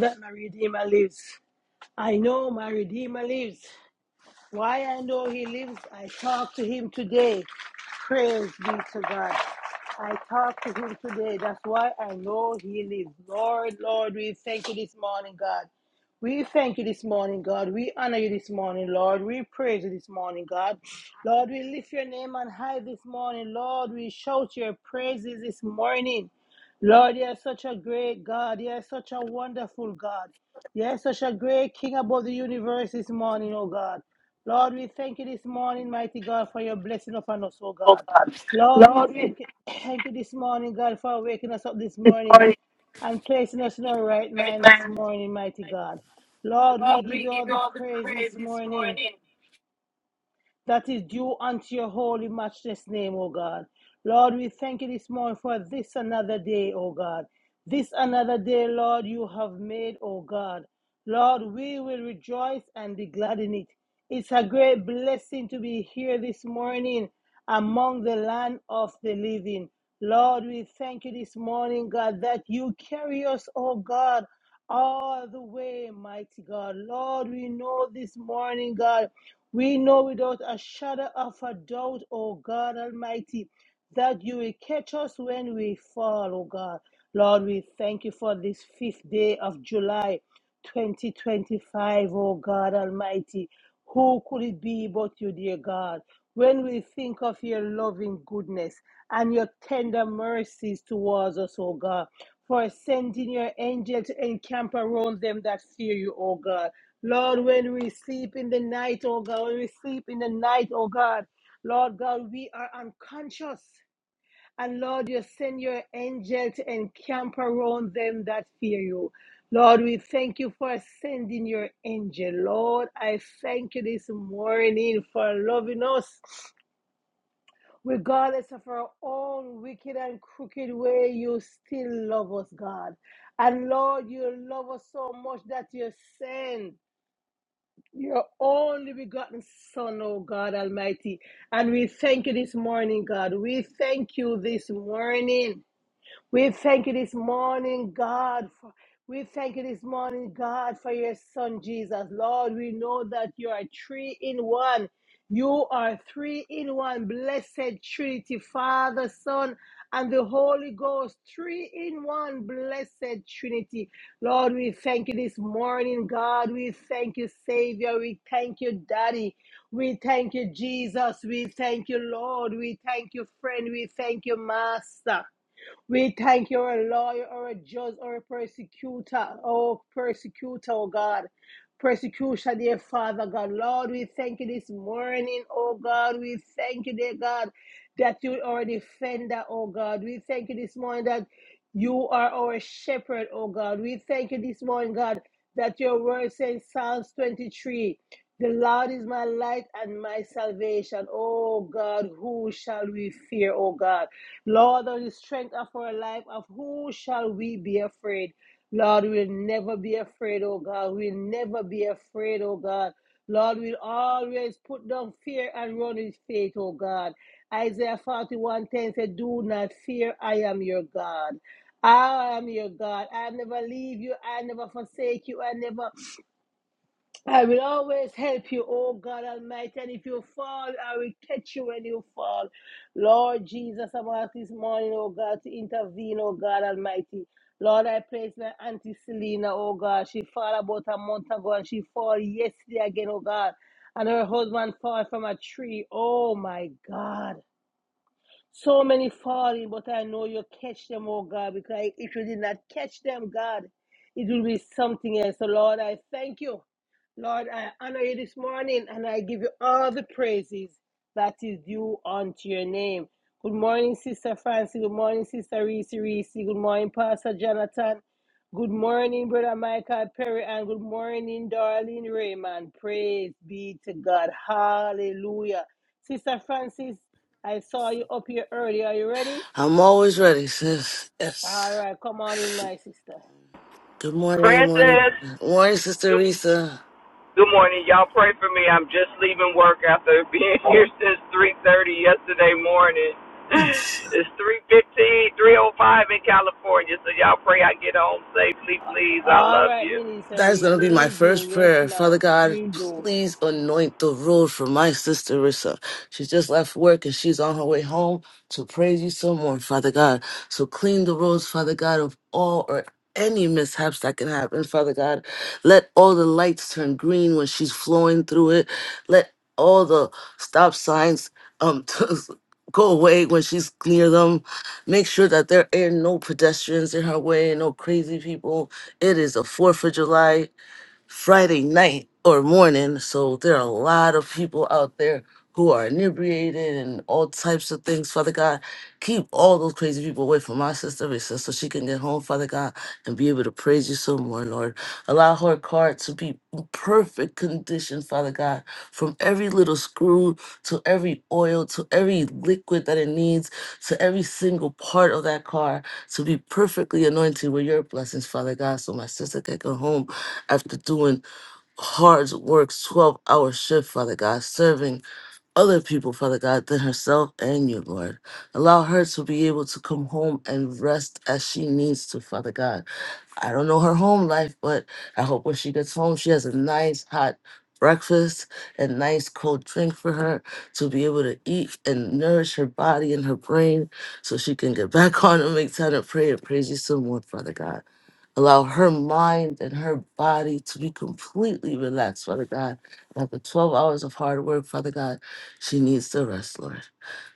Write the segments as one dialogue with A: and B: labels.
A: that my Redeemer lives. I know my Redeemer lives. Why I know he lives, I talk to him today. Praise be to God. I talk to him today. That's why I know he lives. Lord, Lord, we thank you this morning, God. We thank you this morning, God. We honor you this morning, Lord. We praise you this morning, God. Lord, we lift your name on high this morning, Lord. We shout your praises this morning. Lord, you are such a great God. You are such a wonderful God. You are such a great King above the universe this morning, oh God. Lord, we thank you this morning, mighty God, for your blessing upon us, oh
B: oh
A: God.
B: God.
A: Lord, we
B: Lord, we
A: thank you, thank you this morning, God, for waking us up this
B: thank you this
A: morning
B: morning,
A: and placing us in our right
B: great
A: mind this
B: man. this
A: morning, mighty
B: night.
A: God. Lord, we
B: Lord,
A: give
B: we
A: you
B: give
A: all
B: you
A: the
B: all the
A: praise
B: praise
A: this
B: this
A: morning
B: morning.
A: that is due unto your holy matchless name, O God. Lord, we thank you this morning for this another day, O God. This another day, Lord, you have made, O God. Lord, we will rejoice and be glad in it. It's a great blessing to be here this morning among the land of the living. Lord, we thank you this morning, God, that you carry us, oh God, all the way, mighty God. Lord, we know this morning, God, we know without a shadow of a doubt, O God Almighty, that you will catch us when we fall, O God. Lord, we thank you for this fifth day of July 2025, O God Almighty. Who could it be but you, dear God? When we think of your loving goodness and your tender mercies towards us, O God, for sending your angels to encamp around them that fear you, O God. Lord, when we sleep in the night, oh God, when we sleep in the night, oh God, Lord God, we are unconscious. And Lord, you send your angel to encamp around them that fear you. Lord, we thank you for sending your angel. Lord, I thank you this morning for loving us. Regardless of our own wicked and crooked way, you still love us, God. And Lord, you love us so much that you send. Your only begotten Son, oh God Almighty. And we thank you this morning, God. We thank you this morning. We thank you this morning, God. For, we thank you this morning, God, for your son Jesus. Lord, we know that you are three in one. You are three in one, blessed Trinity, Father, Son, and the Holy Ghost. Three in one, blessed Trinity. Lord, we thank you this morning, God. We thank you, Savior. We thank you, Daddy. We thank you, Jesus. We thank you, Lord. We thank you, friend. We thank you, Master. We thank you, a lawyer, or a judge, or a persecutor, oh persecutor, oh God. Persecution, dear Father God. Lord, we thank you this morning, oh God. We thank you, dear God, that you are a defender, oh God. We thank you this morning that you are our shepherd, oh God. We thank you this morning, God, that your word says Psalms 23. The Lord is my light and my salvation. Oh God, who shall we fear, oh God? Lord, of the strength of our life, of who shall we be afraid? Lord, we'll never be afraid, oh God. We'll never be afraid, oh God. Lord, we'll always put down fear and run with faith, oh God. Isaiah 41 10 said, Do not fear, I am your God. I am your God. I never leave you. I never forsake you. I never I will always help you, oh God Almighty. And if you fall, I will catch you when you fall. Lord Jesus, I'm asking this morning, oh God, to intervene, oh God Almighty. Lord, I praise my Auntie Selena, oh God. She fell about a month ago and she fell yesterday again, oh God. And her husband fell from a tree. Oh my God. So many falling, but I know you catch them, oh God, because if you did not catch them, God, it will be something else. So Lord, I thank you. Lord, I honor you this morning and I give you all the praises that is due unto your name. Good morning, Sister Francie. Good morning, Sister Reese Reese. Good morning, Pastor Jonathan. Good morning, Brother Michael Perry. And good morning, Darlene Raymond. Praise be to God. Hallelujah. Sister Francis, I saw you up here early. Are you ready?
B: I'm always ready, sis.
A: All
B: Yes.
A: right, come on in, my sister.
B: Good morning, good morning.
C: Francis,
B: Good morning, Sister
C: good,
B: Risa.
C: good morning. Y'all pray for me. I'm just leaving work after being here since 3:30 yesterday morning. It's 3:15, 3:05 in California, so y'all pray I get home safely, please. I
A: All
C: love
A: right,
C: you.
A: Minister
B: That is
A: Reese.
B: going to be my
A: We'll do.
B: first
A: Yes,
B: prayer. Father
A: ma'am.
B: God,
A: We'll do.
B: please anoint the road for my sister Rissa. She just left work and she's on her way home to praise you some more, Father God. So clean the roads, Father God, of all or any mishaps that can happen, Father God. Let all the lights turn green when she's flowing through it. Let all the stop signs um go away when she's near them. Make sure that there are no pedestrians in her way, no crazy people it is the 4th of July. Friday night or morning. So there are a lot of people out there who are inebriated and all types of things. Father God, keep all those crazy people away from my sister, Risa, so she can get home, Father God, and be able to praise you some more, Lord. Allow her car to be in perfect condition, Father God, from every little screw to every oil to every liquid that it needs to every single part of that car to be perfectly anointed with your blessings, Father God, so my sister can go home after doing hard work, 12 hour shift, Father God, serving other people, Father God, than herself and you, Lord. Allow her to be able to come home and rest as she needs to, Father God. I don't know her home life, but I hope when she gets home, she has a nice hot breakfast and nice cold drink for her to be able to eat and nourish her body and her brain so she can get back on and make time to pray and praise you some more, Father God. Allow her mind and her body to be completely relaxed, Father God. After 12 hours of hard work, Father God, she needs the rest, Lord.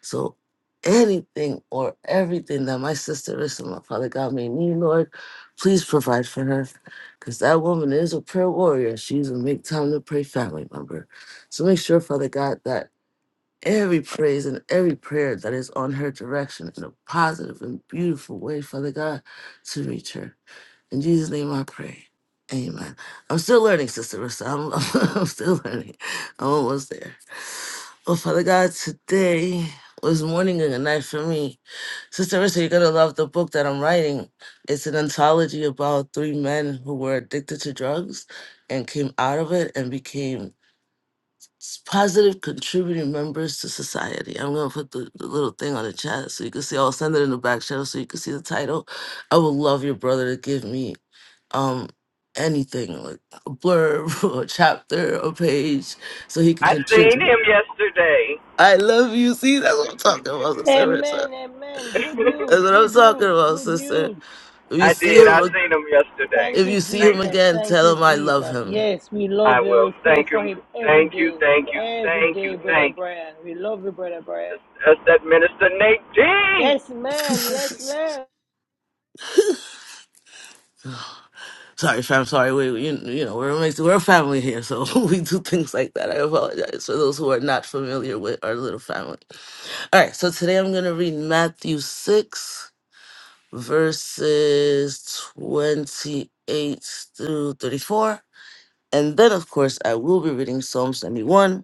B: So anything or everything that my sister is, Father God, may need, Lord. Please provide for her because that woman is a prayer warrior. She's a make time to pray family member. So make sure, Father God, that every praise and every prayer that is on her direction in a positive and beautiful way, Father God, to reach her. In Jesus' name I pray. Amen. I'm still learning, Sister Rissa. I'm, I'm still learning. I'm almost there. Oh, Father God, today was morning and a night for me. Sister Rissa, you're gonna love the book that I'm writing. It's an anthology about three men who were addicted to drugs and came out of it and became s- positive contributing members to society. I'm gonna put the, the little thing on the chat so you can see. I'll send it in the back channel so you can see the title. I would love your brother to give me um anything like a blurb or a chapter or a page so he can
C: I seen
B: contribute.
C: him yesterday.
B: I love you. See, that's what I'm talking about, sister. Marissa.
A: Amen, amen. Good
B: That's
A: news,
B: what I'm
A: good
B: talking
A: news,
B: about,
A: good
B: sister.
A: news.
B: If you
C: I
B: see
C: did. I
B: him,
C: seen him yesterday.
A: Thank
B: if
A: you,
B: you see him
C: Thank
A: Jesus.
C: you.
B: again,
A: Thank
B: tell
A: you,
B: him I love
A: Jesus.
B: him.
A: Yes, we
C: I
A: love you.
C: will.
A: We pray
C: Thank
A: for
C: him.
A: him every
C: Thank you.
A: day.
C: Thank you.
A: Every
C: Thank you.
A: day, Brother
C: Thank you.
A: Brian. We love you, Brother Brian.
C: That's, that's that minister Nate D.
A: Yes, ma'am. Yes, ma'am.
B: sorry, fam. Sorry, we we- you, you know we're amazing. we're a family here, so we do things like that. I apologize for those who are not familiar with our little family. All right, so today I'm gonna read Matthew six verses twenty eight through thirty four, and then of course I will be reading Psalm seventy one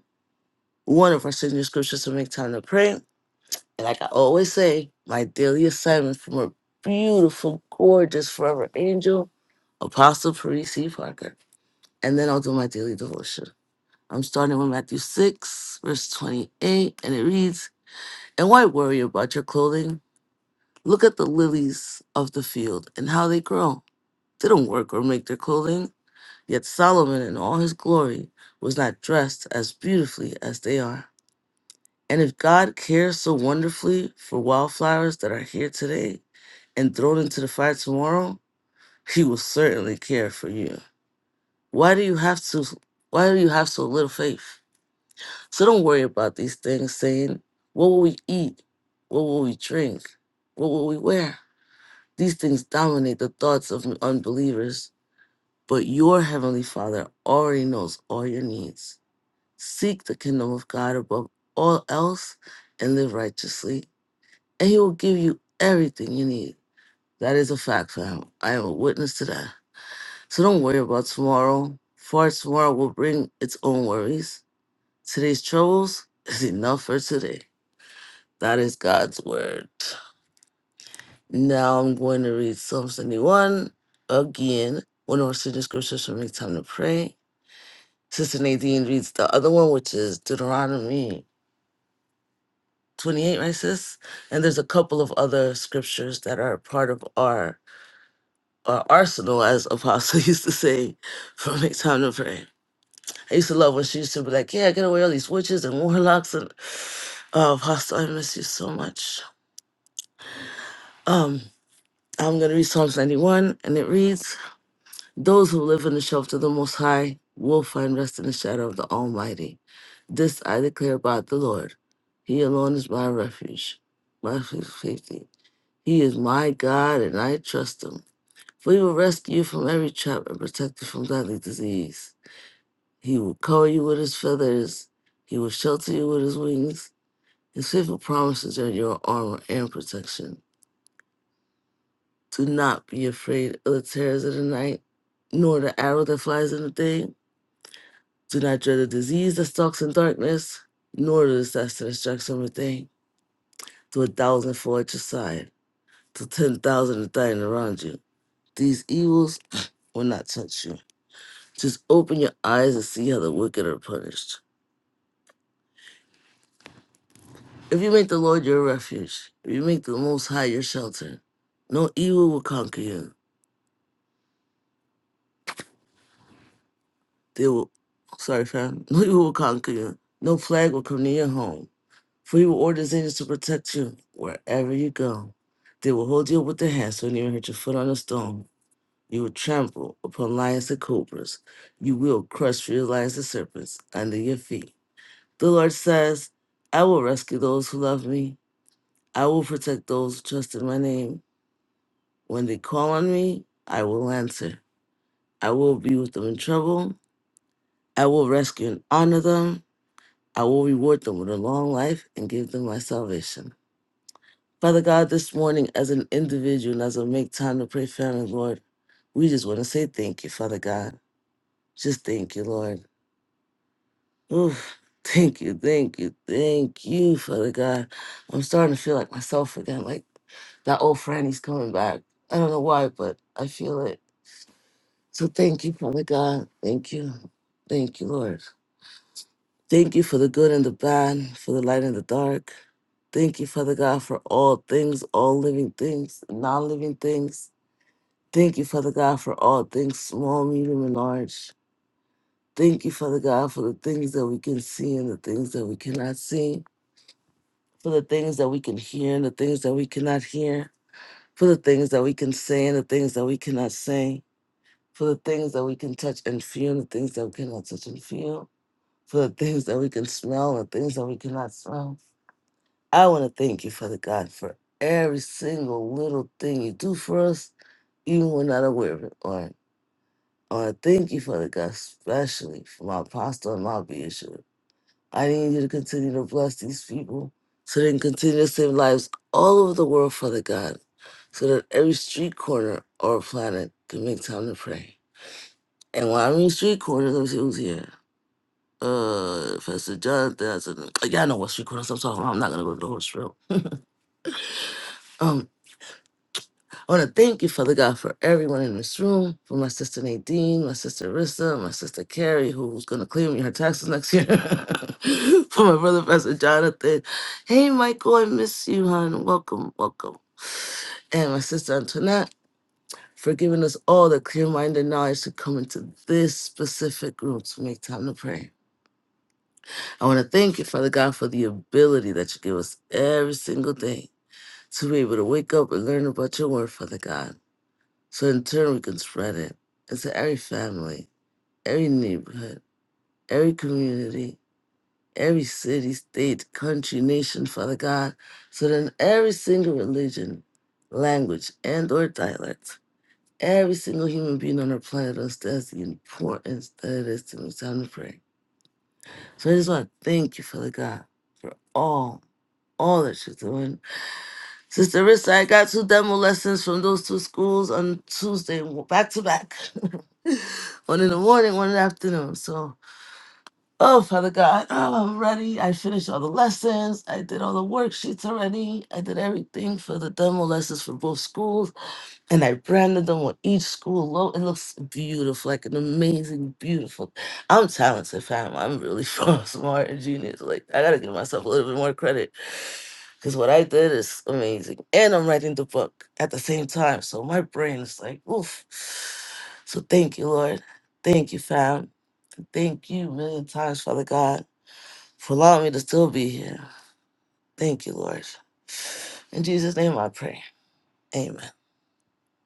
B: one of our signature scriptures to make time to pray. And like I always say, my daily assignment from a beautiful, gorgeous, forever angel, Apostle Parisi Parker. And then I'll do my daily devotion. I'm starting with Matthew 6, verse 28, and it reads, And why worry about your clothing? Look at the lilies of the field and how they grow. They don't work or make their clothing. Yet Solomon in all his glory was not dressed as beautifully as they are. And if God cares so wonderfully for wildflowers that are here today and thrown into the fire tomorrow, he will certainly care for you. Why do you have to why do you have so little faith? So don't worry about these things saying, what will we eat? What will we drink? What will we wear? These things dominate the thoughts of unbelievers, but your heavenly Father already knows all your needs. Seek the kingdom of God above all else and live righteously and he will give you everything you need. That is a fact, fam. I am a witness to that. So don't worry about tomorrow, for tomorrow will bring its own worries. Today's troubles is enough for today. That is God's word. Now I'm going to read Psalm 71 again. One of our student scriptures for me, time to pray. Sister Nadine reads the other one, which is Deuteronomy 28, right, sis? And there's a couple of other scriptures that are part of our uh, arsenal, as Apostle used to say, from Make Time to Pray. I used to love when she used to be like, "Yeah, get away all these witches and warlocks." And uh, Apostle, I miss you so much. Um, I'm gonna read Psalms 91, and it reads, "Those who live in the shelter of the Most High will find rest in the shadow of the Almighty. This I declare about the Lord. He alone is my refuge, my safety. He is my God, and I trust Him." For he will rescue you from every trap and protect you from deadly disease. He will cover you with his feathers. He will shelter you with his wings. His faithful promises are your armor and protection. Do not be afraid of the terrors of the night, nor the arrow that flies in the day. Do not dread the disease that stalks in darkness, nor the disaster that strikes on the day. Do a thousand fall at your side, to ten thousand are dying around you. These evils will not touch you. Just open your eyes and see how the wicked are punished. If you make the Lord your refuge, if you make the Most High your shelter, no evil will conquer you. They will, sorry, fam, no evil will conquer you. No plague will come near your home, for he will order his angels to protect you wherever you go. They will hold you up with their hands so you even hurt your foot on a stone. You will trample upon lions and cobras. You will crush fierce lions and serpents under your feet. The Lord says, I will rescue those who love me. I will protect those who trust in my name. When they call on me, I will answer. I will be with them in trouble. I will rescue and honor them. I will reward them with a long life and give them my salvation. Father God, this morning, as an individual and as I make time to pray, family, Lord, we just want to say thank you, Father God. Just thank you, Lord. Oof. Thank you, thank you, thank you, Father God. I'm starting to feel like myself again, like that old friend, he's coming back. I don't know why, but I feel it. So thank you, Father God. Thank you. Thank you, Lord. Thank you for the good and the bad, for the light and the dark. Thank you, Father God, for all things, all living things, non living things. Thank you, Father God, for all things, small, medium, and large. Thank you, Father God, for the things that we can see and the things that we cannot see, for the things that we can hear and the things that we cannot hear, for the things that we can say and the things that we cannot say, for the things that we can touch and feel and the things that we cannot touch and feel for the things that we can smell and things that we cannot smell. I want to thank you, Father God, for every single little thing you do for us, even when not aware of it. Lord. I want to thank you, Father God, especially for my apostle and my bishop. I need you to continue to bless these people so they can continue to save lives all over the world, Father God, so that every street corner or planet can make time to pray. And when I mean street corners, let me see who's here. uh if it's a judge, that's Jonathan. Y'all know what street corners I'm talking about. I'm not gonna go to the horse room. Um, I wanna thank you, Father God, for everyone in this room, for my sister Nadine, my sister Rissa, my sister Carrie, who's gonna clear me her taxes next year. for my brother Pastor Jonathan. Hey Michael, I miss you, hon. Welcome, welcome. And my sister Antoinette. For giving us all the clear minded knowledge to come into this specific room to make time to pray. I want to thank you, Father God, for the ability that you give us every single day to be able to wake up and learn about your word, Father God. So in turn, we can spread it into every family, every neighborhood, every community, every city, state, country, nation, Father God. So then every single religion, language, and or dialect, every single human being on our planet understands the importance that it is to know time to pray So I just want to thank you, Father God, for all, all that you're doing. Sister Rissa, I got two demo lessons from those two schools on Tuesday, back to back. one in the morning, one in the afternoon. So Oh, Father God, oh, I'm ready. I finished all the lessons. I did all the worksheets already. I did everything for the demo lessons for both schools. And I branded them on each school logo. It looks beautiful, like an amazing, beautiful. I'm talented, fam. I'm really smart and genius. Like, I gotta give myself a little bit more credit. Because what I did is amazing. And I'm writing the book at the same time. So my brain is like, oof. So thank you, Lord. Thank you, fam. Thank you a million times, Father God, for allowing me to still be here. Thank you, Lord. In Jesus' name I pray. Amen.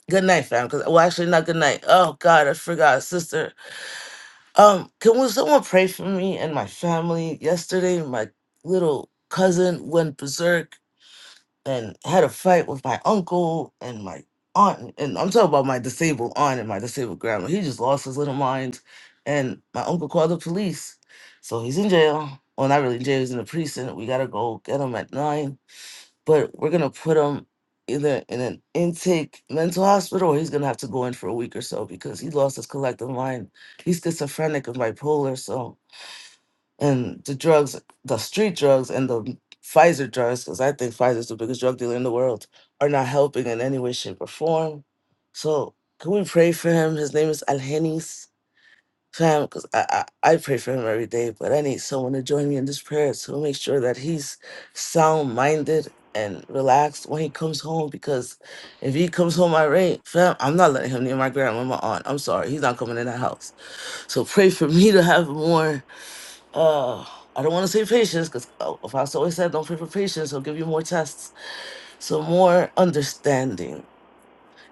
B: Good night, fam. Cause well actually not good night. Oh God, I forgot, sister. Um, can we someone pray for me and my family? Yesterday my little cousin went berserk and had a fight with my uncle and my aunt. And I'm talking about my disabled aunt and my disabled grandma. He just lost his little mind. And my uncle called the police. So he's in jail. Well, not really in jail, he's in the precinct. We gotta go get him at nine. But we're gonna put him either in an intake mental hospital or he's gonna have to go in for a week or so because he lost his collective mind. He's schizophrenic and bipolar, so and the drugs, the street drugs and the Pfizer drugs, because I think Pfizer's the biggest drug dealer in the world, are not helping in any way, shape, or form. So can we pray for him? His name is Alhenis fam, because I, I I pray for him every day, but I need someone to join me in this prayer to make sure that he's sound minded and relaxed when he comes home. Because if he comes home irate, fam, I'm not letting him near my grandma and my aunt. I'm sorry, he's not coming in the house. So pray for me to have more uh I don't want to say patience because if I always said don't pray for patience, i will give you more tests. So more understanding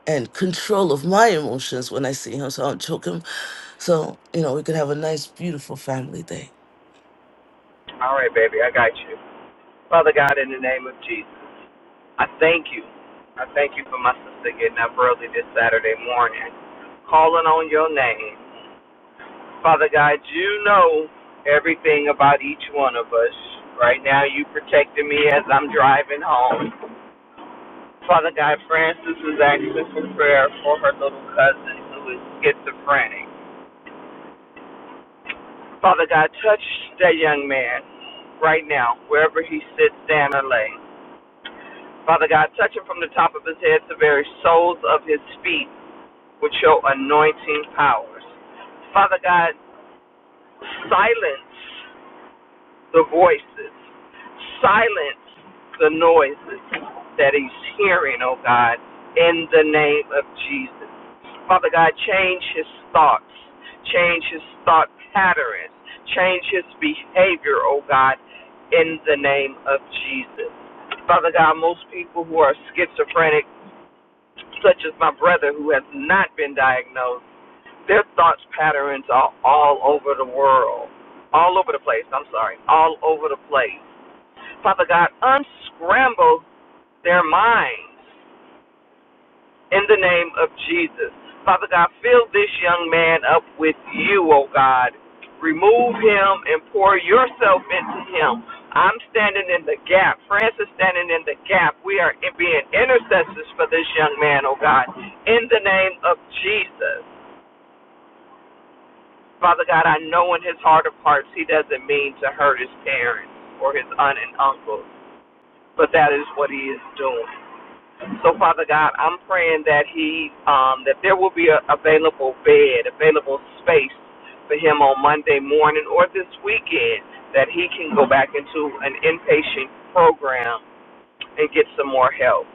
B: and control of my emotions when I see him. So i don't choke him. So, you know, we could have a nice, beautiful family day.
C: All right, baby. I got you. Father God, in the name of Jesus, I thank you. I thank you for my sister getting up early this Saturday morning, calling on your name. Father God, you know everything about each one of us. Right now, you protecting me as I'm driving home. Father God, Francis is asking for prayer for her little cousin who is schizophrenic. Father God, touch that young man right now, wherever he sits, stand, or lay. Father God, touch him from the top of his head to the very soles of his feet with your anointing powers. Father God, silence the voices, silence the noises that he's hearing, oh God, in the name of Jesus. Father God, change his thoughts, change his thought patterns, change his behavior, oh God, in the name of Jesus. Father God, most people who are schizophrenic such as my brother who has not been diagnosed, their thoughts patterns are all over the world, all over the place. I'm sorry, all over the place. Father God, unscramble their minds in the name of Jesus. Father God, fill this young man up with you, O God. Remove him and pour yourself into him. I'm standing in the gap. Francis standing in the gap. We are being intercessors for this young man, oh God, in the name of Jesus. Father God, I know in his heart of hearts he doesn't mean to hurt his parents or his aunt and uncle, but that is what he is doing. So, Father God, I'm praying that he, um, that there will be a available bed, available space for him on Monday morning or this weekend, that he can go back into an inpatient program and get some more help.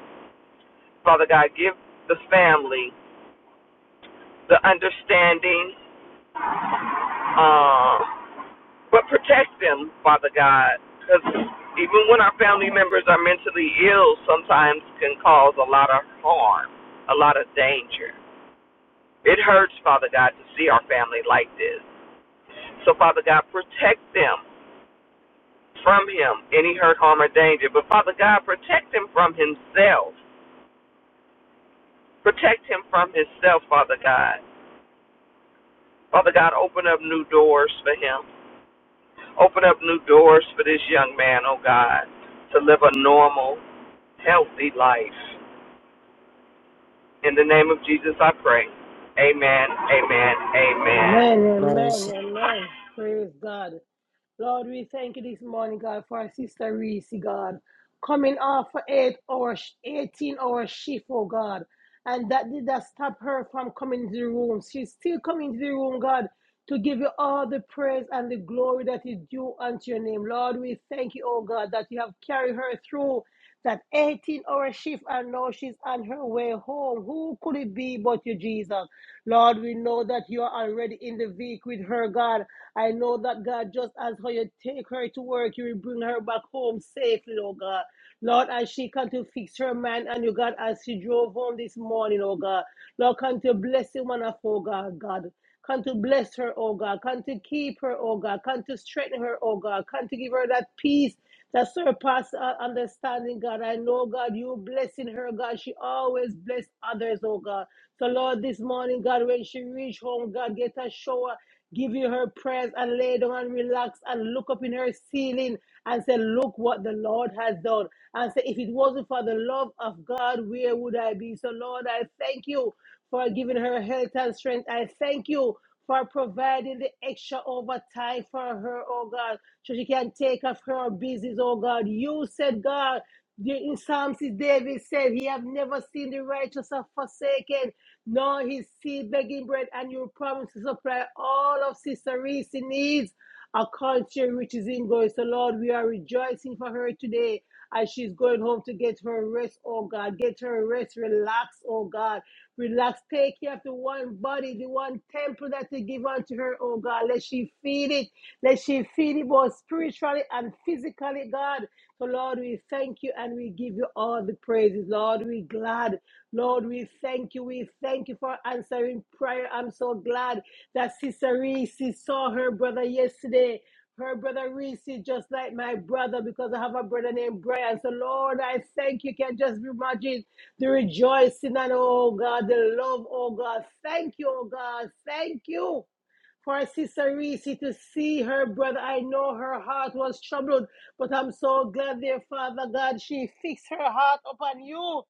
C: Father God, give the family the understanding, uh, but protect them, Father God, because even when our family members are mentally ill, sometimes can cause a lot of harm, a lot of danger. It hurts, Father God, to see our family like this. So, Father God, protect them from him, any hurt, harm, or danger. But, Father God, protect him from himself. Protect him from himself, Father God. Father God, open up new doors for him. Open up new doors for this young man, oh God, to live a normal, healthy life. In the name of Jesus, I pray. Amen, amen,
A: Amen,
C: amen.
B: Nice.
A: amen, amen. Praise God. Lord, we thank you this morning, God, for our sister Reese, God, coming off for eight hour, 18 hour shift, oh God. And that did not stop her from coming to the room. She's still coming to the room, God, to give you all the praise and the glory that is due unto your name. Lord, we thank you, oh God, that you have carried her through that 18 hour shift, and now she's on her way home. Who could it be but you, Jesus? Lord, we know that you are already in the vehicle with her, God. I know that, God, just as how you take her to work, you will bring her back home safely, oh God. Lord, as she come to fix her mind and you God, as she drove home this morning, oh God. Lord, come to bless the one of oh God, God. Come to bless her, oh God. Come to keep her, oh God. Come to strengthen her, oh God. Come to give her that peace that surpasses all understanding, God. I know, God, you blessing her, God. She always bless others, oh God. So, Lord, this morning, God, when she reach home, God, get a shower, give you her prayers and lay down and relax and look up in her ceiling and say, Look what the Lord has done. And say, If it wasn't for the love of God, where would I be? So, Lord, I thank you for giving her health and strength. I thank you for providing the extra overtime for her, oh God, so she can take off her business, oh God. You said, God, in Psalms, David said, He have never seen the righteous are forsaken, nor his seed begging bread, and you promise to supply all of Sister Reese's needs a culture which is in going. So, Lord, we are rejoicing for her today as she's going home to get her rest, oh God. Get her rest, relax, oh God. Relax, take care of the one body, the one temple that you give unto her, oh God. Let she feed it. Let she feed it both spiritually and physically, God. So, Lord, we thank you and we give you all the praises. Lord, we're glad. Lord, we thank you. We thank you for answering prayer. I'm so glad that Sister Reese saw her brother yesterday. Her brother Reese is just like my brother because I have a brother named Brian. So, Lord, I thank you. Can just imagine the rejoicing and, oh God, the love, oh God. Thank you, oh God. Thank you for Sister Reese to see her brother. I know her heart was troubled, but I'm so glad, dear Father God, she fixed her heart upon you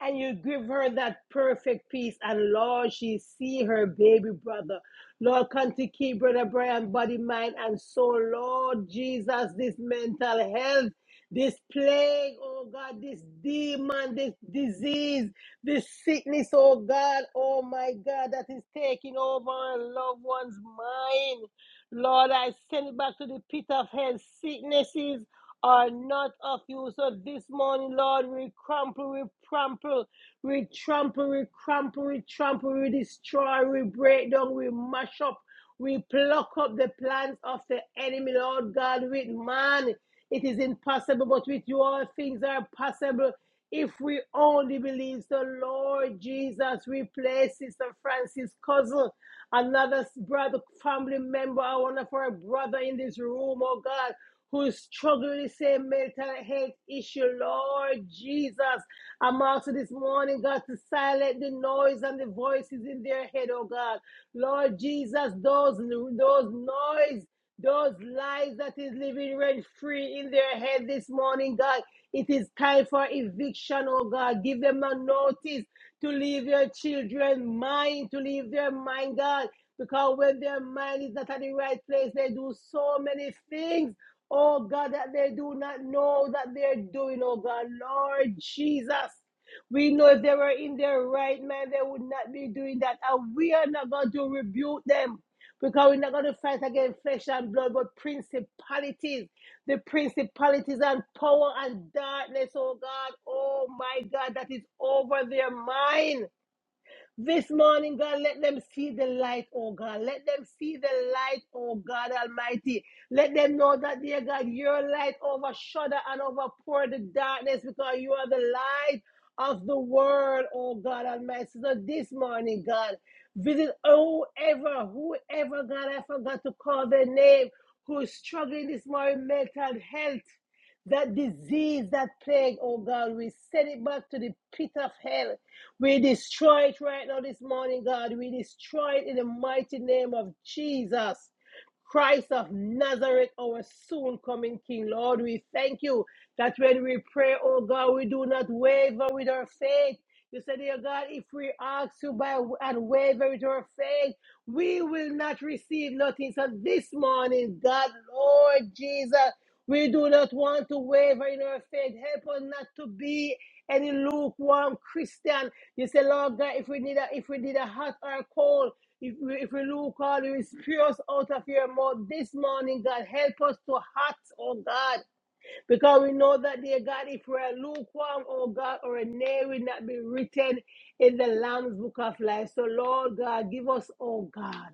A: and you give her that perfect peace. And Lord, she see her baby brother. Lord, come to keep brother Brian body, mind, and soul. Lord Jesus, this mental health, this plague, oh God, this demon, this disease, this sickness, oh God, oh my God, that is taking over our loved one's mind. Lord, I send it back to the pit of hell. Sicknesses, are not of you. So this morning, Lord, we crumple, we trample, we trample, we crumple, we trample, we destroy, we break down, we mash up, we pluck up the plans of the enemy, Lord God, with man. It is impossible, but with you all things are possible. If we only believe so, Lord Jesus, we play Sister Francis' cousin, another brother, family member, one of our brother in this room, oh God who is struggling the same mental health issue, Lord Jesus. I'm also this morning, God, to silence the noise and the voices in their head, oh God. Lord Jesus, those, those noise, those lies that is living rent free in their head this morning, God. It is time for eviction, oh God. Give them a notice to leave your children's mind, to leave their mind, God. Because when their mind is not at the right place, they do so many things Oh God, that they do not know that they're doing, oh God, Lord Jesus. We know if they were in their right mind, they would not be doing that. And we are not going to rebuke them because we're not going to fight against flesh and blood, but principalities, the principalities and power and darkness, oh God, oh my God, that is over their mind. This morning, God, let them see the light, oh God. Let them see the light, oh God Almighty. Let them know that, dear God, your light overshadow and overpour the darkness because you are the light of the world, oh God Almighty. So this morning, God, visit whoever, whoever, God, I forgot to call their name, who is struggling this morning, mental health that disease, that plague, oh God, we send it back to the pit of hell. We destroy it right now this morning, God. We destroy it in the mighty name of Jesus. Christ of Nazareth, our soon coming King. Lord, we thank you that when we pray, oh God, we do not waver with our faith. You said, dear God, if we ask you by and waver with our faith, we will not receive nothing. So this morning, God, Lord Jesus, we do not want to waver in our faith. Help us not to be any lukewarm Christian. You say, Lord God, if we need a if we need a hot or a cold, if we if we lukewarm, you will spew us out of your mouth this morning, God. Help us to hot, oh God. Because we know that dear God, if we are lukewarm, oh God, or a nay will not be written in the Lamb's book of life. So Lord God, give us, oh God.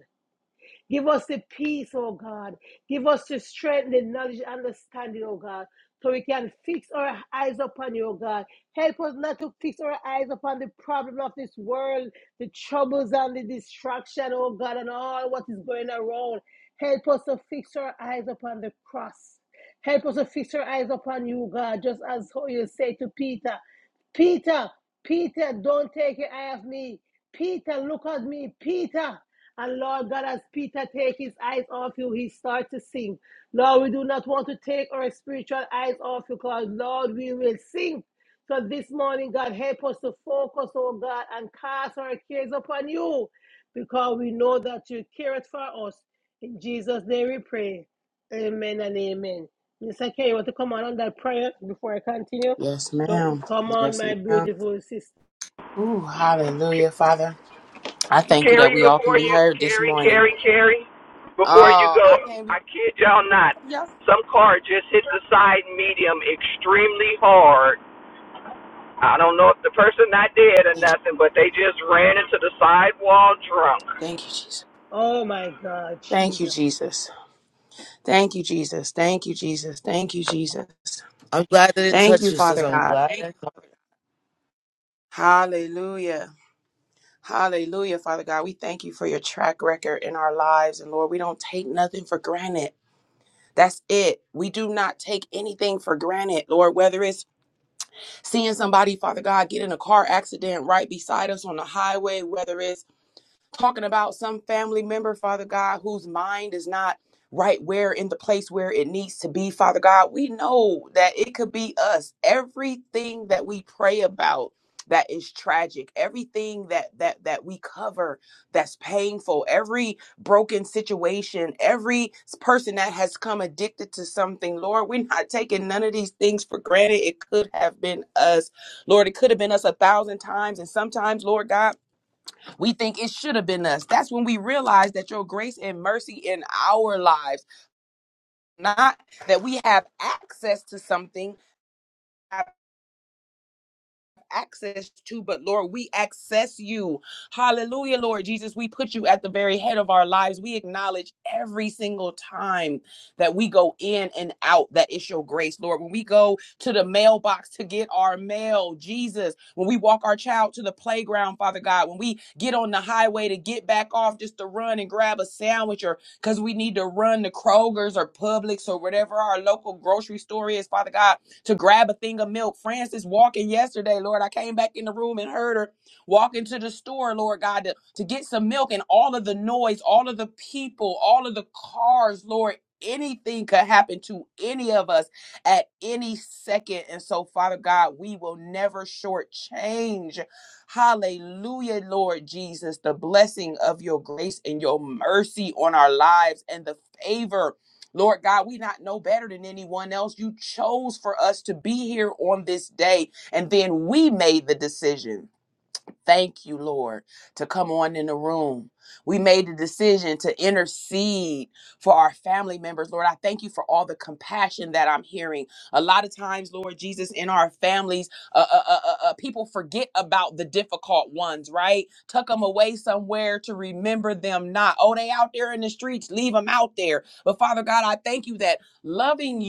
A: Give us the peace, oh God. Give us the strength, the knowledge, understanding, oh God, so we can fix our eyes upon you, oh God. Help us not to fix our eyes upon the problem of this world, the troubles and the distraction, oh God, and all what is going around. Help us to fix our eyes upon the cross. Help us to fix our eyes upon you, God, just as how you say to Peter. Peter, Peter, don't take your eye off me. Peter, look at me, Peter. And Lord God, as Peter takes his eyes off you, he starts to sing. Lord, we do not want to take our spiritual eyes off you, because Lord, we will sing. So this morning, God, help us to focus, oh God, and cast our cares upon you, because we know that you care for us. In Jesus' name we pray. Amen and amen. Mr. K, you want to come on on that prayer before I continue?
D: Yes,
A: do
D: ma'am.
A: Come on,
D: Yes,
A: my
D: ma'am.
A: beautiful sister.
D: Ooh, hallelujah, Father. I thank you that
C: Carrie,
D: we all can
C: before
D: be
C: you,
D: heard this
C: Carrie,
D: morning.
C: Carrie, Carrie, before you
D: Oh, I
C: go,
D: can't be
C: I kid y'all not,
D: yeah.
C: some car just hit the side median extremely hard. I don't know if the person not dead or
D: Thank you.
C: nothing, but they just ran into the side wall drunk.
D: Thank you, Jesus.
A: Oh my God,
D: Thank you,
A: Jesus.
D: Jesus. Thank you, Jesus. Thank you, Jesus. Thank you, Jesus.
B: I'm glad that it
D: Thank
B: touched
D: you,
B: you, sis.
D: Father
B: I'm
D: God.
B: glad. I touched-
D: Hallelujah. Hallelujah, Father God. We thank you for your track record in our lives. And Lord, we don't take nothing for granted. That's it. We do not take anything for granted, Lord, whether it's Seeing somebody, Father God, get in a car accident right beside us on the highway, whether it's talking about some family member, Father God, whose mind is not right where in the place where it needs to be, Father God. We know that it could be us. Everything that we pray about that is tragic, everything that that that we cover that's painful, every broken situation, every person that has come addicted to something, Lord, we're not taking none of these things for granted. It could have been us. Lord, it could have been us a thousand times. And sometimes, Lord God, we think it should have been us. That's when we realize that your grace and mercy in our lives, not that we have access to something. access to, but Lord, we access you. Hallelujah, Lord Jesus. We put you at the very head of our lives. We acknowledge every single time that we go in and out that it's your grace, Lord. When we go to the mailbox to get our mail, Jesus, when we walk our child to the playground, Father God, when we get on the highway to get back off just to run and grab a sandwich or because we need to run to Kroger's or Publix or whatever our local grocery store is, Father God to grab a thing of milk. Francis walking yesterday, Lord. I came back in the room and heard her walking to the store, Lord God, to, to get some milk and all of the noise, all of the people, all of the cars, Lord. Anything could happen to any of us at any second. And so, Father God, we will never shortchange Hallelujah, Lord Jesus, the blessing of your grace and your mercy on our lives and the favor. Lord God, we not know better than anyone else. You chose for us to be here on this day, and then we made the decision Thank you, Lord, to come on in the room. We made a decision to intercede for our family members. Lord, I thank you for all the compassion that I'm hearing. A lot of times, Lord Jesus, in our families, uh, uh, uh, uh, uh, people forget about the difficult ones, right? Tuck them away somewhere to remember them not. Oh, they out there in the streets, leave them out there. But Father God, I thank you that loving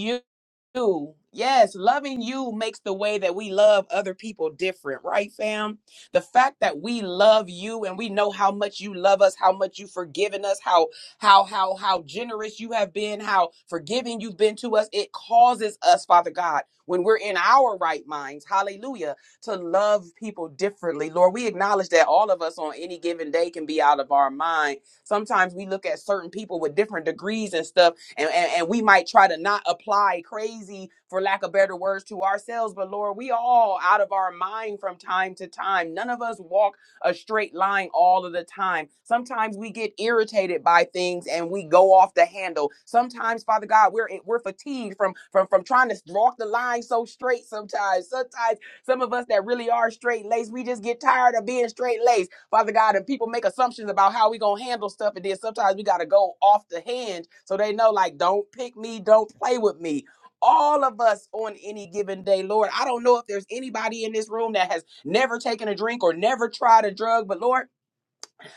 D: you. Yes, loving you makes the way that we love other people different, right, fam? The fact that we love you and we know how much you love us, how much you've forgiven us, how how how how generous you have been, how forgiving you've been to us, it causes us, Father God, when we're in our right minds, hallelujah, to love people differently. Lord, we acknowledge that all of us on any given day can be out of our mind. Sometimes we look at certain people with different degrees and stuff and, and and we might try to not apply crazy for lack of better words to ourselves but lord we all out of our mind from time to time none of us walk a straight line all of the time. Sometimes we get irritated by things and we go off the handle. Sometimes, Father God, we're eh, we're fatigued from from from trying to walk the line so straight. Sometimes, sometimes some of us that really are straight laced, we just get tired of being straight laced. Father God, and people make assumptions about how we gonna handle stuff, and then sometimes we gotta go off the hinge so they know, like, don't pick me, don't play with me. All of us on any given day, Lord. I don't know if there's anybody in this room that has never taken a drink or never tried a drug, but Lord.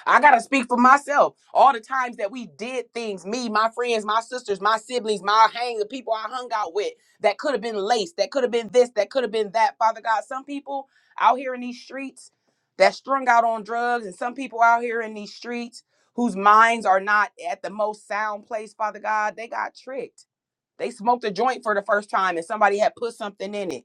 D: I gotta speak for myself. All the times that we did things, me, my friends, my sisters, my siblings, my hang, the people I hung out with, that could have been laced, that could have been this, that could have been that. Father God, some people out here in these streets that strung out on drugs, and some people out here in these streets whose minds are not at the most sound place, Father God, they got tricked they smoked a joint for the first time and somebody had put something in it.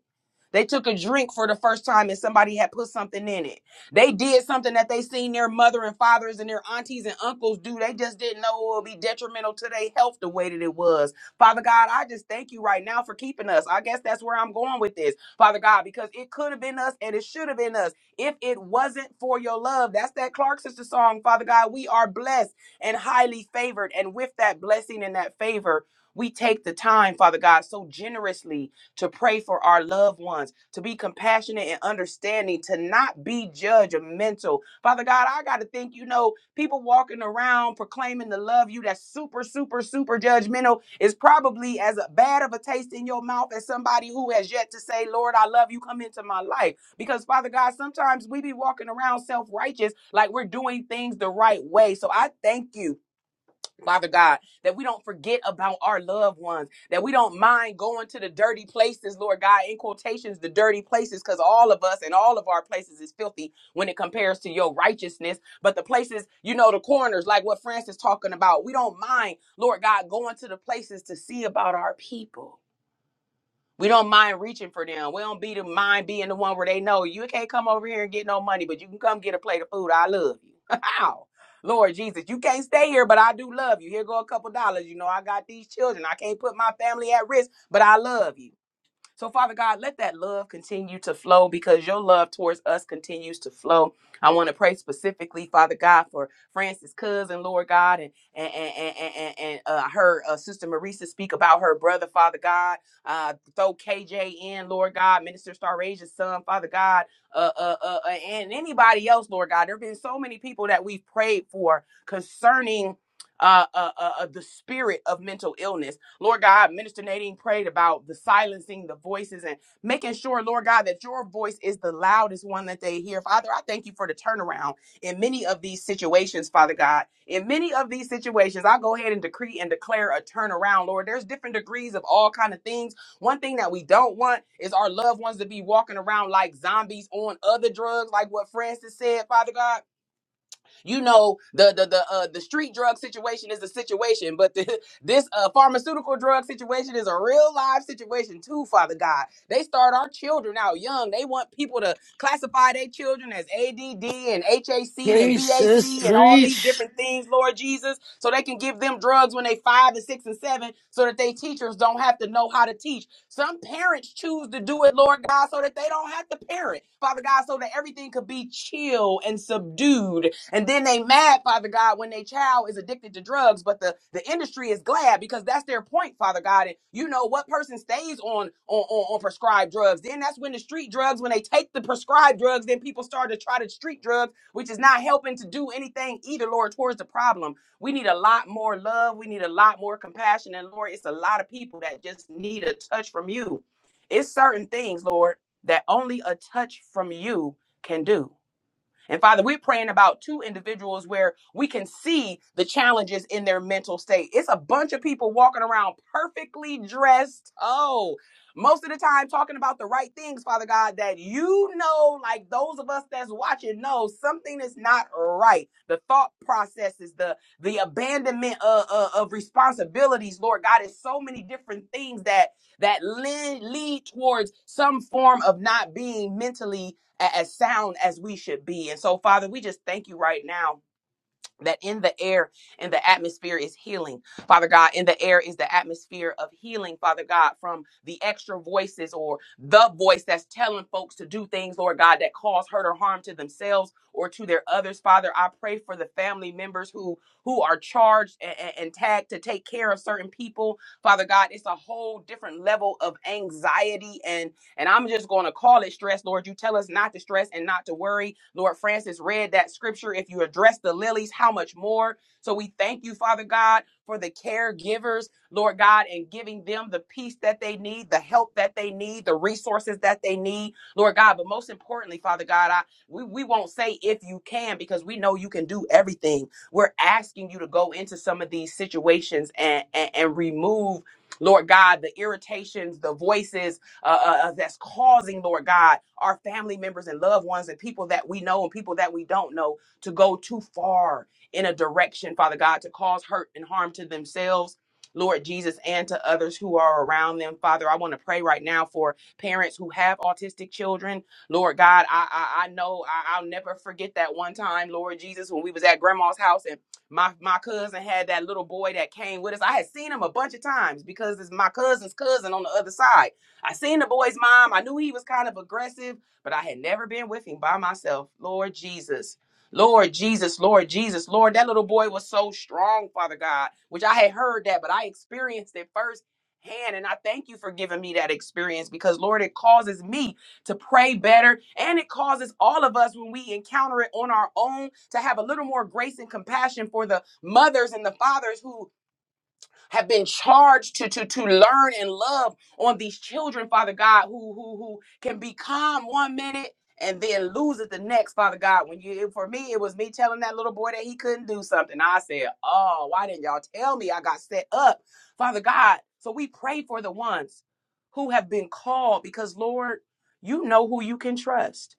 D: They took a drink for the first time and somebody had put something in it. They did something that they seen their mother and fathers and their aunties and uncles do. They just didn't know it would be detrimental to their health the way that it was. Father God, I just thank you right now for keeping us. I guess that's where I'm going with this, Father God, because it could have been us and it should have been us if it wasn't for your love. That's that Clark sister song, Father God. We are blessed and highly favored. And with that blessing and that favor, we take the time, Father God, so generously to pray for our loved ones, to be compassionate and understanding, to not be judgmental. Father God, I got to think, you know, people walking around proclaiming to love you that's super, super, super judgmental is probably as bad of a taste in your mouth as somebody who has yet to say, Lord, I love you, come into my life. Because, Father God, sometimes we be walking around self righteous like we're doing things the right way. So I thank you Father God, that we don't forget about our loved ones, that we don't mind going to the dirty places, Lord God, in quotations, the dirty places, because all of us and all of our places is filthy when it compares to your righteousness. But the places, you know, the corners, like what Francis talking about, we don't mind, Lord God, going to the places to see about our people we don't mind reaching for them. We don't be the mind being the one where they know you can't come over here and get no money, but you can come get a plate of food. I love you. How? Lord Jesus, you can't stay here, but I do love you. Here go a couple dollars. You know, I got these children. I can't put my family at risk, but I love you. So, Father God, let that love continue to flow because your love towards us continues to flow. I want to pray specifically, Father God, for Francis' cousin, Lord God, and and and and, and, and, uh, her uh, sister Marisa speak about her brother, Father God. Uh, throw KJ in, Lord God, Minister Star Asia's son, Father God, uh, uh, uh, uh, and anybody else, Lord God. There have been so many people that we've prayed for concerning. Uh, uh, uh, uh, the spirit of mental illness Lord God, Minister Nadine prayed about the silencing the voices and making sure, Lord God, that your voice is the loudest one that they hear. Father, I thank you for the turnaround in many of these situations, Father God. In many of these situations, I go ahead and decree and declare a turnaround, Lord. There's different degrees of all kind of things. One thing that we don't want is our loved ones to be walking around like zombies on other drugs, like what Francis said, Father God. You know, the the the uh, the street drug situation is a situation, but the, this uh, pharmaceutical drug situation is a real live situation too. Father God, they start our children out young. They want people to classify their children as ADD and HAC and
B: Preach, sis,
D: BAC and all these
B: preach.
D: different things, Lord Jesus, so they can give them drugs when they five and six and seven, so that they teachers don't have to know how to teach some parents choose to do it, Lord God, so that they don't have to parent, Father God, so that everything could be chill and subdued. And then they mad, Father God, when their child is addicted to drugs, but the, the industry is glad because that's their point, Father God. And you know what person stays on, on, on, on prescribed drugs. Then that's when the street drugs, when they take the prescribed drugs, then people start to try the street drugs, which is not helping to do anything either, Lord, towards the problem. We need a lot more love. We need a lot more compassion. And Lord, it's a lot of people that just need a touch from you. It's certain things, Lord, that only a touch from you can do. And Father, we're praying about two individuals where we can see the challenges in their mental state. It's a bunch of people walking around perfectly dressed. Oh, most of the time talking about the right things, Father God, that you know, like those of us that's watching know something is not right. The thought processes, the the abandonment of, of, of responsibilities, Lord God, is so many different things that that lead, lead towards some form of not being mentally a- as sound as we should be. And so, Father, we just thank you right now. That in the air and the atmosphere is healing. Father God, in the air is the atmosphere of healing, Father God, from the extra voices or the voice that's telling folks to do things, Lord God, that cause hurt or harm to themselves or to their others. Father, I pray for the family members who who are charged and, and tagged to take care of certain people. Father God, it's a whole different level of anxiety and and I'm just going to call it stress, Lord. You tell us not to stress and not to worry. Lord Francis read that scripture. If you address the lilies, how much more? So we thank you, Father God, for the caregivers, Lord God, and giving them the peace that they need, the help that they need, the resources that they need, Lord God. But most importantly, Father God, I, we, we won't say if you can because we know you can do everything. We're asking you to go into some of these situations and, and, and remove. Lord God, the irritations, the voices, uh, uh, uh, that's causing, Lord God, our family members and loved ones and people that we know and people that we don't know to go too far in a direction, Father God, to cause hurt and harm to themselves. Lord Jesus, and to others who are around them. Father, I want to pray right now for parents who have autistic children. Lord God, I I, I know I, I'll never forget that one time, Lord Jesus, when we was at grandma's house and my my cousin had that little boy that came with us. I had seen him a bunch of times because it's my cousin's cousin on the other side. I seen the boy's mom. I knew he was kind of aggressive, but I had never been with him by myself. Lord Jesus. Lord Jesus, Lord Jesus, Lord, that little boy was so strong, Father God, which I had heard that, but I experienced it first hand. And I thank you for giving me that experience because, Lord, it causes me to pray better. And it causes all of us, when we encounter it on our own, to have a little more grace and compassion for the mothers and the fathers who have been charged to to to learn and love on these children, Father God, who who who can be calm one minute and then lose it the next, Father God. When you for me, it was me telling that little boy that he couldn't do something. I said, "Oh, why didn't y'all tell me? I got set up, Father God." So we pray for the ones who have been called because Lord, you know who you can trust.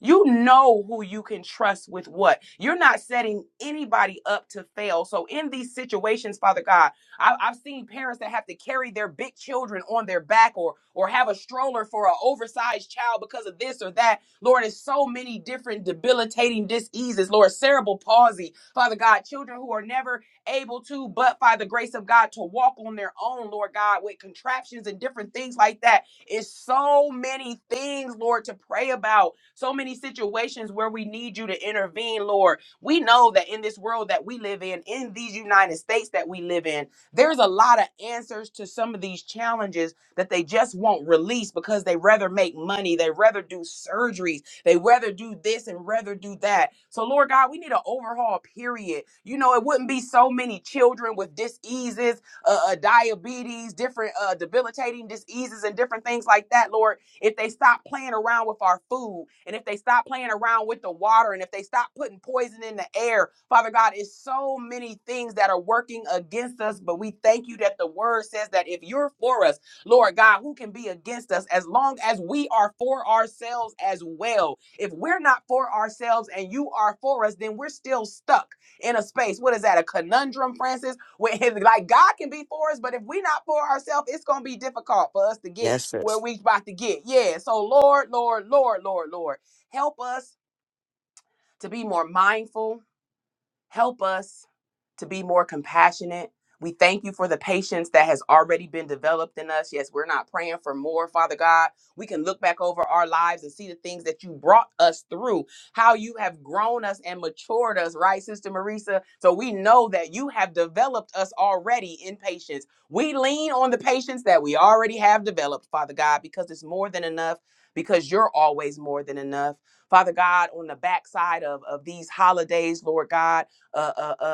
D: You know who you can trust with what. You're not setting anybody up to fail. So, in these situations, Father God, I, I've seen parents that have to carry their big children on their back or, or have a stroller for an oversized child because of this or that. Lord, it's so many different debilitating diseases. Lord, cerebral palsy, Father God, children who are never able to, but by the grace of God, to walk on their own, Lord God, with contraptions and different things like that it's so many things, Lord, to pray about. So many situations where we need you to intervene, Lord. We know that in this world that we live in, in these United States that we live in, there's a lot of answers to some of these challenges that they just won't release because they rather make money, they rather do surgeries, they rather do this and rather do that. So, Lord God, we need an overhaul, period. You know, it wouldn't be so many children with diseases uh, uh, diabetes, different uh, debilitating diseases, and different things like that, Lord. If they stop playing around with our food, and if they stop playing around with the water, and if they stop putting poison in the air, Father God, it's so many things that are working against us. But we thank you that the word says that if you're for us, Lord God, who can be against us as long as we are for ourselves as well? If we're not for ourselves and you are for us, then we're still stuck in a space. What is that? A conundrum, Francis? With his, like God can be for us, but if we not for ourselves, it's gonna be difficult for us to get
B: Yes,
D: where
B: sis.
D: we about to get. Yeah. So Lord, Lord, Lord, Lord, Lord, help us to be more mindful. Help us to be more compassionate. We thank you for the patience that has already been developed in us. Yes, we're not praying for more, Father God. We can look back over our lives and see the things that you brought us through, how you have grown us and matured us, right, Sister Marisa? So we know that you have developed us already in patience. We lean on the patience that we already have developed, Father God, because it's more than enough, because you're always more than enough. Father God, on the backside of, of these holidays, Lord God, uh, uh, uh,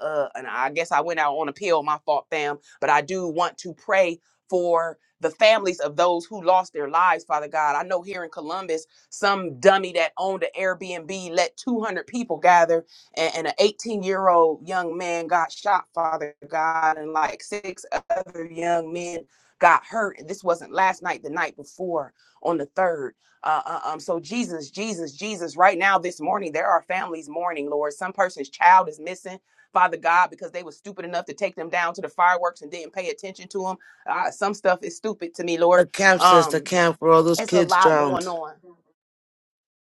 D: uh, uh, and I guess I went out on a pill. My fault, fam. But I do want to pray for the families of those who lost their lives, Father God. I know here in Columbus, some dummy that owned an Airbnb let 200 people gather, and, and an 18 year old young man got shot, Father God, and like six other young men got hurt. And this wasn't last night, the night before on the third. Uh, uh, um, so Jesus, Jesus, Jesus, right now this morning, there are families mourning, Lord. Some person's child is missing, Father God, because they were stupid enough to take them down to the fireworks and didn't pay attention to them. Uh, some stuff is stupid to me,
B: The
D: Lord.
B: camp, sis, the
D: Um,
B: camp where all those
D: it's a
B: kids
D: lot going
B: drowned.
D: on.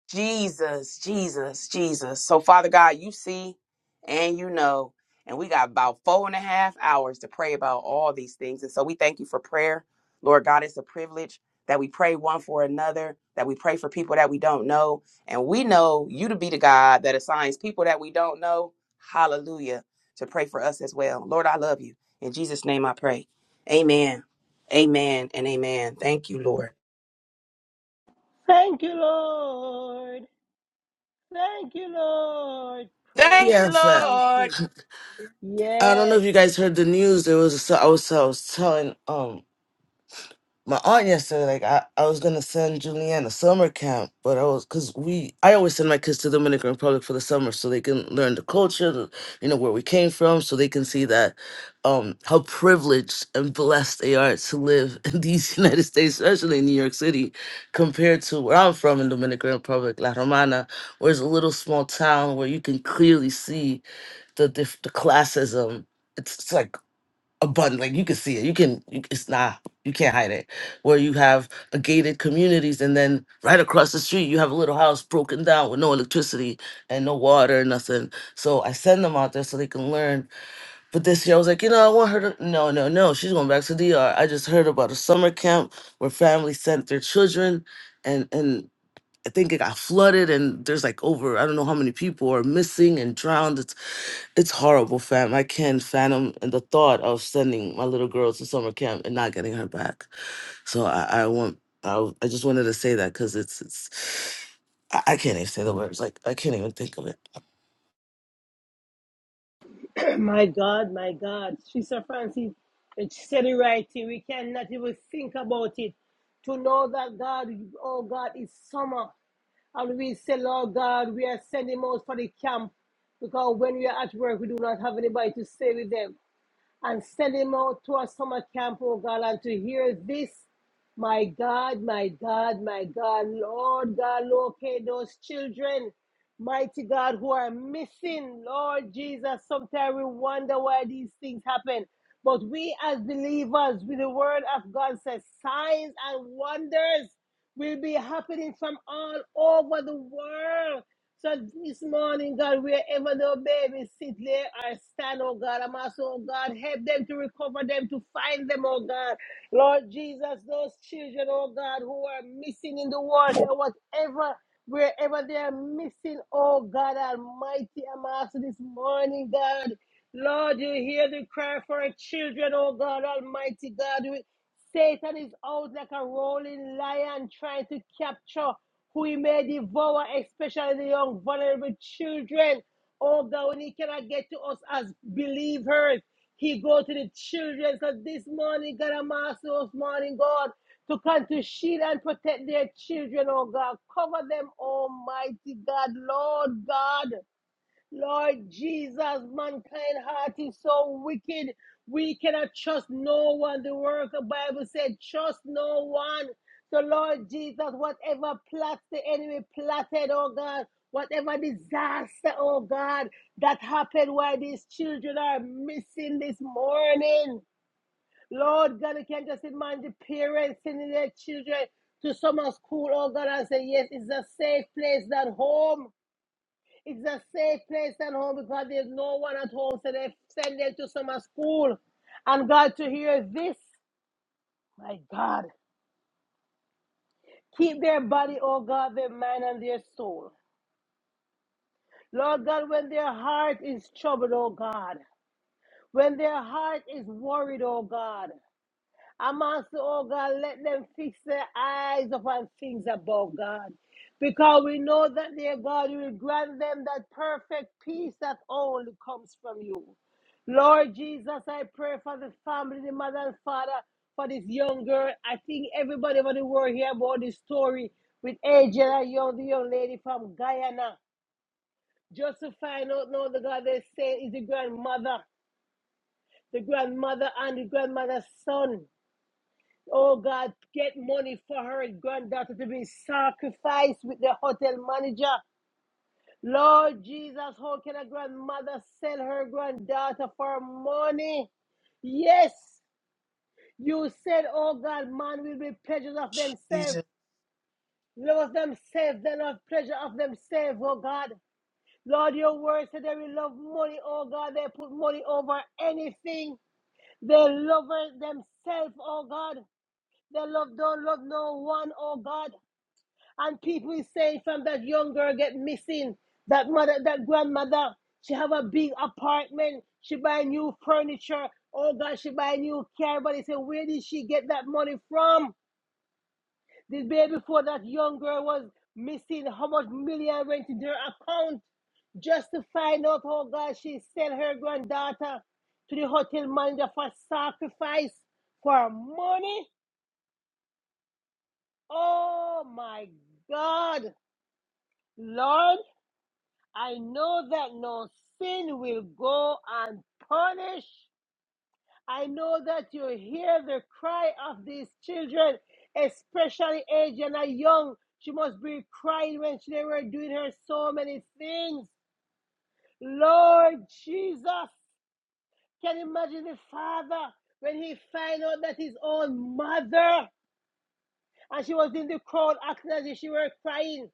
D: Jesus, Jesus, Jesus. So, Father God, you see and you know. And we got about four and a half hours to pray about all these things. And so we thank you for prayer. Lord God, it's a privilege that we pray one for another, that we pray for people that we don't know. And we know you to be the God that assigns people that we don't know, hallelujah, to pray for us as well. Lord, I love you. In Jesus' name I pray. Amen. Amen and amen. Thank you, Lord.
A: Thank you, Lord. Thank you, Lord.
D: Thank
B: Yeah,
A: Praise
B: in
D: you,
B: fact.
A: be
D: Lord.
A: to
B: I don't know if
A: Yes.
B: you guys heard the news. There was a, I was so, I was telling um my aunt yesterday, like I, I was gonna send Julianne a summer camp, but I was cause we I always send my kids to Dominican Republic for the summer so they can learn the culture, the, you know, where we came from, so they can see that um how privileged and blessed they are to live in these United States, especially in New York City, compared to where I'm from in Dominican Republic, La Romana, where it's a little small town where you can clearly see the diff- the classism. It's, it's like a button like you can see it you can you, it's not you can't hide it where you have a gated communities and then right across the street you have a little house broken down with no electricity and no water nothing so i send them out there so they can learn but this year i was like you know i want her to no no no she's going back to dr i just heard about a summer camp where families sent their children and and i think it got flooded and there's like over i don't know how many people are missing and drowned it's horrible, fam. I can't fathom the thought of sending my little girl to summer camp and not getting her back. So I, I want, I, I just wanted to say that because it's, it's, I, I can't even say the words. Like I can't even think of it.
A: my God, my God. Sister Francis it said it right here. We cannot even think about it. To know that God, oh God, is summer. And we say, Lord God, we are sending out for the camp. Because when we are at work, we do not have anybody to stay with them. and send him out to a summer camp, oh God, and to hear this. My God, my God, my God, Lord God, locate those children, mighty God, who are missing. Lord Jesus, sometimes we wonder why these things happen. But we as believers, with the word of God says, signs and wonders will be happening from all over the world. So this morning, God, wherever the babies sit there or stand, oh God, I'm asking, oh God, help them to recover them, to find them, oh God. Lord Jesus, those children, oh God, who are missing in the world, there whatever, wherever they are missing, oh God Almighty, I'm asking this morning, God. Lord, you hear the cry for our children, oh God Almighty God. Satan is out like a rolling lion trying to capture who he may devour, especially the young, vulnerable children. Although when he cannot get to us as believers, he go to the children. So this morning, God, I'm asking us, morning, God, to come to shield and protect their children, oh God. Cover them, Almighty God, Lord God. Lord Jesus, mankind heart is so wicked. We cannot trust no one. The word of the Bible said, trust no one. So Lord Jesus, whatever plots the enemy plotted, oh God, whatever disaster, oh God, that happened while these children are missing this morning. Lord God, you can just imagine the parents sending their children to summer school, oh God, and say, yes, it's a safe place, not home. It's a safe place at home because there's no one at home, so they send them to summer school. And God, to hear this, my God, keep their body, oh God, their mind and their soul. Lord God, when their heart is troubled, oh God, when their heart is worried, oh God, I'm asking, oh God, let them fix their eyes upon things above God. Because we know that, dear God, you will grant them that perfect peace that only comes from you. Lord Jesus, I pray for the family, the mother and father, for this young girl. I think everybody over the world hear about this story with Angela Young, the young lady from Guyana. Just to find out now the God they say is the grandmother, the grandmother and the grandmother's son. Oh God, get money for her granddaughter to be sacrificed with the hotel manager. Lord Jesus, how can a grandmother sell her granddaughter for money? Yes, you said, oh God, man will be pleasures of themselves. Love of themselves, they love pleasure of themselves, oh God. Lord, your word said they will love money, oh God. They put money over anything. They love themselves, oh God. They love don't love no one, oh God. And people is saying from that young girl get missing, that mother, that grandmother, she have a big apartment, she buy new furniture, oh God, she buy new car, but they say, where did she get that money from? The day before that young girl was missing, how much million went in their account? Just to find out, oh God, she sell her granddaughter to the hotel manager for sacrifice for money. Oh my God, Lord. I know that no sin will go unpunished. I know that you hear the cry of these children, especially aged and young. She must be crying when she- they were doing her so many things. Lord Jesus, can you imagine the father when he find out that his own mother and she was in the crowd acting as if she were crying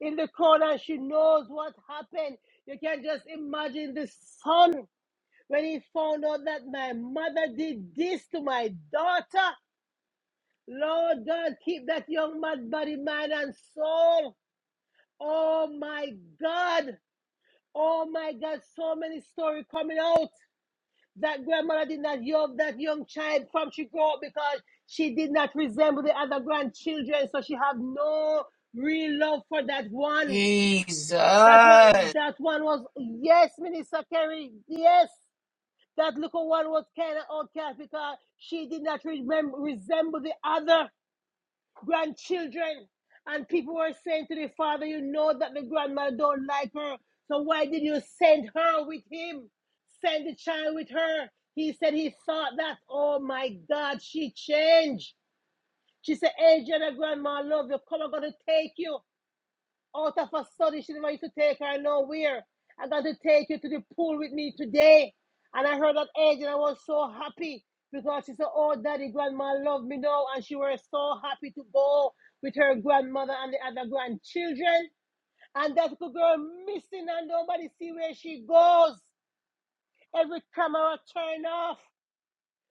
A: in the crowd and she knows what happened. You can just imagine the son. When he found out that my mother did this to my daughter, Lord God, keep that young man body, mind, and soul. Oh my God. Oh my God. So many stories coming out. That grandmother did not yoke that young child from she grew up because she did not resemble the other grandchildren. So she had no real love for that one.
D: Jesus.
A: That one that one was yes, Minister Kerry. Yes. That little one was kind of outcast because she did not remember, resemble the other grandchildren. And people were saying to the father, you know that the grandmother don't like her. So why did you send her with him? Send the child with her. He said he thought that, oh my God, she changed. She said, Angel, grandma, I love you. Come, I'm going to take you out of a study. She didn't want you to take her nowhere. I got to take you to the pool with me today. And I heard that age and I was so happy because she said, Oh, daddy, grandma love me now. And she was so happy to go with her grandmother and the other grandchildren. And that little girl missing and nobody see where she goes. Every camera turned off.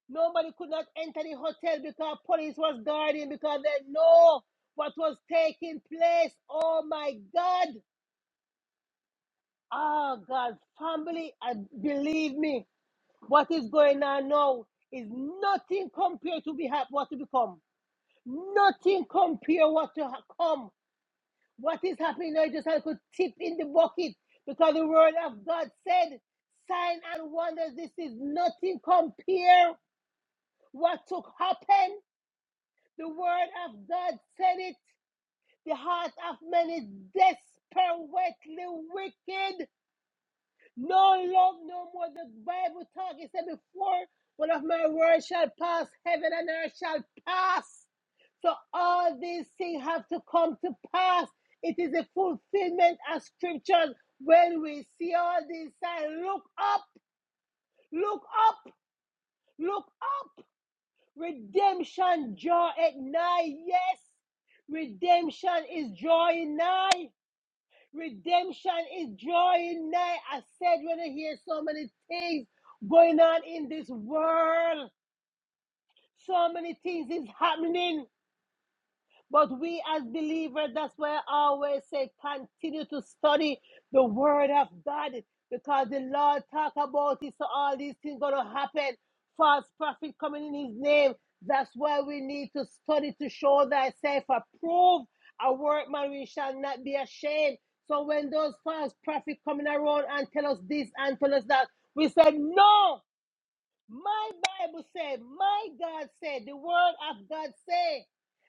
A: Nobody could not enter the hotel because police was guarding because they know what was taking place. Oh my God. Oh, God's family, and believe me, what is going on now is nothing compared to be hap- what to become. Nothing compare what to ha- come. What is happening now, you just have to tip in the bucket because the word of God said, sign and wonders. This is nothing compare what to happen. The word of God said it. The heart of man is desperately wicked. No love no more. The Bible talk. It said before one of my words shall pass, heaven and earth shall pass. So all these things have to come to pass. It is a fulfillment of scriptures. When we see all these signs, look up, look up, look up. Redemption draw at night. Yes, redemption is drawing nigh. Redemption is drawing nigh. I said when I hear so many things going on in this world, so many things is happening. But we as believers, that's why I always say, continue to study the word of God because the Lord talk about it. So all these things gonna happen. False prophet coming in his name. That's why we need to study to show thyself approved. A workman we shall not be ashamed. So when those false prophets coming around and tell us this and tell us that, we said no. My Bible said, my God said, the word of God said.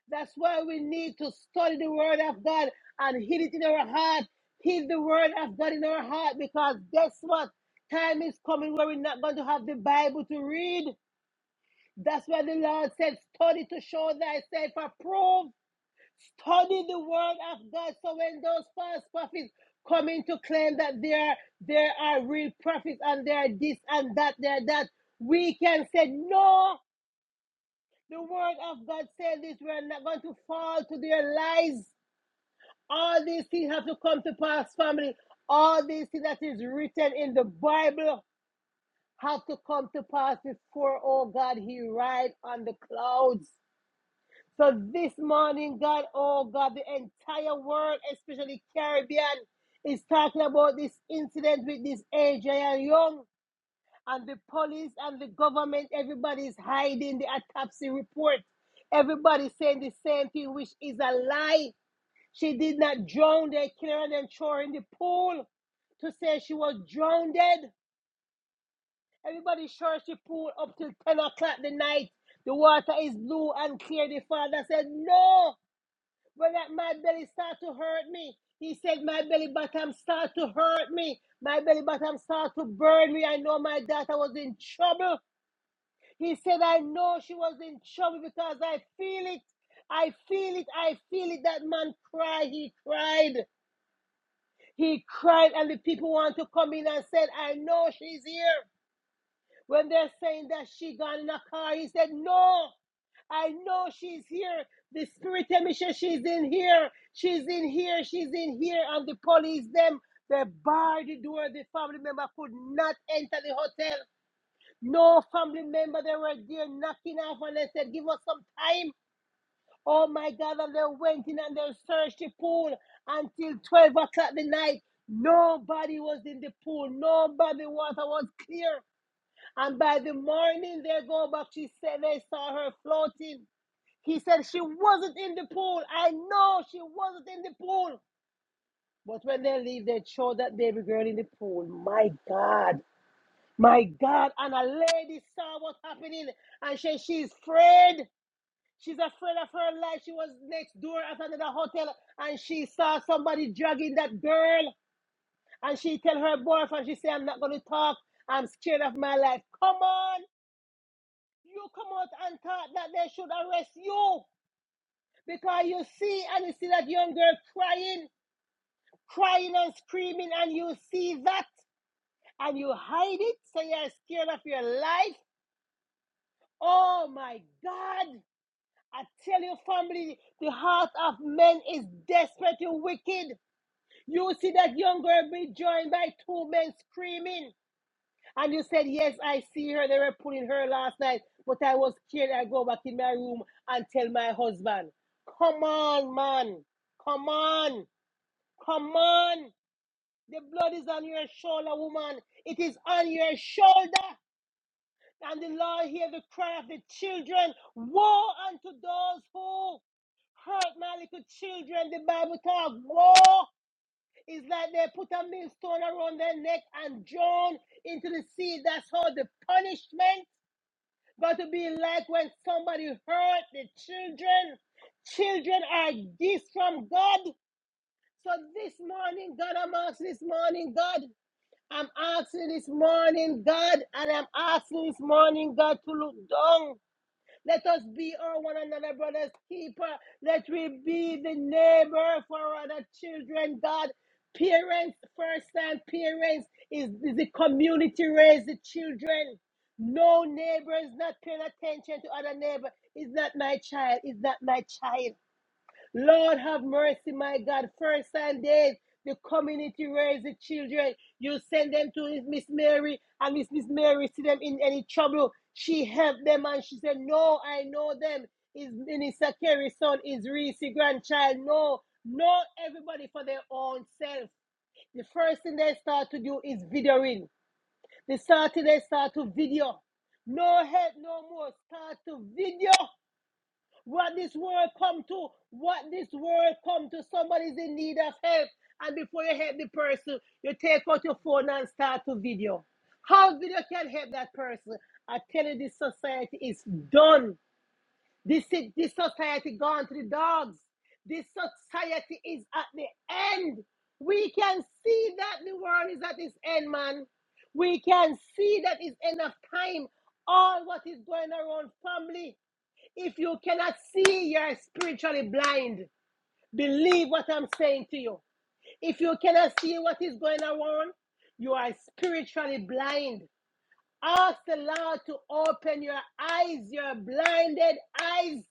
A: That's why we need to study the word of God and hid it in our heart. Hid the word of God in our heart because guess what? Time is coming where we're not going to have the Bible to read. That's why the Lord said, study to show thyself approved. Study the word of God. So when those false prophets come in to claim that there there are real prophets and they are this and that, they are that, we can say, No, the word of God says this. We're not going to fall to their lies. All these things have to come to pass, family. All these things that is written in the Bible have to come to pass before, oh God, He rides on the clouds. So this morning, God, oh God, the entire world, especially Caribbean, is talking about this incident with this Adrian Young and the police and the government. Everybody's hiding the autopsy report. Everybody's saying the same thing, which is a lie. She did not drown. They killed her and then throw her in the pool to say she was drowned. Everybody sure she pool up till 10 o'clock the night. The water is blue and clear. The father said, No. When that my belly start to hurt me. He said, my belly bottom start to hurt me. My belly bottom start to burn me. I know my daughter was in trouble. He said, I know she was in trouble because I feel it. I feel it. I feel it. That man cried. He cried. He cried. And the people want to come in and said, I know she's here. When they're saying that she gone in a car, he said, no. I know she's here. The spirit of she's in here. She's in here. She's in here. And the police, them, they barred the door. The family member could not enter the hotel. No family member, they were there knocking off and they said, give us some time. Oh my God. And they went in and they searched the pool until 12 o'clock the night. Nobody was in the pool. Nobody water was clear. And by the morning they go back, she said they saw her floating. He said she wasn't in the pool. I know she wasn't in the pool. But when they leave, they throw that baby girl in the pool. My God. My God. And a lady saw what's happening and she, she's afraid. She's afraid of her life. She was next door at another hotel and she saw somebody dragging that girl. And she tell her boyfriend, she say, I'm not going to talk. I'm scared of my life. Come on. You come out and talk that they should arrest you. Because you see and you see that young girl crying, crying and screaming, and you see that and you hide it, so you're scared of your life. Oh my God. I tell you, family, the heart of men is desperately wicked. You see that young girl be joined by two men screaming, and you said, Yes, I see her. They were pulling her last night, but I was scared. I go back in my room and tell my husband. Come on, man. Come on. Come on. The blood is on your shoulder, woman. It is on your shoulder. And the Lord hear the cry of the children. Woe unto those who hurt my little children. The Bible talks. Woe is like they put a millstone around their neck and drown into the sea. That's how the punishment got to be like when somebody hurt the children. Children are gifts from God. So this morning, God, I'm asking this morning, God. I'm asking this morning, God, and I'm asking this morning, God, to look down. Let us be our one another brother's keeper. Let we be the neighbor for other children, God. Parents, first time parents, is, is the community raise the children. No neighbor is not paying attention to other neighbor. Is not my child. Is not my child. Lord have mercy, my God. First Sundays, the community raise the children. You send them to Miss Mary, and Miss Miss Mary see them in any trouble. She helped them and she said, No, I know them. Is Minister Kerry's son, is Reese grandchild. No, know everybody for their own self. The first thing they start to do is videoing. The start to, they start to video. No help no more. Start to video. What this world come to, what this world come to, somebody's in need of help. And before you help the person, you take out your phone and start to video. How video can help that person? I tell you, this society is done. This, this society gone to the dogs. This society is at the end. We can see that the world is at its end, man. We can see that it's end of time. All what is going around family. If you cannot see, you're spiritually blind. Believe what I'm saying to you. If you cannot see what is going on, you are spiritually blind. Ask the Lord to open your eyes, your blinded eyes,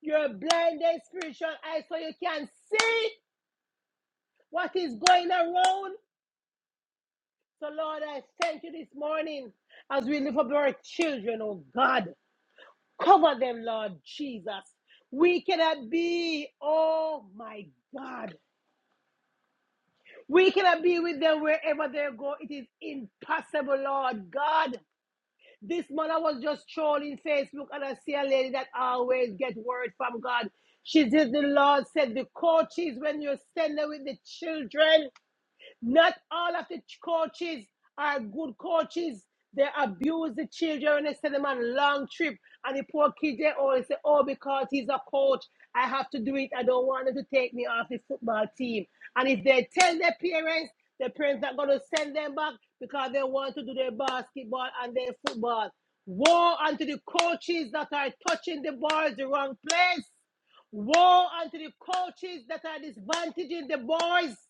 A: your blinded spiritual eyes, so you can see what is going around. So, Lord, I thank you this morning as we lift up our children, oh God. Cover them, Lord Jesus. We cannot be, oh my God. We cannot be with them wherever they go. It is impossible, Lord God. This morning I was just trolling Facebook and I see a lady that always gets word from God. She says the Lord said the coaches when you stand there with the children. Not all of the ch- coaches are good coaches. They abuse the children and they send them on a long trip. And the poor kids, they always say, oh, because he's a coach, I have to do it. I don't want him to take me off the football team. And if they tell their parents, their parents are going to send them back because they want to do their basketball and their football. Woe unto the coaches that are touching the balls the wrong place. Woe unto the coaches that are disadvantaging the boys.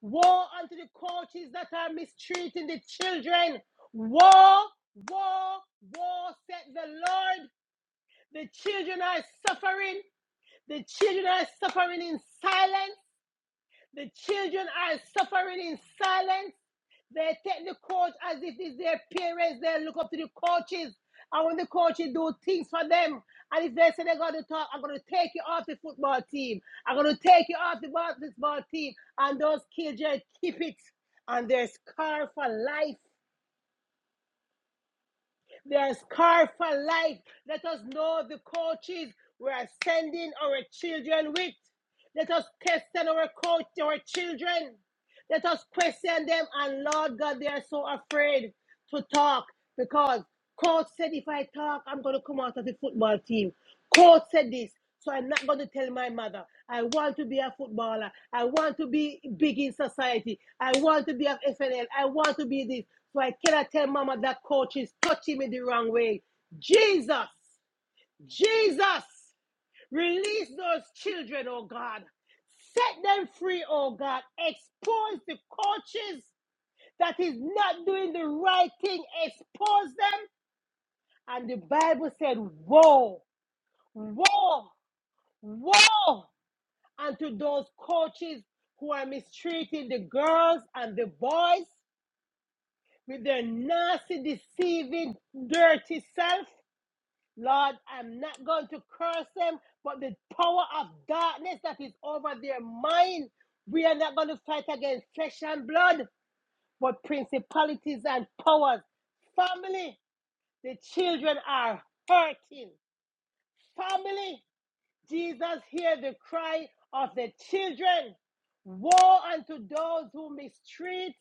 A: Woe unto the coaches that are mistreating the children. Woe, woe, woe, said the Lord. The children are suffering. The children are suffering in silence. The children are suffering in silence. They take the coach as if it's their parents. They look up to the coaches. And when the coaches do things for them, and if they say they're going to talk, I'm going to take you off the football team. I'm going to take you off the basketball team. And those kids just keep it. And they're scarred for life. They're scarred for life. Let us know the coaches we are sending our children with. Let us test our coach, our children. Let us question them. And Lord God, they are so afraid to talk because coach said if I talk, I'm going to come out of the football team. Coach said this. So I'm not going to tell my mother. I want to be a footballer. I want to be big in society. I want to be of FNL. I want to be this. So I cannot tell mama that coach is touching me the wrong way. Jesus, Jesus, Release those children, oh God. Set them free, oh God. Expose the coaches that is not doing the right thing. Expose them. And the Bible said, Woe, woe, woe unto those coaches who are mistreating the girls and the boys with their nasty, deceiving, dirty self. Lord, I'm not going to curse them, but the power of darkness that is over their mind, we are not going to fight against flesh and blood, but principalities and powers. Family, the children are hurting. Family, Jesus hear the cry of the children. Woe unto those who mistreat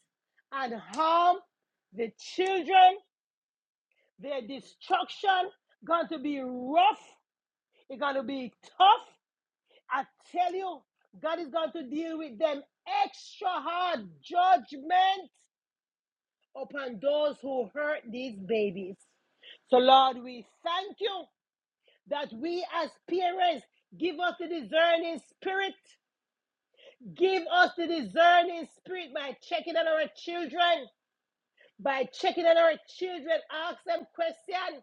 A: and harm the children. Their destruction going to be rough. It's going to be tough. I tell you, God is going to deal with them extra hard judgment upon those who hurt these babies. So, Lord, we thank you that we as parents give us the discerning spirit. Give us the discerning spirit by checking on our children, by checking on our children. Ask them questions.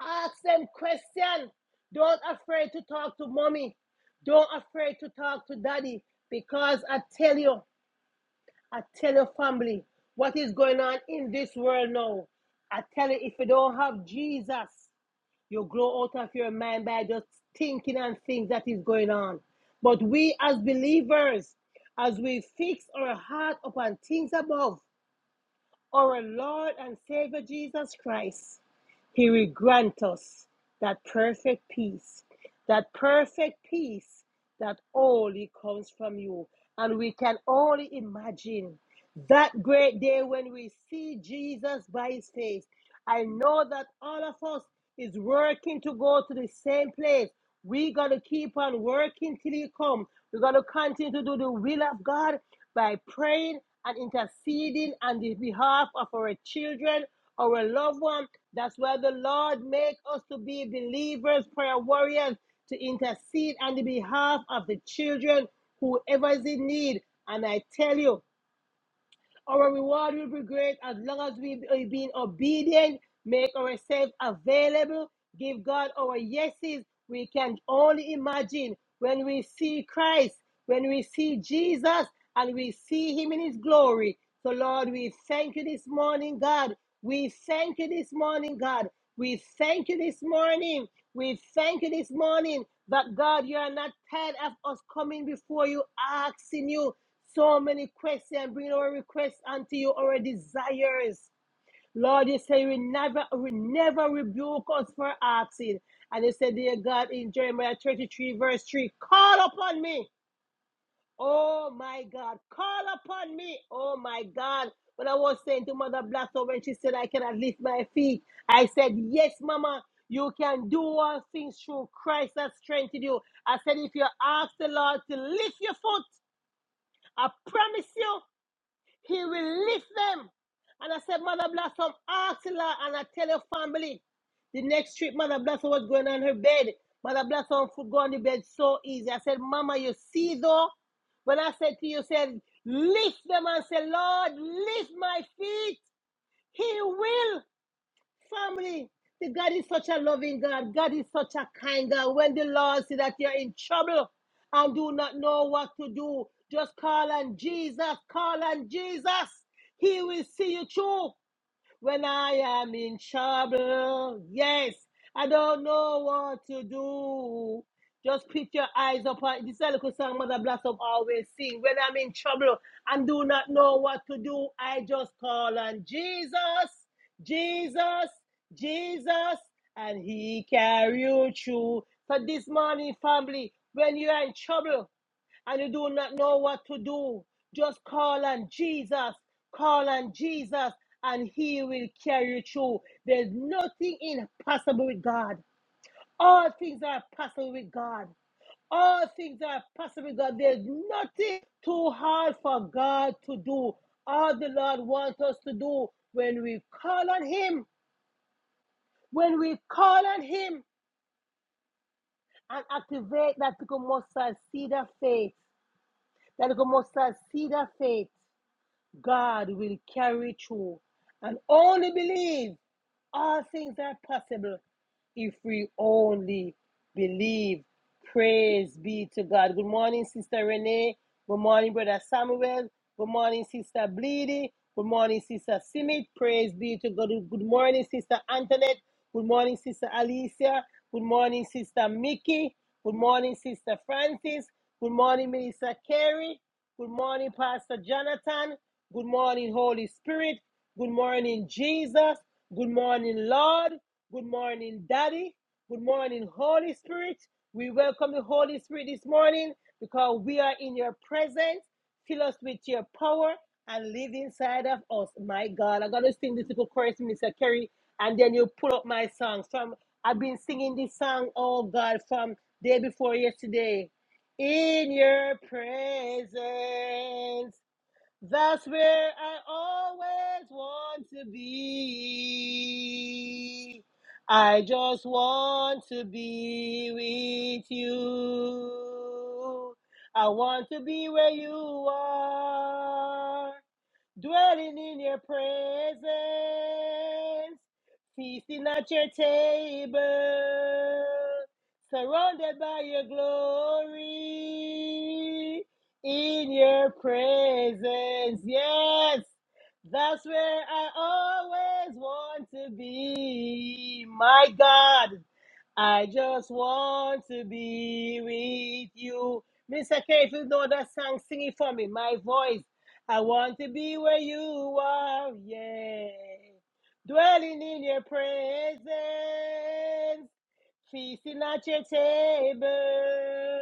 A: Ask them questions. Don't afraid to talk to mommy. Don't afraid to talk to daddy. Because I tell you, I tell your family what is going on in this world now. I tell you, if you don't have Jesus, you grow out of your mind by just thinking and things that is going on. But we as believers, as we fix our heart upon things above, our Lord and Savior Jesus Christ, He will grant us that perfect peace, that perfect peace that only comes from you. And we can only imagine that great day when we see Jesus by his face. I know that all of us is working to go to the same place. We got to keep on working till he come. We're going to continue to do the will of God by praying and interceding on the behalf of our children, our loved ones. That's why the Lord make us to be believers, prayer warriors, to intercede on the behalf of the children, whoever is in need. And I tell you, our reward will be great as long as we are being obedient, make ourselves available, give God our yeses. We can only imagine when we see Christ, when we see Jesus, and we see him in his glory. So, Lord, we thank you this morning, God. We thank you this morning, God. We thank you this morning. We thank you this morning that, God, you are not tired of us coming before you, asking you. So many questions, bring our requests unto you, our desires. Lord, you say you will never, will never rebuke us for asking. And you said, dear God, in Jeremiah 33, verse 3, call upon me. Oh my God, call upon me. Oh my God. When I was saying to Mother Blasso when she said, I cannot lift my feet, I said, Yes, Mama, you can do all things through Christ that strengthens you. I said, If you ask the Lord to lift your foot, I promise you. He will lift them. And I said, Mother Blossom, ask Lord, and I tell your family. The next trip, Mother Blossom was going on her bed. Mother Blossom could go on the bed so easy. I said, Mama, you see though? When I said to you, said, lift them and say, Lord, lift my feet. He will. Family, the God is such a loving God. God is such a kind God. When the Lord see that you're in trouble and do not know what to do, just call on Jesus. Call on Jesus. He will see you through when I am in trouble. Yes, I don't know what to do. Just put your eyes upon this is a little song Mother Blossom always sing. When I'm in trouble and do not know what to do, I just call on Jesus, Jesus, Jesus, and He carry you through. So this morning, family, when you are in trouble, and you do not know what to do, just call on Jesus. Call on Jesus, and He will carry you through. There's nothing impossible with God. All things are possible with God. All things are possible with God. There's nothing too hard for God to do. All the Lord wants us to do when we call on Him, when we call on Him and activate that little mustard seed of faith, that little mustard seed of faith God will carry through and only believe all things are possible if we only believe. Praise be to God. Good morning, Sister Renee. Good morning, Brother Samuel. Good morning, Sister Bleedy. Good morning, Sister Simit. Praise be to God. Good morning, Sister Antoinette. Good morning, Sister Alicia. Good morning, Sister Mickey. Good morning, Sister Francis. Good morning, Minister Carey. Good morning, Pastor Jonathan. Good morning, Holy Spirit. Good morning, Jesus. Good morning, Lord. Good morning, Daddy. Good morning, Holy Spirit. We welcome the Holy Spirit this morning because we are in your presence. Fill us with your power and live inside of us. My God, I'm going to sing this little chorus, Mr. Kerry, and then you pull up my song. From I've been singing this song, oh God, from day before yesterday. In your presence that's where I always want to be. I just want to be with you. I want to be where you are dwelling in your presence, feasting at your table, surrounded by your glory, in your presence. Yes, that's where I always want to be. My God, I just want to be with you. Mr. K, if you know that song, sing it for me. My voice. I want to be where you are, yeah. Dwelling in your presence, feasting at your table,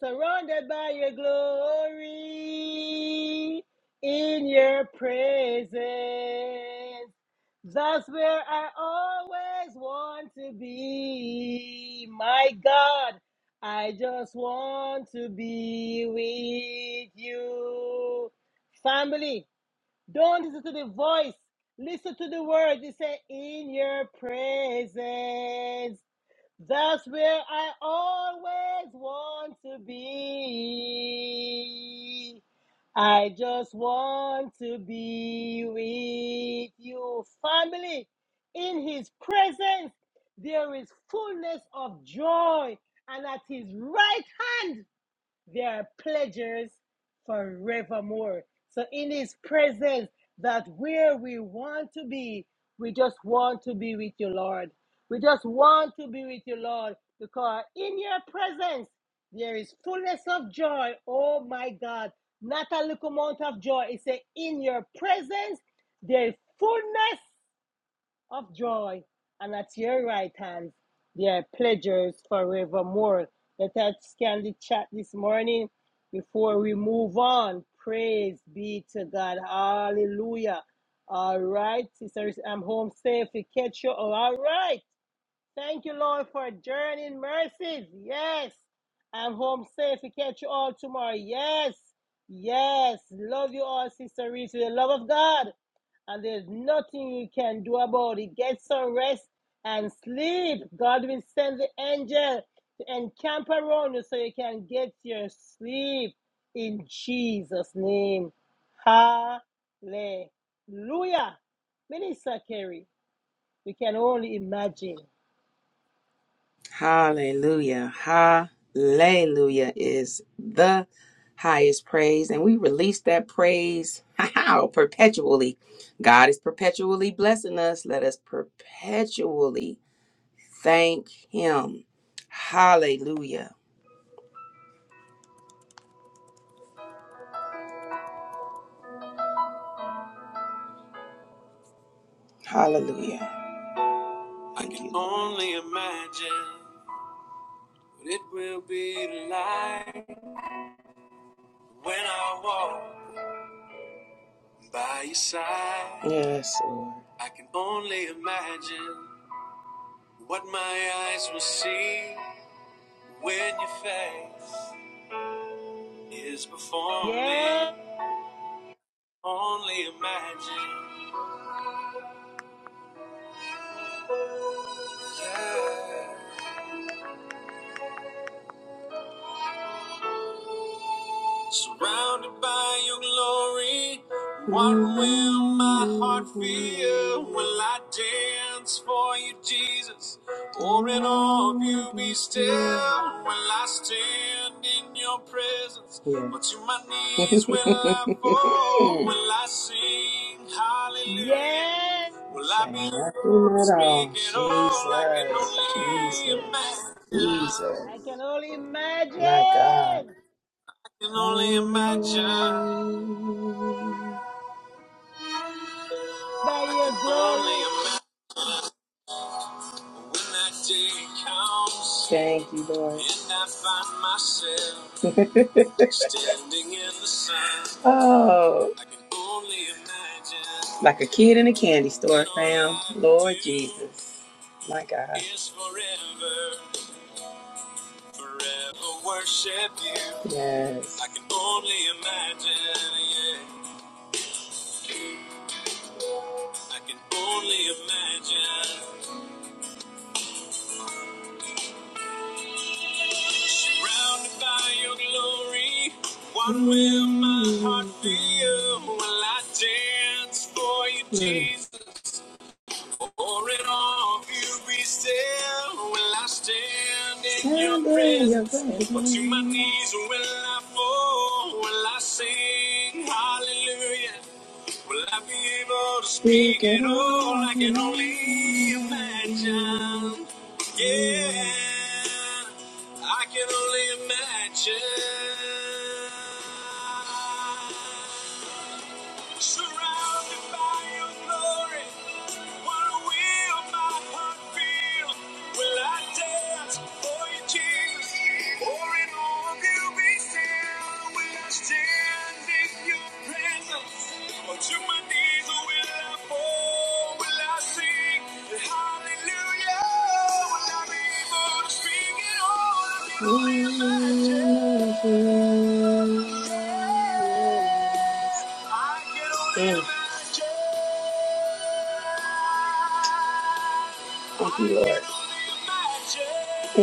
A: surrounded by your glory, in your presence. That's where I always want to be. My God, I just want to be with you. Family, don't listen to the voice. Listen to the words. It say, in your presence. That's where I always want to be. I just want to be with you, family. In his presence, there is fullness of joy, and at his right hand, there are pleasures forevermore. So in his presence, that where we want to be, we just want to be with you, Lord. We just want to be with you, Lord, because in your presence there is fullness of joy. Oh my God, not a little amount of joy. It says, in your presence there is fullness of joy, and at your right hand, there are pleasures forevermore. Let us scan the chat this morning before we move on. Praise be to God. Hallelujah. All right, sisters, I'm home safe. We catch you. all all right. Thank you, Lord, for journeying mercies. Yes. I'm home safe. We catch you all tomorrow. Yes. Yes. Love you all, Sister Reese, with the love of God and there's nothing you can do about it. Get some rest and sleep. God will send the angel to encamp around you so you can get your sleep in Jesus' name. Hallelujah. Minister Kerry, we can only imagine.
D: Hallelujah. Hallelujah is the highest praise. And we release that praise how perpetually. God is perpetually blessing us. Let us perpetually thank Him. Hallelujah. Hallelujah. I can only imagine what it will be like when I walk. By your side, Yes, Lord. I can only imagine what my eyes will see when your face is before me.
A: Yeah,
D: Only imagine. Yeah. Surrounded by your glory, what will my heart feel? Will I dance for you, Jesus? Or in awe of you be still? Will I stand in your presence? Yeah. But to my knees will I fall? Will I sing hallelujah?
A: yeah,
D: Will I be Shout speaking all I can Jesus, only Jesus,
A: imagine.
D: imagine? Jesus,
A: I can only
D: my God.
A: imagine
D: I can only imagine.
A: by
D: I
A: your
D: can
A: glory.
D: only imagine when that day comes. Thank you, Lord. And I find myself standing in the sun. Oh. I can only imagine. Like a kid in a candy store, fam. Lord Jesus. My God. Is forever, forever worship you. Yes. I can only imagine, yeah. I can only imagine. Surrounded by your glory, what will my heart feel? Will I dance for you, Jesus? For it all, you be still. Will I stand in your in your presence? presence. Or to my knees will I fall? Will I sing hallelujah? Will I be able to speak at all? I can only imagine. Yeah, I can only imagine. Surrounded by your glory, what will my heart feel? Will I dance for you, Jesus? Or in all of you be still? Will I stand in your presence? Or to my knees will I fall? Will I sing hallelujah? Will I be able to speak it all? Will I Mm. Thank you, Lord. Mm. Mm.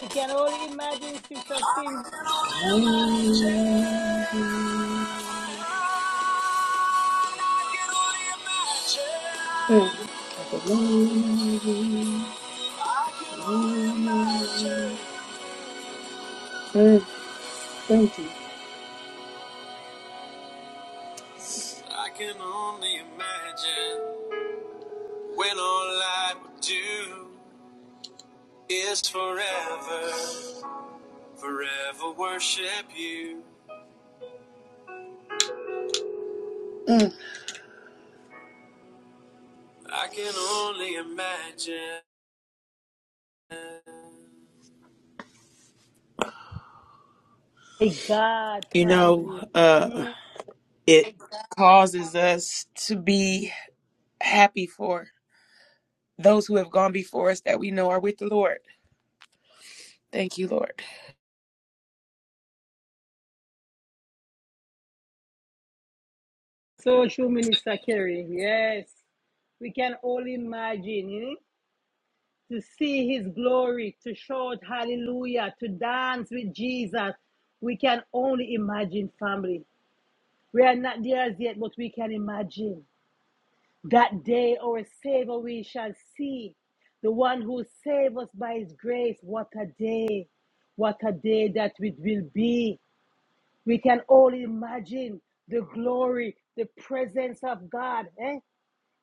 A: We can only imagine Sister Cindy
D: Mm. Mm. Thank you. I can only imagine when all I would do is forever. Forever worship you. I can only imagine.
A: My God,
D: You know,
A: family.
D: uh,
A: Mm.
D: it causes us to be happy for those who have gone before us that we know are with the Lord. Thank you, Lord.
A: Social Minister Kerry, yes. We can all imagine eh, to see his glory, to shout hallelujah, to dance with Jesus. We can only imagine, family. We are not there as yet, but we can imagine. That day, our Savior, we shall see. The one who saved us by his grace. What a day! What a day that it will be. We can all imagine the glory, the presence of God, eh?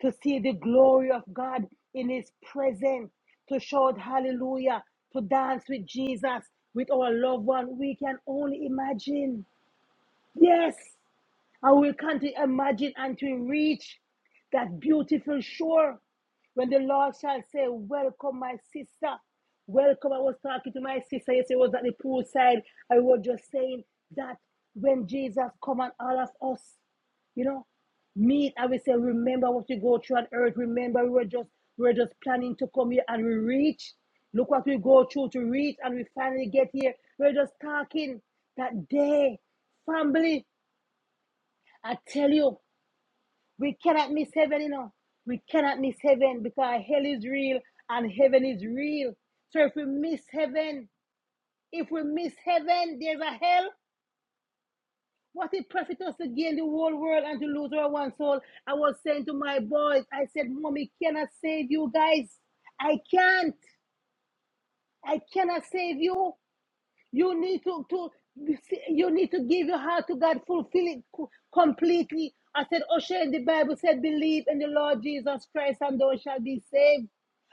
A: to see the glory of God in His presence, to shout hallelujah, to dance with Jesus, with our loved one. We can only imagine. Yes, and we can't imagine until we reach that beautiful shore when the Lord shall say, Welcome, my sister. Welcome. I was talking to my sister yesterday, I was at the poolside. I was just saying that when Jesus come and all of us, you know, meet, I will say, remember what we go through on earth. Remember, we were just we were just planning to come here and we reach. Look what we go through to reach and we finally get here. We're just talking that day, family. I tell you, we cannot miss heaven, you know. We cannot miss heaven because hell is real and heaven is real. So if we miss heaven, if we miss heaven, there's a hell. What it profit us to gain the whole world and to lose our one soul? I was saying to my boys, I said, Mommy cannot save you guys. I can't. I cannot save you. You need to, to you need to give your heart to God, fulfill it co- completely. I said, Osha, the Bible said, believe in the Lord Jesus Christ and thou shalt be saved.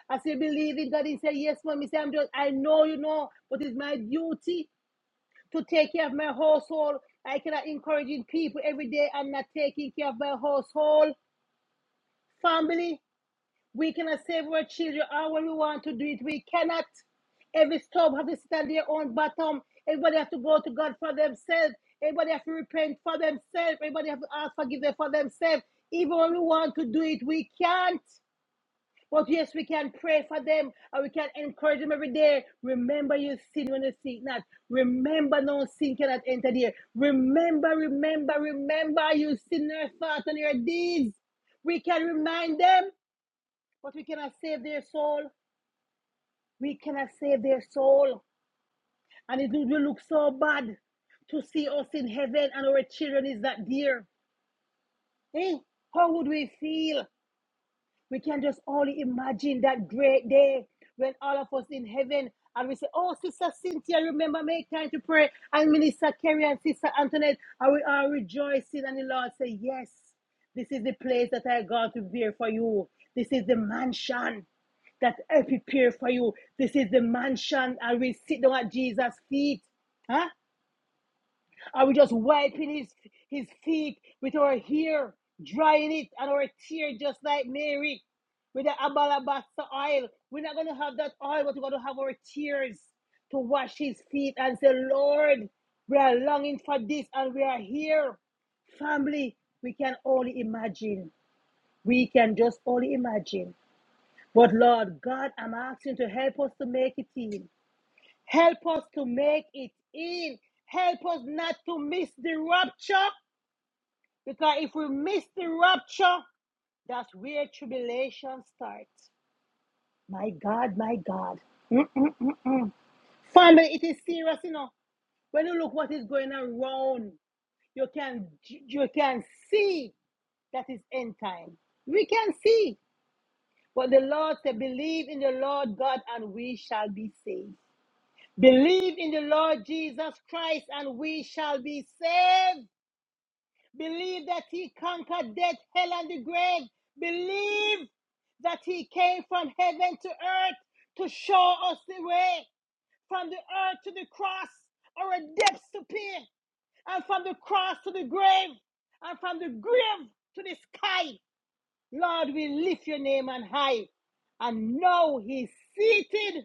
A: I said, believe in God. He said, yes, mom. He said, I'm just, I know you know, but it's my duty to take care of my household. I cannot encouraging people every day and not taking care of my household, family. We cannot save our children How we want to do it. We cannot. Every stove have to stand their own bottom. Everybody have to go to God for themselves. Everybody have to repent for themselves. Everybody have to ask forgiveness for themselves. Even when we want to do it, we can't. But yes, we can pray for them and we can encourage them every day. Remember your sin when you see it not. Remember no sin cannot enter there. Remember, remember, remember your sinner thoughts and your deeds. We can remind them but we cannot save their soul. We cannot save their soul. And it will look so bad to see us in heaven and our children is not there. Eh? How would we feel? We can just only imagine that great day when all of us in heaven and we say, Oh, Sister Cynthia, remember, make time to pray. And Minister Kerry and Sister Antoinette, and we are rejoicing. And the Lord say, Yes, this is the place that I got to bear for you. This is the mansion that I prepare for you. This is the mansion. I will sit down at Jesus' feet. Huh? Are we just wiping his his feet with our hair, drying it and our tear just like Mary with the alabaster oil? We're not gonna have that oil, but we're gonna have our tears to wash his feet and say, Lord, we are longing for this and we are here. Family, we can only imagine. We can just only imagine. But Lord God, I'm asking to help us to make it in. Help us to make it in. Help us not to miss the rapture. Because if we miss the rapture, that's where tribulation starts. My God, my God. Mm-mm. Family, it is serious, you know. When you look what is going around, you can you can see that is end time. We can see. But the Lord said, believe in the Lord God and we shall be saved. Believe in the Lord Jesus Christ and we shall be saved. Believe that he conquered death, hell, and the grave. Believe that he came from heaven to earth to show us the way from the earth to the cross, or our depths to peer, and from the cross to the grave, and from the grave to the sky. Lord, we lift your name on high. And now he's seated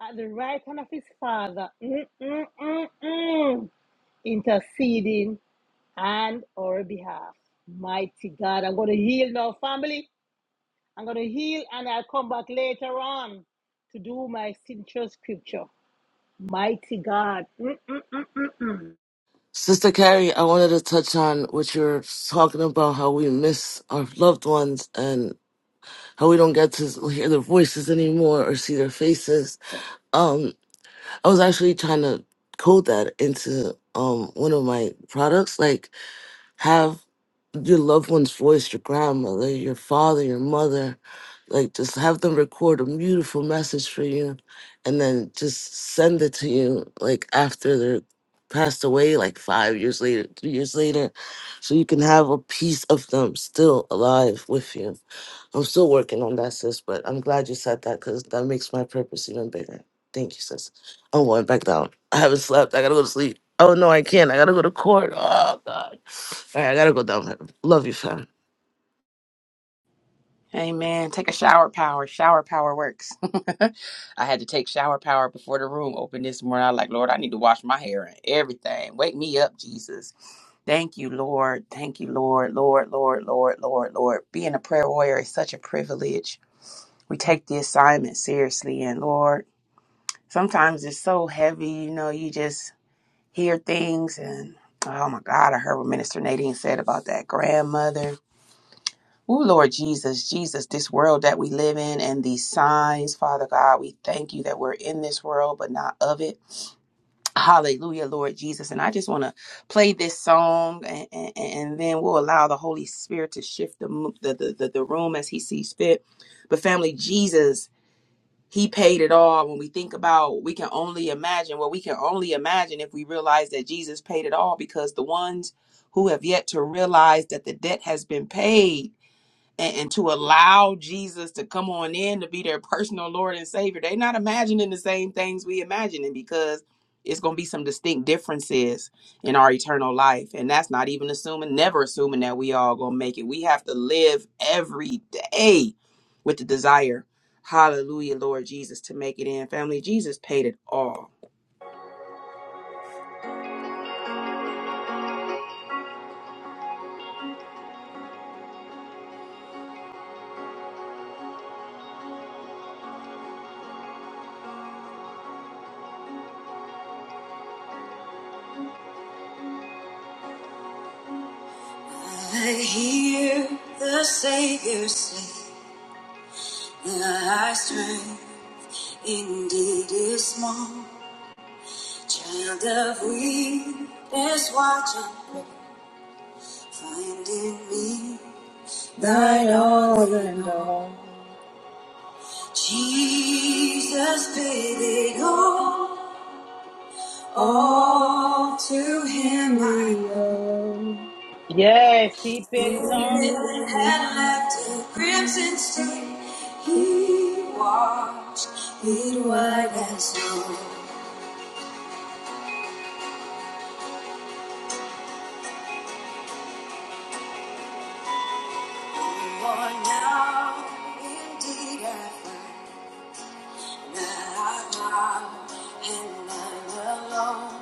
A: at the right hand of his Father, Mm, mm, mm, mm. interceding and our behalf. Mighty God, I'm going to heal now, family. I'm going to heal and I'll come back later on to do my signature scripture. Mighty God. Mm-mm-mm-mm-mm.
B: Sister Carrie, I wanted to touch on what you're talking about, how we miss our loved ones and how we don't get to hear their voices anymore or see their faces. Um, I was actually trying to code that into um one of my products, like have your loved one's voice, your grandmother, your father, your mother, like just have them record a beautiful message for you and then just send it to you like after they're passed away, like five years later, three years later. So you can have a piece of them still alive with you. I'm still working on that, sis, but I'm glad you said that because that makes my purpose even bigger. Thank you, sis. I'm going back down. I haven't slept. I gotta go to sleep. Oh no, I can't. I gotta go to court. Oh God. All right, I gotta go down there. Love you, fam.
D: Amen. Take a shower power. Shower power works. I had to take shower power before the room opened this morning. I was like, Lord, I need to wash my hair and everything. Wake me up, Jesus. Thank you, Lord. Thank you, Lord. Lord, Lord, Lord, Lord, Lord. Being a prayer warrior is such a privilege. we take the assignment seriously. And Lord, sometimes it's so heavy, you know, you just hear things and oh my God, I heard what Minister Nadine said about that grandmother. Oh Lord Jesus, Jesus, this world that we live in and these signs, Father God, we thank you that we're in this world but not of it. Hallelujah, Lord Jesus. And I just want to play this song and, and, and then we'll allow the Holy Spirit to shift the, mo- the, the, the the room as he sees fit. But family, Jesus He paid it all. When we think about, we can only imagine. Well, we can only imagine if we realize that Jesus paid it all because the ones who have yet to realize that the debt has been paid and, and to allow Jesus to come on in to be their personal Lord and Savior, they're not imagining the same things we imagining because it's going to be some distinct differences in our eternal life. And that's not even assuming, never assuming that we all going to make it. We have to live every day with the desire, hallelujah, Lord Jesus, to make it in. Family, Jesus paid it all. I hear the Savior say, "Thy strength indeed is small." Child of weakness, watching, find in me thine all in all. Jesus paid it all, all to him I owe.
A: Yes, He paid it all.
D: He had left a crimson stain, he washed it white as snow. For now, indeed, I find. that I've lost and I'm alone.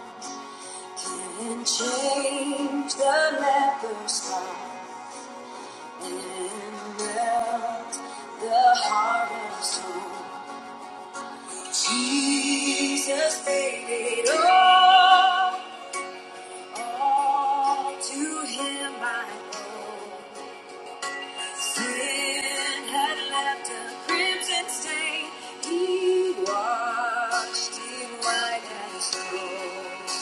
D: Can not change the leper's heart and melt the heart of stone. Jesus paid it all, all to him I owe. Sin had left a crimson stain, he washed it white as snow.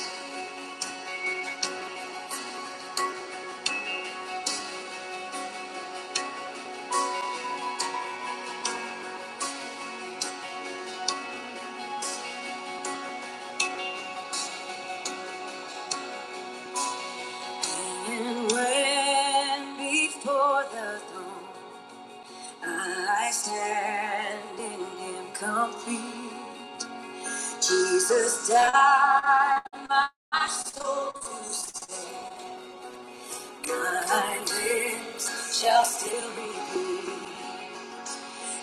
D: And when before the throne I stand in Him complete, Jesus died my soul to save. My lips shall still be free.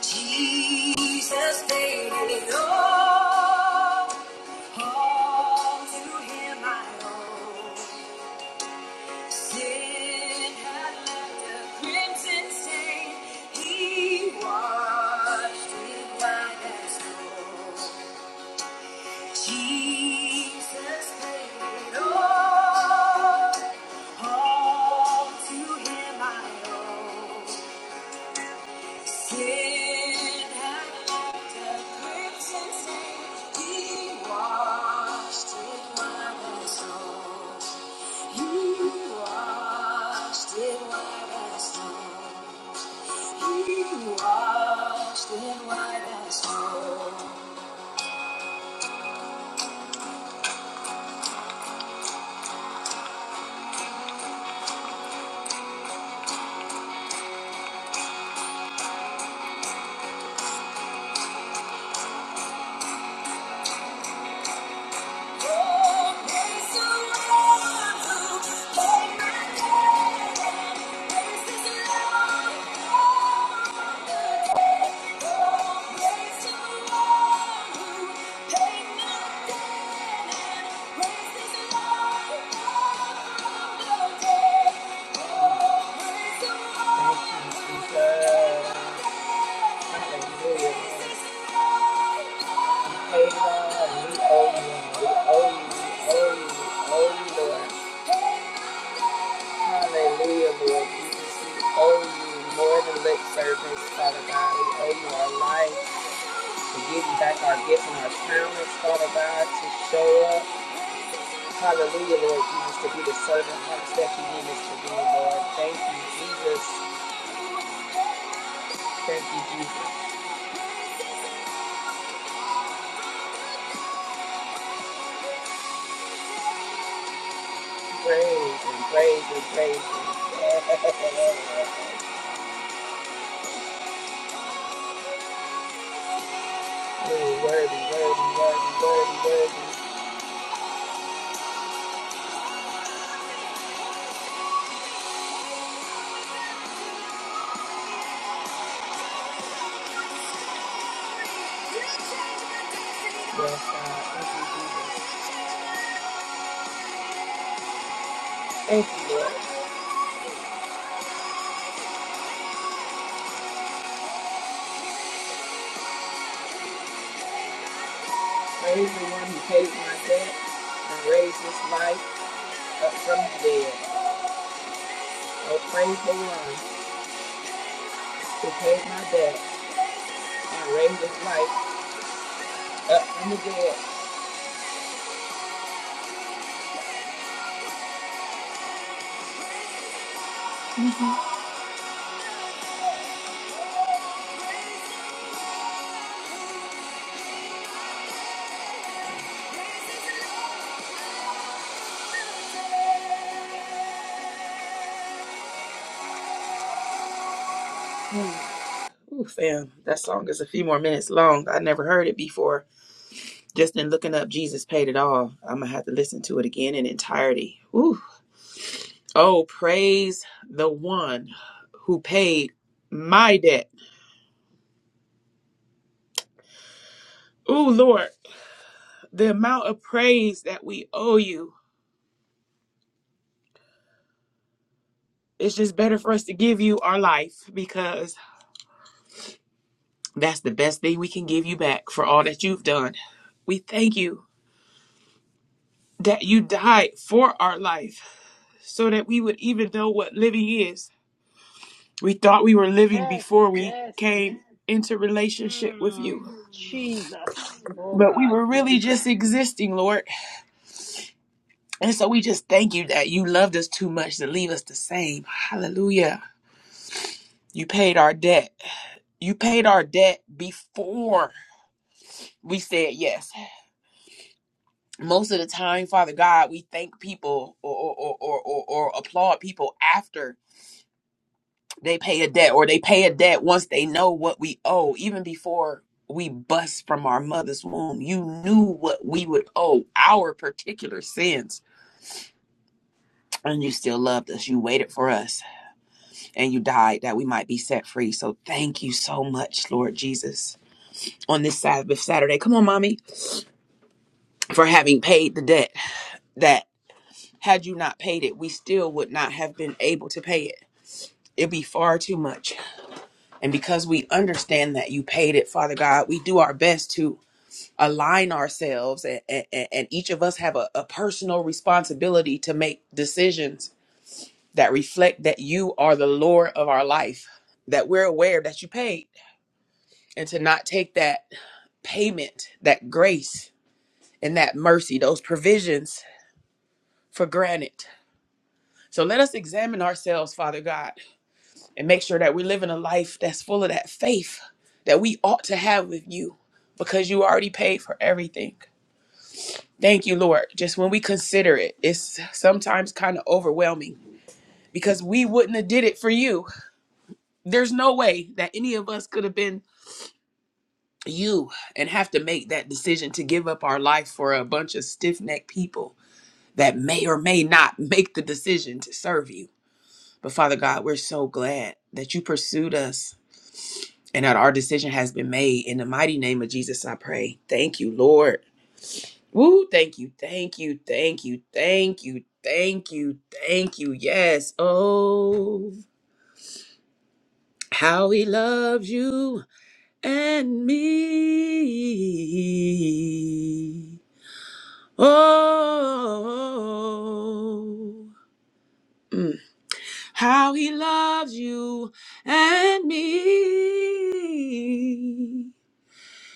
D: Jesus paid it all. All to Him I owe. Sin had left a crimson stain. He washed it white as snow. Jesus paid it all. All to Him I owe. Lord. Hallelujah, Lord Jesus. We owe you more than lip service, Father God. We owe you our life to give you back our gifts and our talents, Father God, to show up. Hallelujah, Lord Jesus, to be the servant hearts that you need us to be, Lord. Thank you, Jesus. Thank you, Jesus. Praise and praise and praise and praise. Worthy, worthy, worthy, worthy, worthy. Yes, God. Thank you, Jesus. Thank you, Lord. Praise the one who paid my debt and raised this life up from the dead. and praise the one who paid my debt and raised his life up from the dead. Ooh, fam, that song is a few more minutes long. I never heard it before. Just in looking up Jesus paid it all. I'm gonna have to listen to it again in entirety. Ooh. Oh, praise the one who paid my debt. Ooh, Lord, the amount of praise that we owe you. It's just better for us to give you our life because that's the best thing we can give you back for all that you've done. We thank you that you died for our life so that we would even know what living is. We thought we were living
A: Yes,
D: before we
A: yes.
D: came into relationship with
A: Mm,
D: you,
A: Jesus. Oh,
D: but we
A: God.
D: were really just existing, Lord. And so we just thank you that you loved us too much to leave us the same. Hallelujah. You paid our debt. You paid our debt before we said yes. Most of the time, Father God, we thank people or, or, or, or, or applaud people after they pay a debt or they pay a debt once they know what we owe even before we bust from our mother's womb you knew what we would owe our particular sins and you still loved us you waited for us and you died that we might be set free so thank you so much lord jesus on this sabbath saturday come on mommy for having paid the debt that had you not paid it we still would not have been able to pay it it'd be far too much and because we understand that you paid it father god we do our best to align ourselves and, and, and each of us have a, a personal responsibility to make decisions that reflect that you are the lord of our life that we're aware that you paid and to not take that payment that grace and that mercy those provisions for granted so let us examine ourselves father god and make sure that we're living a life that's full of that faith that we ought to have with you because you already paid for everything Thank you, Lord. Just when we consider it, it's sometimes kind of overwhelming because we wouldn't have did it for you. There's no way that any of us could have been you and have to make that decision to give up our life for a bunch of stiff-necked people that may or may not make the decision to serve you. But Father God, we're so glad that you pursued us and that our decision has been made. In the mighty name of Jesus, I pray. Thank you, Lord. Woo, thank you, thank you, thank you, thank you, thank you, thank you. Yes. Oh, how he loves you and me. Oh, mm. how he loves you and me.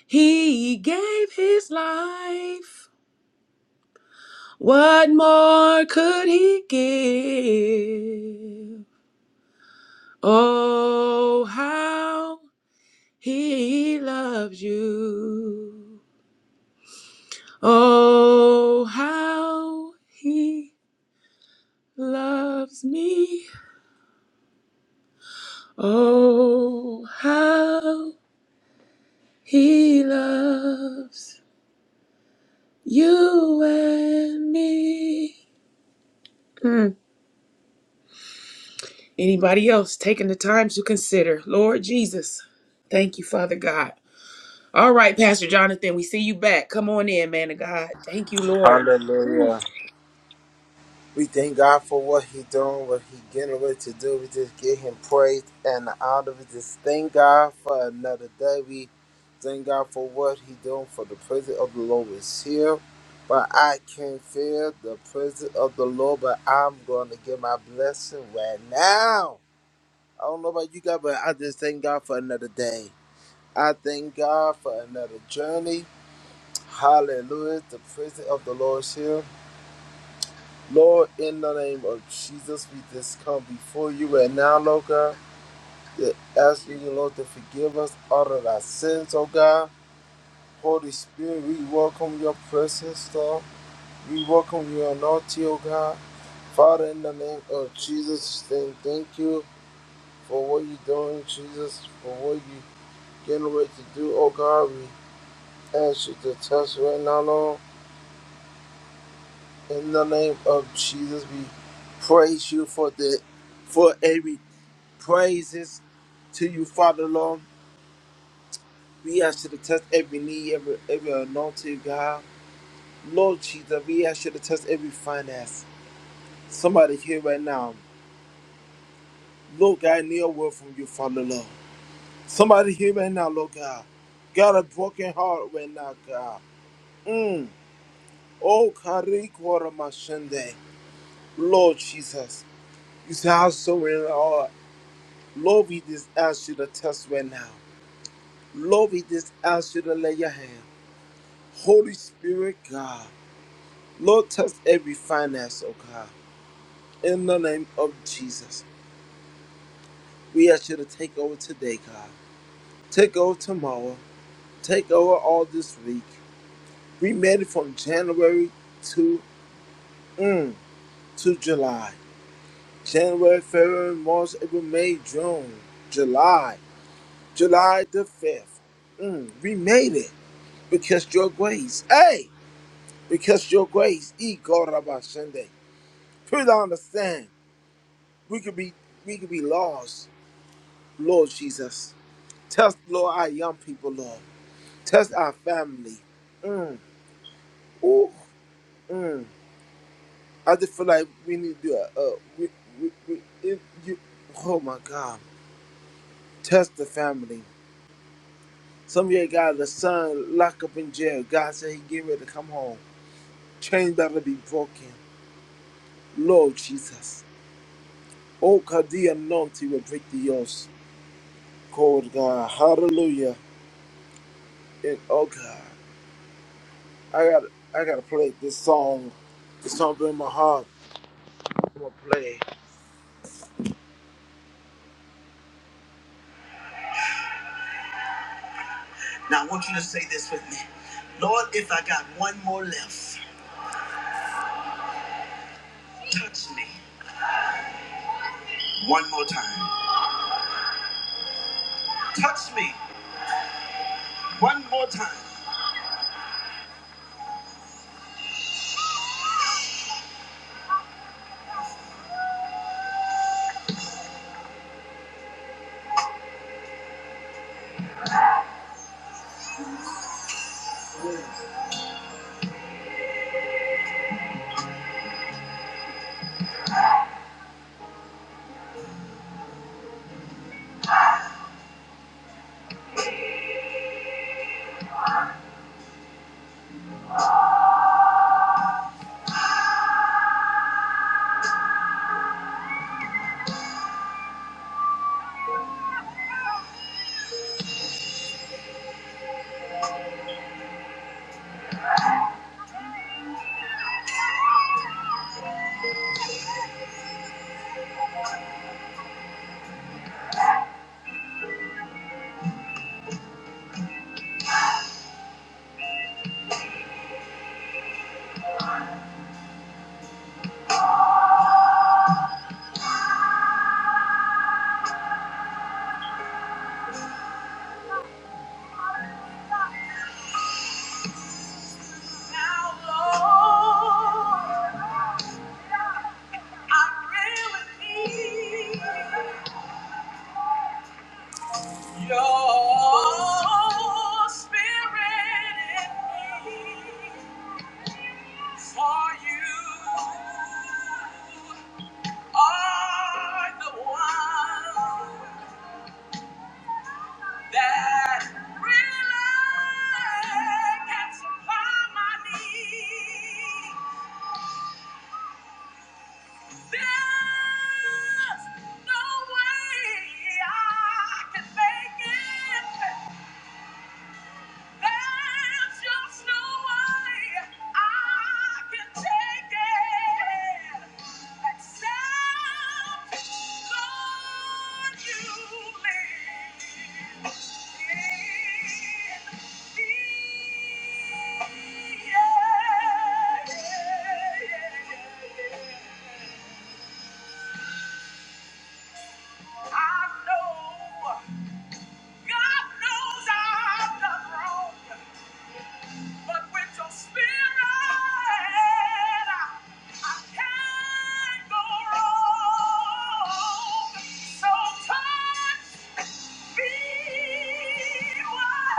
D: He gave his life. What more could he give? Oh, how he loves you. Oh, how he loves me. Oh, how he loves you and me. Mm. Anybody else taking the time to consider? Lord Jesus, thank you, Father God. All right, Pastor Jonathan, we see you back. Come on in, man of God. Thank you, Lord.
E: Hallelujah. We thank God for what He doing, what He getting ready to do. We just give Him praise and honor. We just thank God for another day. We thank God for what He doing. For the presence of the Lord is here, but I can feel the presence of the Lord. But I'm going to get my blessing right now. I don't know about you guys, but I just thank God for another day. I thank God for another journey. Hallelujah. The presence of the Lord is here. Lord, in the name of Jesus, we just come before you and now, Lord God, to ask you, Lord, to forgive us all of our sins, oh God. Holy Spirit, we welcome your presence, Lord. We welcome your anointing, oh God. Father, in the name of Jesus, saying thank you for what you're doing, Jesus, for what you're getting ready to do, oh God. We ask you to touch right now, Lord. In the name of Jesus, we praise you for the for every praises to you, Father Lord. We ask you to test every need, every every anointing, God. Lord Jesus, we ask you to test every finance. Somebody here right now. Lord God, I need a word from you, Father Lord. Somebody here right now, Lord God. Got a broken heart right now, God. Mm. Oh, Karikora Mashende. Lord Jesus. You say how surrender all. Lord, we just ask you to test right now. Lord, we just ask you to lay your hand. Holy Spirit, God, Lord, touch every finance, oh God. In the name of Jesus, we ask you to take over today, God. Take over tomorrow. Take over all this week. We made it from January to mm, to July. January, February, March, April, May, June, July, July the fifth. Mm, we made it because your grace. Hey, because your grace. E God Rabbi Sunday. Please understand. We could be we could be lost, Lord Jesus. Test Lord our young people, Lord. Test our family. Oh, I just feel like we need to. Uh, uh, we, we, we, if you, oh my God, test the family. Some of you got the son locked up in jail. God said he get ready to come home. Chains better be broken, Lord Jesus. Oh, cause the anointing will break the yoke. Cold God, Hallelujah. And oh God. I got I gotta play this song. It's something in my heart. I'm gonna play. Now I want you to say this with me. Lord, if I got one more left, touch me one more time. Touch me one more time. Now, Lord, I really need your spirit in me for you. are the one that really can supply my needs. There's no way I can make it. There's just no way I can take it except Lord, you live in me. Yeah, yeah, yeah, yeah. yeah. I know, God knows I've done wrong. But with your spirit, I can't go wrong. So touch me, one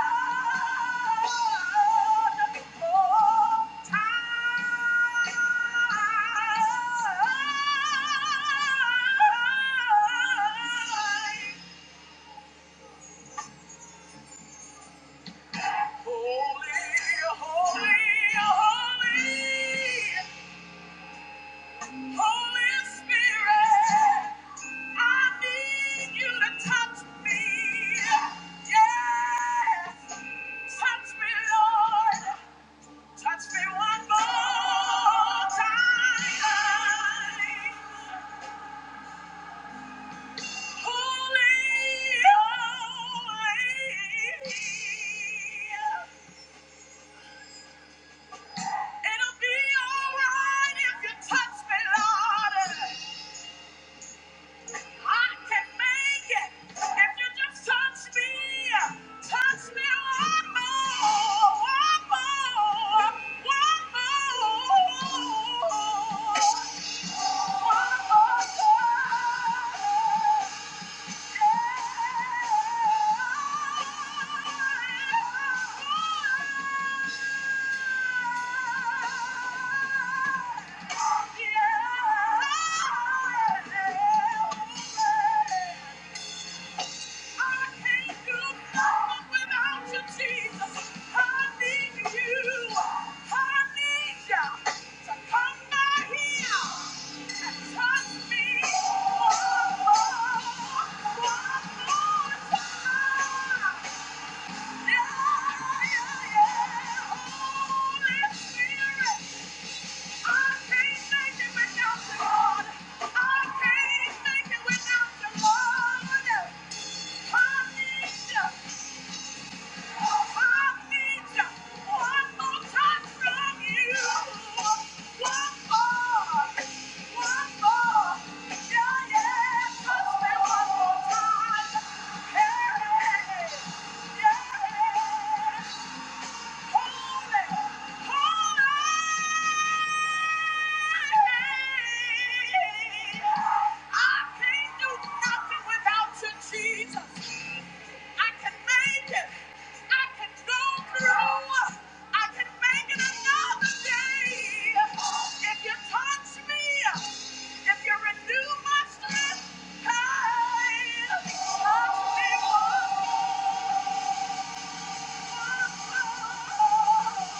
E: more time. Holy, holy, holy. Holy Spirit, I need you to touch me. Yes. Touch me, Lord. Touch me one more time. Holy, holy. It'll be alright if you touch me, Lord. I can make it if you just touch me. Touch me one more, one more, one more, one more time. Yeah. I can't make it without you, Lord. I need you. Yeah.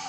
E: Oh!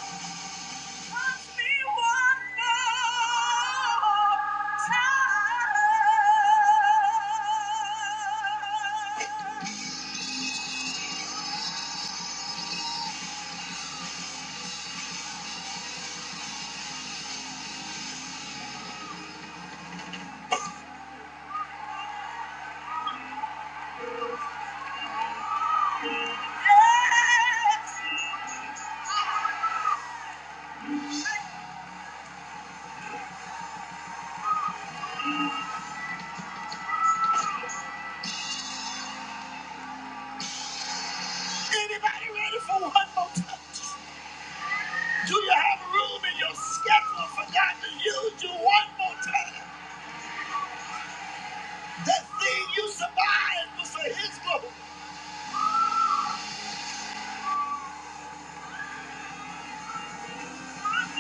E: Anybody ready for one more time? Do you have room in your schedule for to use you one more time? That thing you survived was for His glory. Hallelujah. Yeah.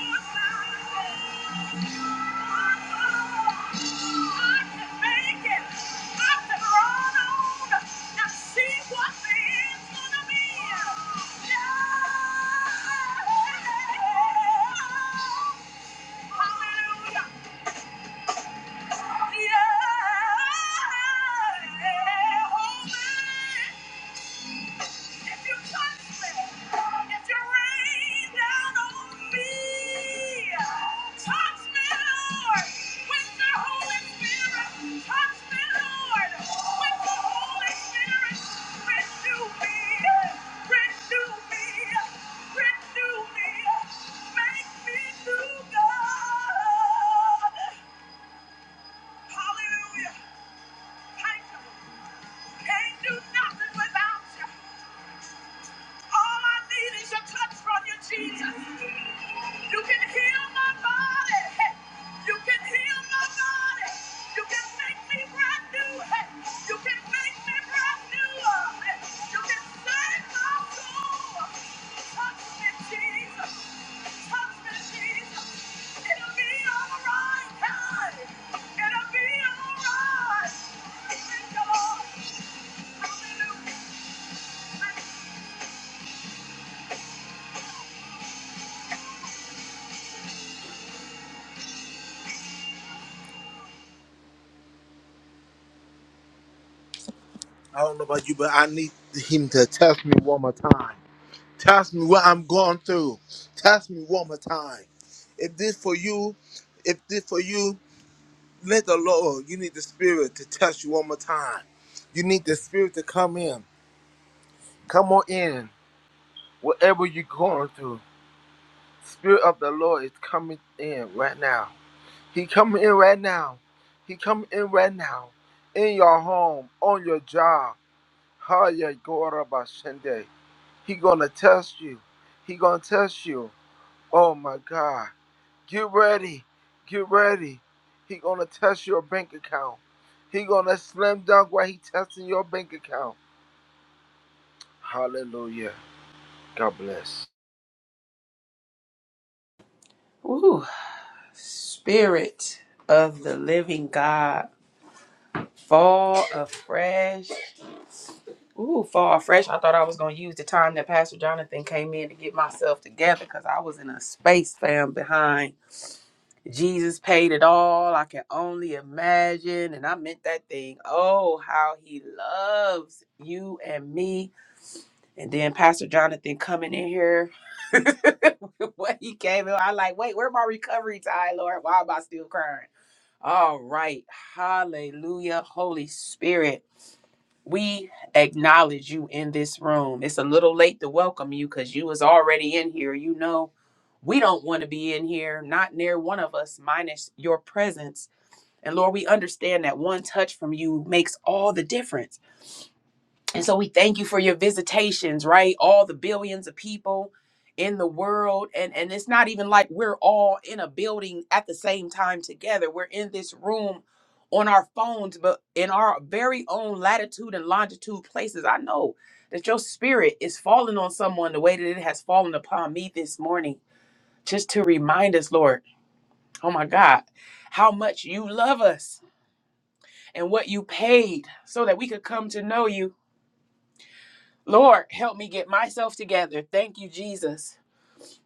E: If you touch me, if you rain down on me, touch me, Lord, with your Holy Spirit. Touch me, Lord, with your Holy Spirit. Renew me, renew me, renew me. Make me new, God. Hallelujah. Thank you. Can't do nothing without you. All I need is your touch from you, Jesus. You can heal my body. Hey, You can heal my body. You can make me brand new. Hey, You can make me brand new. Hey, You can save my soul. Touch me, Jesus. Touch me, Jesus. It'll be all right. Hey, It'll be all right. Thank you, Lord. Hallelujah. I don't know about you, but I need him to test me one more time. Test me what I'm going through. Test me one more time. If this for you, if this for you, let the Lord. You need the Spirit to test you one more time. You need the Spirit to come in. Come on in. Whatever you're going through, Spirit of the Lord is coming in right now. He coming in right now. He coming in right now. In your home, on your job. Hallelujah. He gonna test you. He gonna test you. Oh my God. Get ready. Get ready. He gonna test your bank account. He gonna slam dunk while he testing your bank account. Hallelujah. God bless.
D: Woo. Spirit of the living God, fall afresh. Ooh, fall afresh. I thought I was going to use the time that Pastor Jonathan came in to get myself together because I was in a space fam behind. Jesus paid it all. I can only imagine. And I meant that thing. Oh, how he loves you and me. And then Pastor Jonathan coming in here when he came in, I like, wait, where my recovery time, Lord? Why am I still crying? All right. Hallelujah. Holy Spirit, we acknowledge you in this room. It's a little late to welcome you because you was already in here. You know, we don't want to be in here, not near one of us, minus your presence. And Lord, we understand that one touch from you makes all the difference. And so we thank you for your visitations, right? All the billions of people in the world and and it's not even like we're all in a building at the same time together. We're in this room on our phones but in our very own latitude and longitude places. I know that your spirit is falling on someone the way that it has fallen upon me this morning just to remind us, Lord. Oh my God, how much you love us and what you paid so that we could come to know you Lord, help me get myself together. Thank you, Jesus.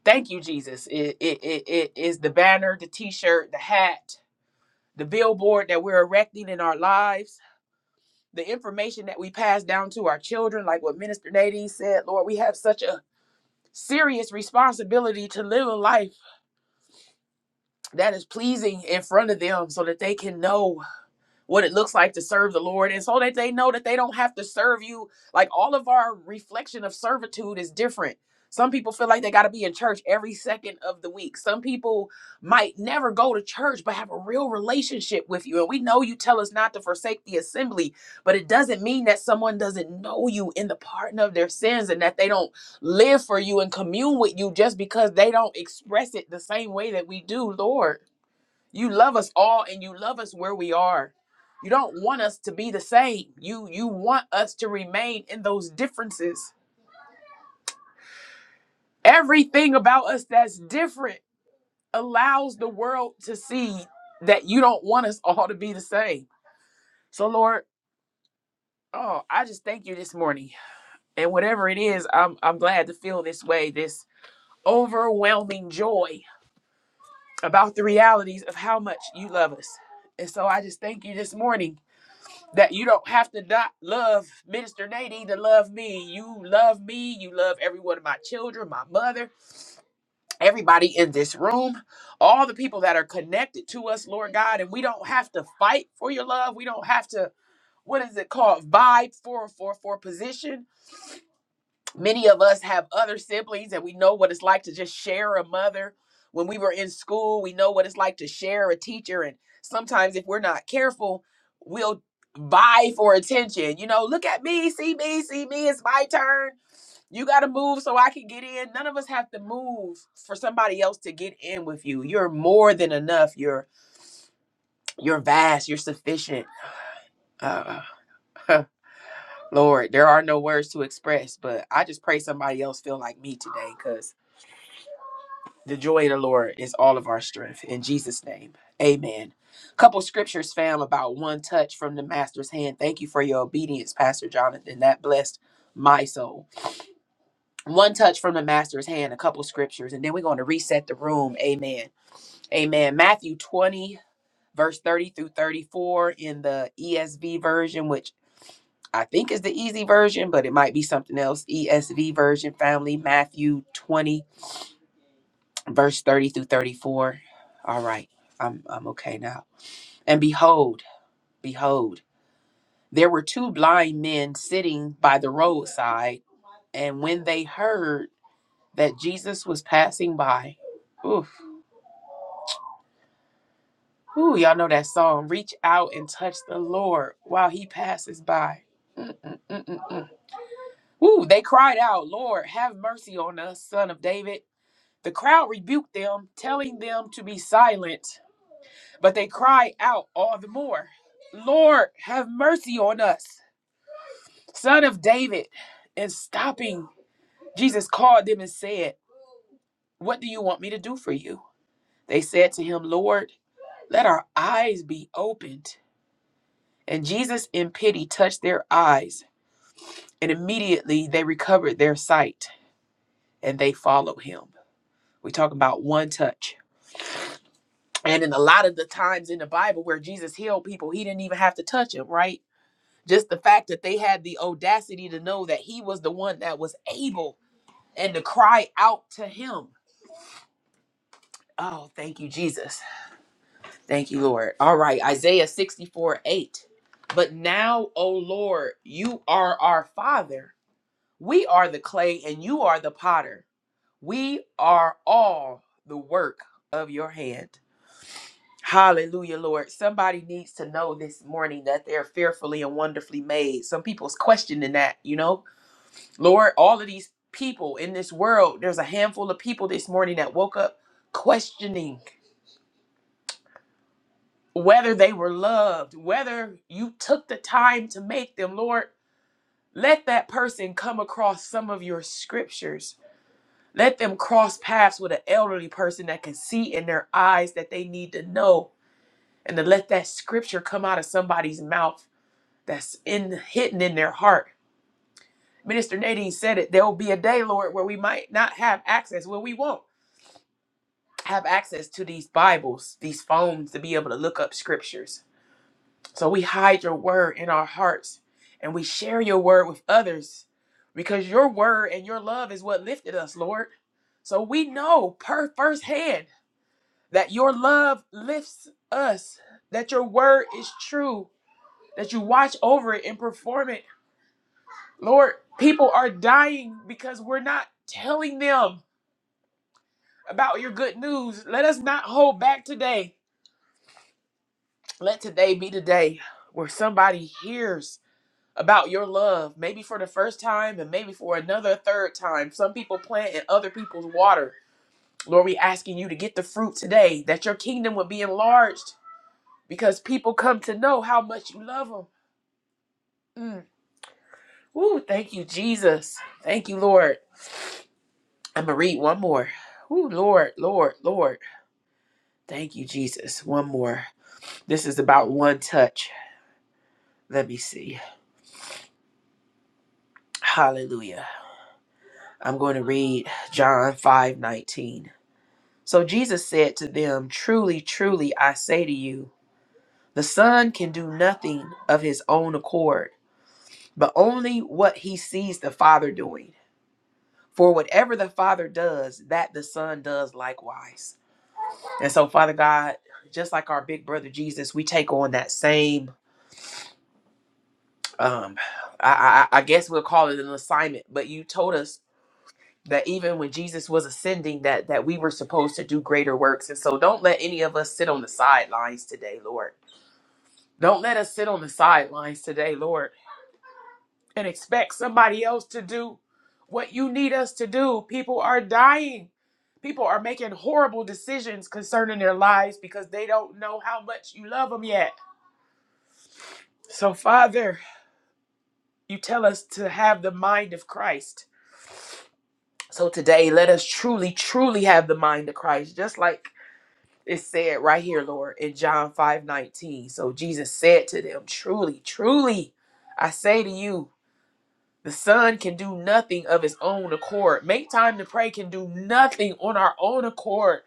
D: Thank you, Jesus. It, it, it, it is the banner, the t shirt, the hat, the billboard that we're erecting in our lives, the information that we pass down to our children, like what Minister Nadine said. Lord, we have such a serious responsibility to live a life that is pleasing in front of them so that they can know what it looks like to serve the Lord, and so that they know that they don't have to serve you. Like all of our reflection of servitude is different. Some people feel like they got to be in church every second of the week. Some people might never go to church, but have a real relationship with you. And we know you tell us not to forsake the assembly, but it doesn't mean that someone doesn't know you in the pardon of their sins and that they don't live for you and commune with you just because they don't express it the same way that we do, Lord. You love us all and you love us where we are. You don't want us to be the same. You you want us to remain in those differences. Everything about us that's different allows the world to see that you don't want us all to be the same. So Lord, oh, I just thank you this morning. And whatever it is, I'm I'm glad to feel this way, this overwhelming joy about the realities of how much you love us. And so I just thank you this morning that you don't have to not love Minister Nadine to love me. You love me. You love every one of my children, my mother, everybody in this room, all the people that are connected to us, Lord God. And we don't have to fight for your love. We don't have to, what is it called? Vibe for for for position many of us have other siblings and we know what it's like to just share a mother when we were in school we know what it's like to share a teacher and sometimes if we're not careful we'll vie for attention you know look at me see me see me it's my turn you got to move so i can get in none of us have to move for somebody else to get in with you you're more than enough you're you're vast you're sufficient uh, lord there are no words to express but i just pray somebody else feel like me today because The joy of the Lord is all of our strength. In Jesus' name, amen. Couple scriptures, fam, about one touch from the Master's hand. Thank you for your obedience, Pastor Jonathan. That blessed my soul. One touch from the Master's hand, a couple scriptures, and then we're going to reset the room. Amen. Amen. Matthew 20, verse 30 through 34 in the ESV version, which I think is the easy version, but it might be something else. ESV version, family, Matthew 20, verse 30 through 34. All right, I'm, I'm okay now. And behold, behold, there were two blind men sitting by the roadside. And when they heard that Jesus was passing by, oof, ooh, y'all know that song, reach out and touch the Lord while he passes by. Mm, mm, mm, mm, mm. Ooh, they cried out, Lord, have mercy on us, son of David. The crowd rebuked them, telling them to be silent. But they cried out all the more, Lord, have mercy on us, son of David. And stopping, Jesus called them and said, What do you want me to do for you? They said to him, Lord, let our eyes be opened. And Jesus, in pity, touched their eyes, and immediately they recovered their sight and they followed him. We talk about one touch. And in a lot of the times in the Bible where Jesus healed people, he didn't even have to touch them, right? just the fact that they had the audacity to know that he was the one that was able and to cry out to him. Oh, thank you, Jesus. Thank you, Lord. All right, Isaiah 64 8. But now, O Lord, you are our Father. We are the clay and you are the potter. We are all the work of your hand. Hallelujah, Lord. Somebody needs to know this morning that they're fearfully and wonderfully made. Some people's questioning that, you know? Lord, all of these people in this world, there's a handful of people this morning that woke up questioning whether they were loved, whether you took the time to make them. Lord, let that person come across some of your scriptures. Let them cross paths with an elderly person that can see in their eyes that they need to know and to let that scripture come out of somebody's mouth that's in hidden in their heart. Minister Nadine said it, there will be a day, Lord, where we might not have access, where we won't. have access to these Bibles, these phones to be able to look up scriptures. So we hide your word in our hearts and we share your word with others because your word and your love is what lifted us, Lord. So we know per firsthand that your love lifts us, that your word is true, that you watch over it and perform it. Lord, people are dying because we're not telling them about your good news. Let us not hold back today Let today be the day where somebody hears about your love, maybe for the first time and maybe for another third time. Some people plant and other people's water. Lord, we asking you to get the fruit today, that your kingdom would be enlarged because people come to know how much you love them. Mm. Ooh, thank you, Jesus. Thank you, Lord. I'm going to read one more. Ooh, Lord, Lord, Lord. Thank you, Jesus. One more. This is about one touch. Let me see. Hallelujah. I'm going to read John 5 19. So Jesus said to them, Truly, truly, I say to you, the Son can do nothing of his own accord, but only what he sees the Father doing. For whatever the Father does, that the Son does likewise. And so, Father God, just like our big brother Jesus, we take on that same, um, I, I, I guess we'll call it an assignment, but you told us that even when Jesus was ascending that that we were supposed to do greater works. And so don't let any of us sit on the sidelines today, Lord. Don't let us sit on the sidelines today, Lord, and expect somebody else to do what you need us to do. People are dying. People are making horrible decisions concerning their lives because they don't know how much you love them yet. So, Father, you tell us to have the mind of Christ. So today, let us truly, truly have the mind of Christ, just like It's said right here, Lord, in John 5 19. So Jesus said to them, Truly, truly, I say to you, the Son can do nothing of his own accord. Make time to pray can do nothing on our own accord,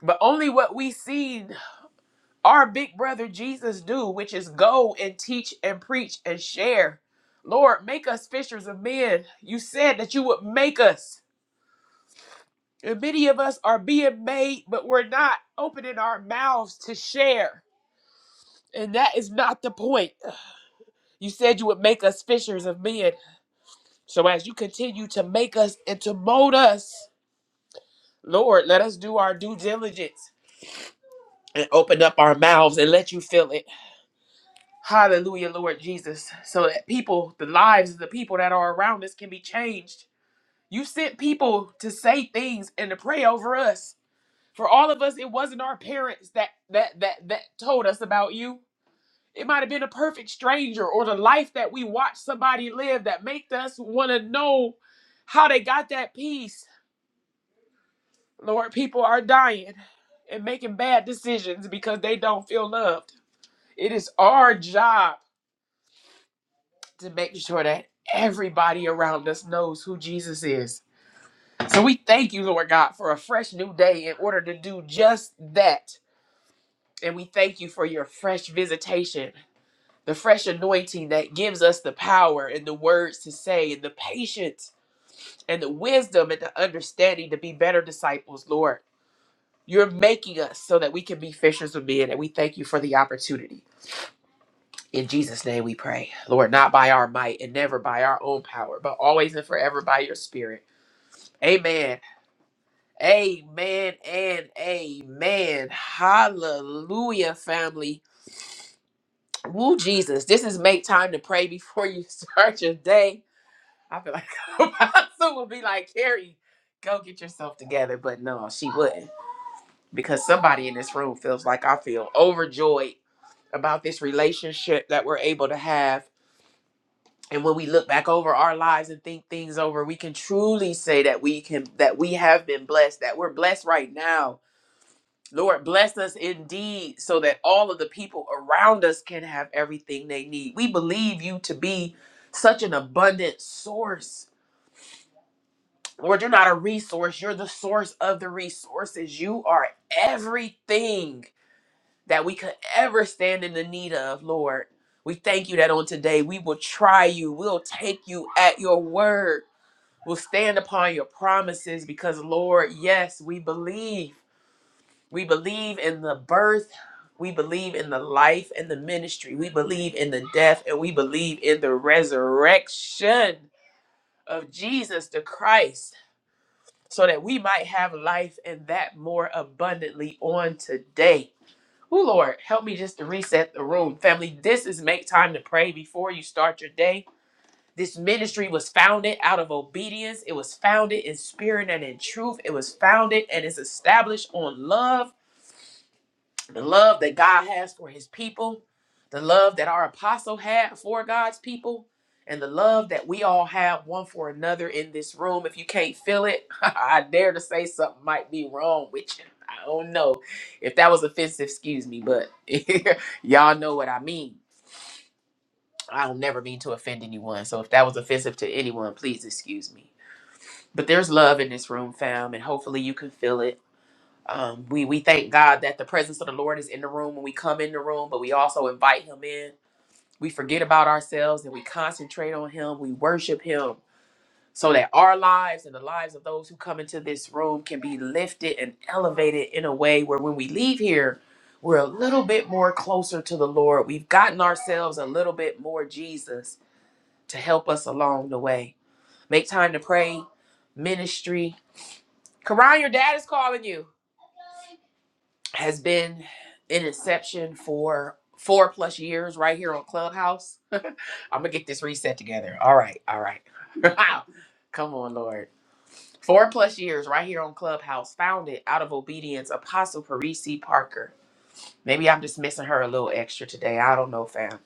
D: but only what we see our big brother Jesus do, which is go and teach and preach and share. Lord, make us fishers of men. You said that you would make us. And many of us are being made, but we're not opening our mouths to share. And that is not the point. You said you would make us fishers of men. So as you continue to make us and to mold us, Lord, let us do our due diligence and open up our mouths and let you fill it. Hallelujah, Lord Jesus. So that people, the lives of the people that are around us can be changed. You sent people to say things and to pray over us. For all of us, it wasn't our parents that that that that told us about you. It might have been a perfect stranger or the life that we watch somebody live that make us want to know how they got that peace. Lord, people are dying and making bad decisions because they don't feel loved. It is our job to make sure that everybody around us knows who Jesus is. So we thank you, Lord God, for a fresh new day in order to do just that. And we thank you for your fresh visitation the fresh anointing that gives us the power and the words to say and the patience and the wisdom and the understanding to be better disciples, Lord. You're making us so that we can be fishers of men, and we thank you for the opportunity. In Jesus' name we pray. Lord, not by our might and never by our own power, but always and forever by your spirit. Amen. Amen and amen. Hallelujah, family. Woo, Jesus. This is make time to pray before you start your day. I feel like Apostle would be like, Carrie, go get yourself together. But no, she wouldn't. Because somebody in this room feels like I feel overjoyed about this relationship that we're able to have. And when we look back over our lives and think things over, we can truly say that we can that we have been blessed, that we're blessed right now. Lord, bless us indeed so that all of the people around us can have everything they need. We believe you to be such an abundant source Lord, you're not a resource. You're the source of the resources. You are everything that we could ever stand in the need of, Lord. We thank you that on today we will try you. We'll take you at your word. We'll stand upon your promises because, Lord, yes, we believe. We believe in the birth. We believe in the life and the ministry. We believe in the death and we believe in the resurrection of Jesus the Christ so that we might have life and that more abundantly on today. Oh, Lord, help me just to reset the room. Family, this is Make Time to Pray before you start your day. This ministry was founded out of obedience. It was founded in spirit and in truth. It was founded and is established on love the love that God has for his people, the love that our apostle had for God's people, and the love that we all have one for another in this room. If you can't feel it, I dare to say something might be wrong with you. I don't know if that was offensive, excuse me, but y'all know what I mean. I don't never mean to offend anyone. So if that was offensive to anyone, please excuse me. But there's love in this room, fam, and hopefully you can feel it. Um, we we thank God that the presence of the Lord is in the room when we come in the room, but we also invite Him in. We forget about ourselves and we concentrate on Him. We worship Him so that our lives and the lives of those who come into this room can be lifted and elevated in a way where when we leave here, we're a little bit more closer to the Lord. We've gotten ourselves a little bit more Jesus to help us along the way. Make time to pray, ministry. Karan, your dad is calling you. has been in inception for four plus years right here on Clubhouse. I'm gonna get this reset together. All right, all right. Come on, Lord. Four plus years right here on Clubhouse, founded out of obedience, Apostle Parisi Parker. Maybe I'm just missing her a little extra today. I don't know, fam.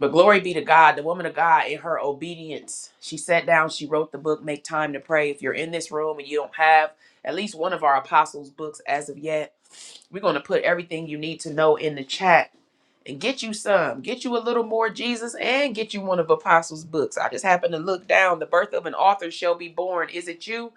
D: But glory be to God, the woman of God in her obedience. She sat down, she wrote the book, Make Time to Pray. If you're in this room and you don't have at least one of our apostles' books as of yet, we're going to put everything you need to know in the chat and get you some. Get you a little more Jesus and get you one of Apostles' books. I just happened to look down. The birth of an author shall be born. Is it you?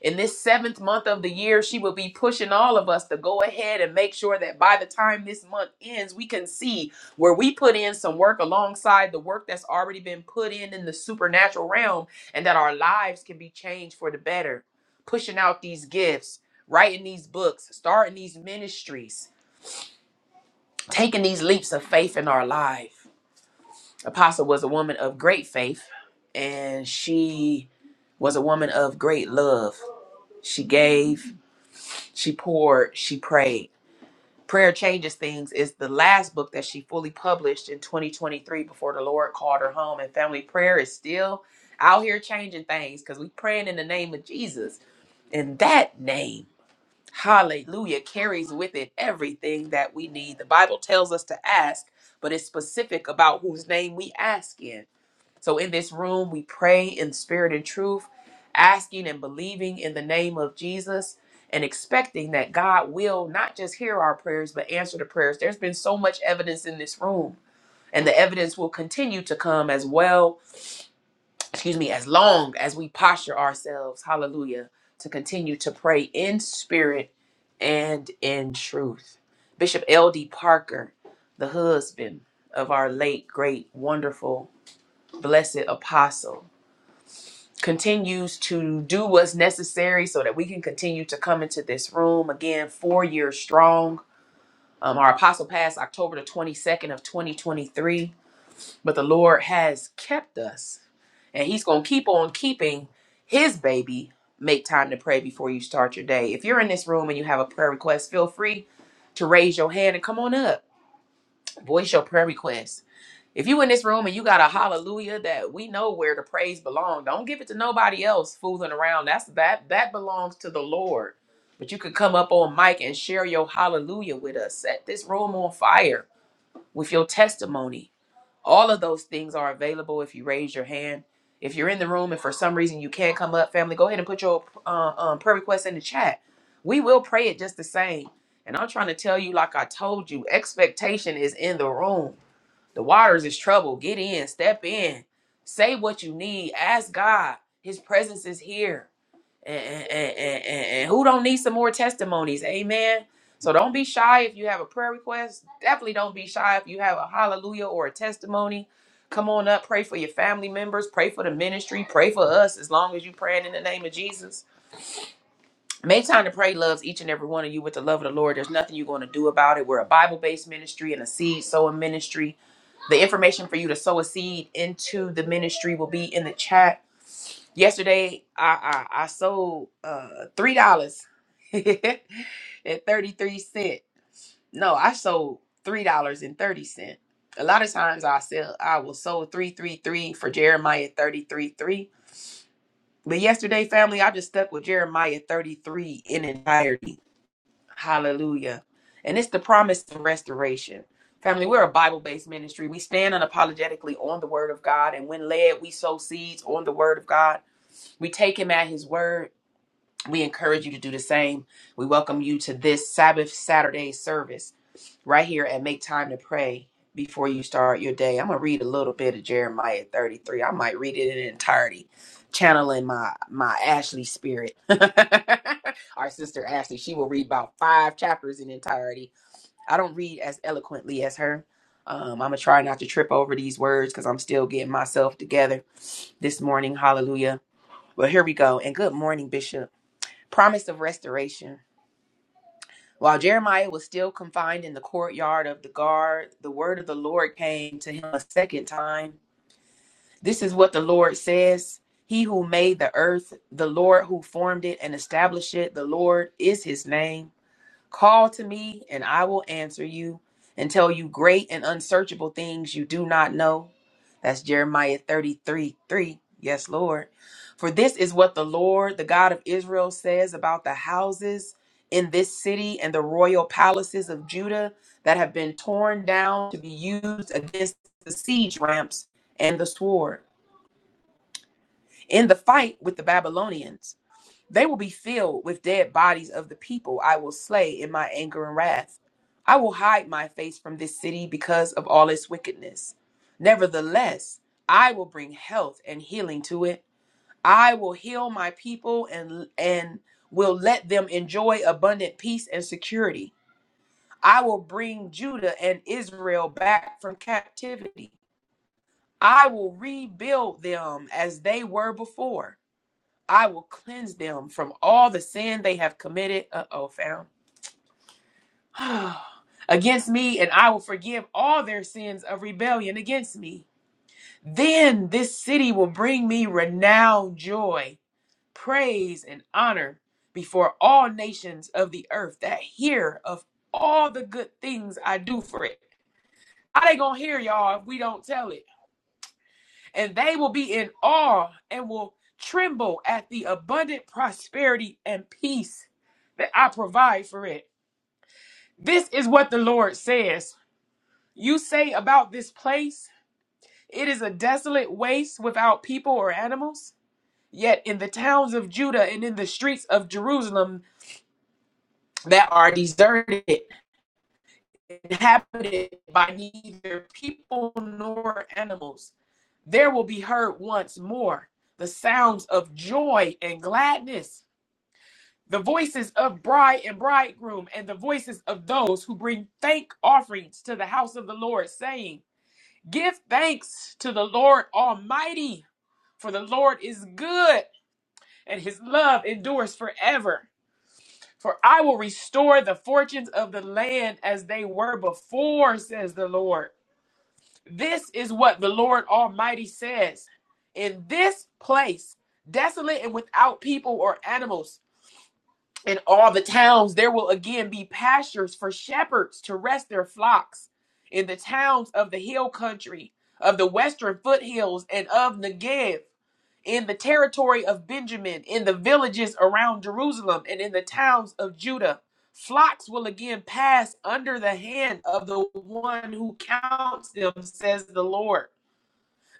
D: In this seventh month of the year, she will be pushing all of us to go ahead and make sure that by the time this month ends, we can see where we put in some work alongside the work that's already been put in in the supernatural realm and that our lives can be changed for the better. Pushing out these gifts, writing these books, starting these ministries, taking these leaps of faith in our life Apostle was a woman of great faith and she was a woman of great love. She gave, she poured, she prayed. Prayer Changes Things is the last book that she fully published in 2023 before the Lord called her home. And family prayer is still out here changing things because we praying in the name of Jesus. And that name, hallelujah, carries with it everything that we need. The Bible tells us to ask, but it's specific about whose name we ask in. So in this room, we pray in spirit and truth, asking and believing in the name of Jesus and expecting that God will not just hear our prayers, but answer the prayers. There's been so much evidence in this room, and the evidence will continue to come as well, excuse me, as long as we posture ourselves, hallelujah, to continue to pray in spirit and in truth. Bishop L.D. Parker, the husband of our late, great, wonderful, blessed apostle, continues to do what's necessary so that we can continue to come into this room again four years strong um, our apostle passed october the 22nd of 2023 but the lord has kept us and he's going to keep on keeping his baby make time to pray before you start your day if you're in this room and you have a prayer request feel free to raise your hand and come on up voice your prayer request if you in this room and you got a hallelujah that we know where the praise belongs, don't give it to nobody else fooling around. That's that that belongs to the Lord. But you could come up on mic and share your hallelujah with us. Set this room on fire with your testimony. All of those things are available if you raise your hand. If you're in the room and for some reason you can't come up, family, go ahead and put your uh, um, prayer request in the chat. We will pray it just the same. And I'm trying to tell you, like I told you, expectation is in the room. The waters is trouble. Get in, step in, say what you need, ask God. His presence is here. And, and, and, and, and- and who don't need some more testimonies? Amen. So don't be shy if you have a prayer request. Definitely don't be shy if you have a hallelujah or a testimony. Come on up, pray for your family members, pray for the ministry, pray for us as long as you're praying in the name of Jesus. Make time to pray loves each and every one of you with the love of the Lord. There's nothing you're going to do about it. We're a Bible based ministry and a seed sowing ministry. The information for you to sow a seed into the ministry will be in the chat. Yesterday, I I, I sold uh three dollars and thirty three cent. No, I sold three dollars and thirty cent. A lot of times I sell I will sold three three three for Jeremiah thirty three three. But yesterday, family, I just stuck with Jeremiah thirty three in entirety Hallelujah. And it's the promise of restoration. Family, we're a Bible based ministry. We stand unapologetically on the Word of God. And when led, we sow seeds on the Word of God. We take Him at His Word. We encourage you to do the same. We welcome you to this Sabbath Saturday service right here and make time to pray before you start your day. I'm gonna read a little bit of Jeremiah 33. I might read it in entirety, channeling my my Ashley spirit. Our sister Ashley, she will read about five chapters in entirety. I don't read as eloquently as her. Um, I'm gonna try not to trip over these words because I'm still getting myself together this morning. Hallelujah. Well, here we go. And good morning, Bishop. Promise of restoration. While Jeremiah was still confined in the courtyard of the guard, the word of the Lord came to him a second time. This is what the Lord says He who made the earth, the Lord who formed it and established it, the Lord is his name. Call to me, and I will answer you and tell you great and unsearchable things you do not know. That's Jeremiah 33 3. Yes, Lord. For this is what the Lord, the God of Israel, says about the houses in this city and the royal palaces of Judah that have been torn down to be used against the siege ramps and the sword in the fight with the Babylonians. They will be filled with dead bodies of the people I will slay in my anger and wrath. I will hide my face from this city because of all its wickedness. Nevertheless, I will bring health and healing to it. I will heal my people and and will let them enjoy abundant peace and security. I will bring Judah and Israel back from captivity. I will rebuild them as they were before. I will cleanse them from all the sin they have committed. Uh oh, found. against me, and I will forgive all their sins of rebellion against me. Then this city will bring me renowned joy, praise, and honor before all nations of the earth that hear of all the good things I do for it. How they gonna hear y'all if we don't tell it? and they will be in awe and will tremble at the abundant prosperity and peace that I provide for it. This is what the Lord says. You say about this place, it is a desolate waste without people or animals. Yet in the towns of Judah and in the streets of Jerusalem that are deserted, inhabited by neither people nor animals, there will be heard once more the sounds of joy and gladness the voices of bride and bridegroom, and the voices of those who bring thank offerings to the house of the Lord, saying, Give thanks to the Lord Almighty, for the Lord is good, and his love endures forever. For I will restore the fortunes of the land as they were before, says the Lord. This is what the Lord Almighty says. In this place, desolate and without people or animals, In all the towns there will again be pastures for shepherds to rest their flocks. In the towns of the hill country, of the western foothills, and of Negev, in the territory of Benjamin, in the villages around Jerusalem, and in the towns of Judah, flocks will again pass under the hand of the one who counts them, says the Lord.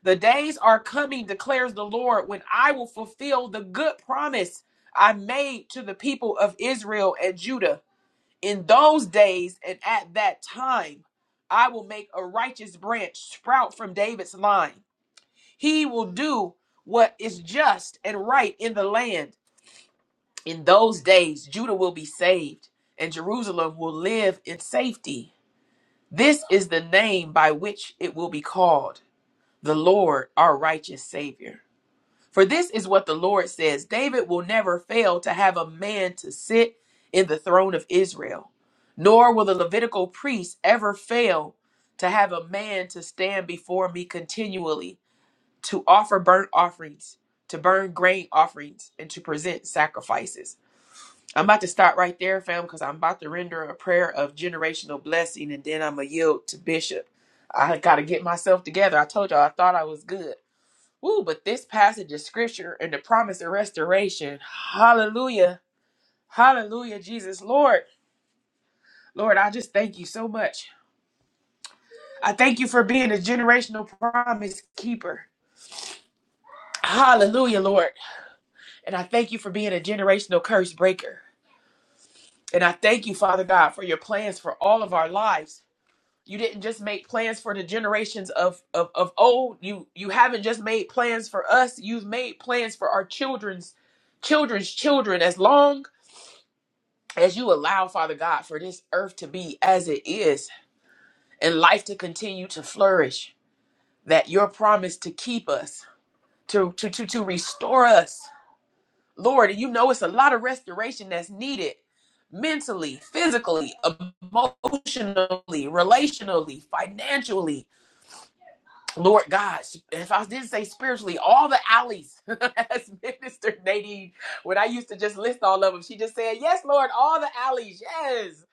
D: The days are coming, declares the Lord, when I will fulfill the good promise I made to the people of Israel and Judah. In those days and at that time, I will make a righteous branch sprout from David's line. He will do what is just and right in the land. In those days, Judah will be saved, and Jerusalem will live in safety. This is the name by which it will be called the Lord, our righteous Savior. For this is what the Lord says David will never fail to have a man to sit in the throne of Israel, nor will the Levitical priest ever fail to have a man to stand before me continually, to offer burnt offerings, to burn grain offerings, and to present sacrifices. I'm about to stop right there, fam, because I'm about to render a prayer of generational blessing, and then I'm going to yield to Bishop. I got to get myself together. I told y'all I thought I was good. Woo, but this passage of scripture and the promise of restoration. Hallelujah. Hallelujah, Jesus. Lord, Lord, I just thank you so much. I thank you for being a generational promise keeper. Hallelujah, Lord. And I thank you for being a generational curse breaker. And I thank you, Father God, for your plans for all of our lives. You didn't just make plans for the generations of, of, of old. You you haven't just made plans for us. You've made plans for our children's children's children as long as you allow, Father God, for this earth to be as it is and life to continue to flourish, that your promise to keep us, to, to, to, to restore us, Lord, and you know it's a lot of restoration that's needed mentally, physically, emotionally, relationally, financially. Lord God, if I didn't say spiritually, all the alleys, as Minister Nadine, when I used to just list all of them, she just said, Yes, Lord, all the alleys, yes.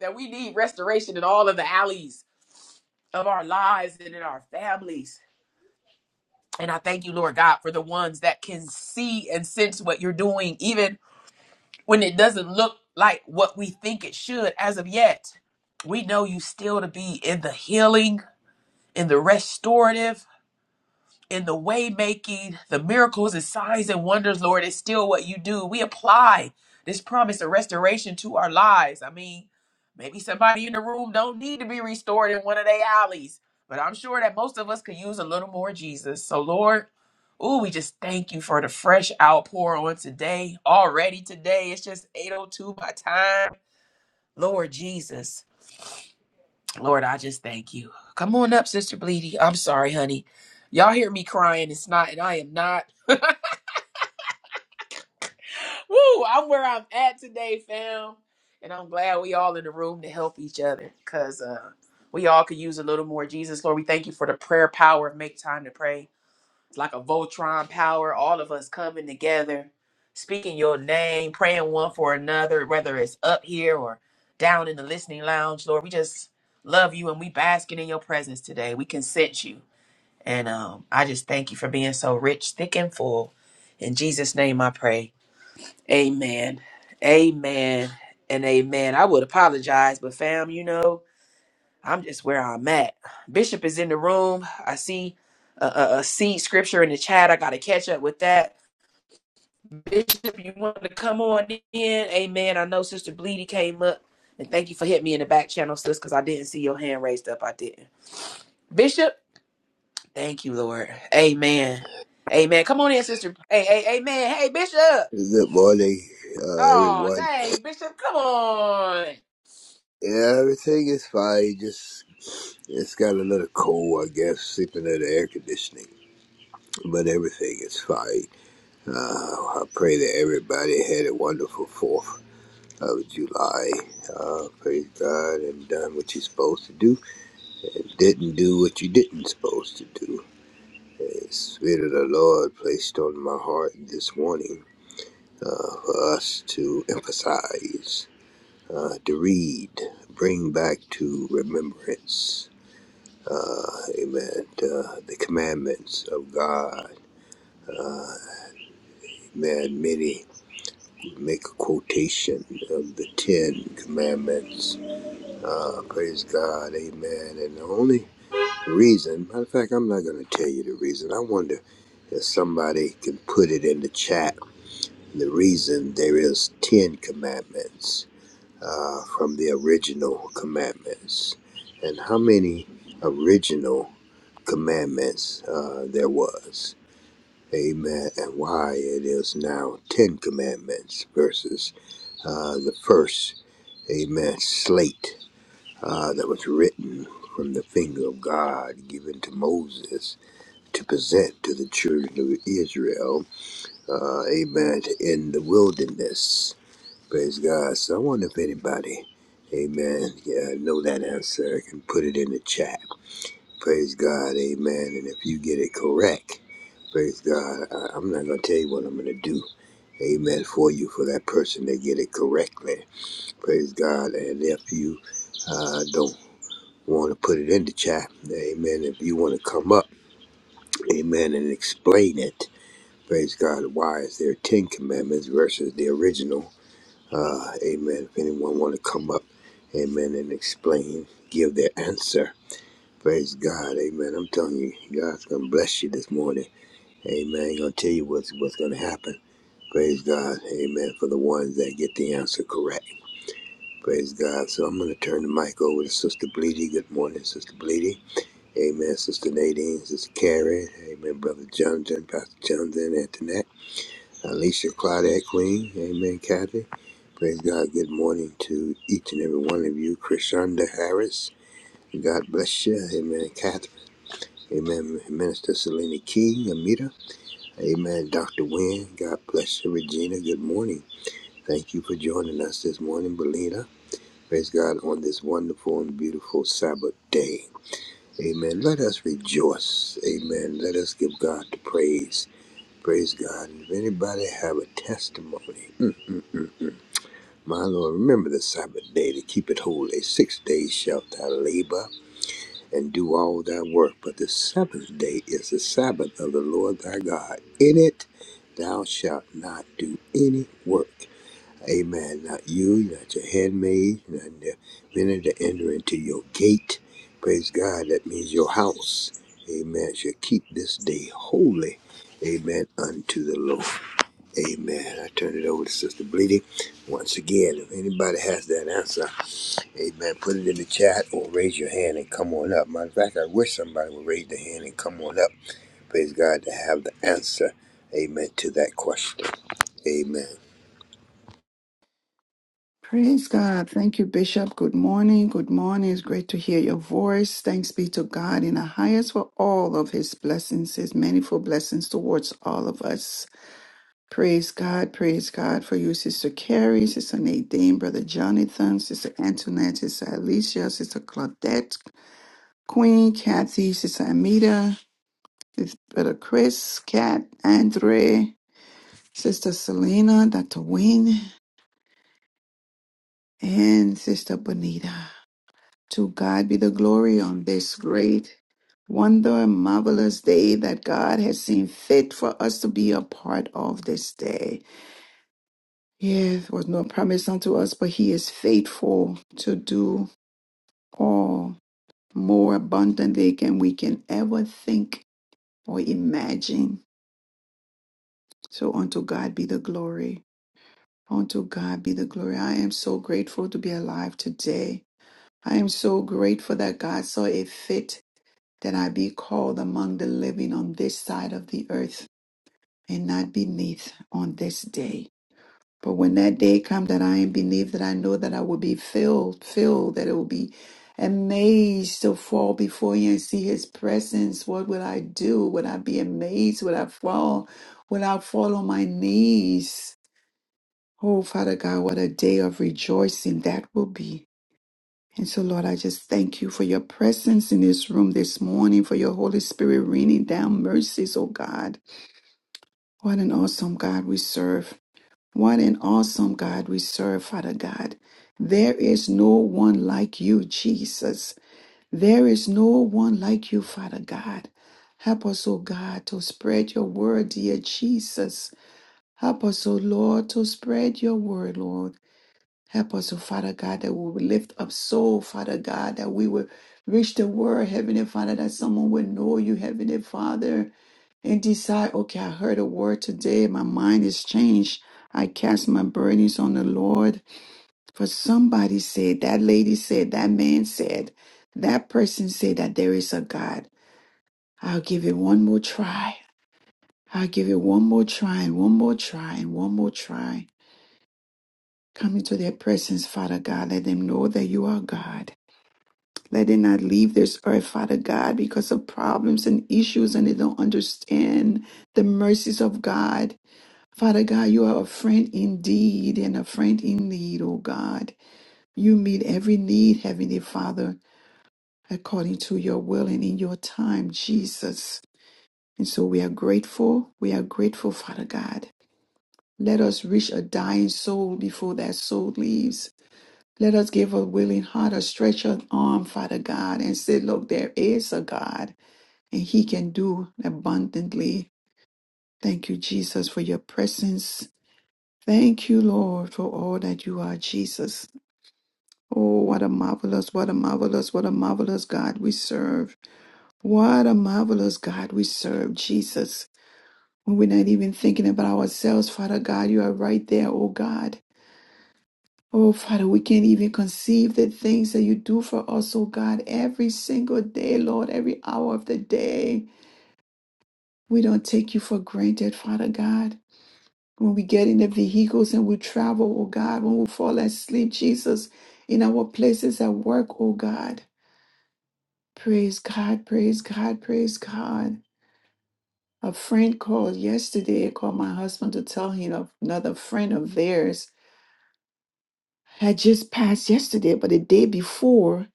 D: that we need restoration in all of the alleys of our lives and in our families. And I thank you, Lord God, for the ones that can see and sense what you're doing, even when it doesn't look like what we think it should as of yet. We know you still to be in the healing, in the restorative. in the way making, the miracles and signs and wonders, Lord, is still what you do. We apply this promise of restoration to our lives. I mean, maybe somebody in the room don't need to be restored in one of their alleys, but I'm sure that most of us could use a little more Jesus. So, Lord, ooh, we just thank you for the fresh outpour on today. Already today, it's just 8:02 my time. Lord Jesus. Lord, I just thank you. Come on up, Sister Bleedy. I'm sorry, honey. Y'all hear me crying. It's not, and I am not. Woo! I'm where I'm at today, fam. And I'm glad we all in the room to help each other because uh, we all could use a little more Jesus. Lord, we thank you for the prayer power make time to pray. It's like a Voltron power, all of us coming together, speaking your name, praying one for another, whether it's up here or down in the listening lounge. Lord, we just love you and we basking in your presence today. We consent you. And um, I just thank you for being so rich, thick, and full. In Jesus' name I pray. Amen. Amen. And amen. I would apologize, but fam, you know, I'm just where I'm at. Bishop is in the room. I see a, a, a seed scripture in the chat. I got to catch up with that. Bishop, you want to come on in? Amen. I know Sister Bleedy came up. And thank you for hitting me in the back channel, sis, because I didn't see your hand raised up. I didn't. Bishop? Thank you, Lord. Amen. Amen. Come on in, sister. Hey, hey, amen. Hey, Bishop.
F: Good morning, uh,
D: Oh,
F: everyone.
D: dang, Bishop. Come on.
F: Yeah, everything is fine. Just it's got a little cold, I guess, sleeping in the air conditioning. But everything is fine. Uh, I pray that everybody had a wonderful Fourth of July. Uh, praise God and done what you're supposed to do, and didn't do what you didn't supposed to do. The Spirit of the Lord placed on my heart this morning uh, for us to emphasize. uh, to read, bring back to remembrance, uh, amen, uh, the commandments of God. Amen. Many make a quotation of the Ten Commandments. Uh, praise God. Amen. And the only reason, matter of fact, I'm not going to tell you the reason. I wonder if somebody can put it in the chat. The reason there is Ten Commandments uh, from the original commandments and how many original commandments uh, there was. Amen. And why it is now 10 commandments versus uh, the first, amen, slate uh, that was written from the finger of God given to Moses to present to the children of Israel, uh, amen, in the wilderness. Praise God. So I wonder if anybody, amen, yeah, know that answer can put it in the chat. Praise God, amen. And if you get it correct, praise God, I, I'm not going to tell you what I'm going to do. Amen for you, for that person to get it correctly. Praise God. And if you uh, don't want to put it in the chat, amen, if you want to come up, amen, and explain it, praise God, why is there 10 commandments versus the original? Uh, amen. If anyone want to come up, amen, and explain, give their answer. Praise God, amen. I'm telling you, God's gonna bless you this morning. Amen. He gonna tell you what's what's gonna happen. Praise God, amen. For the ones that get the answer correct. Praise God. So I'm gonna turn the mic over to Sister Bleedy. Good morning, Sister Bleedy. Amen. Sister Nadine, Sister Carrie, Amen, Brother Jonathan, Pastor Jonathan, Antoinette, Alicia Claudette Queen, Amen, Kathy. Praise God. Good morning to each and every one of you. Krishanda Harris. God bless you. Amen. Catherine. Amen. Minister Selena King. Amita. Amen. Dr. Wynne. God bless you. Regina. Good morning. Thank you for joining us this morning, Belina. Praise God on this wonderful and beautiful Sabbath day. Amen. Let us rejoice. Amen. Let us give God the praise. Praise God. If anybody have a testimony, My Lord, remember the Sabbath day to keep it holy. Six days shalt thou labor and do all thy work, but the seventh day is the Sabbath of the Lord thy God. In it thou shalt not do any work. Amen. Not you, not your handmaid, not the minute to enter into your gate. Praise God, that means your house. Amen. Shall keep this day holy. Amen. Unto the Lord. Amen. I turn it over to Sister Bleedy. Once again, if anybody has that answer, amen, put it in the chat or raise your hand and come on up. Matter of fact, I wish somebody would raise their hand and come on up. Praise God to have the answer, amen, to that question. Amen.
G: Praise God. Thank you, Bishop. Good morning. Good morning. It's great to hear your voice. Thanks be to God in the highest for all of his blessings, his manifold blessings towards all of us. Praise God. Praise God for you, Sister Carrie, Sister Nadine, Brother Jonathan, Sister Antoinette, Sister Alicia, Sister Claudette, Queen Kathy, Sister Amita, Sis- Brother Chris, Kat, Andre, Sister Selena, Dr. Wayne, and Sister Bonita. To God be the glory on this great, wonder, and marvelous day that God has seen fit for us to be a part of this day. Yes, there was no promise unto us, but He is faithful to do all more abundantly than we can ever think or imagine. So unto God be the glory. Unto God be the glory. I am so grateful to be alive today. I am so grateful that God saw it fit that I be called among the living on this side of the earth and not beneath on this day. But when that day come that I am beneath, that I know that I will be filled, filled, that it will be amazed to fall before you and see his presence. What will I do? Would I be amazed? Would I fall? Would I fall on my knees? Oh, Father God, what a day of rejoicing that will be. And so, Lord, I just thank you for your presence in this room this morning, for your Holy Spirit raining down mercies, oh God. What an awesome God we serve. What an awesome God we serve, Father God. There is no one like you, Jesus. There is no one like you, Father God. Help us, O God, to spread your word, dear Jesus. Help us, O Lord, to spread your word, Lord. Help us, oh Father God, that we will lift up soul, Father God, that we will reach the word, Heavenly Father, that someone will know you, Heavenly Father, and decide, okay, I heard a word today, my mind is changed. I cast my burdens on the Lord. For somebody said, that lady said, that man said, that person said that there is a God. I'll give it one more try. I'll give it one more try and one more try and one more try. Come into their presence, Father God. Let them know that you are God. Let it not leave this earth, Father God, because of problems and issues and they don't understand the mercies of God. Father God, you are a friend indeed and a friend in need, O God. You meet every need, Heavenly Father, according to your will and in your time, Jesus. And so we are grateful. We are grateful, Father God. Let us reach a dying soul before that soul leaves. Let us give a willing heart, a stretched arm, Father God, and say, Look, there is a God. and He can do abundantly. Thank you, Jesus, for your presence. Thank you, Lord, for all that you are, Jesus. Oh, what a marvelous, what a marvelous, what a marvelous God we serve. What a marvelous God we serve, Jesus. When we're not even thinking about ourselves, Father God, you are right there, oh God. Oh, Father, we can't even conceive the things that you do for us, oh God, every single day, Lord, every hour of the day. We don't take you for granted, Father God. when we get in the vehicles and we travel, oh God, when we fall asleep, Jesus, in our places at work, oh God. Praise God, praise God, praise God. A friend called yesterday, called my husband to tell him of another friend of theirs had just passed yesterday, but the day before,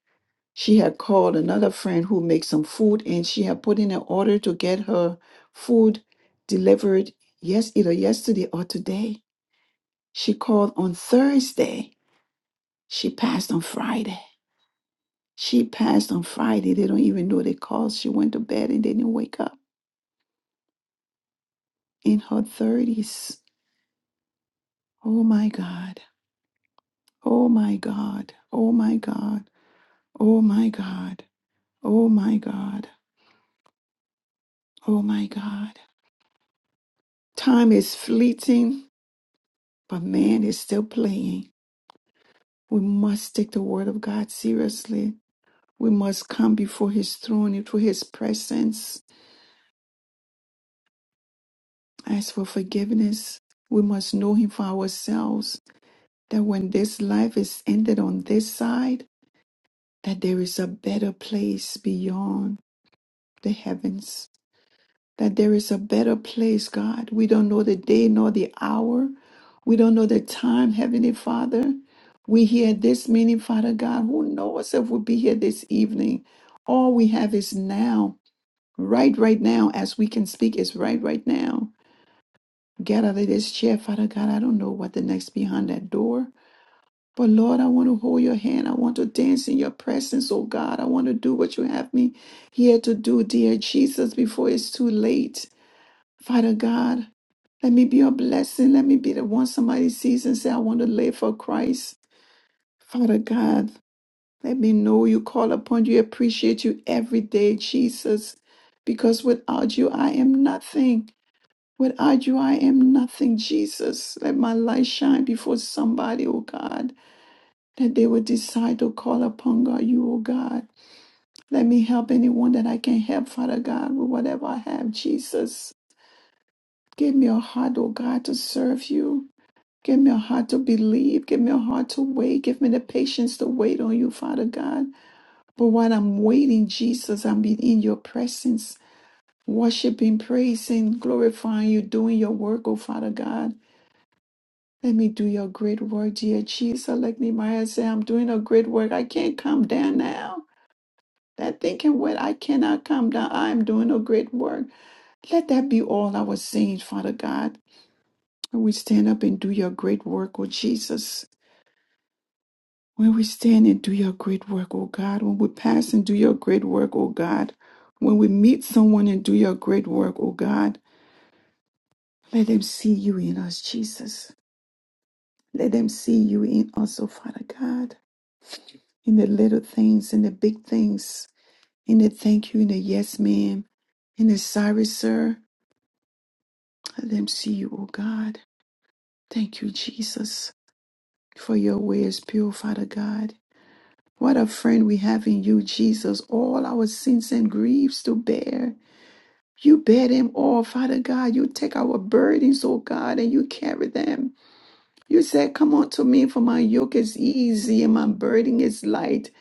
G: she had called another friend who makes some food and she had put in an order to get her food delivered yes either yesterday or today. She called on Thursday She passed on Friday. She passed on Friday. They don't even know the cause. She went to bed and they didn't wake up in her 30s. Oh my God. Oh my God. Oh my God. Oh my God. Oh my God. Oh my God. Time is fleeting, but man is still playing. We must take the word of God seriously. We must come before his throne, into his presence, ask for forgiveness. We must know him for ourselves that when this life is ended on this side, that there is a better place beyond the heavens. That there is a better place, God. We don't know the day nor the hour. We don't know the time, Heavenly Father. We hear this meaning, Father God. Who knows if we'll be here this evening? All we have is now. Right, right now, as we can speak, is right, right now. Get out of this chair, Father God. I don't know what the next behind that door. But Lord, I want to hold your hand. I want to dance in your presence, oh God. I want to do what you have me here to do, dear Jesus, before it's too late. Father God, let me be a blessing. Let me be the one somebody sees and say, I want to live for Christ. Father God, let me know you call upon you, appreciate you every day, Jesus. Because without you, I am nothing. Without you, I am nothing, Jesus. Let my light shine before somebody, oh God that they would decide to call upon God, you, O God. Let me help anyone that I can help, Father God, with whatever I have, Jesus. Give me a heart, O God, to serve you. Give me a heart to believe. Give me a heart to wait. Give me the patience to wait on you, Father God. But while I'm waiting, Jesus, I'm in your presence, worshiping, praising, glorifying you, doing your work, O Father God. Let me do your great work, dear Jesus. Like Nehemiah said, I'm doing a great work. I can't come down now. that thinking what I cannot come down, I am doing a great work. Let that be all our saying, Father God. When we stand up and do your great work, oh Jesus. When we stand and do your great work, oh God. When we pass and do your great work, oh God. When we meet someone and do your great work, oh God. Let them see you in us, Jesus. Let them see you in us, oh Father God. In the little things, in the big things, in the thank you, in the yes, ma'am, in the sorry, sir Let them see you, O God. Thank you, Jesus, for your way is pure, Father God. What a friend we have in you, Jesus. All our sins and griefs to bear. You bear them all, Father God. You take our burdens, O God, and you carry them. You said, Come unto me, for my yoke is easy and my burden is light.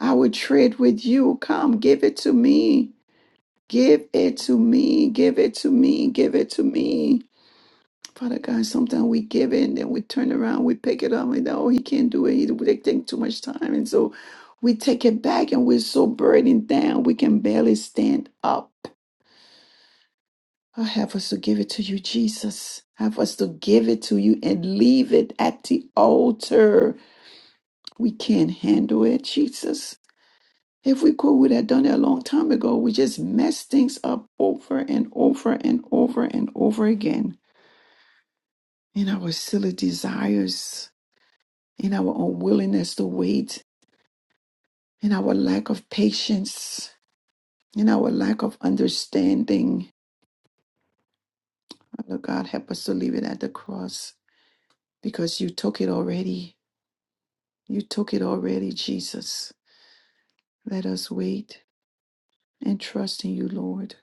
G: I will trade with you. Come, give it to me. Give it to me. Give it to me. Give it to me. Father God, sometimes we give in, then we turn around, we pick it up, and oh, he can't do it. He they take too much time. And so we take it back and we're so burdened down, we can barely stand up. Oh, have us to give it to you, Jesus. Have us to give it to you and leave it at the altar. We can't handle it, Jesus. If we could, we'd have done it a long time ago. We just mess things up over and over and over and over again in our silly desires in our unwillingness to wait, in our lack of patience, in our lack of understanding. Father God, help us to leave it at the cross because you took it already. You took it already, Jesus. Let us wait and trust in you, Lord,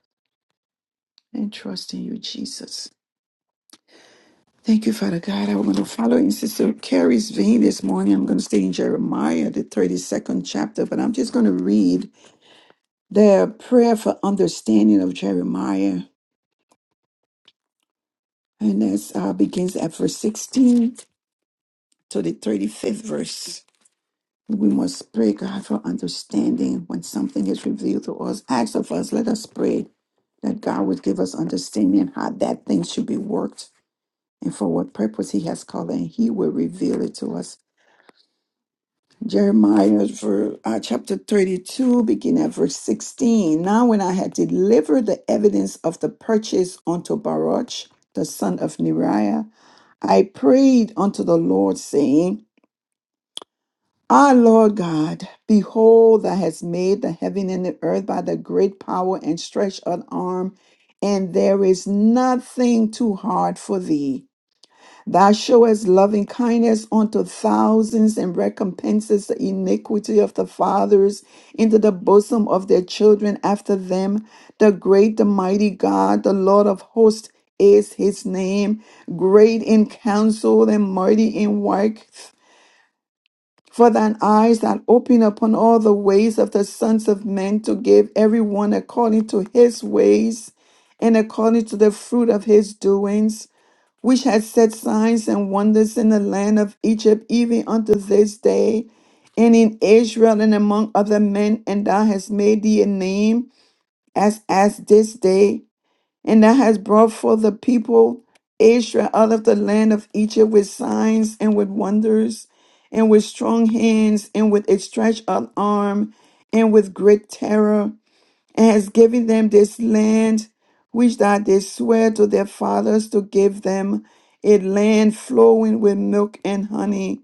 G: and trust in you, Jesus. Thank you, Father God. I'm going to follow in Sister Carrie's vein this morning. I'm going to stay in Jeremiah, the 32nd chapter, but I'm just going to read the prayer for understanding of Jeremiah And that's uh, begins at verse 16 to the 35th verse. We must pray, God, for understanding when something is revealed to us. Ask of us, let us pray that God would give us understanding how that thing should be worked and for what purpose He has called, and He will reveal it to us. Jeremiah ver, uh, chapter 32, beginning at verse 16. Now, when I had delivered the evidence of the purchase unto Baruch, the son of Neriah, I prayed unto the Lord, saying, Ah, Lord God, behold, thou hast made the heaven and the earth by the great power and stretched out arm, and there is nothing too hard for thee. Thou showest loving kindness unto thousands and recompenses the iniquity of the fathers into the bosom of their children after them. The great, the mighty God, the Lord of hosts is his name, great in counsel and mighty in works. For thine eyes that open upon all the ways of the sons of men to give every one according to his ways and according to the fruit of his doings which had set signs and wonders in the land of Egypt, even unto this day, and in Israel and among other men, and thou hast made thee a name as as this day, and thou hast brought forth the people Israel out of the land of Egypt with signs and with wonders, and with strong hands, and with a stretched out arm, and with great terror and has given them this land which that they swear to their fathers to give them a land flowing with milk and honey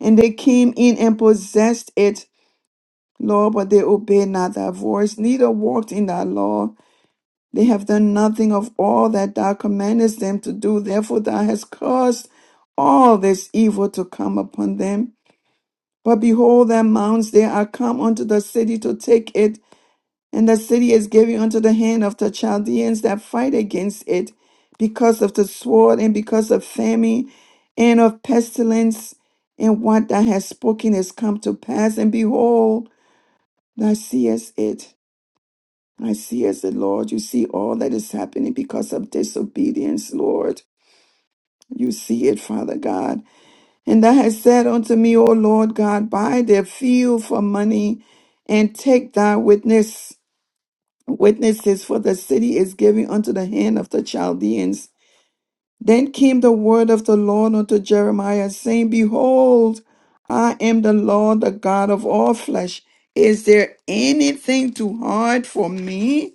G: and they came in and possessed it lord but they obeyed not thy voice neither walked in thy law they have done nothing of all that thou commandest them to do therefore thou hast caused all this evil to come upon them but behold their mounts they are come unto the city to take it and the city is given unto the hand of the Chaldeans that fight against it because of the sword and because of famine and of pestilence. And what thou hast spoken has come to pass. And behold, thou seest it. I see as the Lord. You see all that is happening because of disobedience, Lord. You see it, Father God. And thou hast said unto me, O Lord God, buy their field for money and take thy witness. witnesses, for the city is given unto the hand of the Chaldeans. Then came the word of the Lord unto Jeremiah, saying, Behold, I am the Lord, the God of all flesh. Is there anything too hard for me?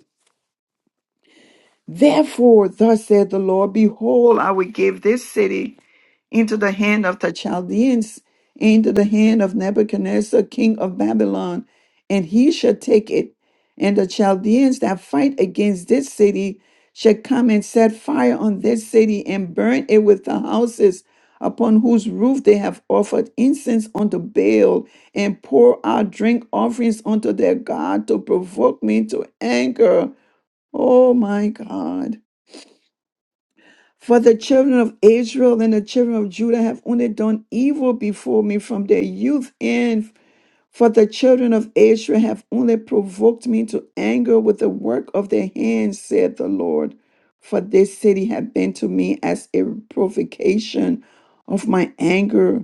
G: Therefore, thus saith the Lord, behold, I will give this city into the hand of the Chaldeans, into the hand of Nebuchadnezzar, king of Babylon, and he shall take it. And the Chaldeans that fight against this city shall come and set fire on this city and burn it with the houses upon whose roof they have offered incense unto Baal and pour out drink offerings unto their God to provoke me to anger. Oh my God. For the children of Israel and the children of Judah have only done evil before me from their youth. And for the children of Israel have only provoked me to anger with the work of their hands, said the Lord. For this city had been to me as a provocation of my anger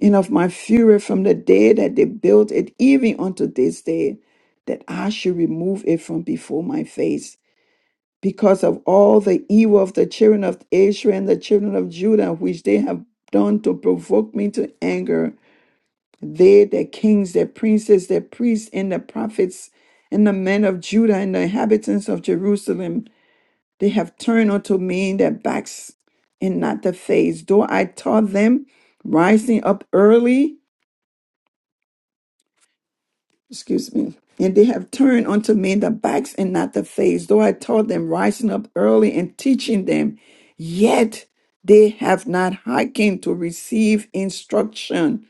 G: and of my fury from the day that they built it, even unto this day, that I should remove it from before my face because of all the evil of the children of Israel and the children of Judah, which they have done to provoke me to anger. They, their kings, their princes, their priests, and the prophets, and the men of Judah, and the inhabitants of Jerusalem, they have turned unto me their backs and not the face. Though I taught them, rising up early, excuse me, and they have turned unto me the backs and not the face, though I taught them rising up early and teaching them, yet they have not hearkened to receive instruction,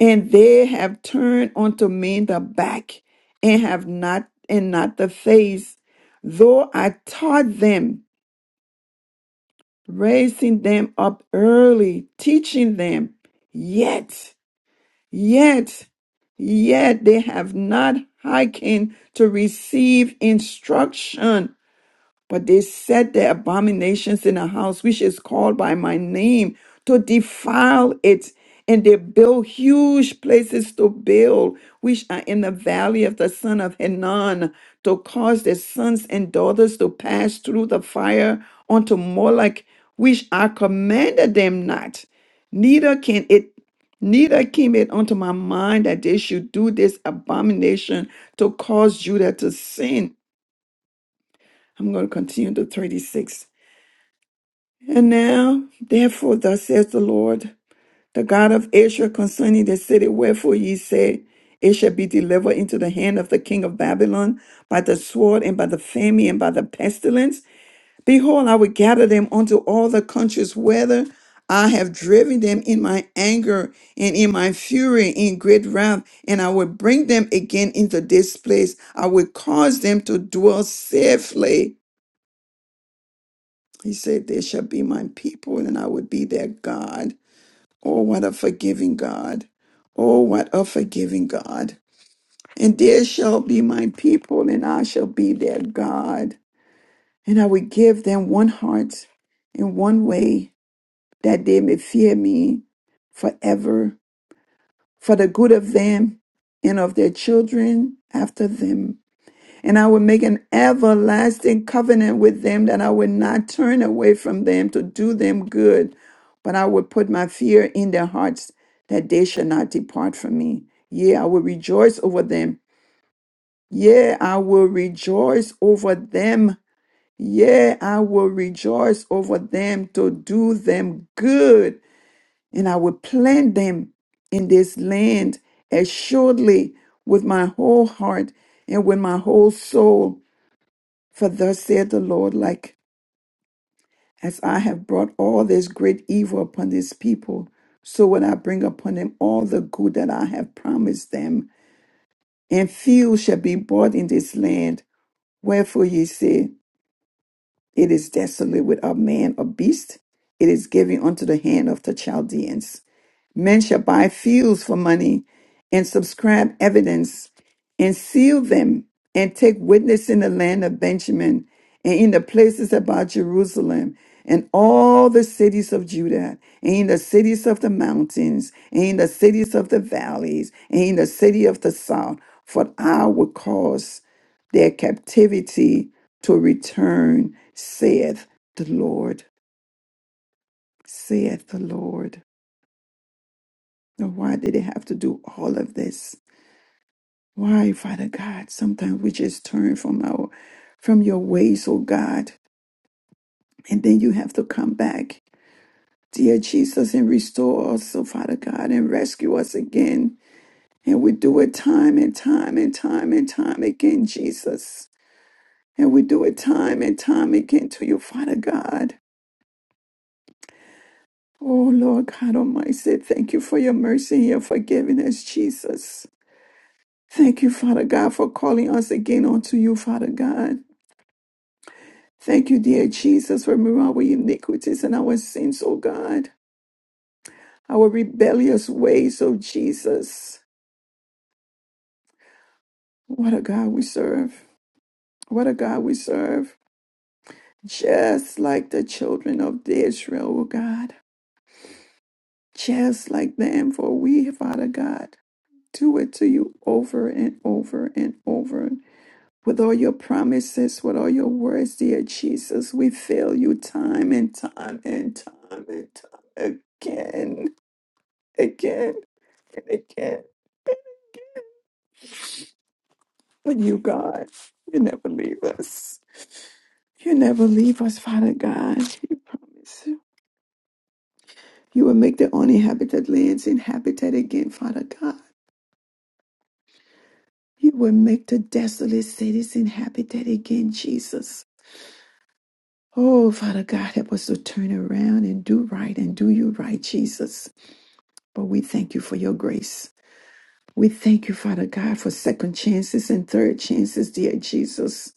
G: and they have turned unto me the back and have not and not the face, though I taught them, raising them up early, teaching them, yet. Yet, yet they have not hearkened to receive instruction. But they set their abominations in a house which is called by my name to defile it. And they build huge places to build, which are in the valley of the son of Hinnon, to cause their sons and daughters to pass through the fire unto Moloch, which I commanded them not. Neither can it Neither came it unto my mind that they should do this abomination to cause Judah to sin. I'm going to continue to 36. And now, therefore, thus says the Lord, the God of Israel, concerning the city wherefore ye say, It shall be delivered into the hand of the king of Babylon by the sword and by the famine and by the pestilence. Behold, I will gather them unto all the countries whither I have driven them in my anger and in my fury in great wrath, and I will bring them again into this place. I will cause them to dwell safely. He said, They shall be my people, and I will be their God. Oh, what a forgiving God. Oh, what a forgiving God. And there shall be my people, and I shall be their God. And I will give them one heart and one way, that they may fear me forever, for the good of them and of their children after them, and I will make an everlasting covenant with them that I will not turn away from them to do them good, but I will put my fear in their hearts that they shall not depart from me. Yea, I will rejoice over them. Yea, I will rejoice over them. Yea, I will rejoice over them to do them good. And I will plant them in this land assuredly with my whole heart and with my whole soul for thus saith the Lord, like as I have brought all this great evil upon this people, so will I bring upon them all the good that I have promised them, and few shall be bought in this land. Wherefore ye say, It is desolate without man or beast, it is given unto the hand of the Chaldeans. Men shall buy fields for money and subscribe evidence and seal them and take witness in the land of Benjamin and in the places about Jerusalem and all the cities of Judah and in the cities of the mountains and in the cities of the valleys and in the city of the south. For I will cause their captivity to return, saith the Lord, saith the Lord. Now, Why did they have to do all of this? Why, Father God? Sometimes we just turn from our from your ways, oh God, and then you have to come back. Dear Jesus, and restore us, oh Father God, and rescue us again. And we do it time and time and time and time again, Jesus. And we do it time and time again to you, Father God. Oh Lord God Almighty, thank you for your mercy and your forgiveness, Jesus. Thank you, Father God, for calling us again unto you, Father God. Thank you, dear Jesus, for removing our iniquities and our sins, oh God, our rebellious ways, oh Jesus. What a God we serve. What a God we serve. Just like the children of Israel, oh God. Just like them, for we, Father God, do it to you over and over and over. with all your promises, with all your words, dear Jesus. We fail you time and time and time and time again, again and again. But you, God, you never leave us. You never leave us, Father God. You promise. You will make the uninhabited lands inhabited again, Father God. You will make the desolate cities inhabited again, Jesus. Oh, Father God, help us to turn around and do right and do you right, Jesus. But we thank you for your grace. We thank you, Father God, for second chances and third chances, dear Jesus.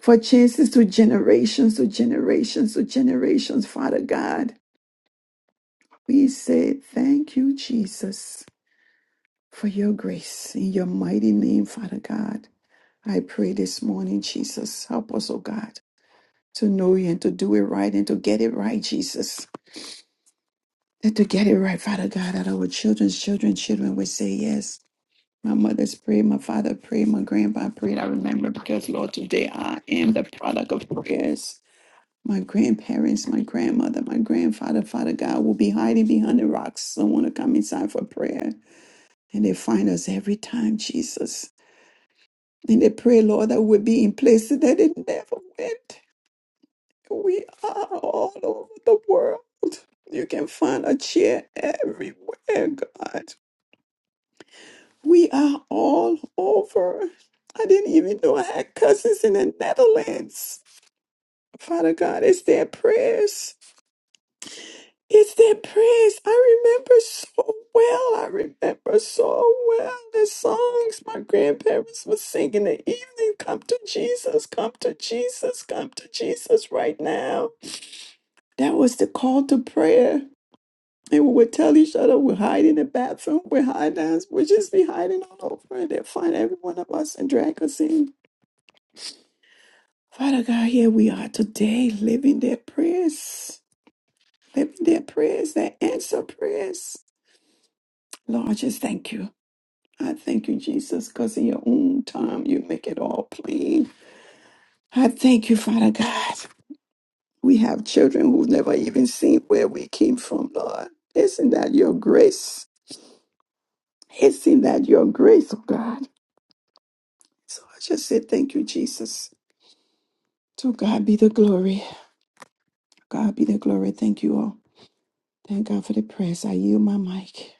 G: For chances to generations, to generations, to generations, Father God. We say thank you, Jesus, for your grace. In your mighty name, Father God, I pray this morning, Jesus, help us, oh God, to know you and to do it right and to get it right, Jesus. And to get it right, Father God, that our children's children's children will say yes. My mother's prayed, my father prayed, my grandpa prayed. I remember because, Lord, today I am the product of prayers. My grandparents, my grandmother, my grandfather, Father God will be hiding behind the rocks. Someone to come inside for prayer. And they find us every time, Jesus. And they pray, Lord, that we'll be in places that they never went. We are all over the world. You can find a chair everywhere, God. We are all over. I didn't even know I had cousins in the Netherlands. Father God, it's their prayers. It's their prayers. I remember so well. I remember so well the songs my grandparents were singing in the evening. Come to Jesus, come to Jesus, come to Jesus right now. That was the call to prayer. And we would tell each other we're hiding in the bathroom, we're hiding, we'd just be hiding all over. And they'd find every one of us and drag us in. Father God, here we are today living their prayers, living their prayers, their answer prayers. Lord, I just thank you. I thank you, Jesus, because in your own time you make it all plain. I thank you, Father God. We have children who've never even seen where we came from, Lord. Isn't that your grace? Isn't that your grace, oh God? So I just say thank you, Jesus. To God be the glory. God be the glory. Thank you all. Thank God for the prayers. I yield my mic.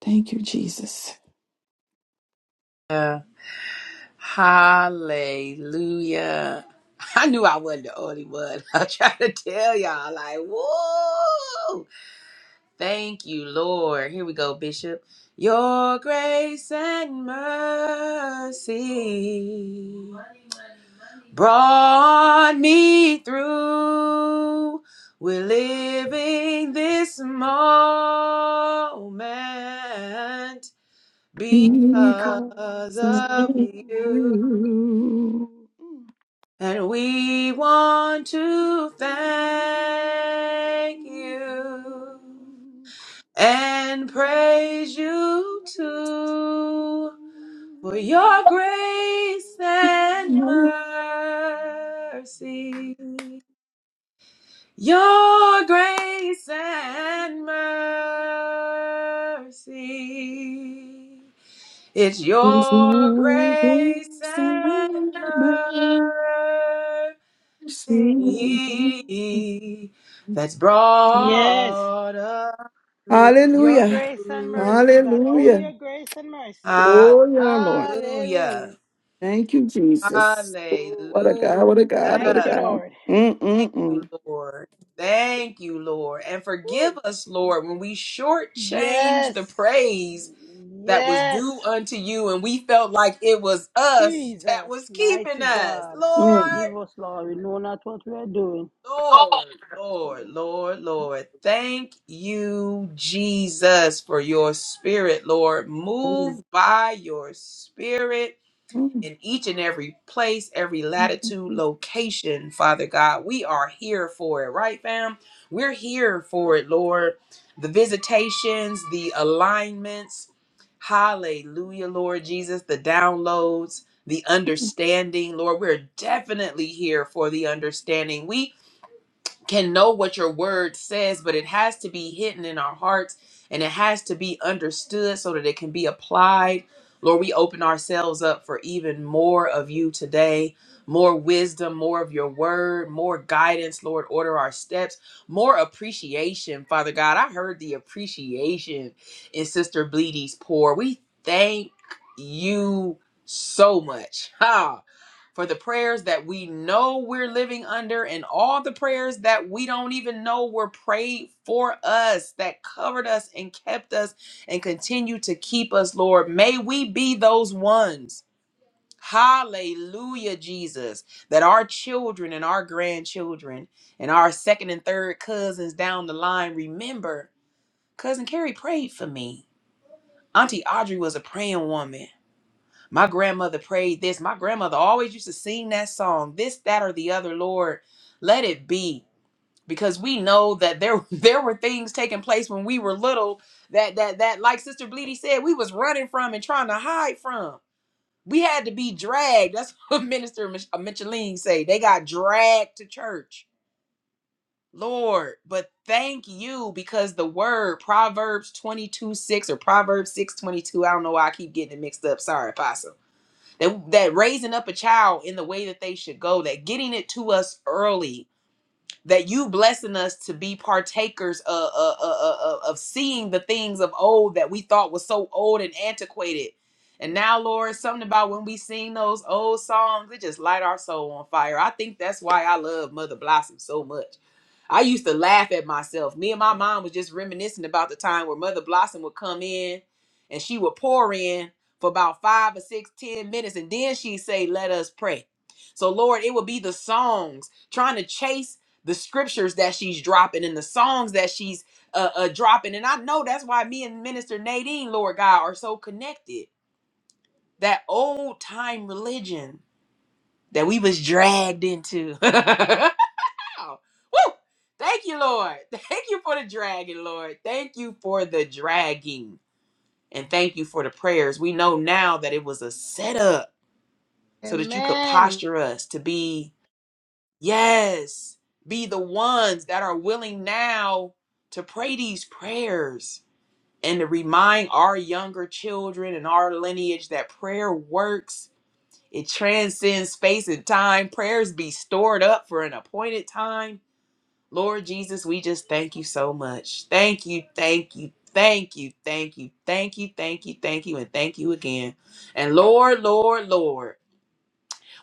G: Thank you, Jesus.
D: Uh, hallelujah. I knew I wasn't the only one. I'm trying to tell y'all, like, whoa. Thank you, Lord. Here we go, Bishop. Your grace and mercy. brought me through. We're living this moment because
G: Because of
D: of
G: you.
D: you. And we want to thank you and praise you too for your grace and mercy. Your grace and mercy. It's your grace and mercy that's
A: Yes,
D: brought us
A: your
G: Hallelujah.
A: grace and
D: through.
A: mercy, God. Only
G: Hallelujah.
A: your grace and mercy.
G: Oh, yeah, Lord.
A: Hallelujah.
D: Hallelujah.
G: Thank you, Jesus. Oh, What a God,
D: Hallelujah.
G: what a God, what a
A: Thank you,
G: God.
A: Lord.
D: Thank you,
G: Mm-mm-mm.
D: Lord. Thank you, Lord. And
G: Mm.
D: forgive us, Lord, when we shortchanged
A: Yes.
D: the praise that was
A: Yes.
D: due unto you and we felt like it was us that
A: Jesus,
D: was keeping
A: mighty
D: us.
A: God,
G: Mm. Mm.
D: Lord,
A: forgive us, Lord. We know not what we are doing.
D: Lord, Lord, Lord, Lord. Thank you, Jesus, for your spirit, Lord.
G: Mm. mm, mm, mm,
D: Move by your spirit
G: mm, mm,
D: in each and every place, every
G: mm, mm.
D: latitude, location, Father God. We are here for it, right, fam? We're here for it, Lord. The visitations, the alignments, hallelujah, Lord Jesus, the downloads, the understanding, Lord. We're definitely here for the understanding. We can know what your word says, but it has to be hidden in our hearts and it has to be understood so that it can be applied. Lord, we open ourselves up for even more of you today. More wisdom, more of your word, more guidance, Lord. Order our steps, more appreciation, Father God. I heard the appreciation in Sister Bleedy's pour. We thank you so much. Ha! for the prayers that we know we're living under and all the prayers that we don't even know were prayed for us that covered us and kept us and continue to keep us lord may we be those ones Hallelujah, Jesus, that our children and our grandchildren and our second and third cousins down the line remember, Cousin Carrie prayed for me. Auntie Audrey was a praying woman. My grandmother prayed this. My grandmother always used to sing that song, this, that, or the other, Lord, let it be. Because we know that there there were things taking place when we were little that that that like Sister Bleedy said, we was running from and trying to hide from. We had to be dragged. That's what Minister Mich- uh, Micheline say. They got dragged to church. Lord, but thank you because the word Proverbs 22 6 or Proverbs 6 22. I don't know why I keep getting it mixed up. Sorry, Apostle that that raising up a child in the way that they should go that getting it to us early that you blessing us to be partakers of, of, of, of of seeing the things of old that we thought was so old and antiquated. And now, Lord, something about when we sing those old songs, it just light our soul on fire. I think that's why I love Mother Blossom so much. I used to laugh at myself. Me and my mom was just reminiscing about the time where Mother Blossom would come in and she would pour in for about five or six, ten minutes, and then she'd say, Let us pray. So, Lord, it would be the songs trying to chase the scriptures that she's dropping and the songs that she's uh, uh dropping and i know that's why me and minister nadine lord god are so connected that old time religion that we was dragged into Woo! thank you lord thank you for the dragging lord thank you for the dragging and thank you for the prayers we know now that it was a setup so that you could
A: Amen.
D: posture us to be Yes, be the ones that are willing now to pray these prayers and to remind our younger children and our lineage that prayer works. It transcends space and time. Prayers be stored up for an appointed time. Lord Jesus, we just thank you so much. Thank you, thank you, thank you, thank you, thank you, thank you, thank you, and thank you again. And Lord, Lord, Lord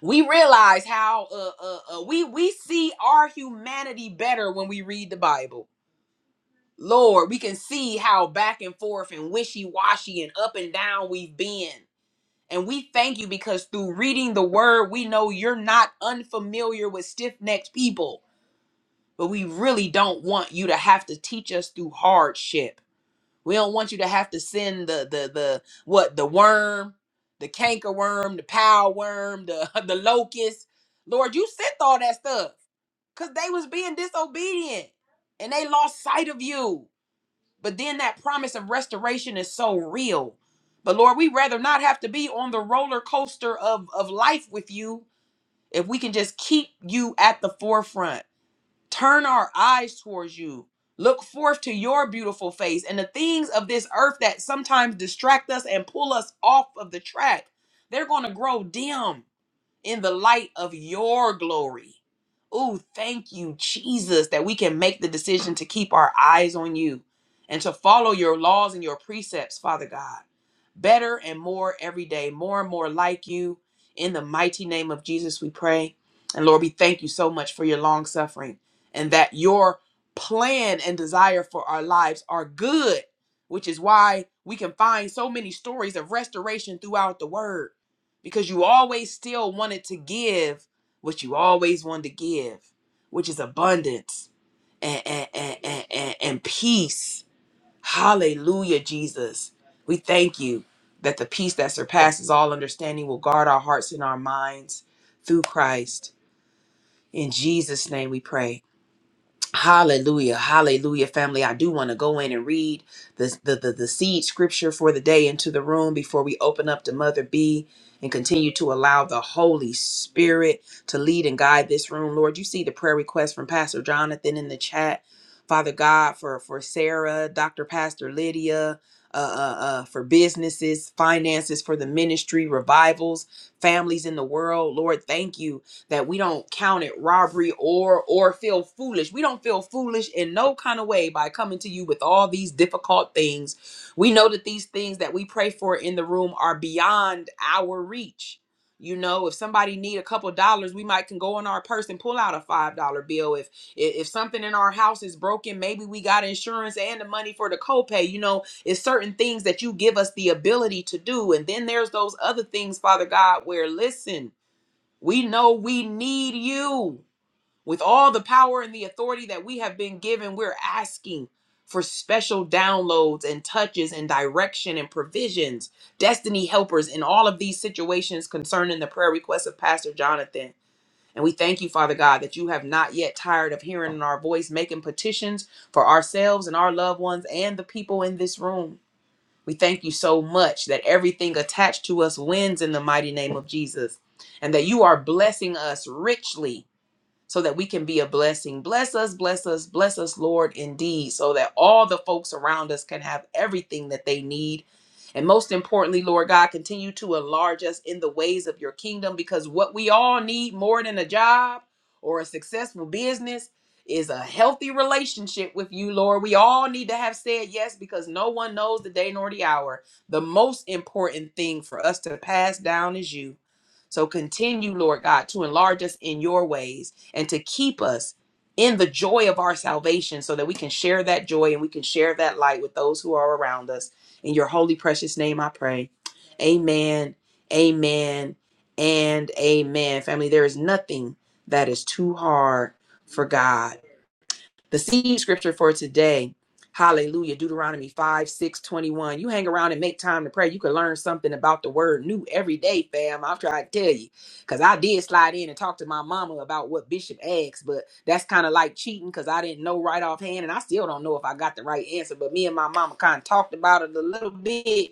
D: we realize how uh, uh, uh, we we see our humanity better when we read the Bible. Lord, we can see how back and forth and wishy washy and up and down we've been. And we thank you because through reading the word, we know you're not unfamiliar with stiff necked people, but we really don't want you to have to teach us through hardship. We don't want you to have to send the the the what the worm, the canker worm, the power worm, the the locust. Lord, you sent all that stuff because they was being disobedient and they lost sight of you. But then that promise of restoration is so real. But Lord, we rather not have to be on the roller coaster of of life with you if we can just keep you at the forefront. Turn our eyes towards you. Look forth to your beautiful face and the things of this earth that sometimes distract us and pull us off of the track. They're going to grow dim in the light of your glory. Ooh, thank you, Jesus, that we can make the decision to keep our eyes on you and to follow your laws and your precepts, Father God. Better and more every day, more and more like you. In the mighty name of Jesus, we pray. And Lord, we thank you so much for your long suffering and that your plan and desire for our lives are good, which is why we can find so many stories of restoration throughout the word because you always still wanted to give what you always wanted to give, which is abundance and, and, and, and, and- and peace. Hallelujah, Jesus. We thank you that the peace that surpasses all understanding will guard our hearts and our minds through Christ. In Jesus' name we pray. Hallelujah. Hallelujah, family. I do want to go in and read the, the, the, the seed scripture for the day into the room before we open up to Mother B and continue to allow the Holy Spirit to lead and guide this room. Lord, you see the prayer request from Pastor Jonathan in the chat. Father God, for, for Sarah, Dr. Pastor Lydia, uh, uh, uh, for businesses, finances, for the ministry, revivals, families in the world. Lord, thank you that we don't count it robbery or or feel foolish. We don't feel foolish in no kind of way by coming to you with all these difficult things. We know that these things that we pray for in the room are beyond our reach. You know, if somebody need a couple dollars, we might can go in our purse and pull out a five dollar bill. If if if something in our house is broken, maybe we got insurance and the money for the copay. You know, it's certain things that you give us the ability to do, and then there's those other things, Father God, where listen. We know we need you. With all the power and the authority that we have been given, we're asking for special downloads and touches and direction and provisions, destiny helpers in all of these situations concerning the prayer requests of Pastor Jonathan. And we thank you, Father God, that you have not yet tired of hearing our voice, making petitions for ourselves and our loved ones and the people in this room. We thank you so much that everything attached to us wins in the mighty name of Jesus and that you are blessing us richly so that we can be a blessing. Bless us, bless us, bless us, Lord, indeed, so that all the folks around us can have everything that they need. And most importantly, Lord God, continue to enlarge us in the ways of your kingdom because what we all need more than a job or a successful business is a healthy relationship with you, Lord. We all need to have said yes because no one knows the day nor the hour. The most important thing for us to pass down is you. So continue, Lord God, to enlarge us in your ways and to keep us in the joy of our salvation so that we can share that joy and we can share that light with those who are around us. In your holy, precious name, I pray. Amen, amen, and amen. Family, there is nothing that is too hard for God. The seed scripture for today, hallelujah, Deuteronomy 5, 6, 21. You hang around and make time to pray. You can learn something about the word new every day, fam. I'm trying to tell you. Because I did slide in and talk to my mama about what Bishop asked, but that's kind of like cheating because I didn't know right offhand and I still don't know if I got the right answer. But me and my mama kind of talked about it a little bit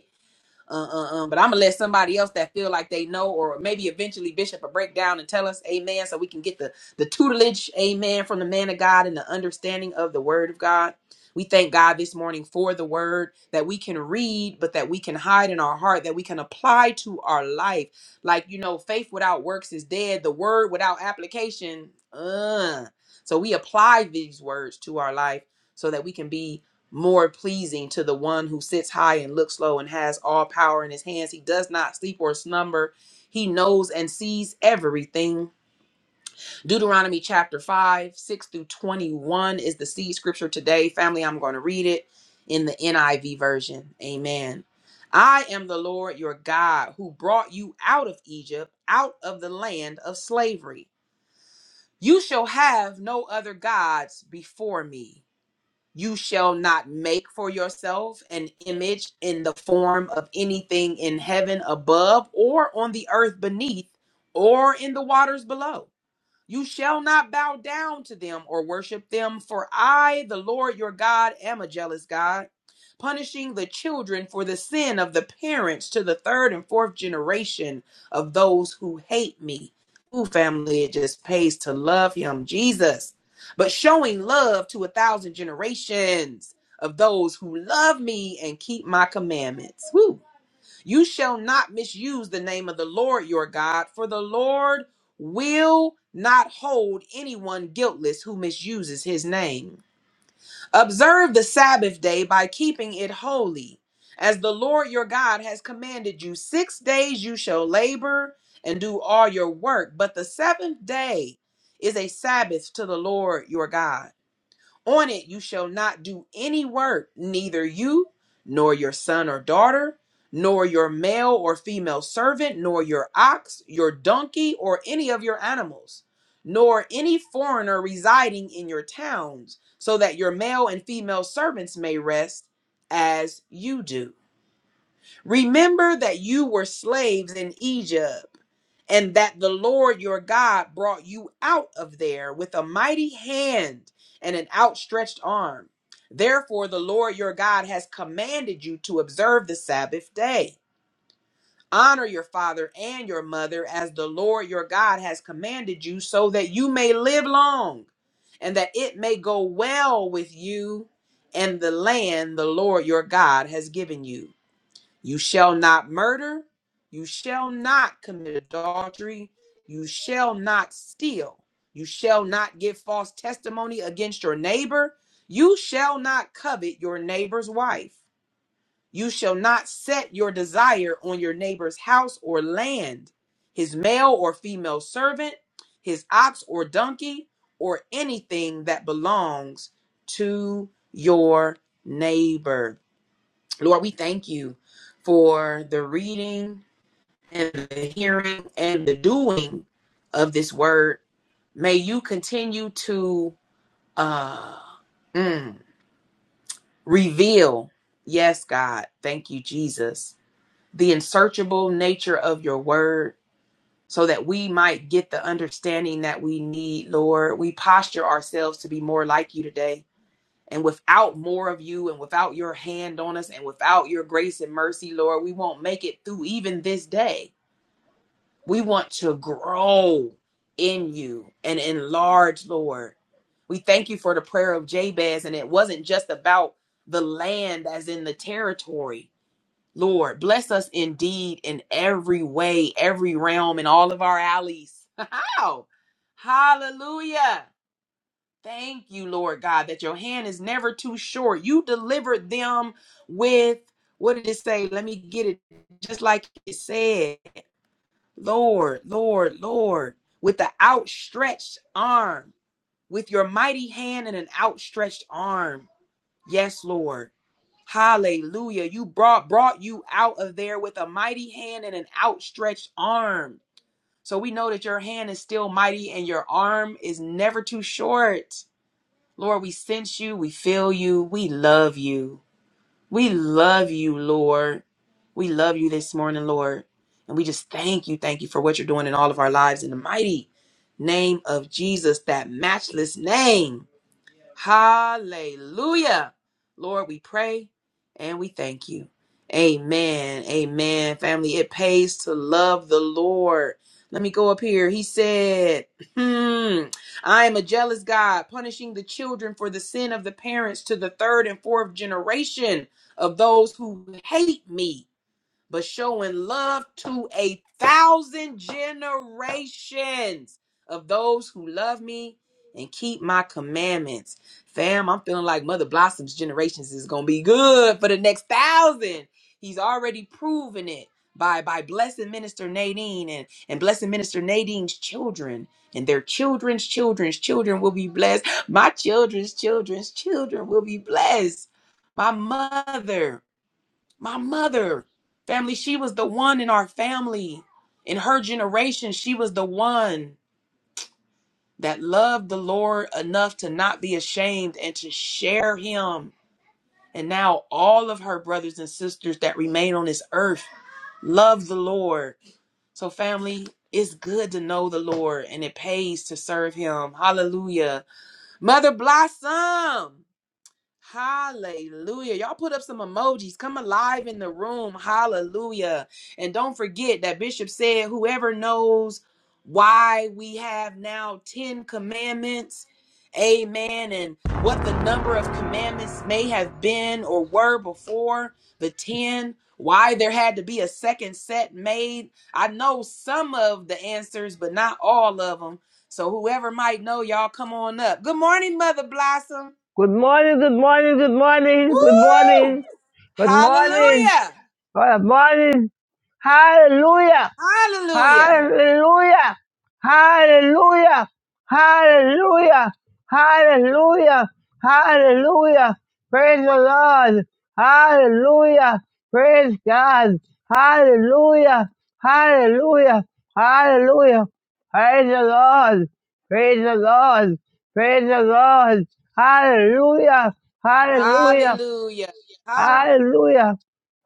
D: uh, uh, uh, but I'm gonna let somebody else that feel like they know, or maybe eventually Bishop will break down and tell us, Amen, so we can get the the tutelage, Amen, from the man of God and the understanding of the Word of God. We thank God this morning for the Word that we can read, but that we can hide in our heart, that we can apply to our life. Like you know, faith without works is dead. The Word without application, uh. So we apply these words to our life so that we can be more pleasing to the one who sits high and looks low and has all power in his hands. He does not sleep or slumber. He knows and sees everything. Deuteronomy chapter 5, 6 through 21 is the seed scripture today. Family, I'm going to read it in the NIV version. Amen. I am the Lord your God who brought you out of Egypt, out of the land of slavery. You shall have no other gods before me. You shall not make for yourself an image in the form of anything in heaven above, or on the earth beneath, or in the waters below. You shall not bow down to them or worship them, for I, the Lord your God, am a jealous God, punishing the children for the sin of the parents to the third and fourth generation of those who hate me. Ooh, family, it just pays to love him, Jesus, but showing love to a thousand generations of those who love me and keep my commandments. Woo. You shall not misuse the name of the Lord your God, for the Lord will not hold anyone guiltless who misuses his name. Observe the Sabbath day by keeping it holy. As the Lord your God has commanded you, six days you shall labor and do all your work, but the seventh day is a Sabbath to the Lord your God. On it you shall not do any work, neither you, nor your son or daughter, nor your male or female servant, nor your ox, your donkey, or any of your animals, nor any foreigner residing in your towns, so that your male and female servants may rest as you do Remember that you were slaves in Egypt, and that the Lord your God brought you out of there with a mighty hand and an outstretched arm. Therefore, the Lord your God has commanded you to observe the Sabbath day. Honor your father and your mother as the Lord your God has commanded you, so that you may live long and that it may go well with you and the land the Lord your God has given you. You shall not murder. You shall not commit adultery. You shall not steal. You shall not give false testimony against your neighbor. You shall not covet your neighbor's wife. You shall not set your desire on your neighbor's house or land, his male or female servant, his ox or donkey, or anything that belongs to your neighbor. Lord, we thank you for the reading and the hearing and the doing of this word. May you continue to uh, mm, reveal, yes, God, thank you, Jesus, the unsearchable nature of your word so that we might get the understanding that we need, Lord. We posture ourselves to be more like you today. And without more of you and without your hand on us and without your grace and mercy, Lord, we won't make it through even this day. We want to grow in you and enlarge, Lord. We thank you for the prayer of Jabez, and it wasn't just about the land as in the territory. Lord, bless us indeed in every way, every realm, in all of our alleys. How? Hallelujah. Thank you, Lord God, that your hand is never too short. You delivered them with, what did it say? Let me get it just like it said. Lord, Lord, Lord, with the outstretched arm, with your mighty hand and an outstretched arm. Yes, Lord. Hallelujah. You brought brought you out of there with a mighty hand and an outstretched arm. So we know that your hand is still mighty and your arm is never too short. Lord, we sense you, we feel you, we love you. We love you, Lord. We love you this morning, Lord. And we just thank you, thank you for what you're doing in all of our lives in the mighty name of Jesus, that matchless name. Hallelujah. Lord, we pray and we thank you. Amen. Amen. Family, it pays to love the Lord. Let me go up here. He said, hmm, I am a jealous God, punishing the children for the sin of the parents to the third and fourth generation of those who hate me but showing love to a thousand generations of those who love me and keep my commandments. Fam, I'm feeling like Mother Blossom's generations is going to be good for the next thousand. He's already proven it by by blessing Minister Nadine and, and blessing Minister Nadine's children. And their children's children's children will be blessed. My children's children's children will be blessed. My mother, my mother, family, she was the one in our family. In her generation, she was the one that loved the Lord enough to not be ashamed and to share him. And now all of her brothers and sisters that remain on this earth love the Lord. So, family, it's good to know the Lord and it pays to serve him. Hallelujah. Mother Blossom. Hallelujah. Y'all put up some emojis. Come alive in the room. Hallelujah. And don't forget that Bishop said, whoever knows why we have now 10 commandments, amen, and what the number of commandments may have been or were before the 10, why there had to be a second set made. I know some of the answers, but not all of them. So whoever might know, y'all come on up. Good morning, Mother Blossom.
H: Good morning, good morning, good morning, good
D: Woo!
H: morning, good morning,
D: Hallelujah!
H: good morning. Hallelujah.
D: Hallelujah!
H: Hallelujah. Hallelujah. Hallelujah. Hallelujah. Hallelujah. Praise the Lord. Hallelujah. Praise God. Hallelujah. Hallelujah. Hallelujah. Praise the Lord. Praise the Lord. Praise the Lord. Hallelujah. Hallelujah.
D: Hallelujah! Hallelujah!
H: Hallelujah.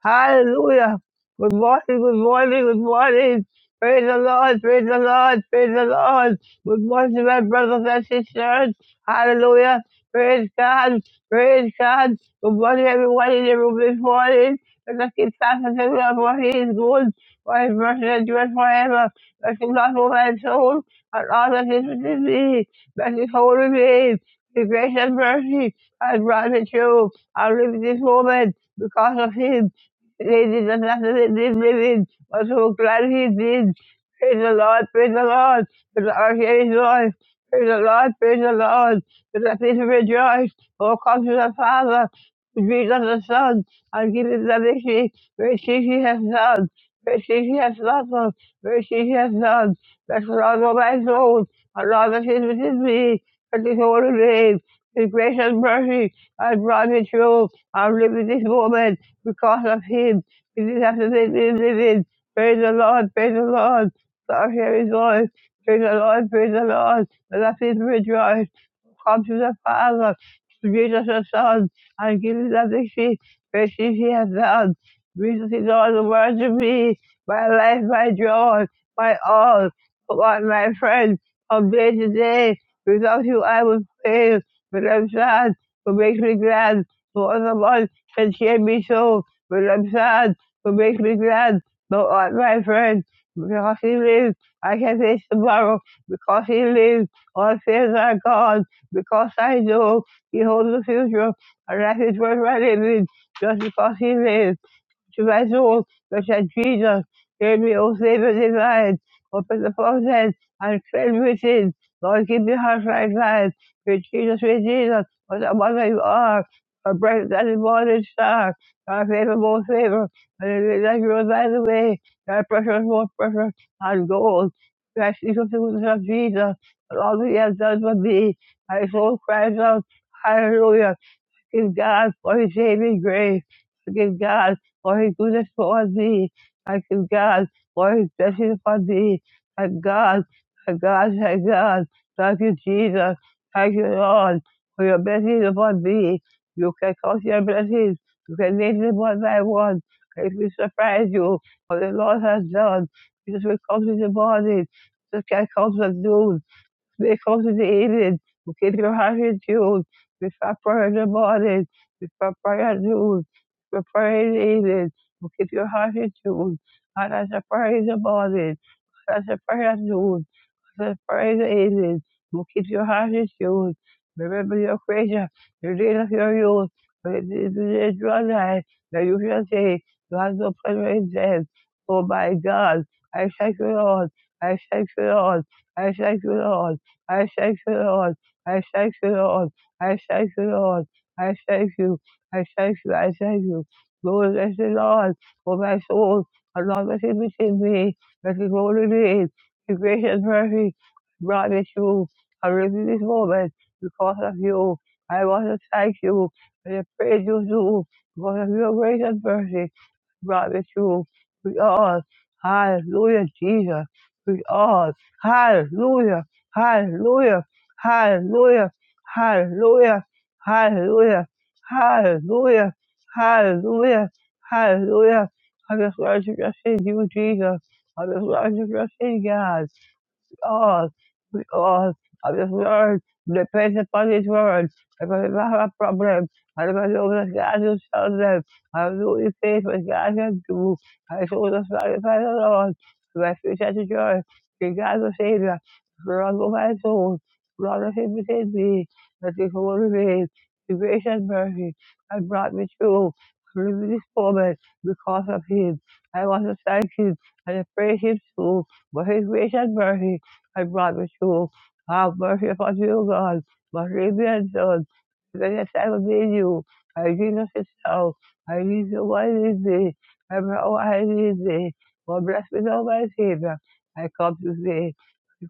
H: Hallelujah. Good morning, good morning, good morning. Praise the Lord, praise the Lord, praise the Lord. Good morning, my brothers and sisters. Hallelujah. Praise God, praise God. Good morning, everyone in the room this morning. Let us give thanks to the Lord for He is good, for His mercy endures forever. Bless the Lord, O my soul, and all that is within me. Bless His holy name. His grace and mercy has brought me through. I live this moment because of him. They did not have to live living, but so glad he did. Praise the Lord, praise the Lord, for the earth is Lord. Praise the Lord, praise the Lord, for the people rejoice. Oh, come to the Father, to Jesus the Son, and give him the victory. Great things he has done, great things he has done, for us. great things he has done. Bless the Lord, O my soul, and all that is within me, and his holy name. His grace and mercy I'd rather true. I'll live with this woman because of him. He just have to make me living. Praise the Lord, praise the Lord. I'll hear his voice. Praise the Lord, praise the Lord. And I feel rejoice. Come to the Father, to Jesus the Son, and give him the victory. Praise him he has done. Jesus is all the world to me. My life, my joy, my all. Come on, my friend, from day to day. Without you, I would fail. But I'm sad what makes me glad. No the one can cheer me so when I'm sad. What makes me glad? No art, my friend. Because he lives, I can face tomorrow. Because he lives, all fears are gone. Because I know he holds the future, and that is worth my living. Just because he lives. To my soul, such as Jesus, hear me O Savior divine, open the faucet and fill me with within. Lord, give me heart right glad. With Jesus, with Jesus, what a mother you are. A bright and morning star, our favorable favor, and it is like you are by the way, thy precious, more precious, and gold. I speak of the goodness of Jesus, and all that he has done for me. My soul cries out, Hallelujah. Give God for his saving grace. Forgive God for his goodness for thee. I give God for his blessings for thee. Thank God, thank God, thank God. Thank you, Jesus. Thank you, Lord, for your blessings upon thee. You can count your blessings. You can name them one by one. It will surprise you what the Lord has done. Jesus will come in the morning. Jesus can come at noon. They come to the aid. Okay, they have it too. We start praying in the morning. We start praying noon. We pray in the evening. Okay, they have it too. And I shall pray in the morning. And I shall pray at noon. The praise it. is. will keep your heart is yours. Remember your creation, the deed of your youth. But it is the day of your life that you shall say, You have no pleasure in death. Oh my God, I thank you, Lord. I thank you, Lord. I thank you, Lord. I thank you, Lord. I thank you, Lord. I thank you, Lord. I thank you. I thank you. I thank you. Lord, bless the Lord. For my soul, and all that is within me, that is holy your grace and mercy brought me through. I really this moment because of you. I want to thank you and I praise you too because of your grace and mercy brought me through. We all, hallelujah, Jesus. We all, hallelujah, hallelujah, hallelujah, hallelujah, hallelujah, hallelujah, hallelujah, hallelujah. I just want to just thank you, Jesus. I just want to just thank God all, we all of His Word, depend upon His Word. Because if I have a problem, I'm going to look at God to tell them. I'm looking faith what God can do. I show the sacrifice of the Lord. My future to joy. The God the Savior. Lord of my soul. Lord of him within me. That is holy faith. The grace and mercy that brought me through. Live in this moment because of him. I want to thank him and I praise him too for his grace and mercy. I promise you, have mercy upon you, God. Must repent, Lord. Because I believe you. I need Jesus yourself. I need you what is thee. I know I need thee. Well, bless me, Lord, my Savior. I come to thee.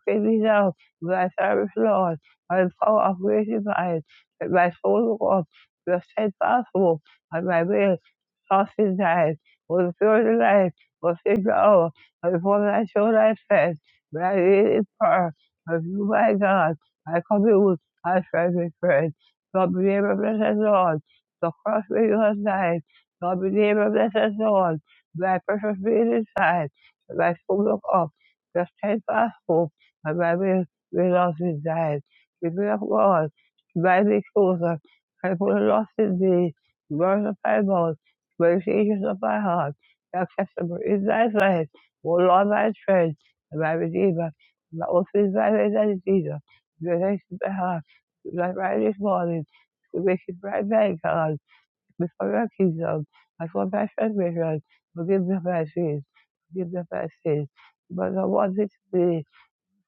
H: Save me now, with thy service, Lord. By the power of grace divine, that my soul walk, your steadfast hope, and my will, trust in thine. For the pure life, for the sacred hour, and the form thy show thy face. But it is part of you, my God. I come you, I try to pray. God be able to bless us all. The cross where you have died. God be able to bless us all. My precious being inside. My soul look up. The steadfast hope. And My will, we lost in died. The will of God. Thy be closer. I put a lost in thee. Words of thy mouth. Meditations of my heart. Acceptable is thy sight. O Lord, my strength my Redeemer, my orphan, my Redeemer, the next behind, my right this morning, to make it right back, God, before your kingdom, before my transgression, forgive me my sins, forgive me my sins, but I want it to be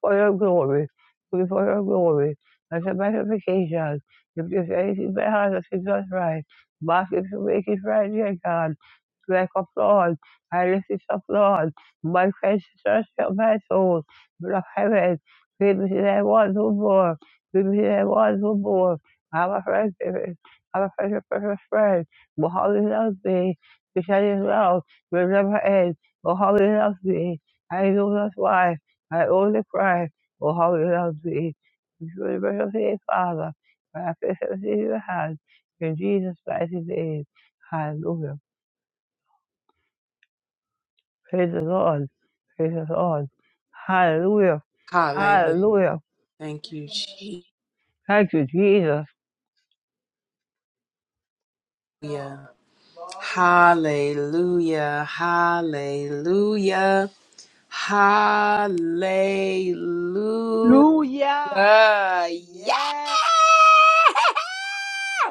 H: for your glory, Do it for your glory, and a magnification. If there's anything behind us, it's just right. Mark it to make it right, dear God. Like applaud, I lift it up, Lord. My friends search your my soul, but of heaven, give me that one who more, give me that one who more. I'm a friend, baby. I'm a friend, a precious friend. But how he loves me, because his love will never end. But how he loves me, I know that's why. I only cry for how you love me. You should worship His Father. My affection is in your hands. In Jesus Christ's name. Hallelujah. Praise the Lord. Praise the Lord. Hallelujah.
D: Hallelujah.
H: Hallelujah.
D: Thank you, Jesus.
H: Thank you, Jesus.
D: Hallelujah. Hallelujah. Hallelujah.
A: Hallelujah.
D: Yeah!
A: Yes.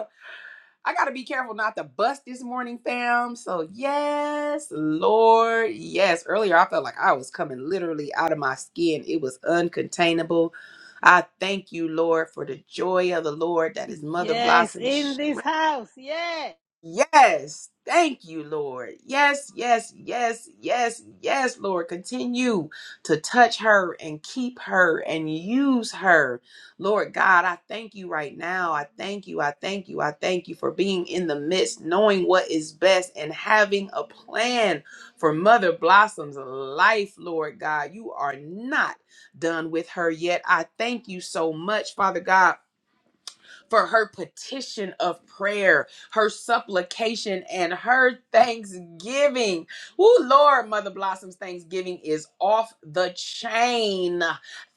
D: I gotta be careful not to bust this morning, fam. So yes, Lord, yes. Earlier, I felt like I was coming literally out of my skin. It was uncontainable. I thank you, Lord, for the joy of the Lord that is Mother
A: Yes.
D: Blossom's
A: In this house. Yes.
D: Yes. Thank you, Lord. Yes, yes, yes, yes, yes, Lord. Continue to touch her and keep her and use her. Lord God, I thank you right now. I thank you. I thank you. I thank you for being in the midst, knowing what is best, and having a plan for Mother Blossom's life, Lord God. You are not done with her yet. I thank you so much, Father God for her petition of prayer, her supplication, and her thanksgiving. Oh, Lord, Mother Blossom's thanksgiving is off the chain.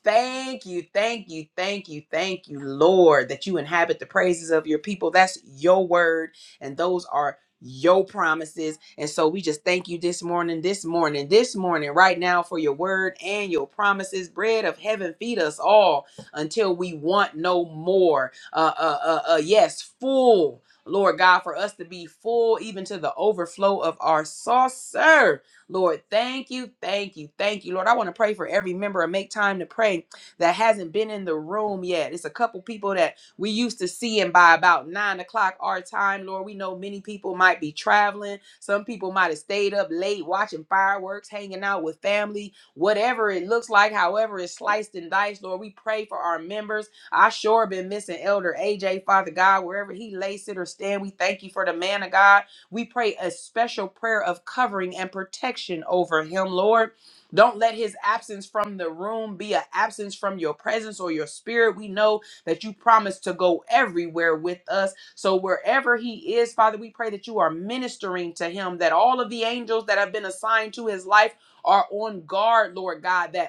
D: Thank you, thank you, thank you, thank you, Lord, that you inhabit the praises of your people. That's your word, and those are your promises. And so we just thank you this morning, this morning, this morning, right now for your word and your promises. Bread of heaven, feed us all until we want no more uh, uh, uh, uh, yes, full, Lord God, for us to be full even to the overflow of our saucer. Lord, thank you, thank you, thank you. Lord, I want to pray for every member and make time to pray that hasn't been in the room yet. It's a couple people that we used to seeing by about nine o'clock our time. Lord, we know many people might be traveling. Some people might have stayed up late watching fireworks, hanging out with family, whatever it looks like, however it's sliced and diced. Lord, we pray for our members I sure been missing Elder AJ, Father God, wherever he lay, sit, or stand. We thank you for the man of God. We pray a special prayer of covering and protection over him, Lord. Don't let his absence from the room be an absence from your presence or your spirit. We know that you promised to go everywhere with us. So wherever he is, Father, we pray that you are ministering to him, that all of the angels that have been assigned to his life are on guard, Lord God, that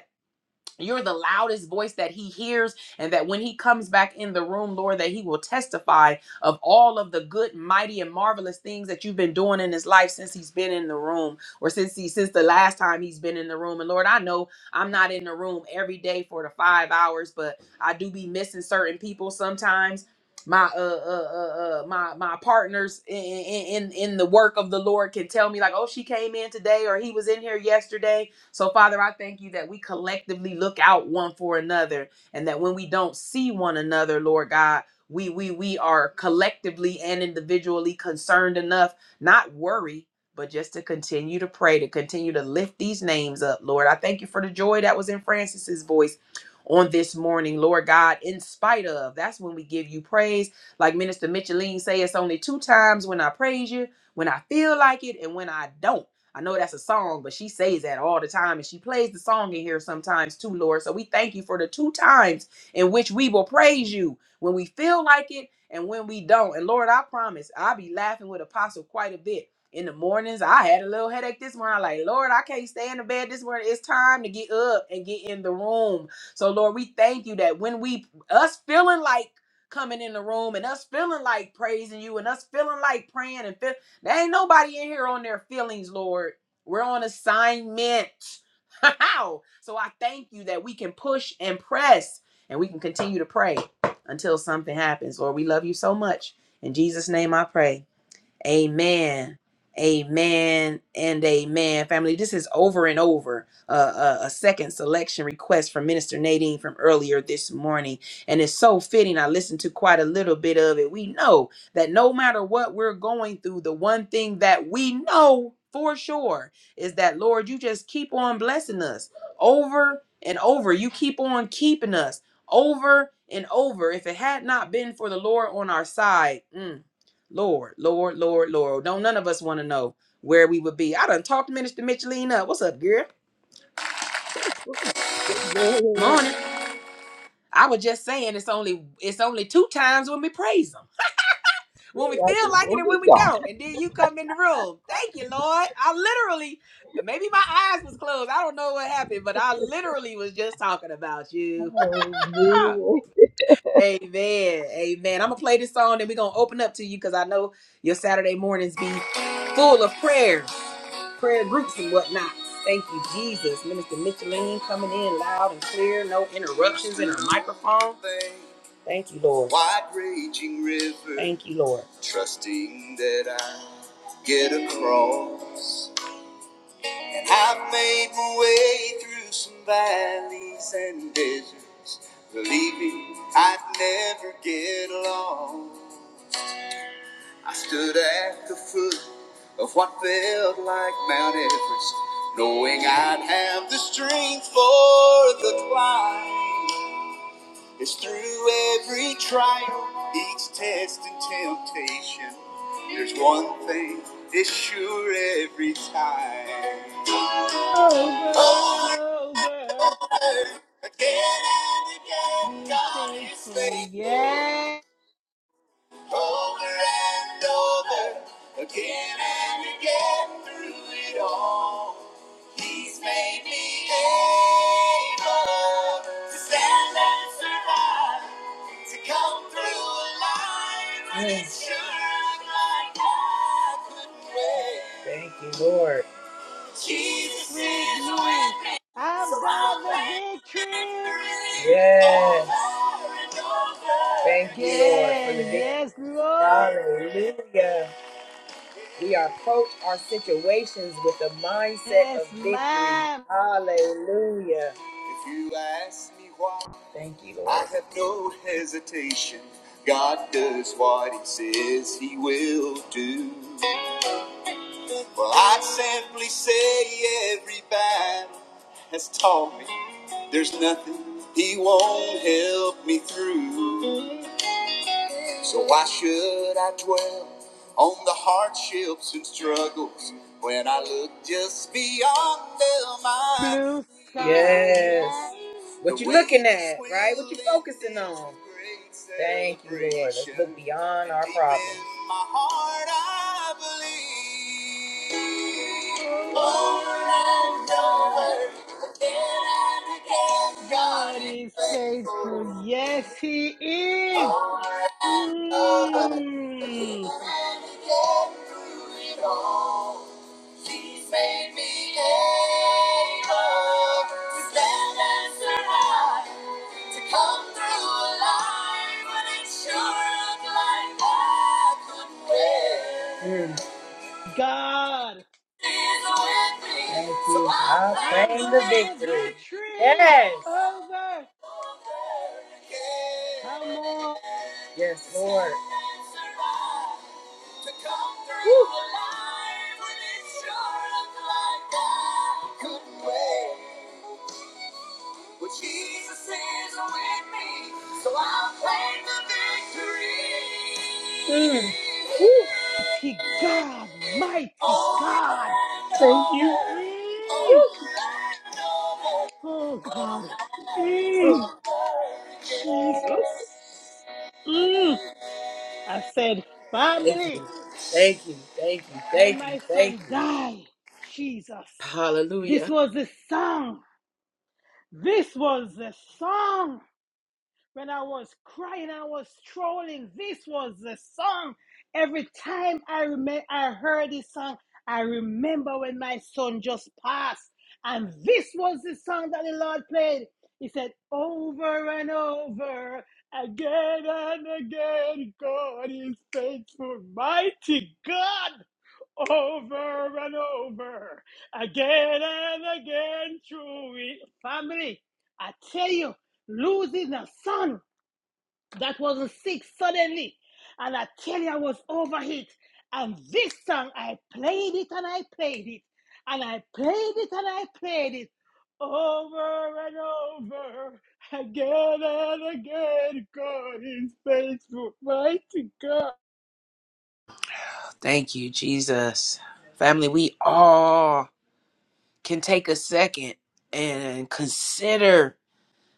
D: you're the loudest voice that he hears, and that when he comes back in the room, Lord, that he will testify of all of the good, mighty, and marvelous things that you've been doing in his life since he's been in the room, or since he since the last time he's been in the room. And Lord, I know I'm not in the room every day for the five hours, but I do be missing certain people sometimes. My uh, uh uh uh my my partners in in in in the work of the Lord can tell me like oh she came in today or he was in here yesterday so, Father, I thank you that we collectively look out one for another and that when we don't see one another, Lord God, we we we are collectively and individually concerned enough, not worry, but just to continue to pray, to continue to lift these names up, Lord. I thank you for the joy that was in Francis's voice on this morning, Lord God, in spite of. That's when we give you praise. Like Minister Micheline say, it's only two times when I praise you, when I feel like it and when I don't. I know that's a song, but she says that all the time and she plays the song in here sometimes too, Lord. So we thank you for the two times in which we will praise you when we feel like it and when we don't. And Lord, I promise I'll be laughing with Apostle quite a bit. In the mornings, I had a little headache this morning. I'm like, Lord, I can't stay in the bed this morning. It's time to get up and get in the room. So, Lord, we thank you that when we, us feeling like coming in the room and us feeling like praising you and us feeling like praying and feeling there ain't nobody in here on their feelings, Lord. We're on assignment. How? So I thank you that we can push and press and we can continue to pray until something happens. Lord, we love you so much. In Jesus' name I pray. Amen. Amen and amen. Family, this is over and over uh, a, a second selection request from Minister Nadine from earlier this morning. And it's so fitting. I listened to quite a little bit of it. We know that no matter what we're going through, the one thing that we know for sure is that, Lord, you just keep on blessing us over and over. You keep on keeping us over and over. If it had not been for the Lord on our side, mm, Lord, Lord, Lord, Lord. Don't none of us want to know where we would be. I done talked to Minister Micheline up. What's up, girl?
I: Lord,
D: Morning. I was just saying it's only it's only two times when we praise him. When we
I: I
D: feel
I: can-
D: like it
I: Where
D: and when
I: we
D: we
I: go?
D: don't. And then you come in the room. Thank you, Lord. I literally maybe my eyes was closed. I don't know what happened, but I literally was just talking about you.
I: Hallelujah.
D: Amen. Amen. I'm gonna play this song and we're gonna open up to you because I know your Saturday mornings be full of prayers, prayer groups and whatnot. Thank you, Jesus. Minister Micheline coming in loud and clear, no interruptions in her microphone. Thank you, Lord. Wide raging river. Thank you, Lord. Trusting that I get across. I've made my way through some valleys and deserts, believing I'd never get along. I stood at the foot of what felt like Mount Everest, knowing I'd have the strength for the climb. It's through every trial, each test and temptation. There's one thing, it's sure every time.
A: Over and
D: Over
A: over.
D: and over, again and again,
A: Be
D: God is
A: faithful.
D: faithful.
A: Yes.
D: Over and over, again and again, through it all. He's made me able to stand and survive. To come through life and yes. like I couldn't wait. Thank you, Lord. Jesus
A: With
D: is with
A: me.
D: me, so
A: I've
D: I'll
A: got the
D: claim the
A: victory.
D: victory. Yes. over and over Thank you, again. Lord, for the
A: Again. Yes, Lord.
D: victory. Hallelujah. We approach our situations with the mindset of
A: Yes,
D: victory.
A: ma'am.
D: Hallelujah. If you ask me why. I have no hesitation. God does what He says He will do. Well, I'd simply say every battle has taught me there's nothing He won't help me through. So why should I dwell on the hardships and struggles when I look just beyond them? I
A: Blue
D: see
A: sky,
D: yes.
A: yeah.
D: What the you looking at, right? What you focusing on? Thank you, Lord. Let's look beyond our problems. In My heart, I believe.
A: Over
D: Over
A: and
D: and
A: over.
D: over, again and
A: God
D: again,
A: is
D: God is
A: faithful.
D: faithful.
A: Yes, He is.
D: Over and over, again
A: Mm.
D: and again through it all. He's made me able to stand and survive, to come through alive when it sure looked like I couldn't win. Mm.
A: God,
D: He's with me, Thank you. so I I claim
A: I've
D: claim the the
A: got the
D: victory. victory.
A: victory.
D: Yes.
A: Over. Come on.
D: Yes, Lord. Woo. Well, Jesus is with me, so I'll claim the victory. Mm. Woo.
A: Mighty God, mighty God.
D: Thank you.
A: Mm. Oh, God.
D: Woo. Thank
A: Mm. Jesus. Mm. I said, family.
D: you. Thank you. Thank you.
A: When
D: Thank you.
A: my
D: Thank
A: son
D: you.
A: died, Jesus, this
D: Hallelujah.
A: was the song. This was the song. When I was crying, I was trolling. This was the song. Every time I rem- I heard this song, I remember when my son just passed. And this was the song that the Lord played. He said, Over and over, again and again, God is faithful, mighty God over and over again and again through it. Family, I tell you, losing a son that was sick suddenly, and I tell you, I was overhit. And this song, I played it and I played it, and I played it and I played it over and over again and again. God is faithful, mighty God.
D: Thank you, Jesus. Family, we all can take a second and consider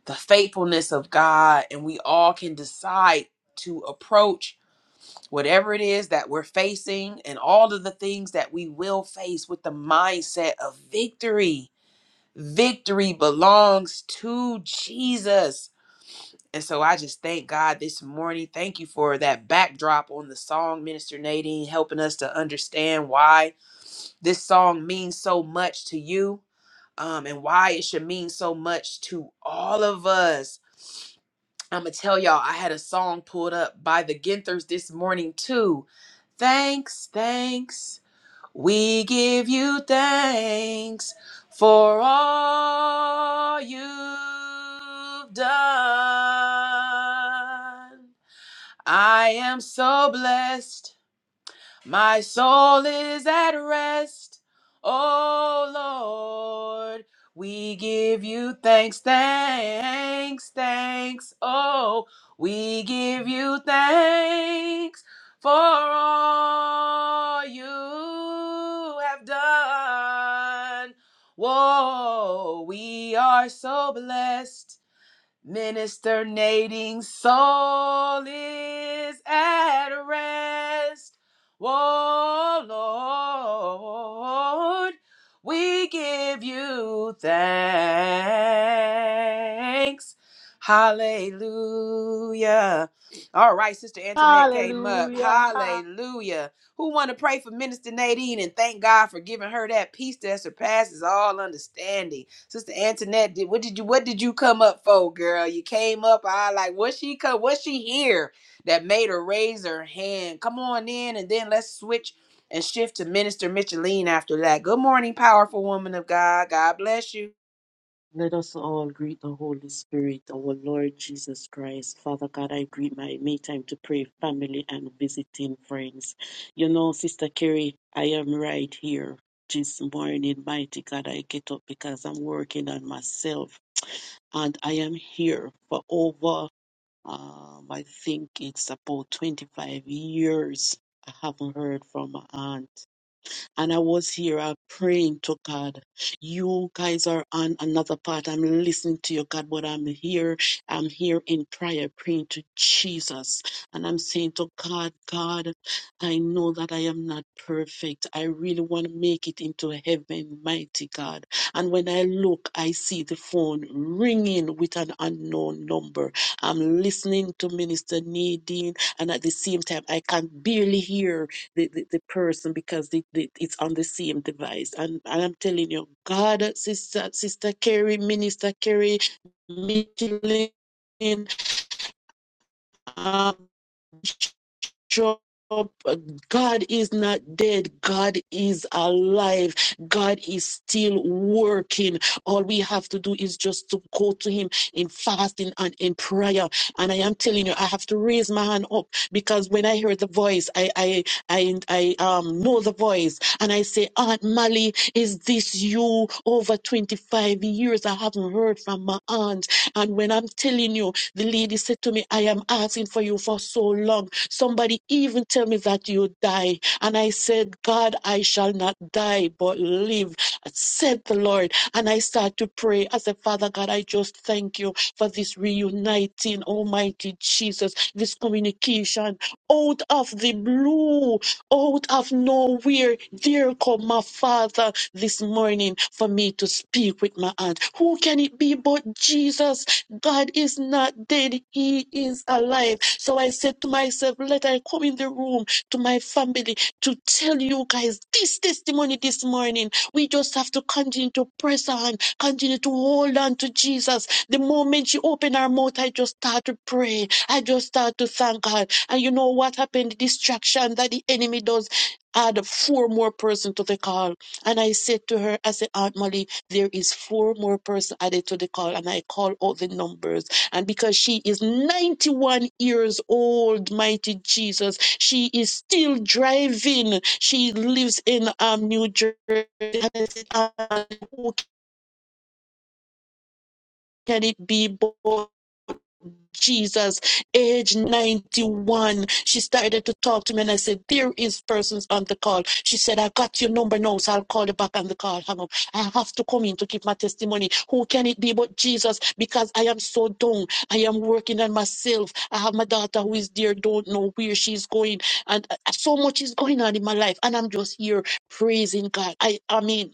D: the faithfulness of God, and we all can decide to approach whatever it is that we're facing and all of the things that we will face with the mindset of victory. Victory belongs to Jesus. And so I just thank God this morning. Thank you for that backdrop on the song, Minister Nadine, helping us to understand why this song means so much to you um, and why it should mean so much to all of us. I'm going to tell y'all, I had a song pulled up by the Ginthers this morning, too. Thanks, thanks. We give you thanks for all you've done. I am so blessed my soul is at rest. O Lord, we give you thanks, thanks, thanks. Oh, we give you thanks for all you have done. Whoa, we are so blessed. Minister Nadine's soul is at rest. Oh Lord, we give you thanks. Hallelujah. All right, Sister Antoinette came up.
A: Hallelujah.
D: Hallelujah. Who want to pray for Minister Nadine and thank God for giving her that peace that surpasses all understanding? Sister Antoinette, did, what did you what did you come up for, girl? You came up, I like what she come, what she here that made her raise her hand. Come on in, and then let's switch and shift to Minister Micheline after that. Good morning, powerful woman of God. God bless you.
J: Let us all greet the Holy Spirit, our Lord Jesus Christ. Father God, I greet my May Time to Pray family and visiting friends. You know, Sister Carrie, I am right here this morning. Mighty God, I get up because I'm working on myself. And I am here for over, um, I think it's about 25 years. I haven't heard from my aunt and I was here uh, praying to God. You guys are on another part. I'm listening to you, God, but I'm here. I'm here in prayer, praying to Jesus. And I'm saying to God, God, I know that I am not perfect. I really want to make it into heaven, mighty God. And when I look, I see the phone ringing with an unknown number. I'm listening to Minister Nadine, and at the same time, I can barely hear the, the, the person because the, the, it's on the same device. And, and I'm telling you, God, Sister Sister Carrie, Minister Carrie, Michelin, um, Job, God is not dead. God is alive. God is still working. All we have to do is just to go to Him in fasting and in prayer. And I am telling you, I have to raise my hand up because when I hear the voice, I I I, I um know the voice, and I say, Aunt Mally, is this you? Over twenty five years, I haven't heard from my aunt. And when I'm telling you, the lady said to me, I am asking for you for so long. Somebody even tell me that you die. And I said, God, I shall not die, but live, said the Lord. And I start to pray. I said, Father God, I just thank you for this reuniting, Almighty Jesus, this communication out of the blue, out of nowhere. There come my Father this morning for me to speak be with my aunt. Who can it be but Jesus? God is not dead, He is alive. So I said to myself, Let I come in the room to my family to tell you guys this testimony this morning. We just have to continue to press on, continue to hold on to Jesus. The moment she opened her mouth, I just start to pray. I just start to thank God. And you know what happened? The distraction that the enemy does add four more person to the call. And I said to her, I said, Aunt Molly, there is four more person added to the call and i call out the numbers and because she is 91 years old mighty jesus she is still driving she lives in um new jersey "Ah, who can it be but Jesus, age 91. She started to talk to me and I said, There is persons on the call. She said, I got your number now, so I'll call you back on the call. Hang up. I have to come in to give my testimony. Who can it be but Jesus? Because I am so down. I am working on myself. I have my daughter who is there, don't know where she's going. And uh, so much is going on in my life. And I'm just here praising God. I, I mean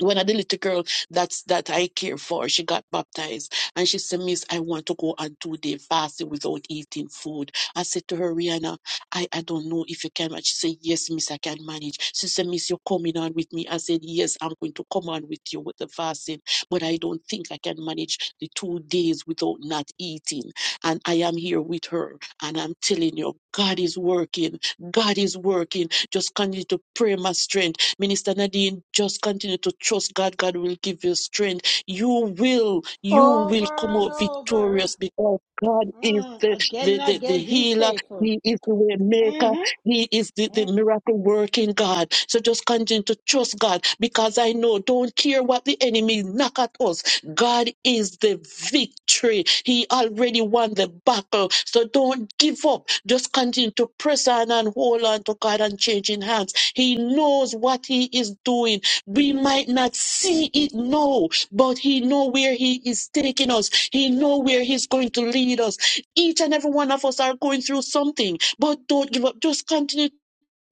J: when the little girl that's that I care for, she got baptized and she said, Miss, I want to go on two day fasting without eating food. I said to her, Rihanna, I, I don't know if you can. And she said, Yes, Miss, I can manage. She said, Miss, you're coming on with me. I said, Yes, I'm going to come on with you with the fasting, but I don't think I can manage the two days without not eating. And I am here with her. And I'm telling you, God is working. God is working. Just continue to pray my strength Minister Nadine, just continue to trust God. God will give you strength. You will, you will come
A: Over and
J: out
A: over.
J: victorious because God is
A: Mm,
J: the, the,
A: again
J: the,
A: and
J: the
A: again, he's
J: healer.
A: faithful.
J: He is the way maker.
A: hmm
J: He is the, the miracle working God. So just continue to trust God because I know, don't care what the enemy knock at us. God is the victory. He already won the battle. So don't give up. Just continue to press on and hold on to God and change in hands he knows what he is doing. We might not see it now, but he knows where he is taking us. He knows where he's going to lead us. Each and every one of us are going through something, but don't give up. Just continue to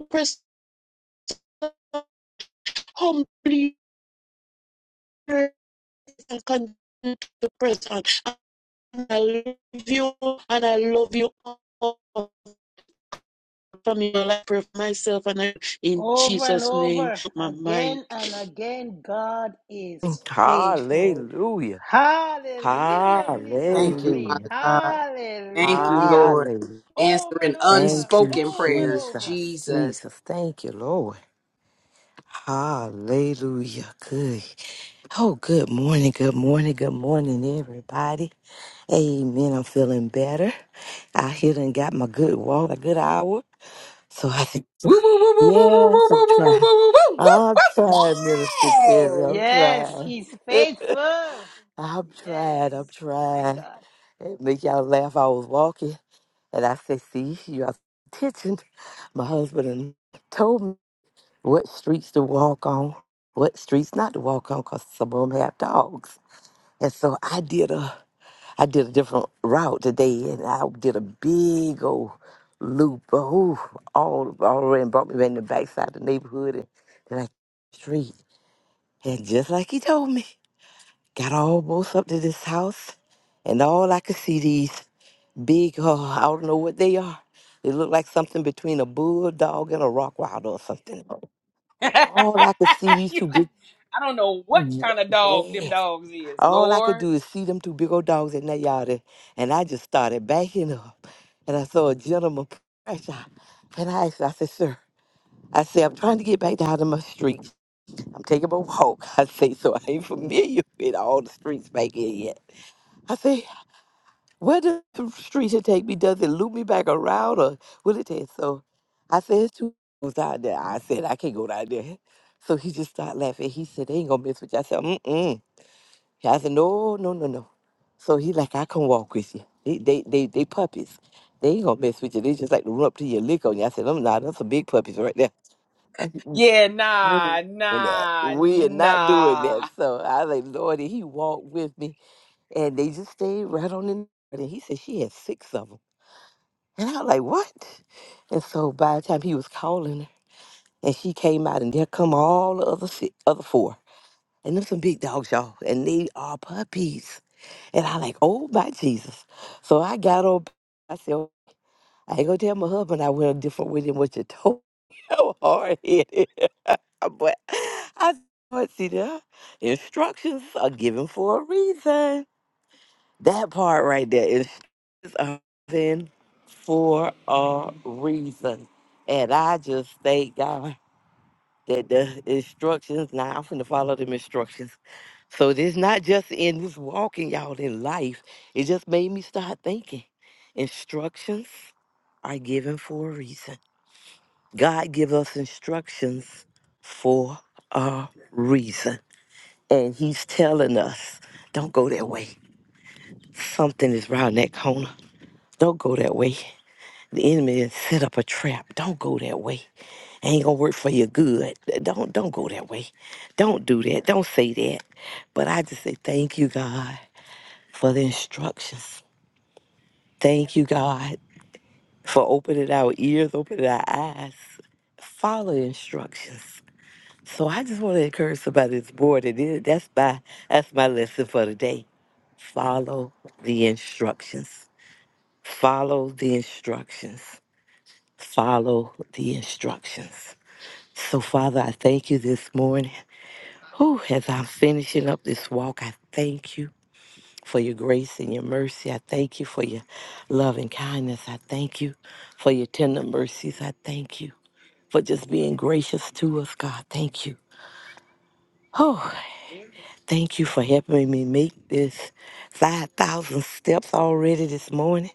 J: press on. humbly press and continue to press on. And I love you, and I love you all from your life, myself, and I, in
A: Over and
J: Jesus' name,
A: over.
J: my
A: Again
J: mic.
A: and again, God is faithful.
I: Hallelujah.
A: Hallelujah, Minister
D: Thank you,
A: Michelin.
D: Father
I: Hallelujah.
D: God. Thank you,
A: Hallelujah.
D: Lord.
I: Hallelujah.
A: Over
D: Answering
A: and over.
I: Thank you,
D: unspoken
A: Over and
D: prayers,
A: over.
I: Jesus.
D: Jesus.
I: Jesus. Thank you, Lord. Hallelujah. Good. Oh, good morning. Good morning. Good morning, everybody. Amen. I'm feeling better. I here and got my good walk, a good hour. So I think.
D: Woo, woo, woo, woo, woo, woo,
I: Yes,
D: woo,
I: I'm
D: woo, woo, woo,
I: trying.
D: woo, woo, woo,
I: I'm
D: woo.
I: trying, Minister Carrie. I'm
D: Yes!
A: Yes,
I: trying.
A: he's faithful.
I: I'm
A: Yes,
I: trying. I'm
A: my
I: trying.
A: God.
I: It make y'all laugh. I was walking and I said, see, you have attention. My husband and told me what streets to walk on, what streets not to walk on, because some of them have dogs. And so I did a I did a different route today, and I did a big old loop, oh, all all around, brought me back in the backside of the neighborhood and then I street. And just like he told me, got almost up to this house, and all I could see these big, oh, I don't know what they are. They look like something between a bulldog and a rock wilder or something. All I could see these
D: You
I: two
D: like,
I: big,
D: I don't know what kind of dog
I: yeah.
D: them dogs is,
I: All I could
D: Lord.
I: do is see them two big old dogs in that yard, and and I just started backing up. And I saw a gentleman crash out. And I asked, I said, sir, I said, I'm trying to get back down to my street. I'm taking a walk. I say, so I ain't familiar with all the streets back here yet. I say, where does the street should take me? Does it loop me back around or will it take? So I said, it's two dogs out there. I said, I can't go down there. So he just started laughing. He said, they ain't gonna mess with you. I said, mm-mm. Yeah, I said, no, no, no, no. So he like, I can walk with you. They, they, they, they puppies. They ain't gonna mess with you. They just like to run up to you, and lick on you. I said, I'm not. That's some big puppies right there. I said, "Mm,
D: Yeah,
I: mm,
D: nah,
I: doing that.
D: nah,
I: We are not doing that.
D: nah.
I: So I was like, Lord, and he walked with me, and they just stayed right on in. And he said she had six of them, and I was like, what? And so by the time he was calling her, and she came out, and there come all the other six, other four, and them some big dogs, y'all, and they are puppies. And I like, oh my Jesus. So I got on I said, "Oh, I ain't gonna tell my husband I went a different way than what you told me. I'm hard headed. but I but see the instructions are given for a reason. That part right there, instructions are given for a reason. And I just thank God that the instructions now I'm finna follow them instructions so this not just in this walking y'all, in life. It just made me start thinking. Instructions are given for a reason. God give us instructions for a reason. And he's telling us, don't go that way. Something is round that corner. Don't go that way. The enemy has set up a trap. Don't go that way. Ain't gonna work for your good. Don't don't go that way. Don't do that. Don't say that. But I just say thank you, God. for the instructions. Thank you, God, for opening our ears, opening our eyes. Follow the instructions. So I just want to encourage somebody that's bored. And it- that's my that's my lesson for today. Follow the instructions. Follow the instructions. Follow the instructions. So Father, I thank you this morning. Whew, as I'm finishing up this walk, I thank you. for your grace and your mercy. I thank you for your love and kindness. I thank you for your tender mercies. I thank you for just being gracious to us, God. Thank you. Oh, thank you for helping me make this 5,000 steps already this morning.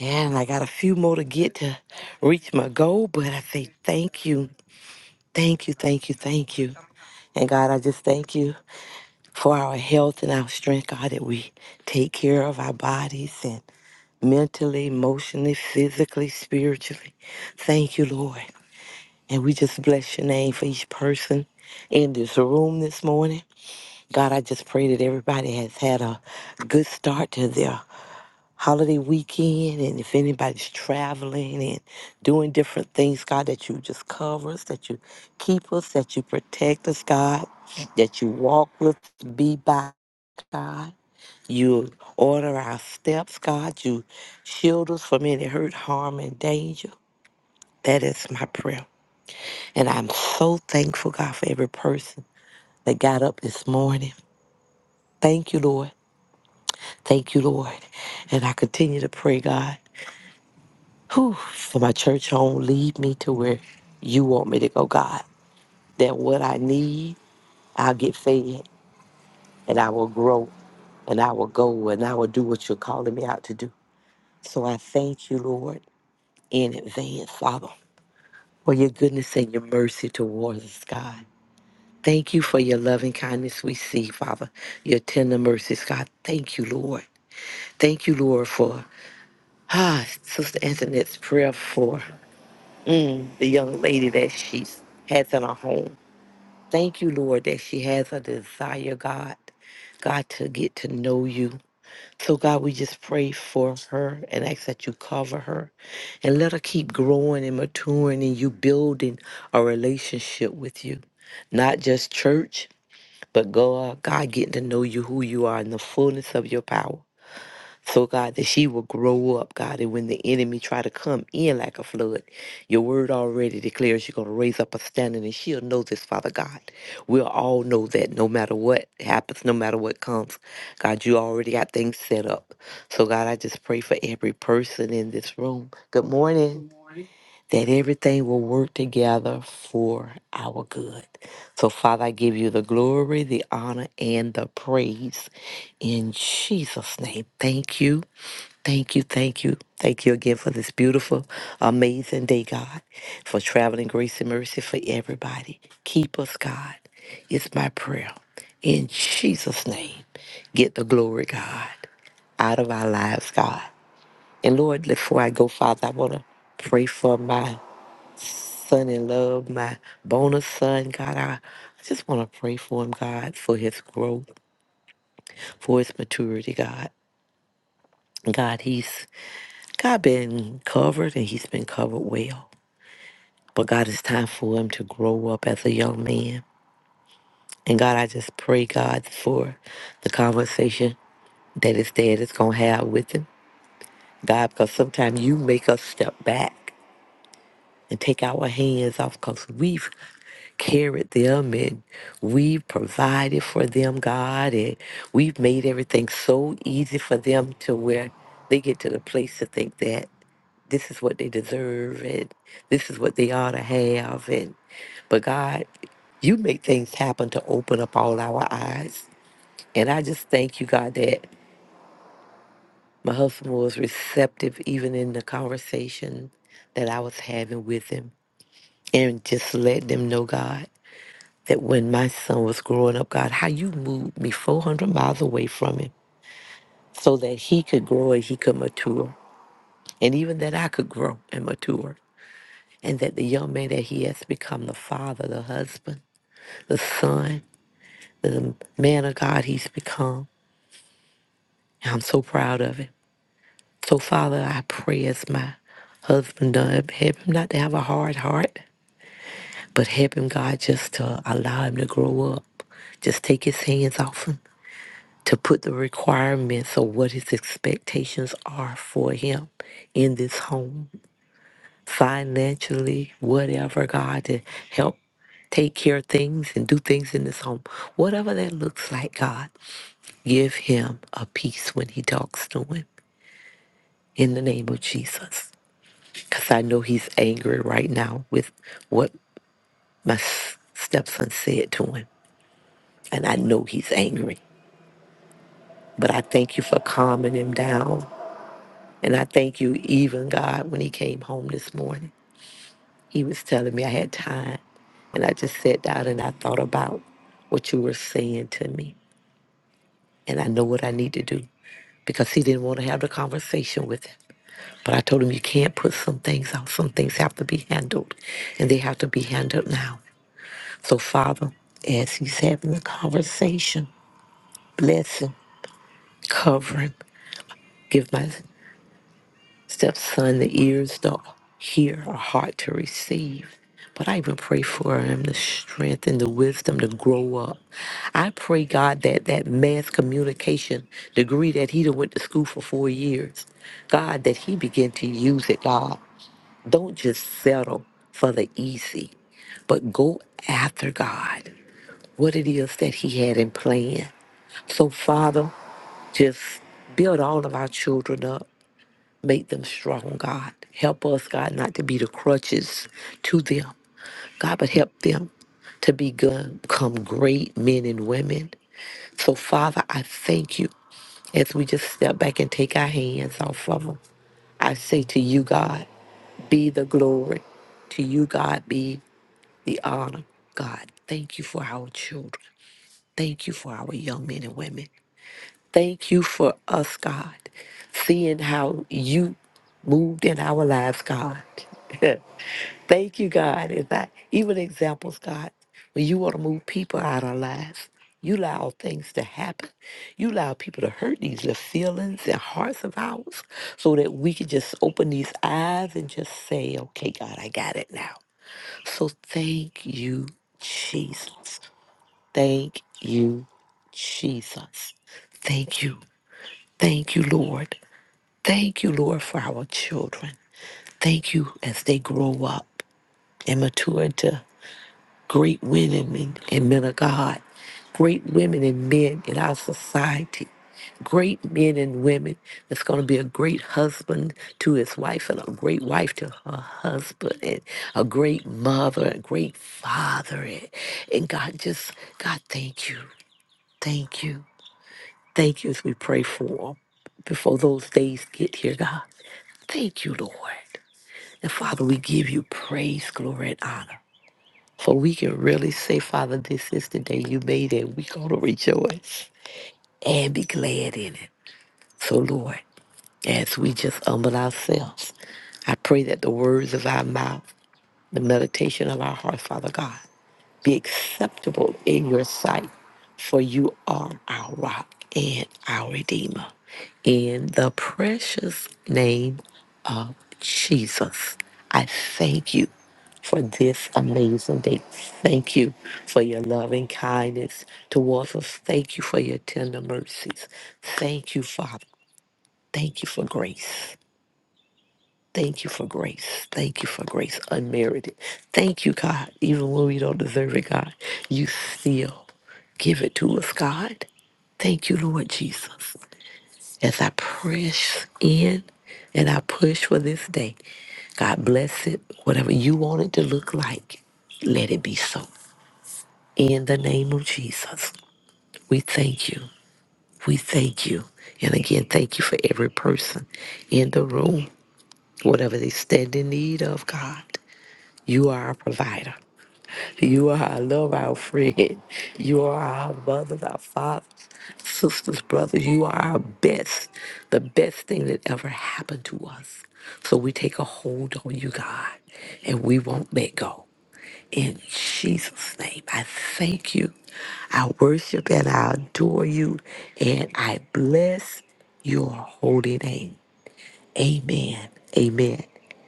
I: And I got a few more to get to reach my goal, but I say thank you, thank you, thank you, thank you. And God, I just thank you for our health and our strength, God, that we take care of our bodies and mentally, emotionally, physically, spiritually. Thank you, Lord. And we just bless your name for each person in this room this morning. God, I just pray that everybody has had a good start to their holiday weekend. And if anybody's traveling and doing different things, God, that you just cover us, that you keep us, that you protect us, God, that you walk with, be by, God. You order our steps, God. You shield us from any hurt, harm, and danger. That is my prayer. And I'm so thankful, God, for every person that got up this morning. Thank you, Lord. Thank you, Lord. And I continue to pray, God, whew, for my church home. Lead me to where you want me to go, God. That what I need, I'll get fed and I will grow and I will go and I will do what you're calling me out to do. So I thank you, Lord, in advance, Father. for your goodness and your mercy towards us, God. Thank you for your loving kindness we see, Father, your tender mercies, God. Thank you, Lord. Thank you, Lord, for ah, Sister Antoinette's prayer for the young lady that she has in her home. Thank you, Lord, that she has a desire, God, God, to get to know you. So, God, we just pray for her and ask that you cover her and let her keep growing and maturing and you building a relationship with you. Not just church, but God, God getting to know you, who you are in the fullness of your power. So God, that she will grow up, God, and when the enemy try to come in like a flood, your word already declares you're going to raise up a standing, and she'll know this, Father God. We'll all know that no matter what happens, no matter what comes, God, you already got things set up. So God, I just pray for every person in this room. Good morning. That everything will work together for our good. So, Father, I give you the glory, the honor, and the praise in Jesus' name. Thank you. Thank you, thank you, thank you again for this beautiful, amazing day, God, for traveling grace and mercy for everybody. Keep us, God. It's my prayer. In Jesus' name, get the glory, God, out of our lives, God. And Lord, before I go, Father, I want to pray for my son in love, my bonus son, God. I, I just want to pray for him, God, for his growth, for his maturity, God. God, he's God been covered and he's been covered well. But God, it's time for him to grow up as a young man. And God, I just pray, God, for the conversation that his dad is going to have with him. God, because sometimes you make us step back and take our hands off because we've carried them and we've provided for them, God, and we've made everything so easy for them to where they get to the place to think that this is what they deserve and this is what they ought to have and but God, you make things happen to open up all our eyes. And I just thank you, God, that my husband was receptive even in the conversation that I was having with him. And just let them know, God, that when my son was growing up, God, how you moved me 400 miles away from him so that he could grow and he could mature. And even that I could grow and mature. and that the young man that he has become, the father, the husband, the son, the man of God he's become. And I'm so proud of him. So, Father, I pray as my husband does, help him not to have a hard heart, but help him, God, just to allow him to grow up. Just take his hands off him, to put the requirements of what his expectations are for him in this home financially, whatever, God, to help take care of things and do things in this home. Whatever that looks like, God, give him a peace when he talks to him in the name of Jesus. Because I know he's angry right now with what my s- stepson said to him. And I know he's angry. But I thank you for calming him down. And I thank you, even God, when he came home this morning. he was telling me I had time. And I just sat down and I thought about what you were saying to me. And I know what I need to do because he didn't want to have the conversation with him. But I told him you can't put some things out. Some things have to be handled, and they have to be handled now. So, Father, as he's having the conversation, bless him, cover him, give my stepson, the ears don't hear, a heart to receive. But I even pray for him the strength and the wisdom to grow up. I pray, God, that that mass communication degree that he done went to school for four years, God, that he begin to use it, God. Don't just settle for the easy, but go after God, what it is that he had in plan. So, Father, just build all of our children up Make them strong, God. Help us, God, not to be the crutches to them, God, but help them to become become great men and women. So, Father, I thank you as we just step back and take our hands off of them. I say to you, God, be the glory. To you, God, be the honor. God, thank you for our children. Thank you for our young men and women. Thank you for us, God, seeing how you moved in our lives, God. Thank you, God. Is that even examples, God, when you want to move people out of our lives, you allow things to happen. You allow people to hurt these little feelings and hearts of ours so that we can just open these eyes and just say, okay, God, I got it now. So thank you, Jesus. Thank you, Jesus. Thank you. Thank you, Lord. Thank you, Lord, for our children. Thank you as they grow up and mature into great women and, and men of God, great women and men in our society, great men and women that's going to be a great husband to his wife and a great wife to her husband and a great mother, a great father. And, and God, just, God, thank you. Thank you. Thank you as we pray for them before those days get here, God. Thank you, Lord. And Father, we give you praise, glory, and honor. For we can really say, Father, this is the day you made it. We're going to rejoice and be glad in it. So, Lord, as we just humble ourselves, I pray that the words of our mouth, the meditation of our hearts, Father God, be acceptable in your sight, for you are our rock and our redeemer. In the precious name of Jesus, I thank you for this amazing day. Thank you for your loving kindness towards us. Thank you for your tender mercies. Thank you, Father. Thank you for grace. Thank you for grace. Thank you for grace unmerited. Thank you, God. Even when we don't deserve it, God, you still give it to us, God. Thank you, Lord Jesus. As I press in and I push for this day, God bless it. Whatever you want it to look like, let it be so. In the name of Jesus, we thank you. We thank you. And again, thank you for every person in the room, whatever they stand in need of, God. You are our provider. You are our love, our friend. You are our mothers, our fathers, sisters, brothers. You are our best, the best thing that ever happened to us. So we take a hold on you, God, and we won't let go. In Jesus' name, I thank you. I worship and I adore you, and I bless your holy name. Amen, amen,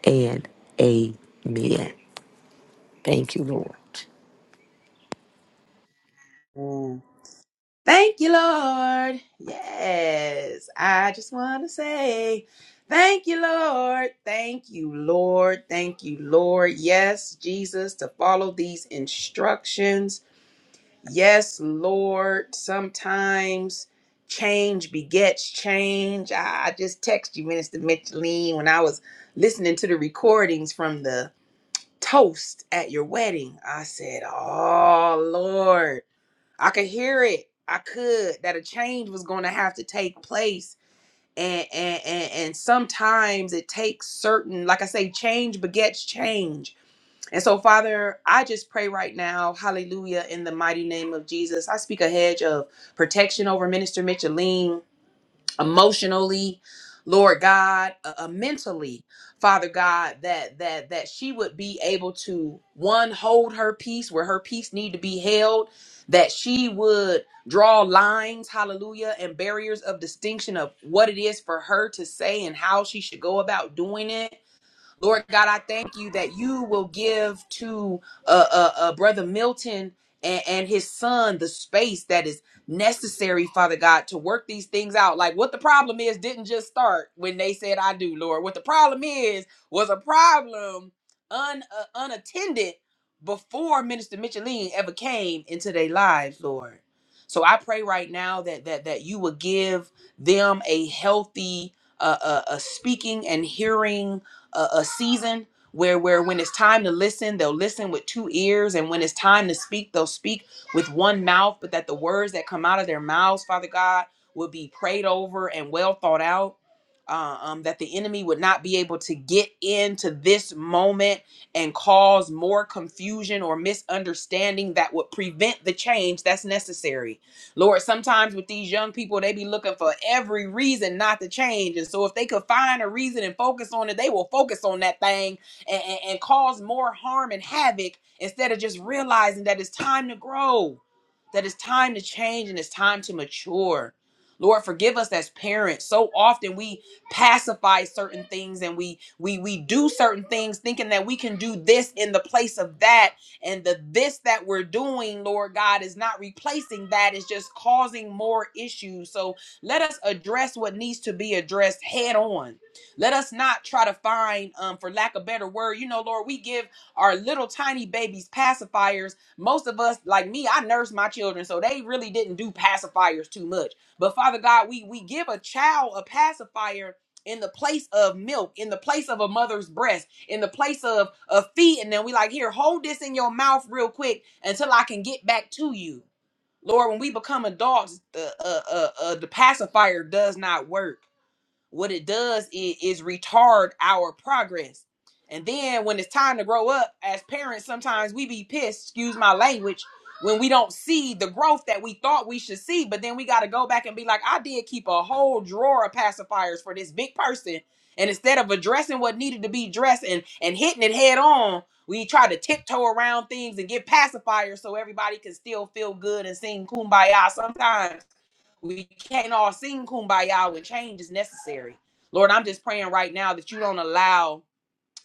I: and amen. Thank you, Lord.
D: Amen. Thank you, Lord. Yes, I just want to say thank you, Lord. Thank you, Lord. Thank you, Lord. Yes, Jesus, to follow these instructions. Yes, Lord, sometimes change begets change. I, I just text you, Minister Micheline, when I was listening to the recordings from the toast at your wedding. I said, Oh, Lord, I could hear it. I could, that a change was going to have to take place. And, and, and, and sometimes it takes certain, like I say, change begets change and so, Father, I just pray right now, hallelujah, in the mighty name of Jesus. I speak a hedge of protection over Minister Micheline emotionally, Lord God, uh, uh, mentally, Father God, that that that she would be able to one hold her peace where her peace need to be held, that she would draw lines, hallelujah, and barriers of distinction of what it is for her to say and how she should go about doing it Lord God, I thank you that you will give to uh, uh, uh, Brother Milton and, and his son the space that is necessary, Father God, to work these things out. Like what the problem is didn't just start when they said, I do, Lord. What the problem is was a problem un, uh, unattended before Minister Micheline ever came into their lives, Lord. So I pray right now that that that you will give them a healthy uh, uh, uh, speaking and hearing a, a season where where when it's time to listen they'll listen with two ears and when it's time to speak they'll speak with one mouth but that the words that come out of their mouths father god will be prayed over and well thought out uh, um, that the enemy would not be able to get into this moment and cause more confusion or misunderstanding that would prevent the change that's necessary Lord, sometimes with these young people, they be looking for every reason not to change. And so if they could find a reason and focus on it, they will focus on that thing and, and, and cause more harm and havoc instead of just realizing that it's time to grow, that it's time to change and it's time to mature. Lord, forgive us as parents. So often we pacify certain things and we we we do certain things thinking that we can do this in the place of that and the this that we're doing, Lord God, is not replacing that, it's just causing more issues. So let us address what needs to be addressed head on. Let us not try to find, um, for lack of better word, you know, Lord, we give our little tiny babies pacifiers. Most of us, like me, I nurse my children, so they really didn't do pacifiers too much. But Father God, we we give a child a pacifier in the place of milk, in the place of a mother's breast in the place of of feet, and then we like here, hold this in your mouth real quick until I can get back to you. Lord, when we become adults, the uh, uh, uh, the pacifier does not work what it does is, is retard our progress. And then when it's time to grow up, as parents, sometimes we be pissed, excuse my language, when we don't see the growth that we thought we should see. But then we got to go back and be like, I did keep a whole drawer of pacifiers for this big person. And instead of addressing what needed to be addressed and, and hitting it head on, we try to tiptoe around things and get pacifiers so everybody can still feel good and sing kumbaya sometimes we can't all sing kumbaya when change is necessary. Lord, I'm just praying right now that you don't allow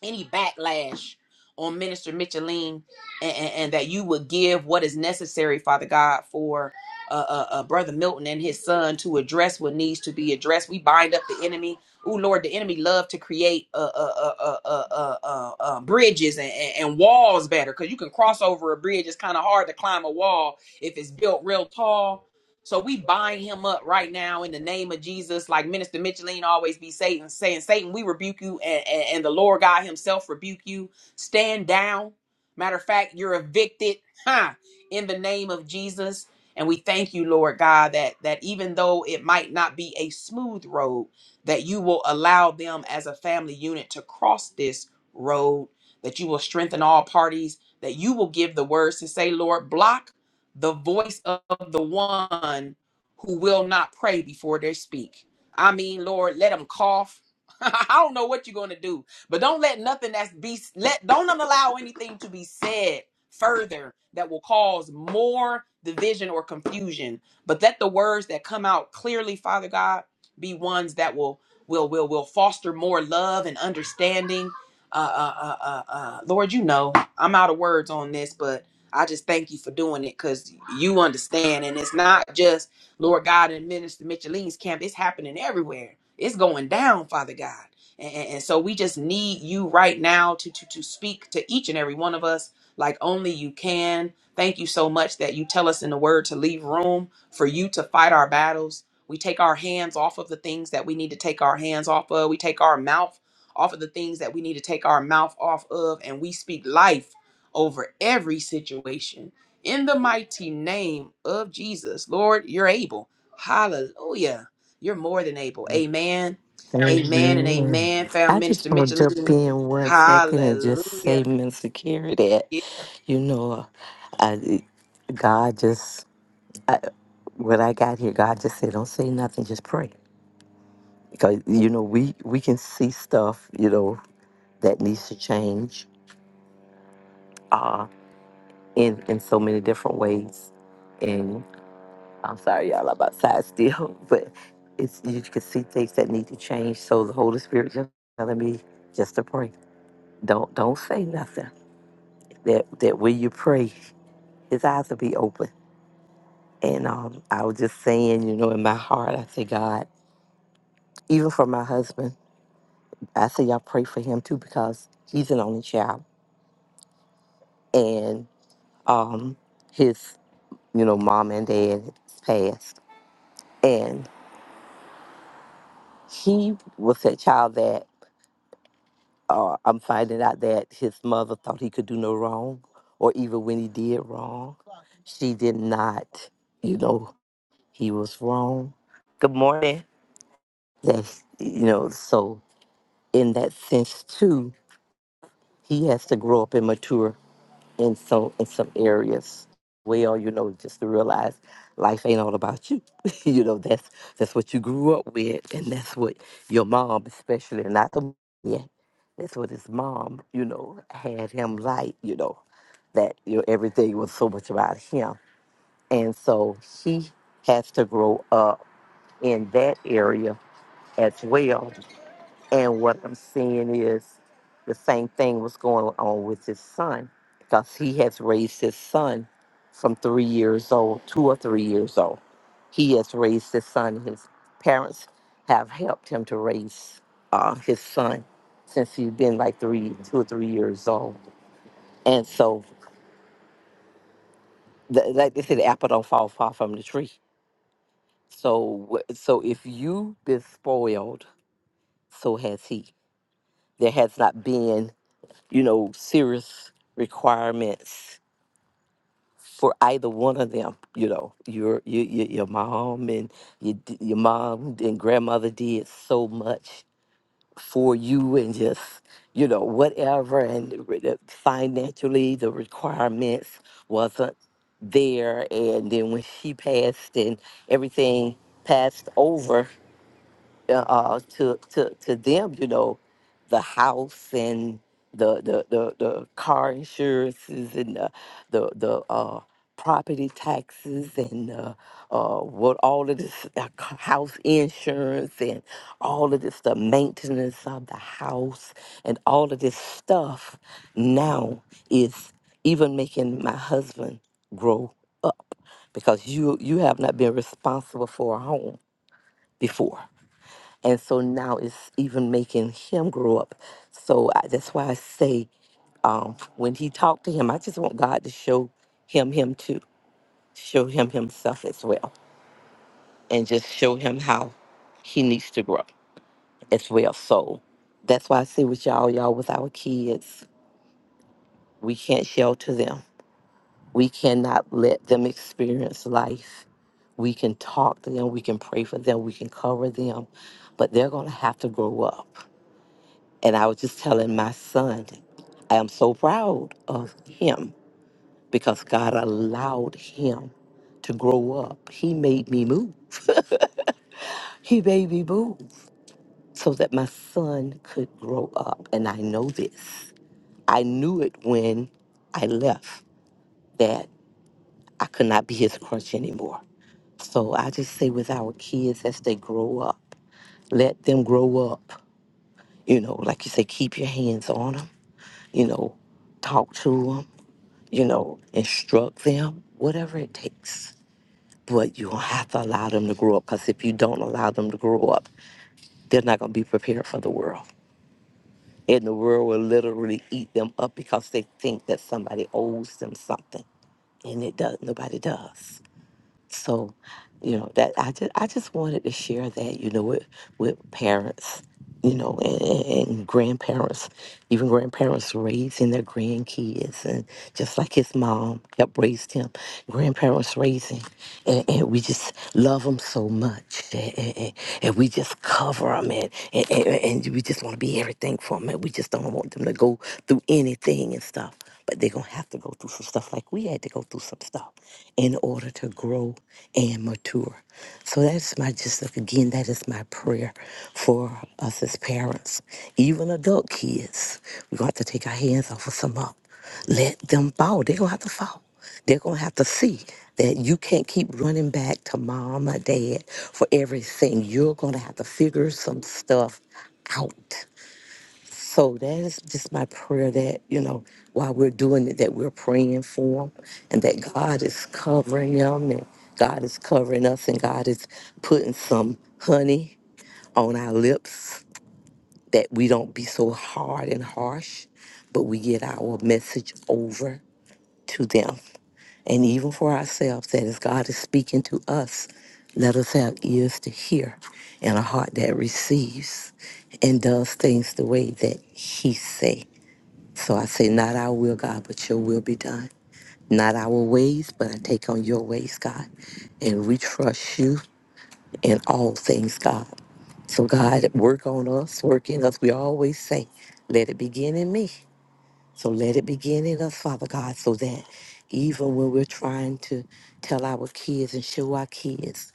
D: any backlash on Minister Micheline and, and- and that you would give what is necessary, Father God, for uh, uh, uh, Brother Milton and his son to address what needs to be addressed. We bind up the enemy. Oh, Lord, the enemy love to create uh, uh, uh, uh, uh, uh, uh, uh, bridges and, and and walls better because you can cross over a bridge. It's kind of hard to climb a wall if it's built real tall so we bind him up right now in the name of Jesus. Like Minister Micheline always be Satan saying, Satan, we rebuke you, and, and, and the Lord God Himself rebuke you. Stand down. Matter of fact, you're evicted, huh? In the name of Jesus. And we thank you, Lord God, that that even though it might not be a smooth road, that you will allow them as a family unit to cross this road, that you will strengthen all parties, that you will give the words to say, Lord, block the voice of the one who will not pray before they speak. I mean, Lord, let them cough. I don't know what you're going to do, but don't let nothing that's be let don't allow anything to be said further that will cause more division or confusion. But let the words that come out clearly, Father God, be ones that will will will will foster more love and understanding. Uh, uh, uh, uh, uh, Lord, you know I'm out of words on this, but I just thank you for doing it because you understand. And it's not just Lord God and Minister Micheline's camp, it's happening everywhere. It's going down, Father God. And, and, and so we just need you right now to, to, to speak to each and every one of us like only you can. Thank you so much that you tell us in the word to leave room for you to fight our battles. We take our hands off of the things that we need to take our hands off of. We take our mouth off of the things that we need to take our mouth off of. And we speak life over every situation. In the mighty name of Jesus, Lord, you're able. Hallelujah. You're more than able. Amen. Amen and
I: Amen.
D: amen. Found
I: I just
D: Minister
I: want to
D: Mitchell.
I: jump in one second and just say,
D: Hallelujah.
I: Mr. Carey, that, you know, I, God just, I, when I got here, God just said, don't say nothing, just pray. Because, you know, we, we can see stuff, you know, that needs to change uh, in, in so many different ways. I'm sorry, y'all, I'm outside still, but it's you can see things that need to change. So the Holy Spirit just telling me just to pray. Don't don't say nothing. That that when you pray, His eyes will be open. And um, I was just saying, you know, in my heart, I say, God, even for my husband, I say, y'all pray for him too because he's an only child, and um, his you know mom and dad passed, and he was that child that. uh, I'm finding out that his mother thought he could do no wrong, or even when he did wrong, she did not, you know, he was wrong. Good morning. That, you know, so in that sense, too, he has to grow up and mature and so in some areas, well, you know, just to realize life ain't all about you. you know, that's that's what you grew up with and that's what your mom especially not the yeah. That's what his mom, you know, had him like, you know, that you know, everything was so much about him. And so he has to grow up in that area as well and what I'm seeing is the same thing was going on with his son because he has raised his son from three years old, two or three years old. He has raised his son. His parents have helped him to raise uh, his son since he's been like three, two or three years old. And so, th- like they say, the apple don't fall far from the tree. So, wh- so if you've been spoiled, so has he. There has not been. you know, serious requirements for either one of them. You know, your your your, your mom and your d- your mom and grandmother did so much for you, and just you know whatever, and re- the financially the requirements wasn't there. And then when she passed, and everything passed over uh, uh, to to to them, you know, the house and the the the, the car insurances and the the, the uh, property taxes and uh, uh, what all of this uh, c- house insurance and all of this the maintenance of the house and all of this stuff now is even making my husband grow up because you you have not been responsible for a home before and so now it's even making him grow up. So I, that's why I say um, when he talked to him, I just want God to show him him too, show him himself as well, and just show him how he needs to grow as well. So that's why I say with y'all, y'all with our kids, we can't shelter them. We cannot let them experience life. We can talk to them, we can pray for them, we can cover them, but they're gonna have to grow up. And I was just telling my son, I am so proud of him because God allowed him to grow up. He made me move. He made me move so that my son could grow up. And I know this. I knew it when I left that I could not be his crutch anymore. So I just say with our kids as they grow up, let them grow up. You know, like you say, keep your hands on them. You know, talk to them you know, instruct them, whatever it takes. But you have to allow them to grow up because if you don't allow them to grow up, they're not going to be prepared for the world. And the world will literally eat them up because they think that somebody owes them something. And it does, nobody does. So, you know, that I just I just wanted to share that, you know, with with parents, you know, and, and and grandparents, even grandparents raising their grandkids and just like his mom helped raise him, grandparents raising and, and we just love them so much and, and, and- and we just cover them and, and, and, and we just want to be everything for them and we just don't want them to go through anything and stuff but they're going to have to go through some stuff like we had to go through some stuff in order to grow and mature. So that's my just like, again, that is my prayer for us as parents, even adult kids. We're going to have to take our hands off of some up. Let them fall. They're going to have to fall. They're going to have to see that you can't keep running back to mom or dad for everything. You're going to have to figure some stuff out. So that is just my prayer that, you know, while we're doing it, that we're praying for them and that God is covering them and God is covering us and God is putting some honey on our lips that we don't be so hard and harsh, but we get our message over to them. And even for ourselves, that as God is speaking to us, let us have ears to hear and a heart that receives and does things the way that He says. So I say, not our will, God, but your will be done. Not our ways, but I take on your ways, God. And we trust you in all things, God. So, God, work on us, work in us. We always say, let it begin in me. So, let it begin in us, Father God, so that even when we're trying to tell our kids and show our kids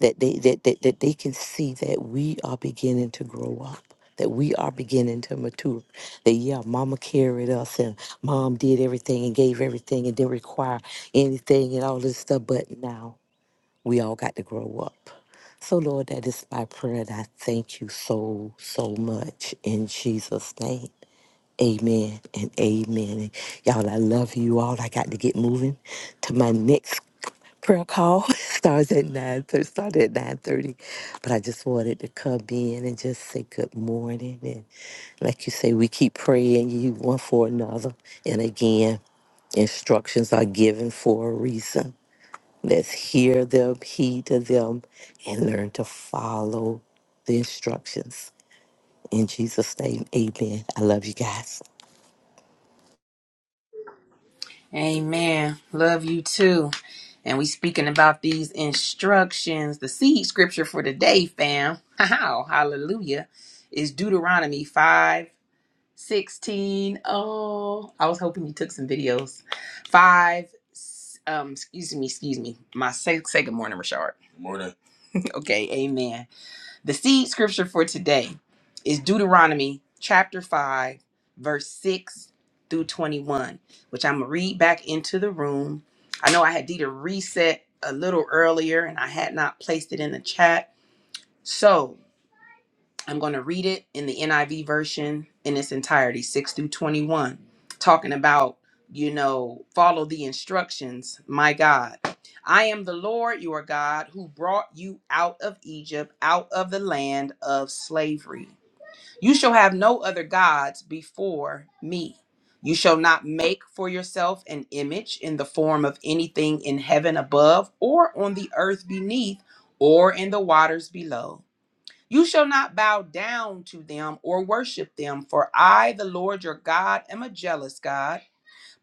I: that they that, that that they can see that we are beginning to grow up that we are beginning to mature that yeah mama carried us and mom did everything and gave everything and didn't require anything and all this stuff but now we all got to grow up so lord that is my prayer and i thank you so so much in jesus name Amen and amen. And y'all, I love you all. I got to get moving to my next prayer call starts at nine thirty. Started at nine thirty, but I just wanted to come in and just say good morning. And like you say, we keep praying you one for another. And again, instructions are given for a reason. Let's hear them, heed to them, and learn to follow the instructions. In Jesus' name, Amen. I love you guys.
D: Amen. Love you too. And we speaking about these instructions. The seed scripture for today, fam. hallelujah is Deuteronomy 5 16. Oh, I was hoping you took some videos. Five. s- Um, excuse me, excuse me. My say, say good morning, Rashard. Good morning. Okay, amen. The seed scripture for today is Deuteronomy chapter 5, verse 6 through 21, which I'm going to read back into the room. I know I had to reset a little earlier and I had not placed it in the chat. So, I'm going to read it in the NIV version in its entirety, 6 through 21, talking about, you know, follow the instructions. My God, I am the Lord your God who brought you out of Egypt, out of the land of slavery. You shall have no other gods before me. You shall not make for yourself an image in the form of anything in heaven above, or on the earth beneath, or in the waters below. You shall not bow down to them or worship them, for I, the Lord your God, am a jealous God,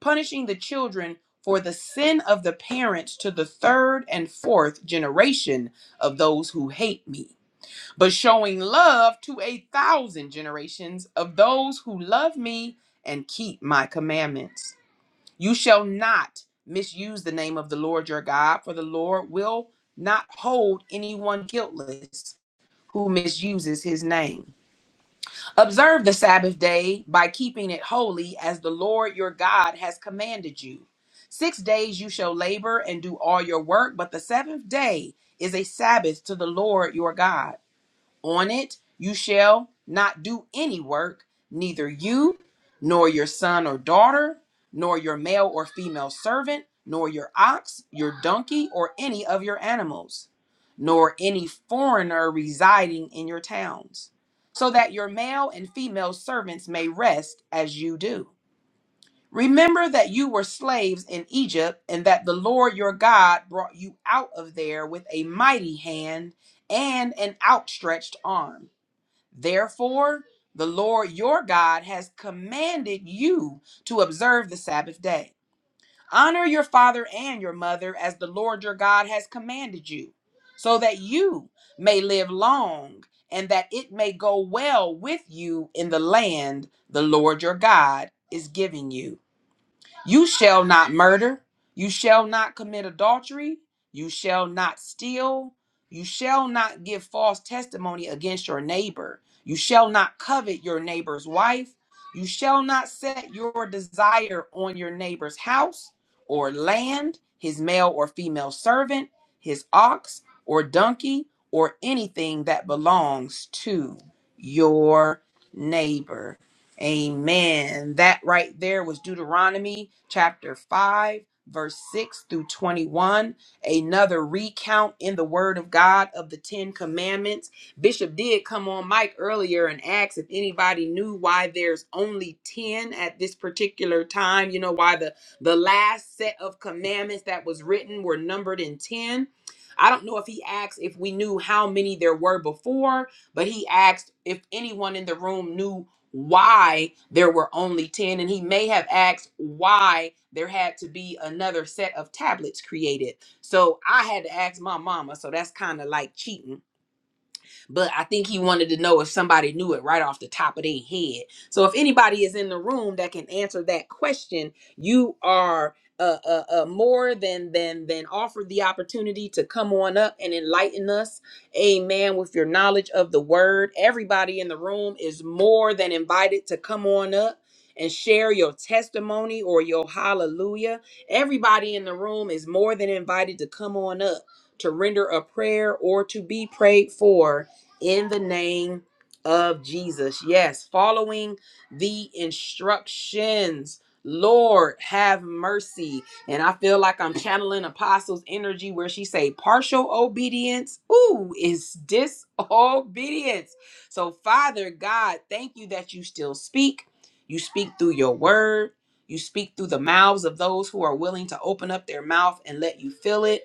D: punishing the children for the sin of the parents to the third and fourth generation of those who hate me, but showing love to a thousand generations of those who love me and keep my commandments. You shall not misuse the name of the Lord your God, for the Lord will not hold anyone guiltless who misuses his name. Observe the Sabbath day by keeping it holy as the Lord your God has commanded you. Six days you shall labor and do all your work, but the seventh day is a Sabbath to the Lord your God on it you shall not do any work, neither you, nor your son or daughter, nor your male or female servant, nor your ox, your donkey, or any of your animals, nor any foreigner residing in your towns, so that your male and female servants may rest as you do. Remember that you were slaves in Egypt, and that the Lord your God brought you out of there with a mighty hand and an outstretched arm. Therefore, the Lord your God has commanded you to observe the Sabbath day. Honor your father and your mother as the Lord your God has commanded you, so that you may live long and that it may go well with you in the land the Lord your God is giving you. You shall not murder. You shall not commit adultery. You shall not steal. You shall not give false testimony against your neighbor. You shall not covet your neighbor's wife. You shall not set your desire on your neighbor's house or land, his male or female servant, his ox or donkey, or anything that belongs to your neighbor. Amen. That right there was Deuteronomy chapter 5, verse 6 through 21. Another recount in the Word of God of the Ten Commandments. Bishop did come on mic earlier and asked if anybody knew why there's only 10 at this particular time. You know, why the, the last set of commandments that was written were numbered in 10. I don't know if he asked if we knew how many there were before, but he asked if anyone in the room knew why there were only 10, and he may have asked why there had to be another set of tablets created. So I had to ask my mama, so that's kind of like cheating but I think he wanted to know if somebody knew it right off the top of their head. So if anybody is in the room that can answer that question, you are uh, uh, uh, more than than than offered the opportunity to come on up and enlighten us, Amen. With your knowledge of the Word, everybody in the room is more than invited to come on up. And share your testimony or your hallelujah. Everybody in the room is more than invited to come on up to render a prayer or to be prayed for in the name of Jesus. Yes, following the instructions. Lord, have mercy. And I feel like I'm channeling apostles energy where she say partial obedience, ooh, is disobedience. So Father God, thank you that you still speak. You speak through your word. You speak through the mouths of those who are willing to open up their mouth and let you fill it.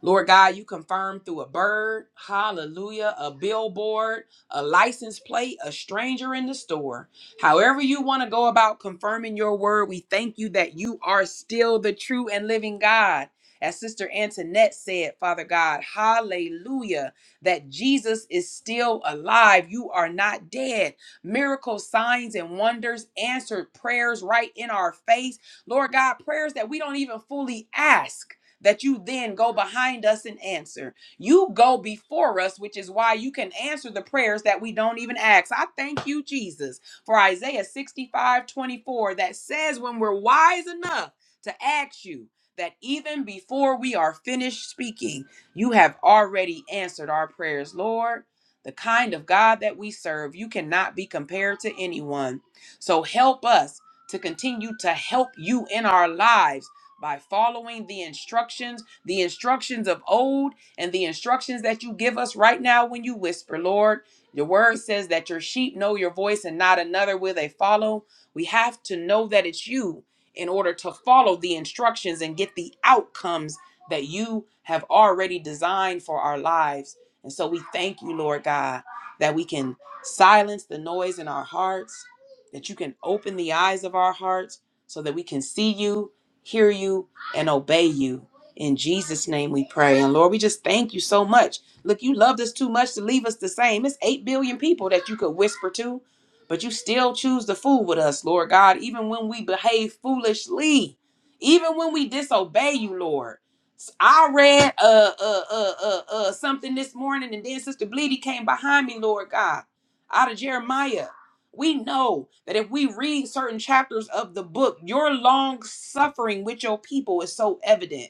D: Lord God, you confirm through a bird, hallelujah, a billboard, a license plate, a stranger in the store. However, you want to go about confirming your word, we thank you that you are still the true and living God. As Sister Antoinette said, Father God, hallelujah, that Jesus is still alive. You are not dead. Miracles, signs, and wonders, answered prayers right in our face. Lord God, prayers that we don't even fully ask that you then go behind us and answer. You go before us, which is why you can answer the prayers that we don't even ask. I thank you, Jesus, for Isaiah 65 24 that says, when we're wise enough to ask you, that even before we are finished speaking, you have already answered our prayers, Lord. The kind of God that we serve, you cannot be compared to anyone. So help us to continue to help you in our lives by following the instructions, the instructions of old, and the instructions that you give us right now when you whisper, Lord. Your word says that your sheep know your voice and not another will they follow. We have to know that it's you in order to follow the instructions and get the outcomes that you have already designed for our lives. And so we thank you, Lord God, that we can silence the noise in our hearts, that you can open the eyes of our hearts so that we can see you hear you and obey you. In Jesus' name we pray. And Lord, we just thank you so much. Look, you loved us too much to leave us the same. It's 8 billion people that you could whisper to, but you still choose to fool with us, Lord God, even when we behave foolishly, even when we disobey you, Lord. I read uh, uh, uh, uh, uh, something this morning, and then Sister Bleedy came behind me, Lord God, out of Jeremiah. We know that if we read certain chapters of the book, your long suffering with your people is so evident.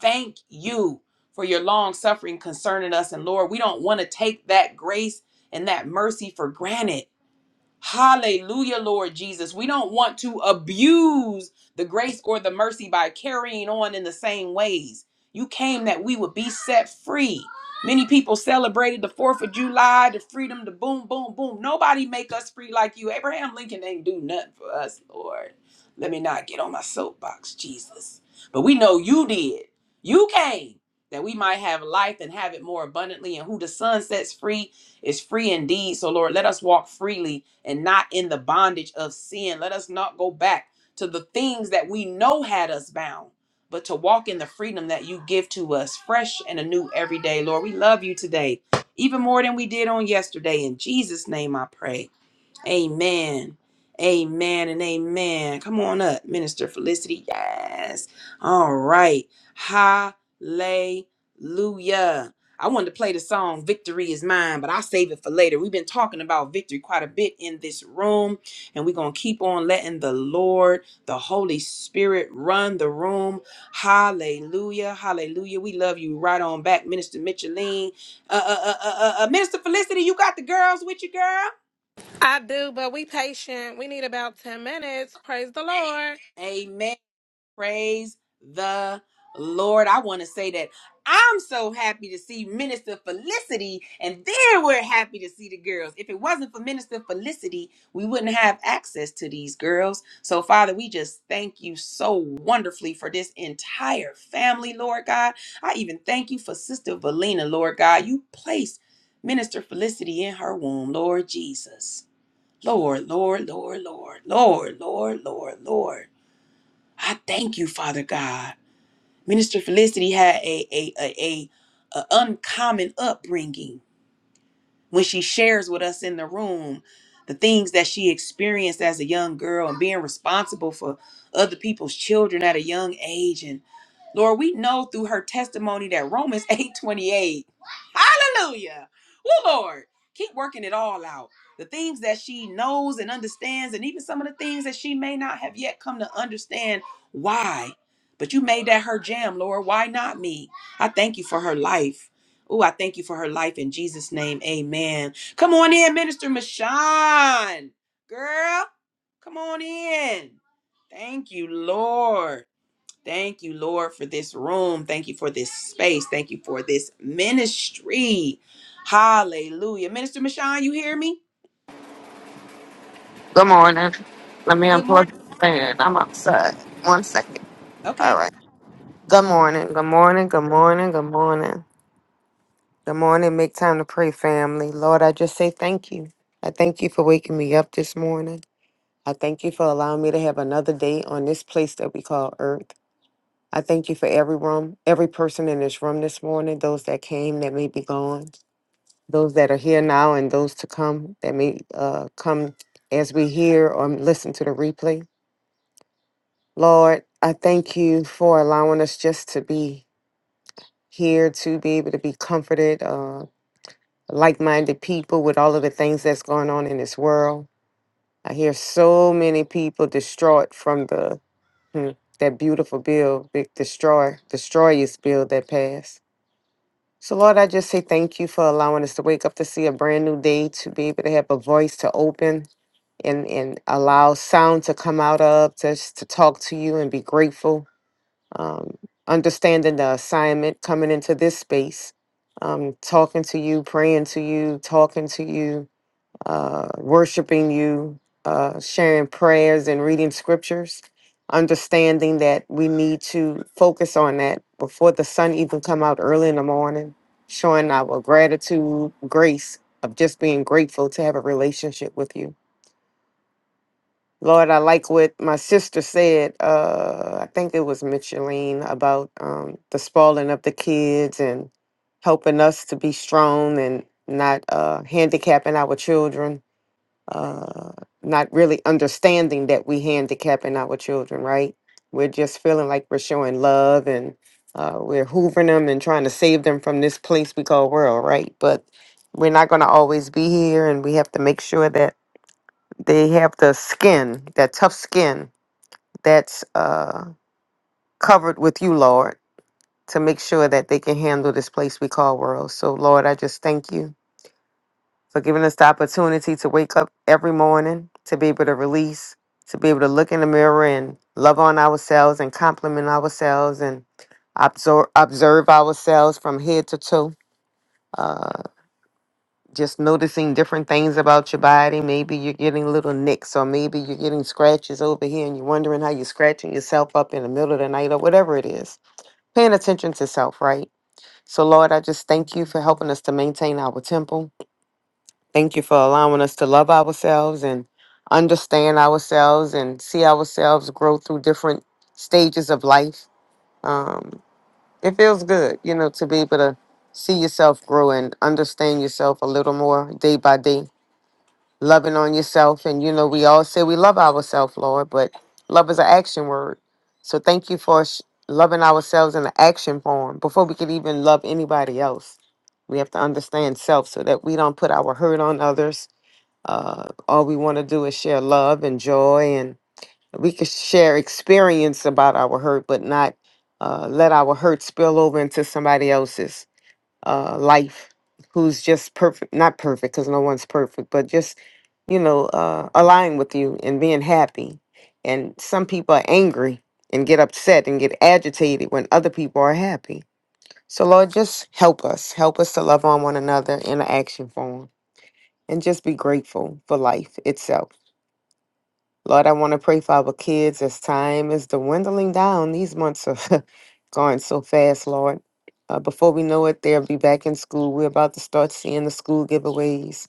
D: Thank you for your long suffering concerning us. And Lord, we don't want to take that grace and that mercy for granted. Hallelujah, Lord Jesus. We don't want to abuse the grace or the mercy by carrying on in the same ways. You came that we would be set free. Many people celebrated the 4th of July, the freedom, the boom, boom, boom. Nobody make us free like you. Abraham Lincoln ain't do nothing for us, Lord. Let me not get on my soapbox, Jesus. But we know you did. You came that we might have life and have it more abundantly. And who the Son sets free is free indeed. So, Lord, let us walk freely and not in the bondage of sin. Let us not go back to the things that we know had us bound, but to walk in the freedom that you give to us, fresh and anew every day. Lord, we love you today, even more than we did on yesterday. In Jesus' name I pray. Amen. Amen and amen. Come on up, Minister Felicity. Yes. All right. Hallelujah. I wanted to play the song Victory is Mine, but I'll save it for later. We've been talking about victory quite a bit in this room, and we're going to keep on letting the Lord, the Holy Spirit, run the room. Hallelujah. Hallelujah. We love you right on back, Minister Micheline. Uh, uh, uh, uh, uh, uh, Minister Felicity, you got the girls with you, girl.
K: I do, but we patient. We need about 10 minutes. Praise the Lord.
D: Amen. Praise the Lord. I want to say that I'm so happy to see Minister Felicity, and there we're happy to see the girls. If it wasn't for Minister Felicity, we wouldn't have access to these girls. So, Father, we just thank you so wonderfully for this entire family, Lord God. I even thank you for Sister Valina, Lord God. You placed Minister Felicity in her womb, Lord Jesus. Lord, Lord, Lord, Lord, Lord, Lord, Lord, Lord. I thank you, Father God. Minister Felicity had a a a, a, a uncommon upbringing when she shares with us in the room the things that she experienced as a young girl and being responsible for other people's children at a young age Lord, we know through her testimony that Romans 8:28. Hallelujah. Well, Lord, keep working it all out. The things that she knows and understands, and even some of the things that she may not have yet come to understand why. But you made that her jam, Lord. Why not me? I thank you for her life. Oh, I thank you for her life in Jesus' name. Amen. Come on in, Minister Mashawn. Girl, come on in. Thank you, Lord. Thank you, Lord, for this room. Thank you for this space. Thank you for this ministry. Hallelujah. Minister Michon, you hear me?
L: Good morning. Let me
D: Good morning.
L: unplug the fan. I'm outside. One second. All
D: Okay.
L: right. Good morning. Good morning. Good morning. Good morning. Good morning. Make time to pray, family. Lord, I just say thank you. I thank you for waking me up this morning. I thank you for allowing me to have another day on this place that we call Earth. I thank you for every room, every person in this room this morning, those that came that may be gone, those that are here now, and those to come that may uh, come as we hear or listen to the replay. Lord, I thank you for allowing us just to be here, to be able to be comforted, uh, like minded people with all of the things that's going on in this world. I hear so many people distraught from the hmm, that beautiful bill, big destroy, destroyers bill that passed. So, Lord, I just say thank you for allowing us to wake up to see a brand new day, to be able to have a voice to open and, and allow sound to come out of, just to talk to you and be grateful um, understanding the assignment, coming into this space, um, talking to you, praying to you, talking to you, uh, worshiping you, uh, sharing prayers and reading scriptures, understanding that we need to focus on that before the sun even come out early in the morning, showing our gratitude, grace of just being grateful to have a relationship with you Lord, I like what my sister said. Uh, I think it was Micheline about um, the spoiling of the kids and helping us to be strong and not uh, handicapping our children. Uh, not really understanding that we handicapping our children, right? We're just feeling like we're showing love and uh, we're hoovering them and trying to save them from this place we call world, right? But we're not going to always be here, and we have to make sure that they have the skin, that tough skin that's uh, covered with you, Lord, to make sure that they can handle this place we call world. So, Lord, I just thank you for giving us the opportunity to wake up every morning, to be able to release, to be able to look in the mirror and love on ourselves and compliment ourselves and absorb, observe ourselves from head to toe. Uh, just noticing different things about your body. Maybe you're getting little nicks, or maybe you're getting scratches over here, and you're wondering how you're scratching yourself up in the middle of the night, or whatever it is. Paying attention to self, right? So, Lord, I just thank you for helping us to maintain our temple. Thank you for allowing us to love ourselves and understand ourselves and see ourselves grow through different stages of life. Um, it feels good, you know, to be able to see yourself grow and understand yourself a little more day by day loving on yourself. And, you know, we all say we love ourselves, Lord, but love is an action word. So thank you for sh- loving ourselves in an action form before we could even love anybody else. We have to understand self so that we don't put our hurt on others. Uh, all we want to do is share love and joy, and we can share experience about our hurt, but not uh, let our hurt spill over into somebody else's uh, life who's just perfect, not perfect because no one's perfect, but just, you know, uh, align with you and being happy. And some people are angry and get upset and get agitated when other people are happy. So, Lord, just help us. Help us to love on one another in an action form and just be grateful for life itself. Lord, I want to pray for our kids as time is dwindling down. These months are going so fast, Lord. Uh, before we know it, they'll be back in school. We're about to start seeing the school giveaways.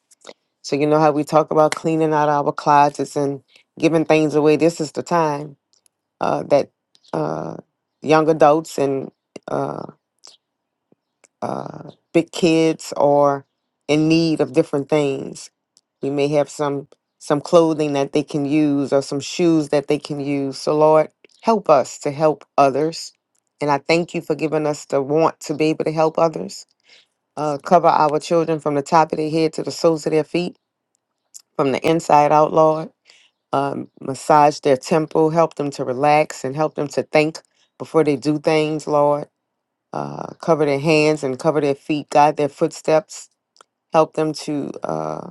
L: So, you know how we talk about cleaning out our closets and giving things away? This is the time uh, that uh, young adults and uh, uh, big kids or in need of different things. We may have some some clothing that they can use or some shoes that they can use. So Lord, help us to help others. And I thank you for giving us the want to be able to help others. Uh, cover our children from the top of their head to the soles of their feet, from the inside out, Lord. Um, massage their temple, help them to relax and help them to think before they do things, Lord uh, cover their hands and cover their feet, guide their footsteps, help them to uh,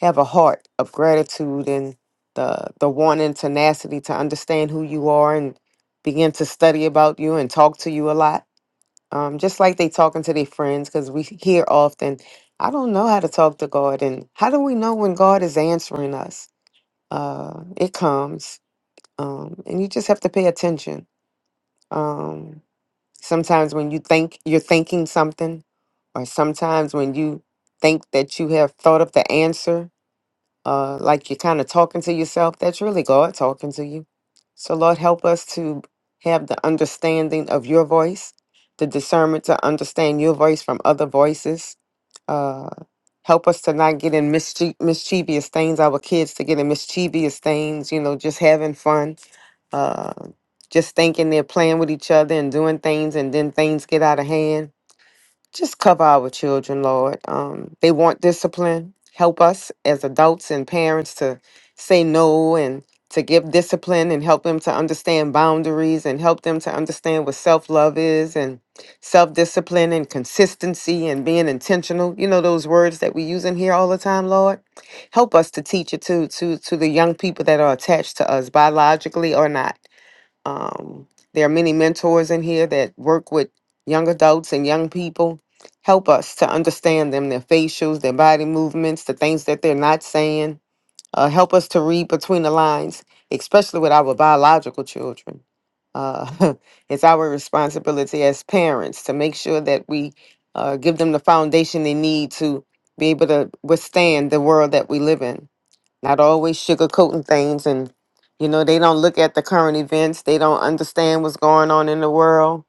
L: have a heart of gratitude and the the want and tenacity to understand who you are and begin to study about you and talk to you a lot. Um, just like they talking to their friends, because we hear often, I don't know how to talk to God, and how do we know when God is answering us? Uh, it comes, um, and you just have to pay attention. Um, Sometimes when you think you're thinking something, or sometimes when you think that you have thought of the answer, uh, like you're kind of talking to yourself, that's really God talking to you. So, Lord, help us to have the understanding of your voice, the discernment to understand your voice from other voices. Uh, help us to not get in mischie- mischievous things, our kids to get in mischievous things, you know, just having fun uh, just thinking they're playing with each other and doing things, and then things get out of hand. Just cover our children, Lord. Um, they want discipline. Help us as adults and parents to say no and to give discipline and help them to understand boundaries and help them to understand what self love is and self discipline and consistency and being intentional. You know those words that we use in here all the time, Lord. Help us to teach it to to to the young people that are attached to us biologically or not um, there are many mentors in here that work with young adults and young people. Help us to understand them, their facials, their body movements, the things that they're not saying. Uh, help us to read between the lines, especially with our biological children. Uh, it's our responsibility as parents to make sure that we uh, give them the foundation they need to be able to withstand the world that we live in not always sugarcoating things and you know they don't look at the current events they don't understand what's going on in the world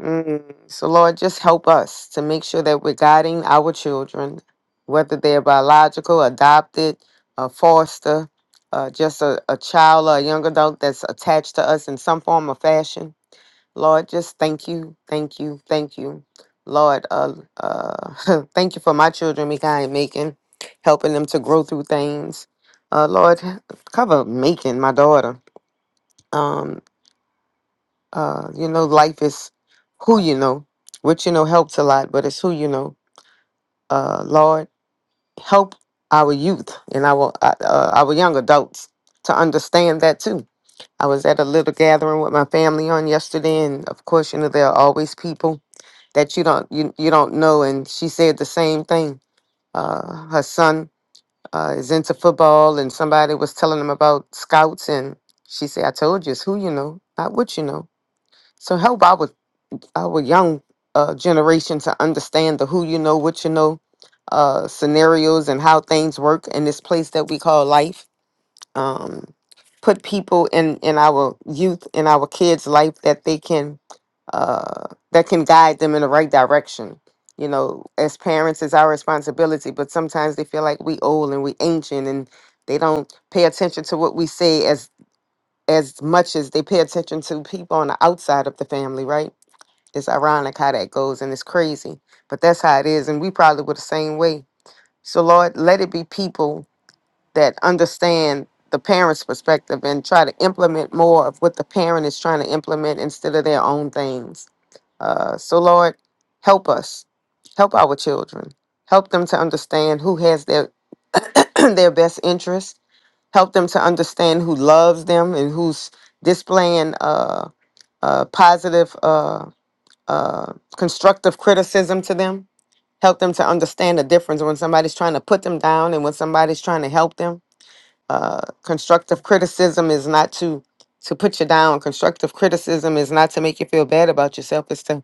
L: mm. so lord just help us to make sure that we're guiding our children whether they're biological adopted a foster uh, just a, a child or a young adult that's attached to us in some form or fashion Lord, just thank you, thank you, thank you. Lord, uh, uh, thank you for my children, Mikai and Macon, helping them to grow through things. Uh, Lord, cover Macon, my daughter. Um, uh, you know, life is who you know. What you know helps a lot, but it's who you know. Uh, Lord, help our youth and our uh, uh, our young adults to understand that too. I was at a little gathering with my family on yesterday, and of course, you know, there are always people that you don't you, you don't know and she said the same thing uh, her son uh, is into football and somebody was telling him about scouts and she said i told you it's who you know not what you know so help our our young uh, generation to understand the who you know what you know uh, scenarios and how things work in this place that we call life um, put people in in our youth in our kids life that they can uh that can guide them in the right direction you know as parents it's our responsibility but sometimes they feel like we old and we ancient and they don't pay attention to what we say as as much as they pay attention to people on the outside of the family right it's ironic how that goes and it's crazy but that's how it is and we probably were the same way so lord let it be people that understand the parent's perspective and try to implement more of what the parent is trying to implement instead of their own things. Uh, so, Lord, help us, help our children, help them to understand who has their their best interest, help them to understand who loves them and who's displaying uh, uh, positive, uh, uh, constructive criticism to them. Help them to understand the difference when somebody's trying to put them down and when somebody's trying to help them uh, constructive criticism is not to to put you down. Constructive criticism is not to make you feel bad about yourself. It's to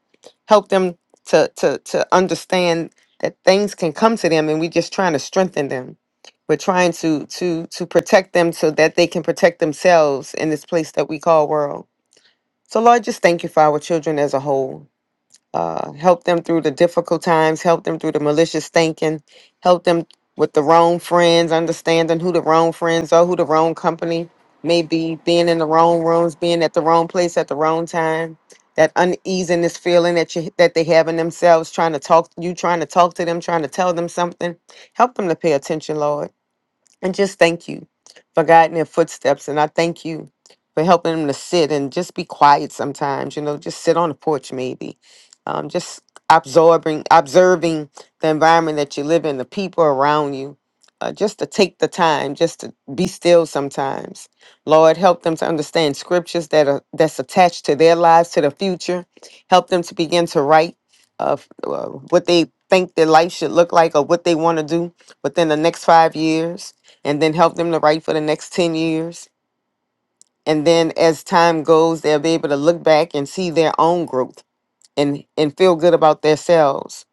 L: help them to to to understand that things can come to them, and we're just trying to strengthen them. We're trying to to to protect them so that they can protect themselves in this place that we call world. So Lord, just thank you for our children as a whole uh, help them through the difficult times, help them through the malicious thinking, help them with the wrong friends, understanding who the wrong friends are, who the wrong company may be, being in the wrong rooms, being at the wrong place at the wrong time, that uneasiness feeling that you that they have in themselves, trying to talk you, trying to talk to them, trying to tell them something. Help them to pay attention, Lord. And just thank you for guiding their footsteps. And I thank you for helping them to sit and just be quiet sometimes, you know, just sit on the porch maybe. Um, just absorbing, observing the environment that you live in, the people around you. Uh, just to take the time, just to be still sometimes. Lord, help them to understand scriptures that are that's attached to their lives, to the future. Help them to begin to write of uh, what they think their life should look like or what they want to do within the next five years and then help them to write for the next 10 years. And then as time goes, they'll be able to look back and see their own growth and, and feel good about themselves.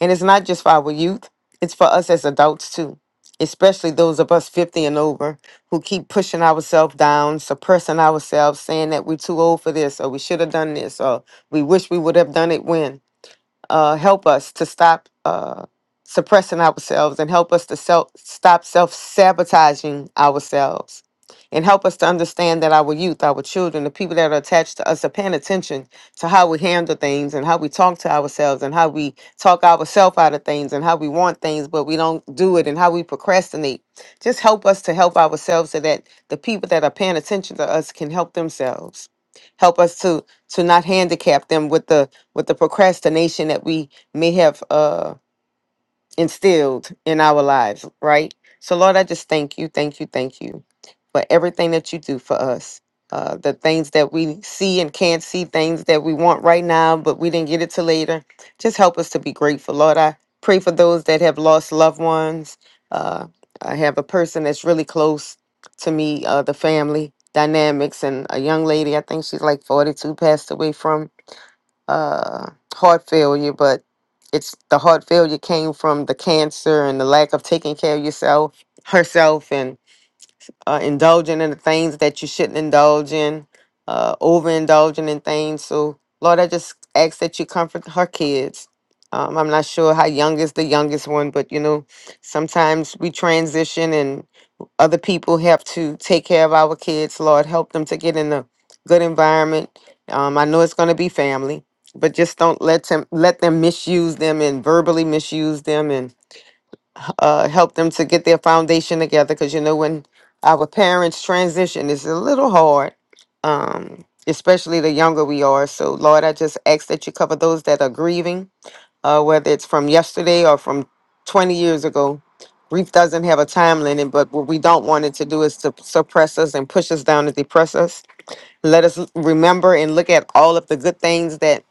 L: And it's not just for our youth, it's for us as adults too, especially those of us 50 and over who keep pushing ourselves down, suppressing ourselves, saying that we're too old for this or we should have done this or we wish we would have done it when uh, help us to stop uh, suppressing ourselves and help us to self, stop self sabotaging ourselves and help us to understand that our youth, our children, the people that are attached to us are paying attention to how we handle things and how we talk to ourselves and how we talk ourselves out of things and how we want things, but we don't do it and how we procrastinate. Just help us to help ourselves so that the people that are paying attention to us can help themselves. Help us to to not handicap them with the with the procrastination that we may have uh, instilled in our lives, right? So, Lord, I just thank you, thank you, thank you for everything that you do for us. Uh, the things that we see and can't see, things that we want right now, but we didn't get it till later. Just help us to be grateful, Lord. I pray for those that have lost loved ones. Uh, I have a person that's really close to me, uh, the family dynamics, and a young lady, I think she's like 42, passed away from uh, heart failure, but it's the heart failure came from the cancer and the lack of taking care of yourself, herself, and uh, indulging in the things that you shouldn't indulge in, uh, overindulging in things. So, Lord, I just ask that you comfort her kids. Um, I'm not sure how young is the youngest one, but you know, sometimes we transition other people have to take care of our kids. Lord, help them to get in a good environment. Um, I know it's going to be family, but just don't let them let them misuse them and verbally misuse them, and uh, help them to get their foundation together. Because you know when our parents transition, it's a little hard. Um, especially the younger we are. So, Lord, I just ask that you cover those that are grieving uh, whether it's from yesterday or from 20 years ago. Grief doesn't have a time limit, but what we don't want it to do is to suppress us and push us down and depress us. Let us remember and look at all of the good things that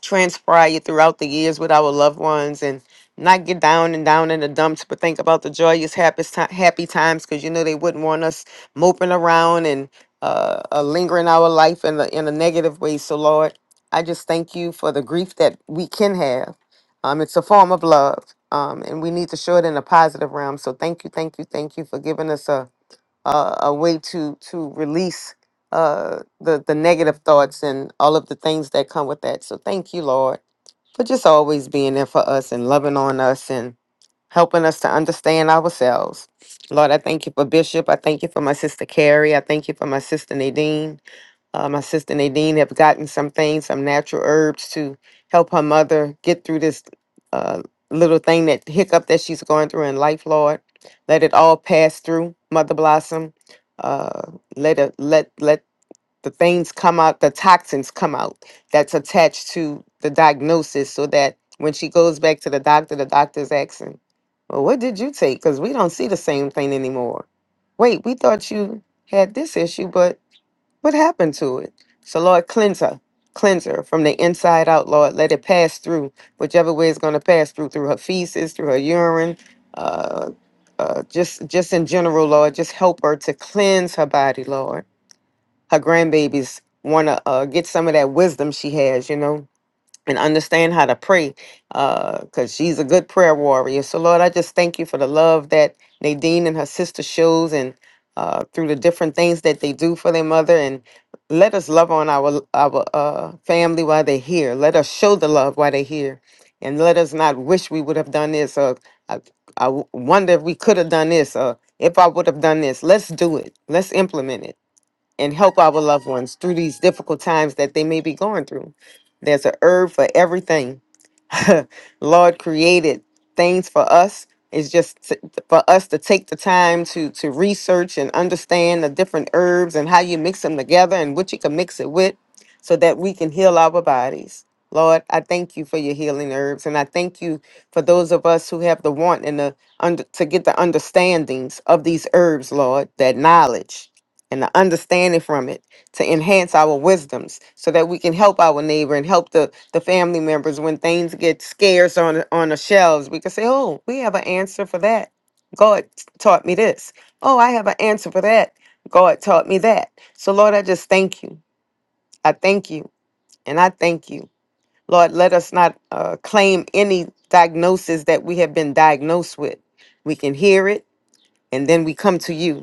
L: transpire throughout the years with our loved ones and not get down and down in the dumps, but think about the joyous, happy, happy times because you know they wouldn't want us moping around and uh, uh, lingering our life in the in a negative way. So, Lord, I just thank you for the grief that we can have. Um, it's a form of love, um, and we need to show it in a positive realm. So, thank you, thank you, thank you for giving us a uh, a way to to release uh, the the negative thoughts and all of the things that come with that. So thank you, Lord, for just always being there for us and loving on us and helping us to understand ourselves. Lord, I thank you for Bishop. I thank you for my sister Carrie. I thank you for my sister Nadine. Uh, my sister Nadine have gotten some things, some natural herbs to help her mother get through this uh, little thing that hiccup that she's going through in life, Lord. Let it all pass through, Mother Blossom. Uh, let it let let the things come out, the toxins come out that's attached to the diagnosis, so that when she goes back to the doctor, the doctor's asking, "Well, what did you take? Because we don't see the same thing anymore." Wait, we thought you had this issue, but what happened to it? So, Lord, cleanse her. Cleanse her from the inside out, Lord. Let it pass through, whichever way it's going to pass through, through her feces, through her urine, uh, uh, just just in general, Lord. Just help her to cleanse her body, Lord. Her grandbabies want to uh, get some of that wisdom she has, you know, and understand how to pray because she's a good prayer warrior. So, Lord, I just thank you for the love that Nadine and her sister shows and uh, through the different things that they do for their mother. And let us love on our, our uh, family while they're here. Let us show the love while they're here. And let us not wish we would have done this or I I wonder if we could have done this or if I would have done this. Let's do it. Let's implement it and help our loved ones through these difficult times that they may be going through. There's a herb for everything. Lord created things for us. It's just t- for us to take the time to to research and understand the different herbs and how you mix them together and what you can mix it with, so that we can heal our bodies. Lord, I thank you for your healing herbs, and I thank you for those of us who have the want and the under, to get the understandings of these herbs, Lord, that knowledge and the understanding from it to enhance our wisdoms so that we can help our neighbor and help the, the family members when things get scarce on on the shelves. We can say, "Oh, we have an answer for that. God taught me this. Oh, I have an answer for that. God taught me that." So, Lord, I just thank you. I thank you, and I thank you, Lord. Let us not uh, claim any diagnosis that we have been diagnosed with. We can hear it, and then we come to you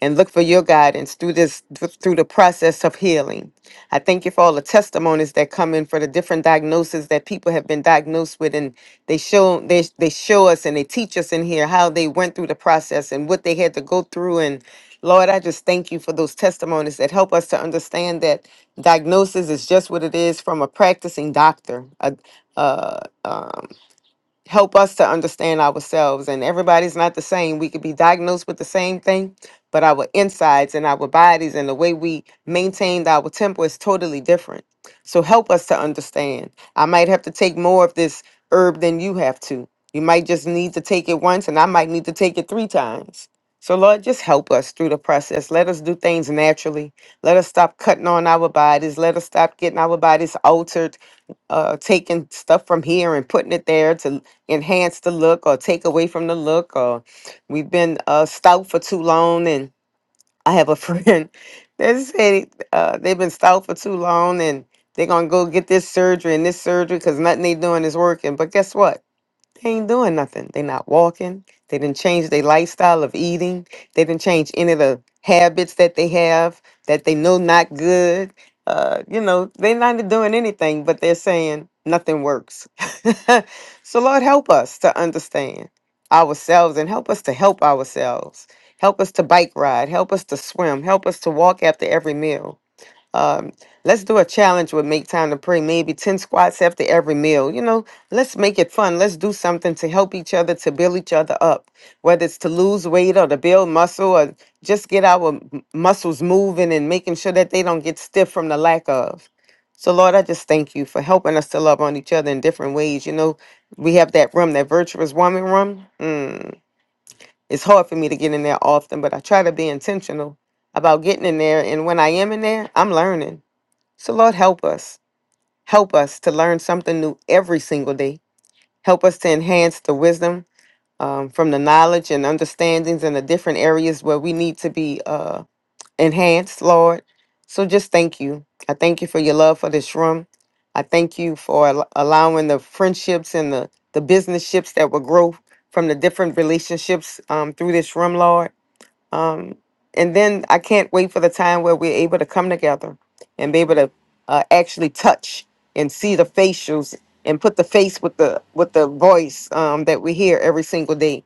L: and look for your guidance through this through the process of healing. I thank you for all the testimonies that come in for the different diagnoses that people have been diagnosed with and they show they they show us and they teach us in here how they went through the process and what they had to go through and Lord, I just thank you for those testimonies that help us to understand that diagnosis is just what it is from a practicing doctor, a, uh, uh, help us to understand ourselves. And everybody's not the same. We could be diagnosed with the same thing, but our insides and our bodies and the way we maintained our temper is totally different. So help us to understand. I might have to take more of this herb than you have to. You might just need to take it once, and I might need to take it three times. So, Lord, just help us through the process. Let us do things naturally. Let us stop cutting on our bodies. Let us stop getting our bodies altered uh taking stuff from here and putting it there to enhance the look or take away from the look or we've been uh stout for too long and I have a friend that said uh they've been stout for too long and they're gonna go get this surgery and this surgery because nothing they doing is working. But guess what? They ain't doing nothing. They not walking. They didn't change their lifestyle of eating. They didn't change any of the habits that they have that they know not good. Uh, you know, they're not doing anything, but they're saying nothing works. so Lord, help us to understand ourselves and help us to help ourselves. Help us to bike ride. Help us to swim. Help us to walk after every meal um, let's do a challenge with make time to pray maybe 10 squats after every meal you know let's make it fun let's do something to help each other to build each other up whether it's to lose weight or to build muscle or just get our m- muscles moving and making sure that they don't get stiff from the lack of so lord i just thank you for helping us to love on each other in different ways you know we have that room that virtuous woman room mm, it's hard for me to get in there often but i try to be intentional about getting in there and when i am in there i'm learning so, Lord, help us. Help us to learn something new every single day. Help us to enhance the wisdom um, from the knowledge and understandings in the different areas where we need to be uh, enhanced, Lord. So, just thank you. I thank you for your love for this room. I thank you for al- allowing the friendships and the, the business ships that will grow from the different relationships um, through this room, Lord. Um, and then I can't wait for the time where we're able to come together and be able to uh, actually touch and see the facials and put the face with the with the voice um, that we hear every single day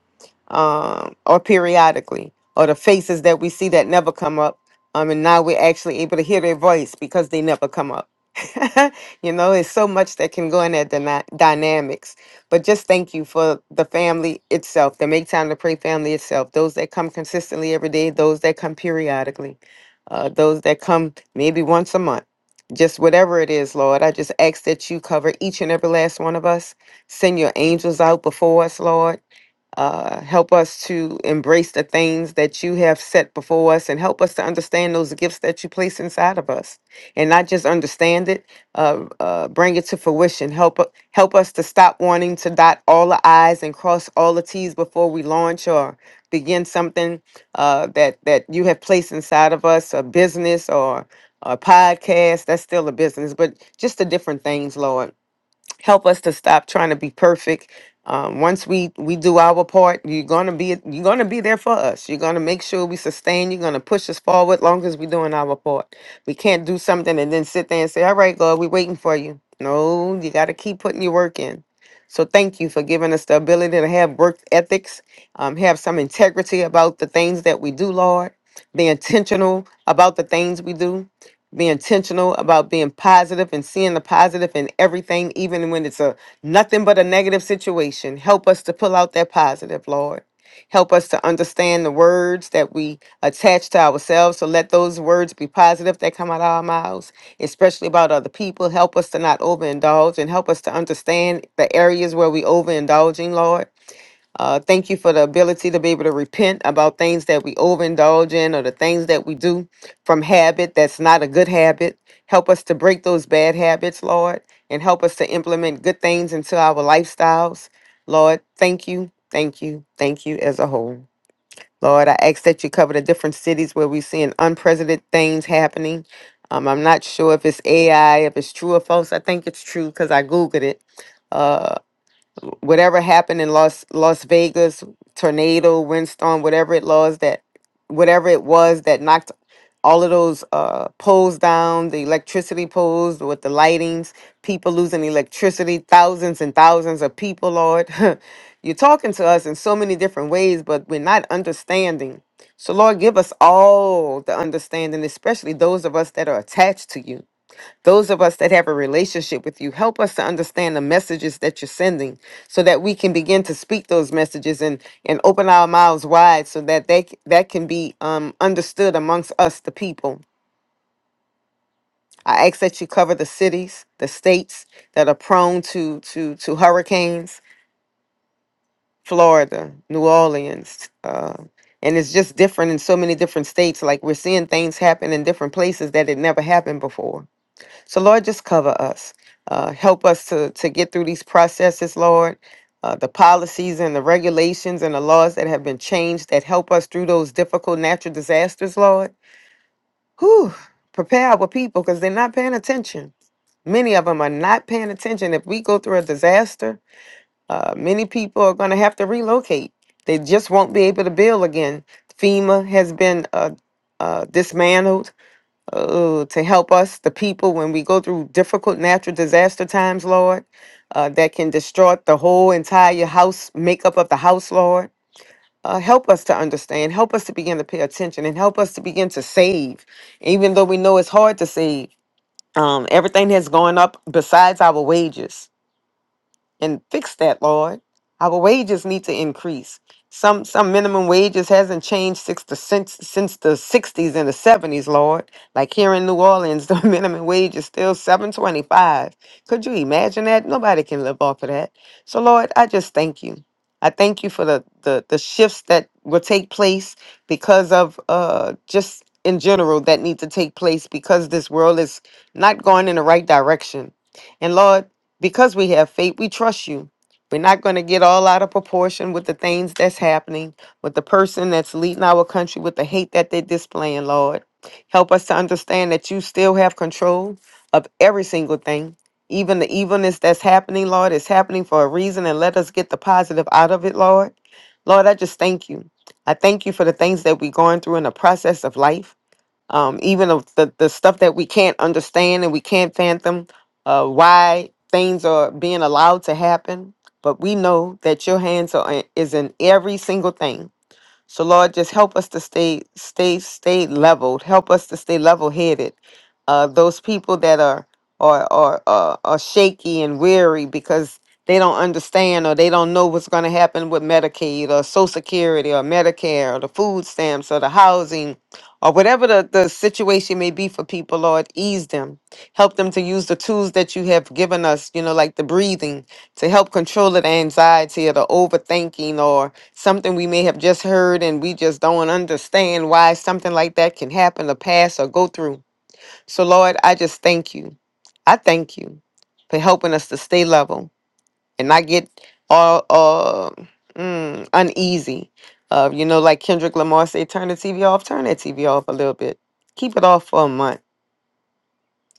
L: um, or periodically or the faces that we see that never come up. Um, and now we're actually able to hear their voice because they never come up. you know, it's so much that can go in that dyna- dynamics but just thank you for the family itself, the Make Time to Pray family itself, those that come consistently every day, those that come periodically, uh, those that come maybe once a month. Just whatever it is, Lord, I just ask that you cover each and every last one of us. Send your angels out before us, Lord uh, help us to embrace the things that you have set before us and help us to understand those gifts that you place inside of us and not just understand it uh, uh, bring it to fruition help u- help us to stop wanting to dot all the i's and cross all the t's before we launch or begin something uh, that that you have placed inside of us a business or a podcast that's still a business but just the different things lord help us to stop trying to be perfect. Um, once we we do our part, you're gonna be you're gonna be there for us. You're gonna make sure we sustain. You're gonna push us forward. Long as we're doing our part, we can't do something and then sit there and say, "All right, God, we're waiting for you." No, you got to keep putting your work in. So thank you for giving us the ability to have work ethics, um, have some integrity about the things that we do, Lord. Be intentional about the things we do be intentional about being positive and seeing the positive in everything, even when it's a nothing but a negative situation. Help us to pull out that positive, Lord. Help us to understand the words that we attach to ourselves. So let those words be positive that come out of our mouths, especially about other people. Help us to not overindulge and help us to understand the areas where we overindulging, Lord. Uh, thank you for the ability to be able to repent about things that we overindulge in or the things that we do from habit that's not a good habit. Help us to break those bad habits, Lord, and help us to implement good things into our lifestyles. Lord, thank you, thank you, thank you as a whole. Lord, I ask that you cover the different cities where we're seeing unprecedented things happening. Um, I'm not sure if it's AI, if it's true or false. I think it's true because I Googled it Uh, whatever happened in Las Las Vegas, tornado, windstorm, whatever it was that whatever it was that knocked all of those uh, poles down, the electricity poles with the lightings, people losing electricity, thousands and thousands of people, Lord. You're talking to us in so many different ways, but we're not understanding. So, Lord, give us all the understanding, especially those of us that are attached to you. Those of us that have a relationship with you, help us to understand the messages that you're sending so that we can begin to speak those messages and, and open our mouths wide so that they, c- that can be um, understood amongst us, the people. I ask that you cover the cities, the states that are prone to, to, to hurricanes, Florida, New Orleans, uh, and it's just different in so many different states like we're seeing things happen in different places that it never happened before So, Lord, just cover us. Uh, help us to, to get through these processes, Lord. Uh, the policies and the regulations and the laws that have been changed that help us through those difficult natural disasters, Lord. Whew, prepare our people because they're not paying attention. Many of them are not paying attention. If we go through a disaster, uh, many people are going to have to relocate. They just won't be able to build again. FEMA has been uh, uh, dismantled oh, to help us, the people, when we go through difficult natural disaster times, Lord, uh, that can distort the whole entire house, makeup of the house, Lord. Uh, help us to understand, help us to begin to pay attention, and help us to begin to save, even though we know it's hard to save. Um, everything has gone up besides our wages and fix that, Lord. Our wages need to increase. Some some minimum wages hasn't changed since the since, since the sixties and the seventies, Lord. Like here in New Orleans, the minimum wage is still seven twenty five. Could you imagine that? Nobody can live off of that. So Lord, I just thank you. I thank you for the the, the shifts that will take place because of uh just in general that need to take place because this world is not going in the right direction. And Lord, because we have faith, we trust you. We're not going to get all out of proportion with the things that's happening, with the person that's leading our country, with the hate that they're displaying, Lord. Help us to understand that you still have control of every single thing. Even the evilness that's happening, Lord, is happening for a reason, and let us get the positive out of it, Lord. Lord, I just thank you. I thank you for the things that we're going through in the process of life um, even of the, the stuff that we can't understand and we can't fathom uh, why things are being allowed to happen but we know that your hands are in, is in every single thing so Lord, just help us to stay, stay, stay leveled. Help us to stay level-headed. Uh, those people that are are are are, are shaky and weary because they don't understand or they don't know what's going to happen with Medicaid or Social Security or Medicare or the food stamps or the housing or whatever the, the situation may be for people, Lord, ease them. Help them to use the tools that you have given us, you know, like the breathing to help control the anxiety or the overthinking something we may have just heard and we just don't understand why something like that can happen or pass or go through. So, Lord, I just thank you. I thank you for helping us to stay level and not get all uh, mm, uneasy. Uh, you know, like Kendrick Lamar said, turn the TV off, turn that TV off a little bit. Keep it off for a month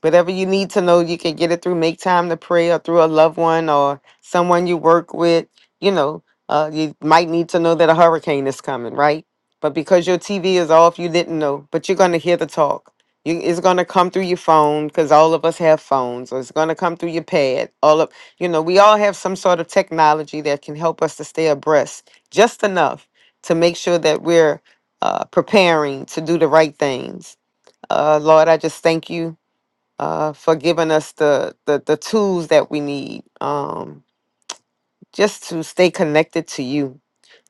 L: Whatever you need to know, you can get it through Make Time to Pray or through a loved one or someone you work with. You know, uh, you might need to know that a hurricane is coming, right? But because your TV is off, you didn't know. But you're going to hear the talk. You, it's going to come through your phone because all of us have phones, or it's going to come through your pad. All of, you know, we all have some sort of technology that can help us to stay abreast just enough to make sure that we're uh, preparing to do the right things. Uh, Lord, I just thank you uh, for giving us the, the the tools that we need. Um, just to stay connected to you,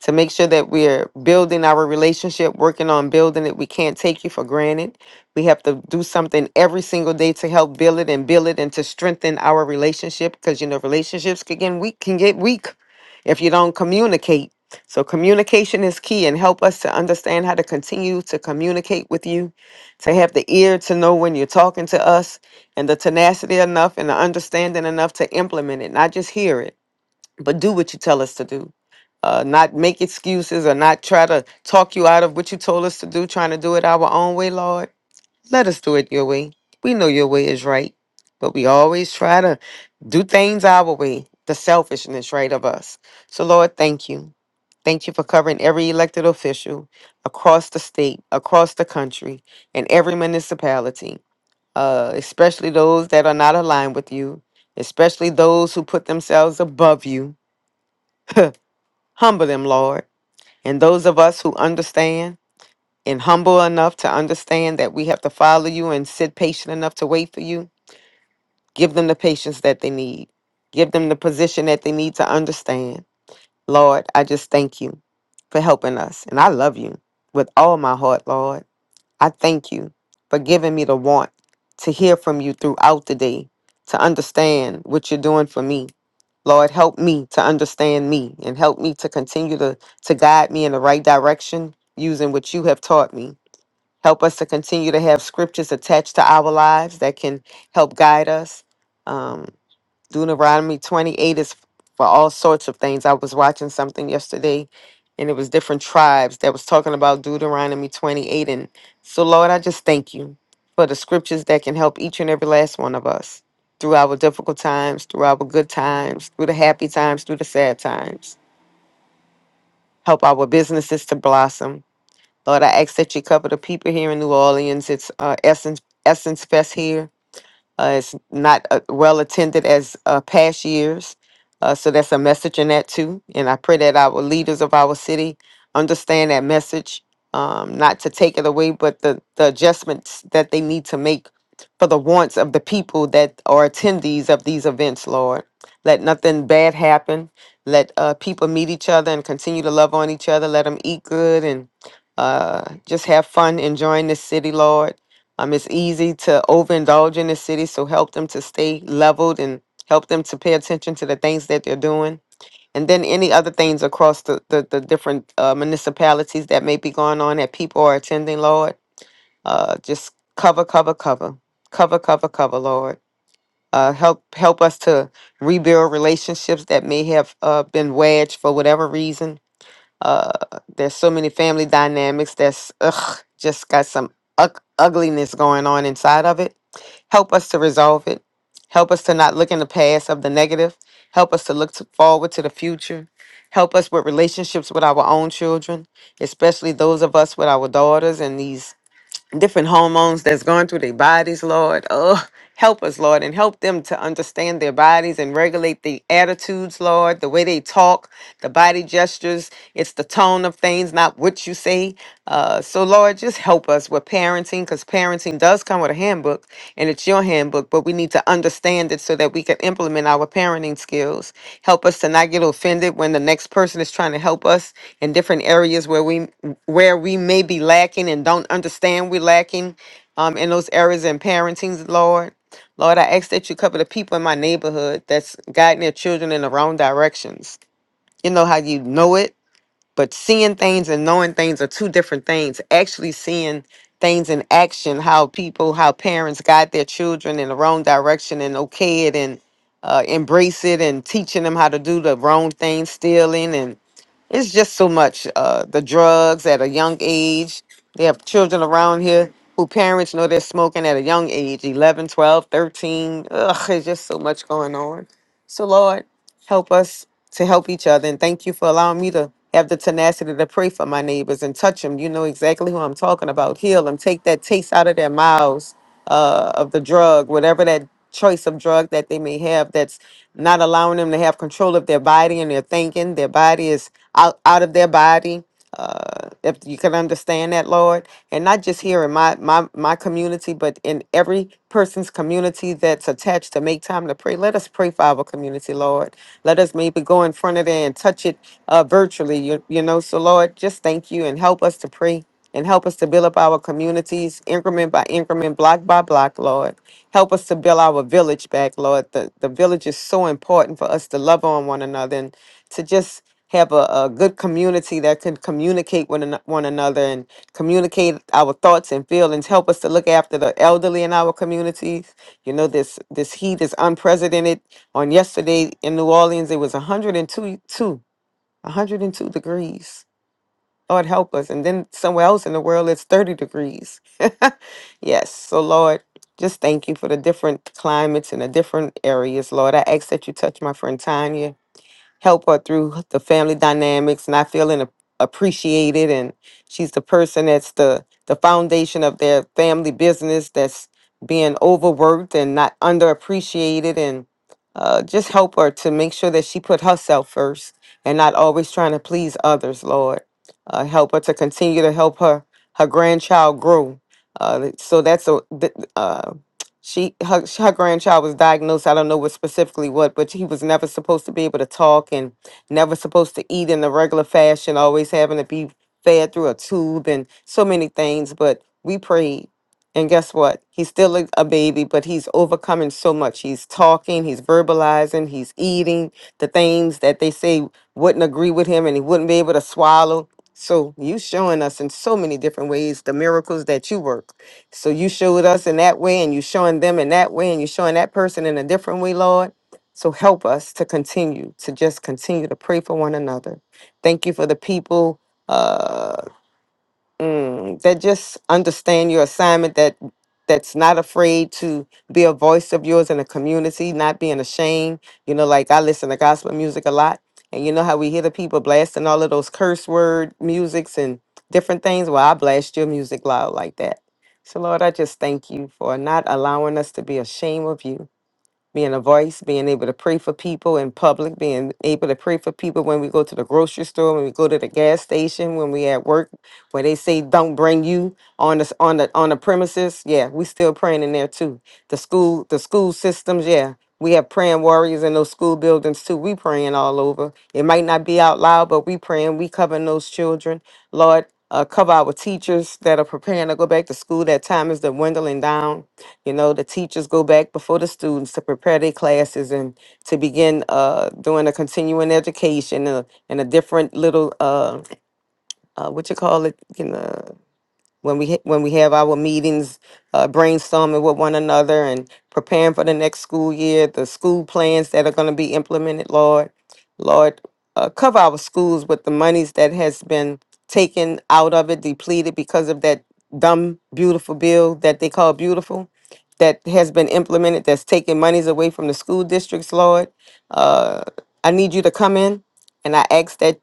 L: to make sure that we're building our relationship, working on building it. We can't take you for granted. We have to do something every single day to help build it and build it and to strengthen our relationship because you know relationships can get weak can get weak if you don't communicate. So communication is key and help us to understand how to continue to communicate with you, to have the ear to know when you're talking to us and the tenacity enough and the understanding enough to implement it, not just hear it but do what you tell us to do. Uh, not make excuses or not try to talk you out of what you told us to do, trying to do it our own way, Lord. Let us do it your way. We know your way is right, but we always try to do things our way, the selfishness, right, of us. So, Lord, thank you. Thank you for covering every elected official across the state, across the country, and every municipality, uh, especially those that are not aligned with you, especially those who put themselves above you Humble them, Lord. And those of us who understand and humble enough to understand that we have to follow you and sit patient enough to wait for you, give them the patience that they need. Give them the position that they need to understand. Lord, I just thank you for helping us. And I love you with all my heart, Lord. I thank you for giving me the want to hear from you throughout the day, to understand what you're doing for me. Lord, help me to understand me and help me to continue to, to guide me in the right direction using what you have taught me. Help us to continue to have scriptures attached to our lives that can help guide us. um, Deuteronomy 28 is for all sorts of things. I was watching something yesterday and it was different tribes that was talking about Deuteronomy 28. And so, Lord, I just thank you for the scriptures that can help each and every last one of us through our difficult times, through our good times, through the happy times, through the sad times. Help our businesses to blossom. Lord, I ask that you cover the people here in New Orleans. It's uh, Essence, Essence Fest here. Uh, it's not uh, well attended as uh, past years. Uh, so that's a message in that too. And I pray that our leaders of our city understand that message, um, not to take it away, but the, the adjustments that they need to make for the wants of the people that are attendees of these events, Lord. Let nothing bad happen. Let uh, people meet each other and continue to love on each other. Let them eat good and uh, just have fun enjoying this city, Lord um, it's easy to overindulge in the city, so help them to stay leveled and help them to pay attention to the things that they're doing. And then any other things across the, the, the different uh, municipalities that may be going on that people are attending, Lord. Uh, just cover, cover, cover, cover, cover, cover, Lord. Uh, help help us to rebuild relationships that may have uh, been wedged for whatever reason uh, there's so many family dynamics that's ugh, just got some ug- ugliness going on inside of it. Help us to resolve it. Help us to not look in the past of the negative. Help us to look to forward to the future. Help us with relationships with our own children, especially those of us with our daughters and these different hormones that's going through their bodies, Lord. Oh, help us, Lord, and help them to understand their bodies and regulate the attitudes, Lord, the way they talk, the body gestures. It's the tone of things, not what you say. Uh, so, Lord, just help us with parenting because parenting does come with a handbook and it's your handbook, but we need to understand it so that we can implement our parenting skills. Help us to not get offended when the next person is trying to help us in different areas where we where we may be lacking and don't understand we're lacking um, in those areas in parenting, Lord. Lord, I ask that you cover the people in my neighborhood that's guiding their children in the wrong directions. You know how you know it but seeing things and knowing things are two different things actually seeing things in action how people how parents guide their children in the wrong direction and okay it and uh, embrace it and teaching them how to do the wrong thing stealing and. It's just so much. Uh, the drugs at a young age. They have children around here who parents know they're smoking at a young age eleven, twelve, thirteen. 12, Ugh, there's just so much going on. So, Lord, help us to help each other. And thank you for allowing me to have the tenacity to pray for my neighbors and touch them. You know exactly who I'm talking about. Heal them. Take that taste out of their mouths uh, of the drug, whatever that choice of drug that they may have that's not allowing them to have control of their body and their thinking. Their body is out, out of their body. Uh, if you can understand that, Lord, and not just here in my, my my community, but in every person's community that's attached to make time to pray. Let us pray for our community, Lord. Let us maybe go in front of there and touch it uh, virtually, you, you know. So, Lord, just thank you and help us to pray and help us to build up our communities increment by increment, block by block, Lord. Help us to build our village back, Lord. The, the village is so important for us to love on one another and to just have a, a good community that can communicate with ano- one another and communicate our thoughts and feelings. Help us to look after the elderly in our communities. You know, this this heat is unprecedented. On yesterday in New Orleans, it was 102, 102 degrees. Lord, help us. And then somewhere else in the world, it's 30 degrees. yes. So, Lord, just thank you for the different climates and the different areas, Lord. I ask that you touch my friend Tanya help her through the family dynamics, not feeling ap- appreciated. And she's the person that's the the foundation of their family business that's being overworked and not underappreciated, and uh, just help her to make sure that she put herself first and not always trying to please others. Lord, uh, help her to continue to help her her grandchild grow. Uh, so that's a th- uh, she her, her grandchild was diagnosed i don't know what specifically what but he was never supposed to be able to talk and never supposed to eat in the regular fashion always having to be fed through a tube and so many things but we prayed and guess what he's still a, a baby but he's overcoming so much he's talking he's verbalizing he's eating the things that they say wouldn't agree with him and he wouldn't be able to swallow so you showing us in so many different ways the miracles that you work so you showed us in that way, and you showing them in that way, and you showing that person in a different way, Lord. So help us to continue to just continue to pray for one another. Thank you for the people. Uh, mm, that just understand your assignment that that's not afraid to be a voice of yours in the community not being ashamed you know like i listen to gospel music a lot and you know how we hear the people blasting all of those curse word musics and different things well i blast your music loud like that so lord i just thank you for not allowing us to be ashamed of you being a voice, being able to pray for people in public, being able to pray for people when we go to the grocery store, when we go to the gas station, when we at work, where they say don't bring you on the on the on the premises. Yeah, we still praying in there too. The school, the school systems. Yeah, we have praying warriors in those school buildings too. We praying all over. It might not be out loud, but we praying. We covering those children, Lord. Uh, cover our teachers that are preparing to go back to school. That time is dwindling down you know, the teachers go back before the students to prepare their classes and to begin uh, doing a continuing education and a, and a different little uh, uh, what you call it, you know when we ha- when we have our meetings, uh, brainstorming with one another and preparing for the next school year, the school plans that are going to be implemented, Lord, Lord, uh, cover our schools with the monies that has been taken out of it, depleted because of that dumb beautiful bill that they call beautiful, that has been implemented, that's taking monies away from the school districts, Lord. Uh, I need you to come in, and I ask that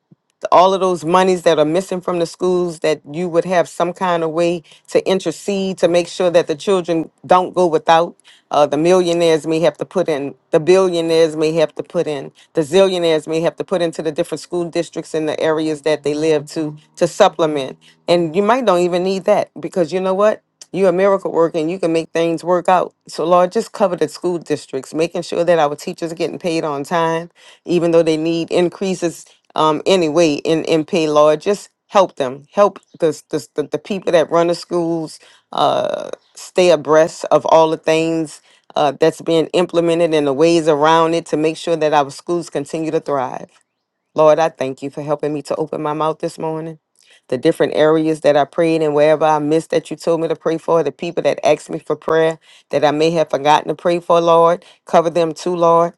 L: all of those monies that are missing from the schools that you would have some kind of way to intercede to make sure that the children don't go without uh, the millionaires may have to put in the billionaires may have to put in the zillionaires may have to put into the different school districts in the areas that they live to to supplement and you might don't even need that because you know what you're a miracle worker and you can make things work out. So, Lord, just cover the school districts, making sure that our teachers are getting paid on time, even though they need increases um, anyway in MP Lord, Just help them, help the the, the, the people that run the schools uh, stay abreast of all the things uh, that's being implemented and the ways around it to make sure that our schools continue to thrive. Lord, I thank you for helping me to open my mouth this morning. The different areas that I prayed and wherever I missed that you told me to pray for, the people that asked me for prayer that I may have forgotten to pray for, Lord, cover them too, Lord.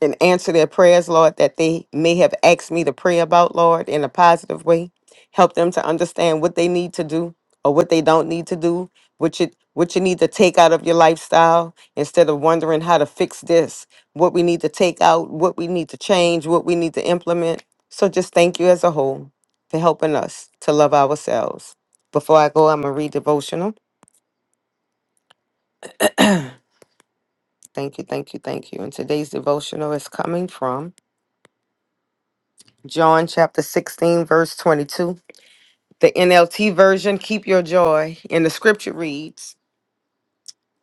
L: and answer their prayers, Lord, that they may have asked me to pray about, Lord, in a positive way. Help them to understand what they need to do or what they don't need to do, what you what you need to take out of your lifestyle instead of wondering how to fix this, what we need to take out, what we need to change, what we need to implement. So just thank you as a whole for helping us to love ourselves. Before I go, I'm gonna read devotional. Thank you, thank you, thank you. And today's devotional is coming from John chapter 16, verse 22. The NLT version, keep your joy. And the scripture reads,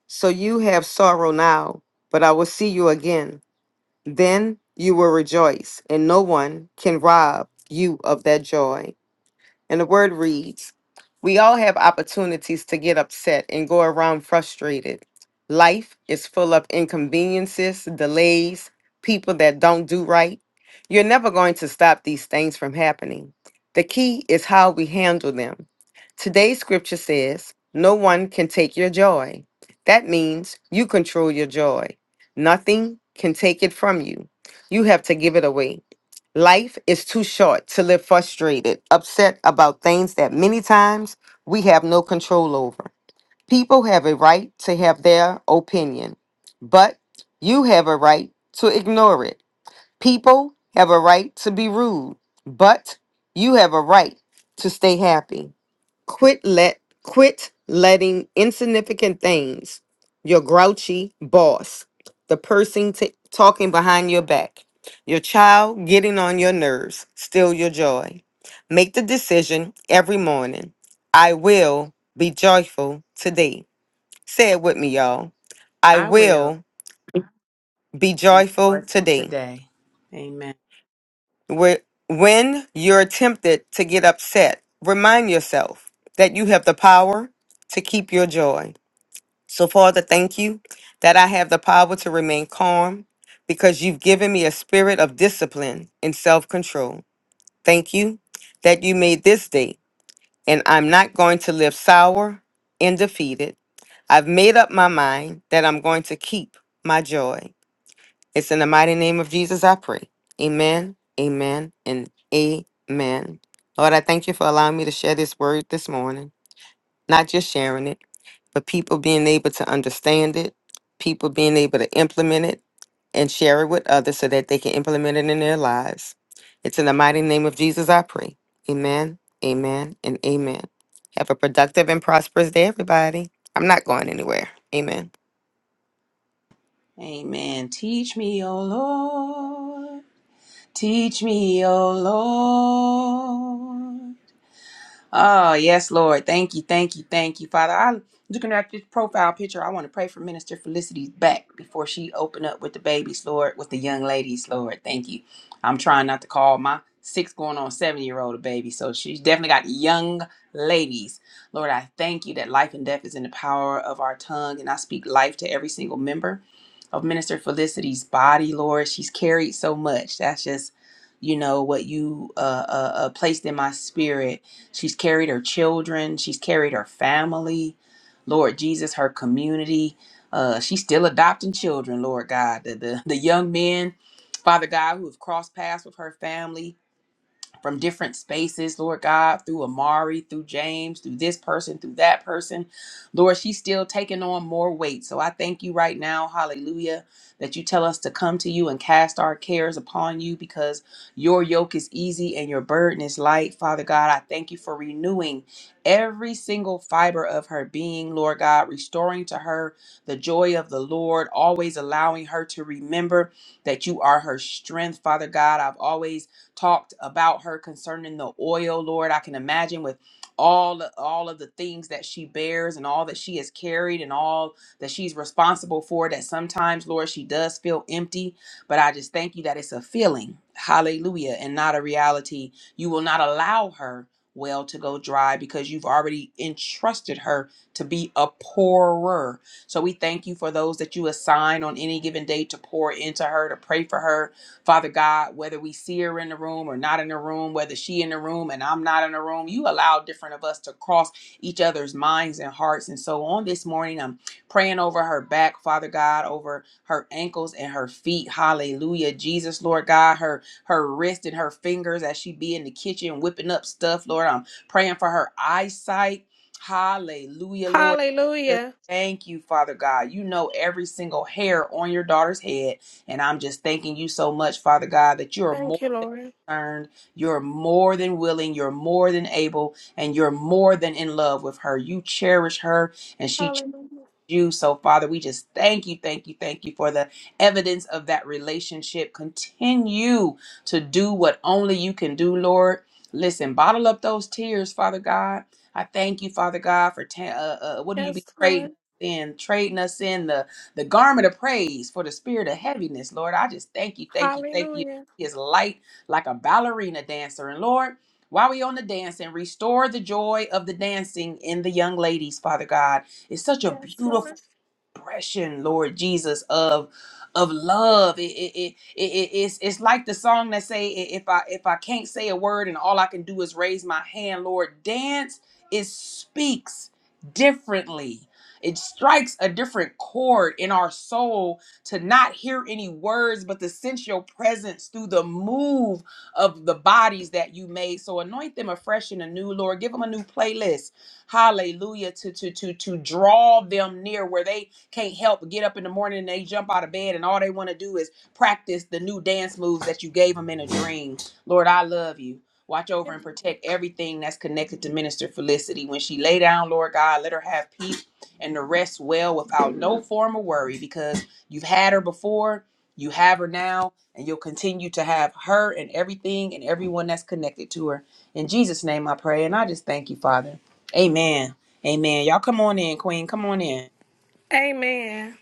L: So you have sorrow now, but I will see you again. Then you will rejoice, and no one can rob you of that joy. And the word reads We all have opportunities to get upset and go around frustrated. Life is full of inconveniences, delays, people that don't do right. You're never going to stop these things from happening. The key is how we handle them. Today's scripture says, No one can take your joy. That means you control your joy. Nothing can take it from you. You have to give it away. Life is too short to live frustrated, upset about things that many times we have no control over. People have a right to have their opinion, but you have a right to ignore it. People have a right to be rude, but you have a right to stay happy. Quit let quit letting insignificant things, your grouchy boss, the person t- talking behind your back, your child getting on your nerves, steal your joy. Make the decision every morning. I will be joyful today. Say it with me, y'all. I will be joyful today.
D: Amen.
L: Where- When you're tempted to get upset, remind yourself that you have the power to keep your joy. So, Father, thank you that I have the power to remain calm because you've given me a spirit of discipline and self control. Thank you that you made this day, and I'm not going to live sour and defeated. I've made up my mind that I'm going to keep my joy. It's in the mighty name of Jesus I pray. Amen, amen, and amen. Lord, I thank you for allowing me to share this word this morning, not just sharing it but people being able to understand it, people being able to implement it and share it with others so that they can implement it in their lives. It's in the mighty name of Jesus I pray. Amen, amen, and amen. Have a productive and prosperous day, everybody. I'm not going anywhere. Amen.
D: Amen. Teach me, O Lord. Teach me, O Lord. Oh, yes, Lord. Thank you, thank you, thank you, Father. I'm looking at this profile picture. I want to pray for Minister Felicity's back before she open up with the babies, Lord, with the young ladies, Lord. Thank you. I'm trying not to call my six going on seven year old a baby. So she's definitely got young ladies. Lord, I thank you that life and death is in the power of our tongue. And I speak life to every single member of Minister Felicity's body, Lord. She's carried so much. That's just, you know, what you uh, uh, uh, placed in my spirit. She's carried her children, she's carried her family, Lord Jesus, her community. Uh, she's still adopting children, Lord God. The, the, the young men, Father God, who have crossed paths with her family from different spaces, Lord God, through Amari, through James, through this person, through that person. Lord, she's still taking on more weight. So I thank you right now, hallelujah, that you tell us to come to you and cast our cares upon you because your yoke is easy and your burden is light. Father God, I thank you for renewing every single fiber of her being, Lord God, restoring to her the joy of the Lord, always allowing her to remember that you are her strength, Father God. I've always talked about her concerning the oil, Lord. I can imagine with all all of the things that she bears and all that she has carried and all that she's responsible for that sometimes Lord she does feel empty but I just thank you that it's a feeling hallelujah and not a reality you will not allow her well to go dry because you've already entrusted her to be a pourer so we thank you for those that you assign on any given day to pour into her, to pray for her, Father God, whether we see her in the room or not in the room, whether she in the room and I'm not in the room, you allow different of us to cross each other's minds and hearts. And so on this morning, I'm praying over her back, Father God, over her ankles and her feet. Hallelujah. Jesus, Lord God, her her wrist and her fingers as she be in the kitchen whipping up stuff, Lord. I'm praying for her eyesight. Hallelujah, Lord.
K: Hallelujah.
D: Thank you, Father God. You know every single hair on your daughter's head. And I'm just thanking you so much, Father God, that you're
K: Thank
D: more
K: you, Lord.
D: concerned, you're more than willing, you're more than able, and you're more than in love with her. You cherish her, and she
K: Hallelujah.
D: you. So, Father, we just thank you, thank you, thank you for the evidence of that relationship. Continue to do what only you can do, Lord. Listen, bottle up those tears, Father God. I thank you, Father God, for ta- uh, uh, what do you be
K: Yes,
D: trading
K: Lord.
D: in? Trading us in the the garment of praise for the spirit of heaviness, Lord. I just thank you, thank you, thank you.
K: Hallelujah.
D: He is light like a ballerina dancer, and Lord. While we on the dancing, restore the joy of the dancing in the young ladies, Father God. It's such a
K: Yes,
D: beautiful
K: Lord.
D: expression, Lord Jesus, of of love. It, it, it, it, it- it's it's like the song that say, "I- if I if I can't say a word and all I can do is raise my hand, Lord, dance it speaks differently. It strikes a different chord in our soul to not hear any words, but to sense your presence through the move of the bodies that you made. So anoint them afresh and anew, Lord. Give them a new playlist hallelujah to to to to draw them near where they can't help but get up in the morning and they jump out of bed and all they want to do is practice the new dance moves that you gave them in a dream. Lord, I love you. Watch over
K: Thank
D: and
K: you.
D: protect everything that's connected to Minister Felicity. When she lay down, Lord God, let her have peace and to rest well without no form of worry because you've had her before, you have her now, and you'll continue to have her and everything and everyone that's connected to her. In Jesus' name I pray, and I just thank you, Father. Amen. Amen. Y'all come on in, Queen. Come on in.
K: Amen.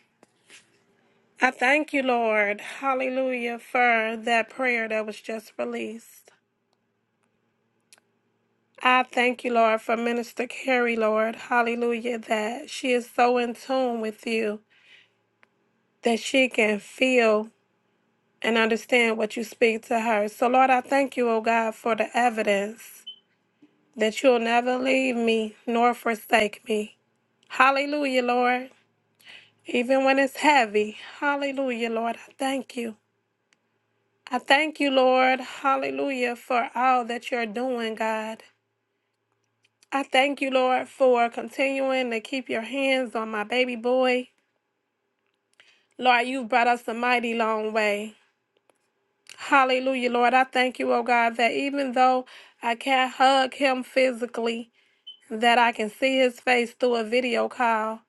K: I thank you, Lord. Hallelujah for that prayer that was just released. I thank you, Lord, for Minister Carrie, Lord. Hallelujah, that she is so in tune with you that she can feel. and understand what you speak to her. So, Lord, I thank you, O God, for the evidence that you'll never leave me nor forsake me. Hallelujah, Lord. Even when it's heavy, hallelujah, Lord, I thank you. I thank you, Lord, hallelujah, for all that you're doing, God. I thank you, Lord, for continuing to keep your hands on my baby boy. Lord, you've brought us a mighty long way. Hallelujah, Lord. I thank you, oh God, that even though I can't hug him physically, that I can see his face through a video call.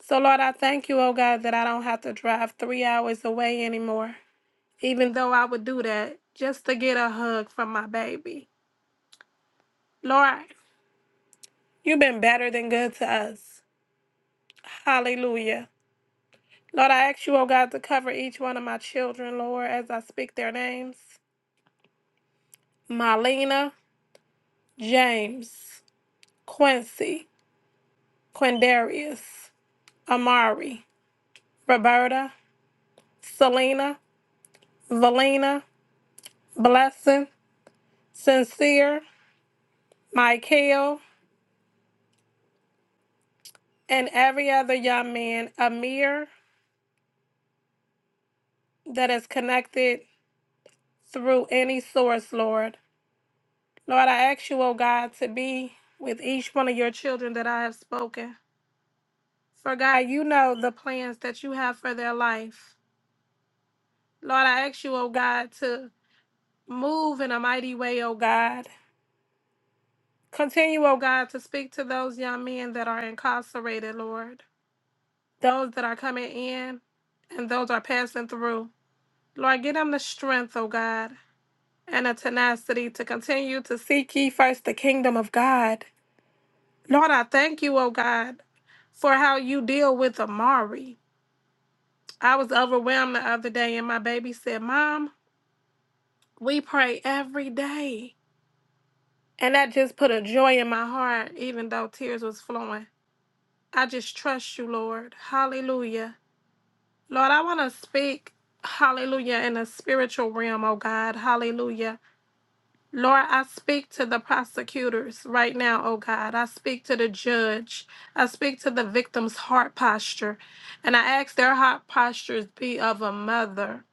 K: So, Lord, I thank you, oh God, that I don't have to drive three hours away anymore, even though I would do that just to get a hug from my baby. Lord, you've been better than good to us. Hallelujah. Lord, I ask you, oh God, to cover each one of my children, Lord, as I speak their names Marlena, James, Quincy. Quindarius, Amari, Roberta, Selena, Valina, Blessing, Sincere, Michael, and every other young man, Amir, that is connected through any source, Lord. Lord, I ask you, oh God, to be with each one of your children that I have spoken. For God, you know the plans that you have for their life. Lord, I ask you, oh God, to move in a mighty way, oh God. Continue, O God, to speak to those young men that are incarcerated, Lord, those that are coming in and those are passing through. Lord, give them the strength, O God, and the tenacity to continue to seek ye first the kingdom of God. Lord, I thank you, O God, for how you deal with Amari. I was overwhelmed the other day, and my baby said, Mom, we pray every day. And that just put a joy in my heart, even though tears was flowing. I just trust you, Lord. Hallelujah. Lord, I want to speak, hallelujah, in a spiritual realm, oh God. Hallelujah. Lord, I speak to the prosecutors right now, oh God. I speak to the judge. I speak to the victim's heart posture. And I ask their heart postures be of a mother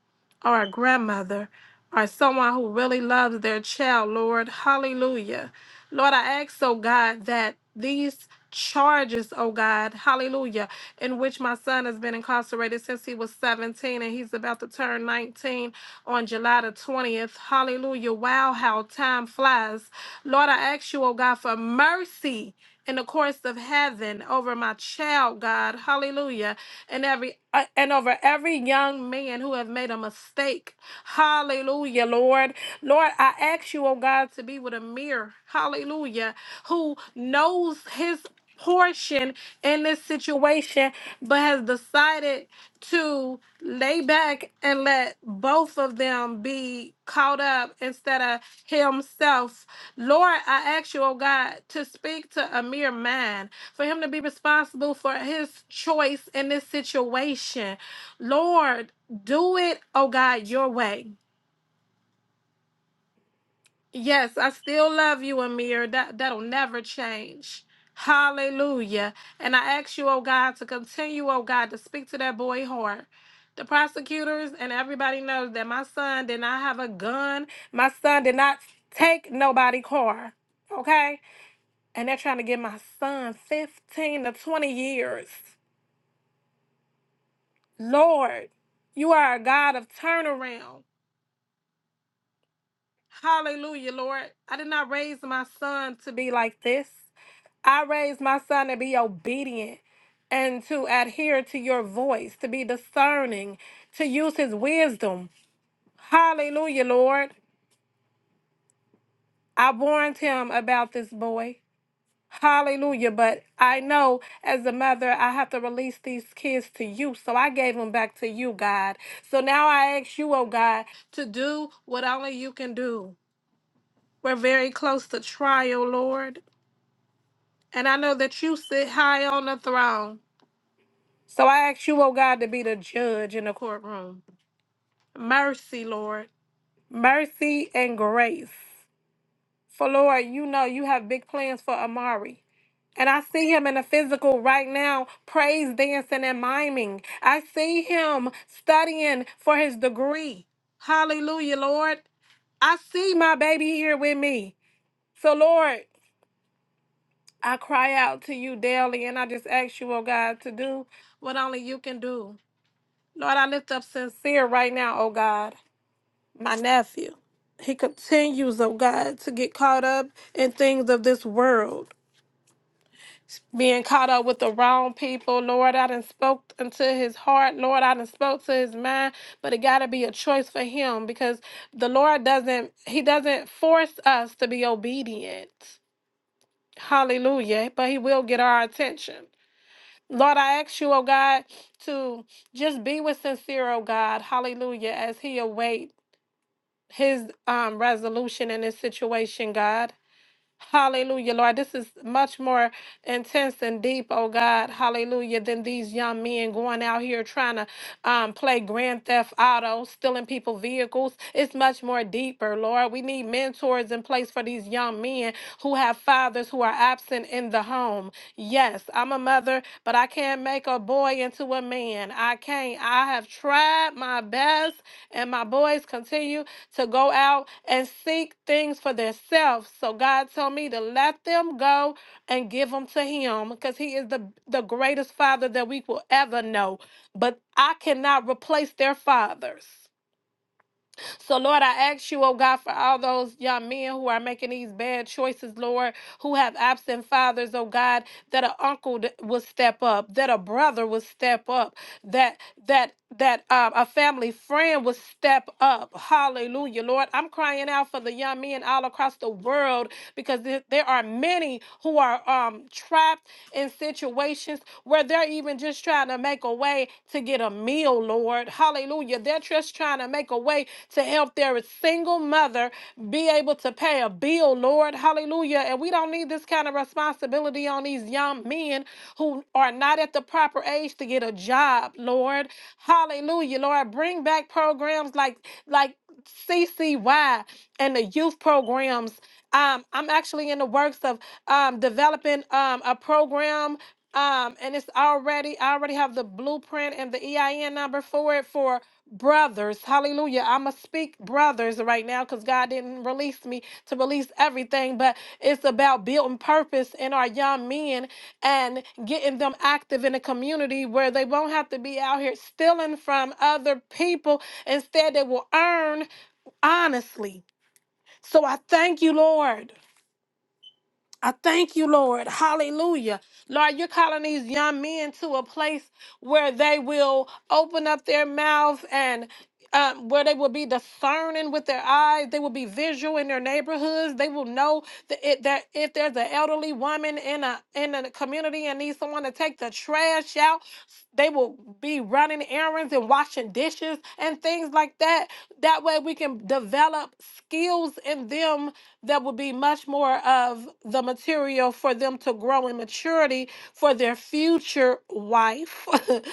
K: or a grandmother or someone who really loves their child, Lord. Hallelujah. Lord, I ask, oh God, that these charges, oh God, hallelujah, in which my son has been incarcerated since he was 17 and he's about to turn 19 on July the 20th. Hallelujah. Wow, how time flies. Lord, I ask you, oh God, for mercy in the courts of heaven over my child, God. Hallelujah. And every uh, and over every young man who have made a mistake. Hallelujah, Lord. Lord, I ask you, oh God, to be with a mirror. Hallelujah. Who knows his portion in this situation but has decided to lay back and let both of them be caught up instead of himself. Lord, I ask you, oh God, to speak to a mere man, for him to be responsible for his choice in this situation. Lord, do it, oh God, your way. Yes, I still love you, Amir. That that'll never change. Hallelujah. And I ask you, oh God, to continue, oh God, to speak to that boy heart. The prosecutors and everybody knows that my son did not have a gun. My son did not take nobody car. Okay? And they're trying to give my son 15 to 20 years. Lord, you are a God of turnaround. Hallelujah, Lord. I did not raise my son to be like this. I raised my son to be obedient and to adhere to your voice, to be discerning, to use his wisdom. Hallelujah, Lord. I warned him about this boy. Hallelujah. But I know as a mother, I have to release these kids to you. So I gave them back to you, God. So now I ask you, oh God, to do what only you can do. We're very close to trial, Lord. And I know that you sit high on the throne. So I ask you, oh God, to be the judge in the courtroom. Mercy, Lord. Mercy and grace. For Lord, you know you have big plans for Amari. And I see him in the physical right now, praise dancing and miming. I see him studying for his degree. Hallelujah, Lord. I see my baby here with me. So, Lord, I cry out to you daily and I just ask you, oh God, to do what only you can do. Lord, I lift up sincere right now, oh God, my nephew. He continues, oh God, to get caught up in things of this world. Being caught up with the wrong people, Lord, I done spoke into his heart, Lord, I done spoke to his mind, but it gotta be a choice for him because the Lord doesn't He doesn't force us to be obedient. Hallelujah. But he will get our attention. Lord, I ask you, oh God, to just be with sincere, oh God, hallelujah, as he awaits. his um, resolution in this situation, God. Hallelujah, Lord. This is much more intense and deep, oh God. Hallelujah. Than these young men going out here trying to um, play Grand Theft Auto, stealing people vehicles. It's much more deeper, Lord. We need mentors in place for these young men who have fathers who are absent in the home. Yes, I'm a mother, but I can't make a boy into a man. I can't. I have tried my best, and my boys continue to go out and seek things for themselves. So God told me to let them go and give them to Him because He is the, the greatest Father that we will ever know. But I cannot replace their fathers. So, Lord, I ask you, oh God, for all those young men who are making these bad choices, Lord, who have absent fathers, oh God, that an uncle th- will step up, that a brother will step up, that that that um, a family friend will step up. Hallelujah, Lord. I'm crying out for the young men all across the world because there there are many who are um, trapped in situations where they're even just trying to make a way to get a meal, Lord. Hallelujah. They're just trying to make a way to help their single mother be able to pay a bill, Lord. Hallelujah. And we don't need this kind of responsibility on these young men who are not at the proper age to get a job, Lord. Hallelujah, Lord. Bring back programs like like CCY and the youth programs. Um, I'm actually in the works of um, developing um, a program. Um, and it's already, I already have the blueprint and the EIN number for it for brothers. Hallelujah. I'm going to speak brothers right now because God didn't release me to release everything, but it's about building purpose in our young men and getting them active in a community where they won't have to be out here stealing from other people. Instead, they will earn honestly. So I thank you, Lord. I thank you, Lord. Hallelujah. Lord, you're calling these young men to a place where they will open up their mouth and um, where they will be discerning with their eyes. They will be visual in their neighborhoods. They will know that, it, that if there's an elderly woman in a in a community and needs someone to take the trash out, they will be running errands and washing dishes and things like that. That way we can develop skills in them that would be much more of the material for them to grow in maturity for their future wife.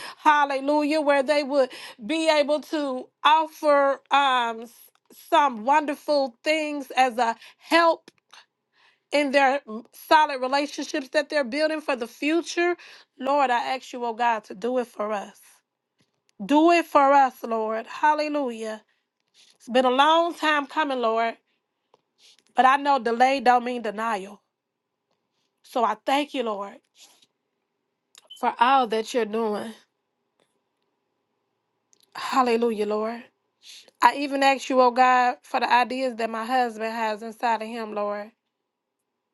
K: Hallelujah. Where they would be able to offer um, s- some wonderful things as a help in their mm, solid relationships that they're building for the future. Lord, I ask you, oh God, to do it for us. Do it for us, Lord. Hallelujah. It's been a long time coming, Lord, but I know delay don't mean denial. So I thank you, Lord, for all that you're doing. Hallelujah, Lord. I even ask you, oh God, for the ideas that my husband has inside of him, Lord.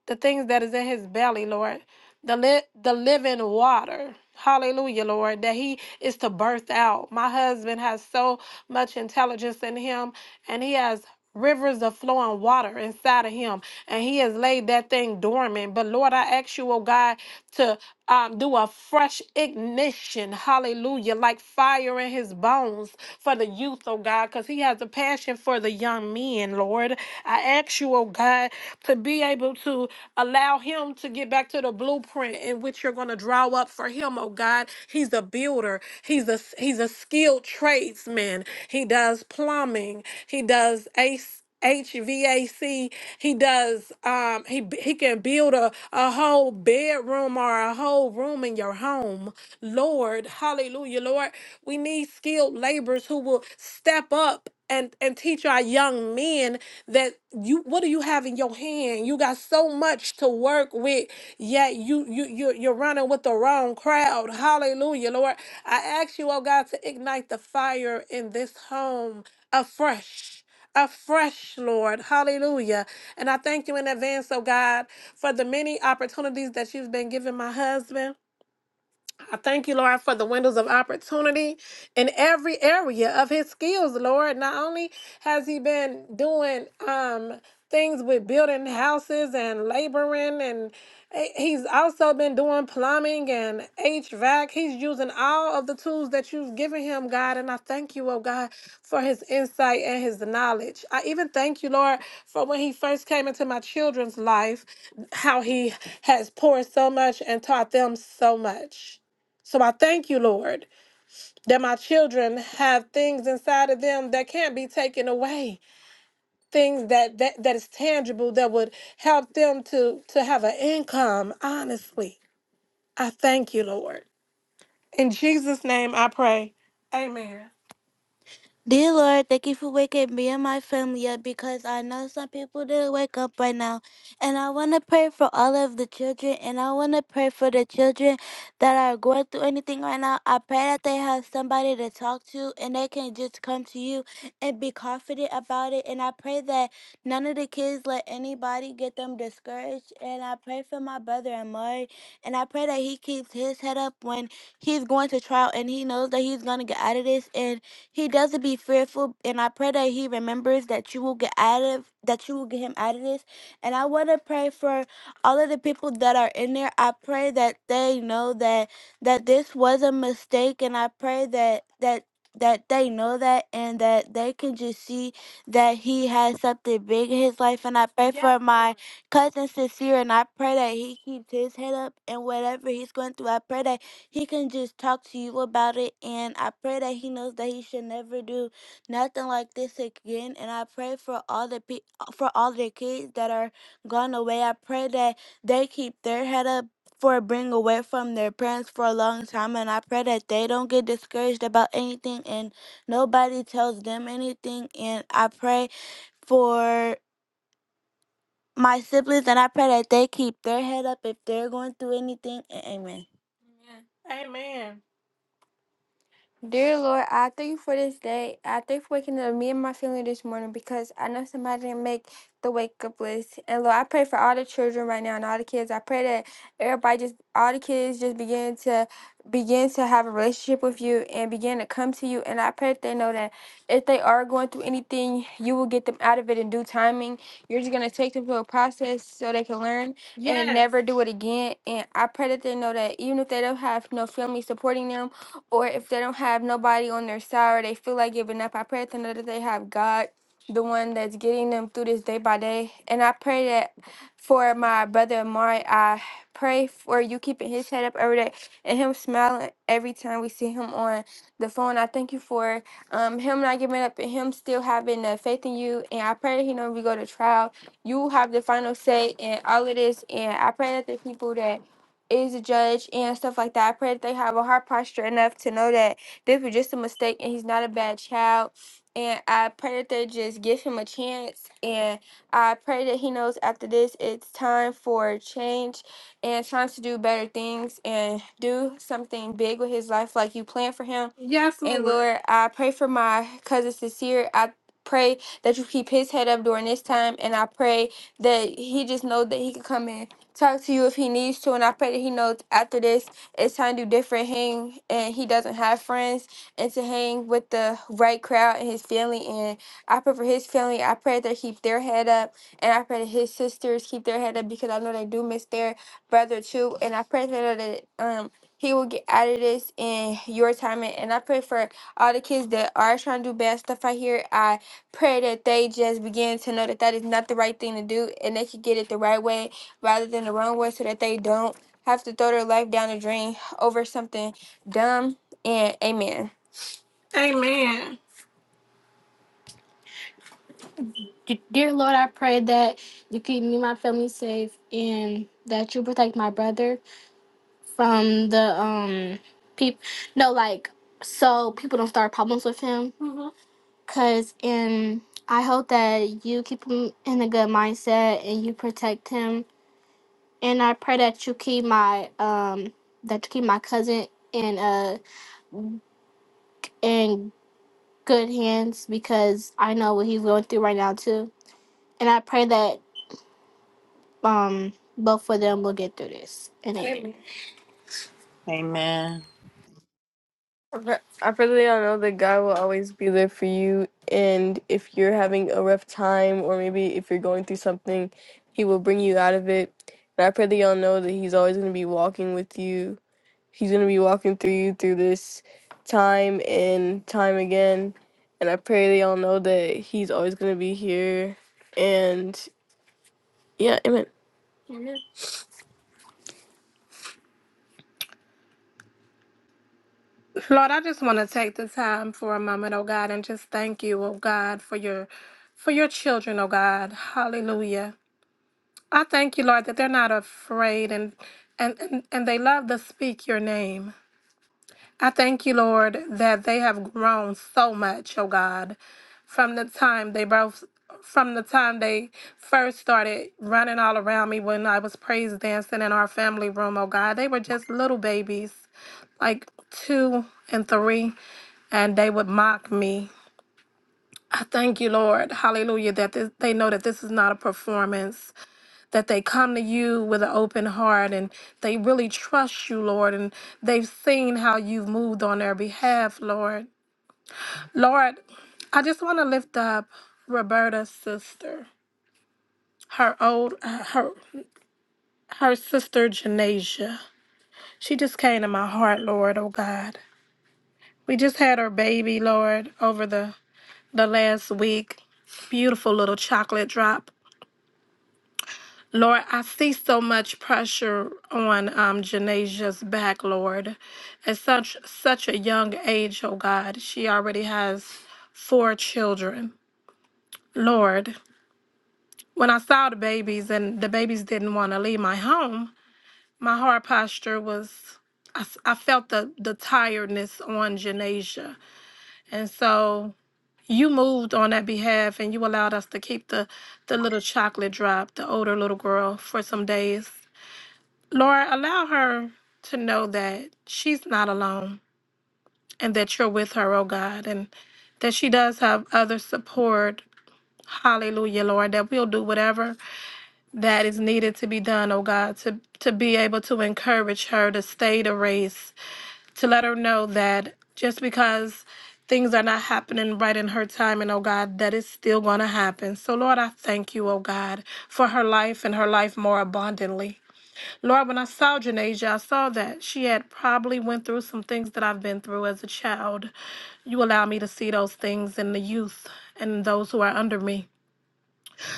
K: The things that is in his belly, Lord. The li- the living water. Hallelujah, Lord, that he is to birth out. My husband has so much intelligence in him, and he has rivers of flowing water inside of him, and he has laid that thing dormant. But Lord, I ask you, oh God, to um, do a fresh ignition, hallelujah, like fire in his bones for the youth, oh God, because he has a passion for the young men, Lord. I ask you, oh God, to be able to allow him to get back to the blueprint in which you're going to draw up for him, oh God. He's a builder, he's a he's a skilled tradesman. He does plumbing, he does AC HVAC. He does. Um, he b- he can build a a whole bedroom or a whole room in your home. Lord, Hallelujah, Lord. We need skilled laborers who will step up. And, and teach our young men that you what do you have in your hand you got so much to work with yet you you you you're running with the wrong crowd hallelujah lord i ask you oh god to ignite the fire in this home afresh afresh, Lord. Hallelujah. And I thank you in advance, oh God, for the many opportunities that you've been giving my husband. I thank you, Lord, for the windows of opportunity in every area of his skills, Lord. Not only has he been doing um things with building houses and laboring and eh, he's also been doing plumbing and HVAC. He's using all of the tools that you've given him, God, and I thank you, oh God, for his insight and his knowledge. I even thank you, Lord, for when he first came into my children's life, how he has poured so much and taught them so much. So I thank you, Lord, that my children have things inside of them that can't be taken away, things that that, that is tangible that would help them to to have an income, honestly. I thank you, Lord. In Jesus' name I pray. Amen. Dear Lord, thank you for waking me and my family up because I know some people didn't wake up right now. And I want to pray for all of the children and I want to pray for the children that are going through anything right now. I pray that they have somebody to talk to and they can just come to you and be confident about it. And I pray that none of the kids let anybody get them discouraged. And I pray for my brother Amari and I pray that he keeps his head up when he's going to trial and he knows that he's going to get out of this. And he doesn't be fearful, and I pray that he remembers that you will get out of that you will get him out of this. And I want to pray for all of the people that are in there. I pray that they know that that this was a mistake, and I pray that that that they know that and that they can just see that he has something big in his life and i pray for my cousin sincere and i pray that he keeps his head up and whatever he's going through i pray that he can just talk to you about it. And I pray that he knows that he should never do nothing like this again. And I pray for all the pe- for all the kids that are gone away. I pray that they keep their head up for being away from their parents for a long time. And I pray that they don't get discouraged about anything and nobody tells them anything. And I pray for my siblings and I pray that they keep their head up if they're going through anything. A- Amen. Amen. Dear Lord, I thank you for this day. I thank you for waking up me and my family this morning because I thank the way. pray that everybody just all the kids just begin to begin to have a relationship with you and begin to come to you and I pray that they know that if they are going through anything, you will get them out of it in due timing. You're just gonna take them through a process so they can learn and Yes. never do it again. And I pray that they know that even if they don't have no family supporting them or if they don't have nobody on their side or they feel like giving up, I pray that they know that they have God the one that's getting them through this day by day. And I pray that for my brother Amari. I pray for you keeping his head up every day and him smiling every time we see him on the phone. I thank you for um, him not giving up and him still having the faith in you. And I pray that he know we go to trial. You have the final say in all of this. And I pray that the people that is a judge and stuff like that. I pray that they have a heart posture enough to know that this was just a mistake and he's not a bad child. And I pray that they just give him a chance and. I pray that he knows after this it's time for change and time to do better things and do something big with his life like you planned for him. Yes, And Lord. Lord, I pray for my cousin Sincere. I pray that you keep his head up during this time. And I pray that he just knows that he can come and talk to you if he needs to. And I pray that he knows after this it's time to do different hang and he doesn't have friends and to hang with the right crowd and his family. and. I pray for his family. I pray that keep their head up, and I pray that his sisters keep their head up because I know they do miss their brother too. And I pray that that um he will get out of this in your time. And and I pray for all the kids that are trying to do bad stuff out here. I pray that they just begin to know that that is not the right thing to do, and they can get it the right way rather than the wrong way, so that they don't have to throw their life down the drain over something dumb. And amen. D- Dear Lord, I pray that you keep me and my family safe and that you protect my brother from the um people no like so people don't start problems with him cuz and I hope that you keep him in a good mindset and you protect him and I pray that you keep my um that you keep my cousin in uh in good hands because I know what he's going through right now too. And I pray that um both of them will get through this And a
D: Amen.
K: I pr- I really do all know that God will always be there for you, and He will all know that He's always with you. And time again, pray they all know that He's always here. Lord, I just want to take the time for a moment, oh God, and just thank you, oh God, for your for your children, oh God. Hallelujah. I thank you, Lord, that they're not afraid and and and, and they love to speak your name. I thank you, Lord, that they have grown so much, oh God, from the time they both from the time they first started running all around me when I was praise dancing in our family room, oh God. They were just little babies, like two and three, and they would mock me. I thank you, Lord, hallelujah, that this, they know that this is not a performance that they come to you with an open heart and they really trust you, Lord, and they've seen how you've moved on their behalf, Lord. Lord, I just want to lift up Roberta's sister, her old her her sister Janasia. She just came to my heart, Lord, oh God. We just had her baby, Lord, over the the last week. Beautiful little chocolate drop Lord, I see so much pressure on um, Janasia's back, Lord. At such such a young age, oh God, she already has four children. Lord, when I saw the babies and the babies didn't want to leave my home, my heart posture was I, s- I felt the the tiredness on Janasia, and so you moved on that behalf, and you allowed us to keep the the little chocolate drop, the older little girl, for some days. Lord, allow her to know that she's not alone and that you're with her, oh God, and that she does have other support. Hallelujah, Lord, that we'll do whatever that is needed to be done, oh God, to, to be able to encourage her to stay the race, to let her know that just because things are not happening right in her time and oh god that is still going to happen so lord i thank you oh god for her life and her life more abundantly Lord, when I saw Janasia, I saw that she had probably went through some things that I've been through as a child. You allow me to see those things in the youth and those who are under me.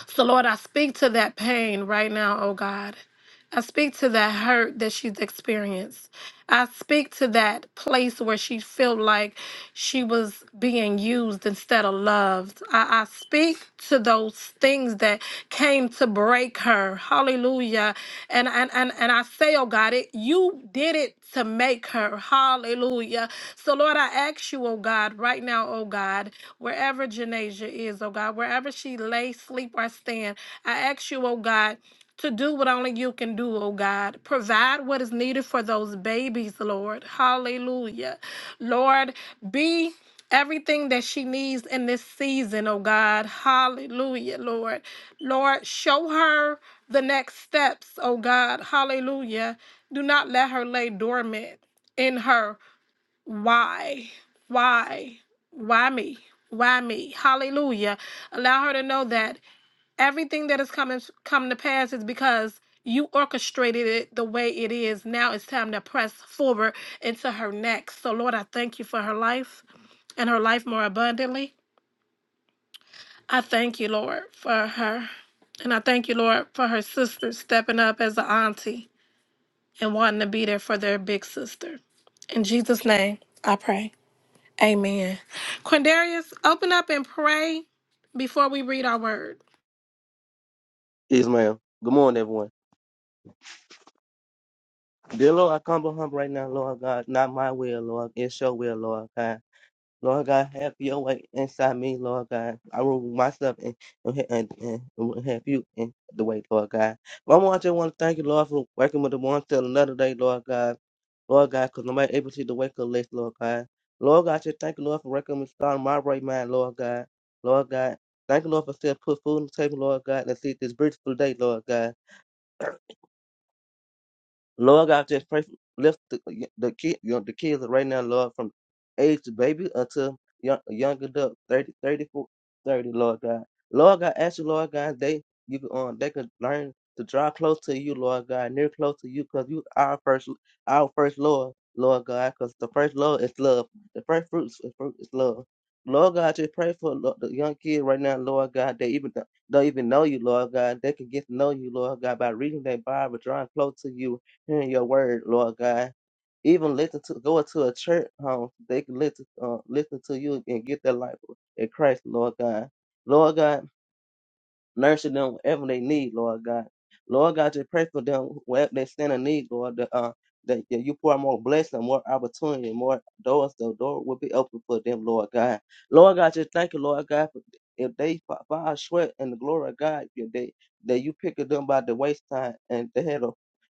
K: So, Lord, I speak to that pain right now, oh God. I speak to that hurt that she's experienced. I speak to that place where she felt like she was being used instead of loved. I, I speak to those things that came to break her. Hallelujah. And and and, and I say, oh God, it you did it to make her. Hallelujah. So Lord, I ask you, oh God, right now, oh God wherever Janasia is, oh God, wherever she lay, sleep, or stand. I ask you, oh God, to do what only you can do, oh God. Provide what is needed for those babies, Lord. Hallelujah. Lord, be everything that she needs in this season, oh God. Hallelujah, Lord. Lord, show her the next steps, oh God. Hallelujah. Do not let her lay dormant in her why why why me why me hallelujah allow her to know that everything that has come is- come to pass is because you orchestrated it the way it is now it's time to press forward into her next so lord i thank you for her life and her life more abundantly i thank you lord for her and i thank you lord for her sister stepping up as an auntie and wanting to be there for their big sister in jesus name i pray Amen. Quindarius, open up and pray before we read our word.
M: Yes, ma'am. Good morning, everyone. Dear Lord, I come behind right now, Lord God. Not my will, Lord. It's your will, Lord God. Lord God, have your way inside me, Lord God. I will remove myself and, and, and, and will have you in the way, Lord God. Mama, I just want to thank you, Lord, for working with the one till another day, Lord God. Lord God, because nobody able to see the wake up list, Lord God. Lord God, I just thank you, Lord, for working with starting my right mind, Lord God. Lord God, thank you, Lord, for still put food on the table, Lord God, and see this beautiful day, Lord God. Lord God, just pray, lift the, the kid, you know, the kids right now, Lord, from age to baby until young, young adult, 30, thirty-four, thirty, Lord God. Lord God, ask you, Lord God, they you can, um, they could learn to draw close to you, Lord God, near close to you, because you our first, our first Lord, Lord God, because the first Lord is love. The first fruits is, fruit is love. Lord God, just pray for lo- the young kid right now, Lord God. They even don't even know you, Lord God. They can get to know you, Lord God, by reading their Bible, drawing close to you, hearing your word, Lord God. Even listen to go to a church home, they can listen uh, listen to you and get their life in Christ, Lord God. Lord God, nursing them whatever they need, Lord God. Lord God, just pray for them wherever they stand in need, Lord. That, uh, that that you pour out more blessing, more opportunity, more doors. The door will be open for them, Lord God. Lord God, just thank you, Lord God. For if they fa- fall short in the glory of God, you- they that you pick them by the waistline, and they had a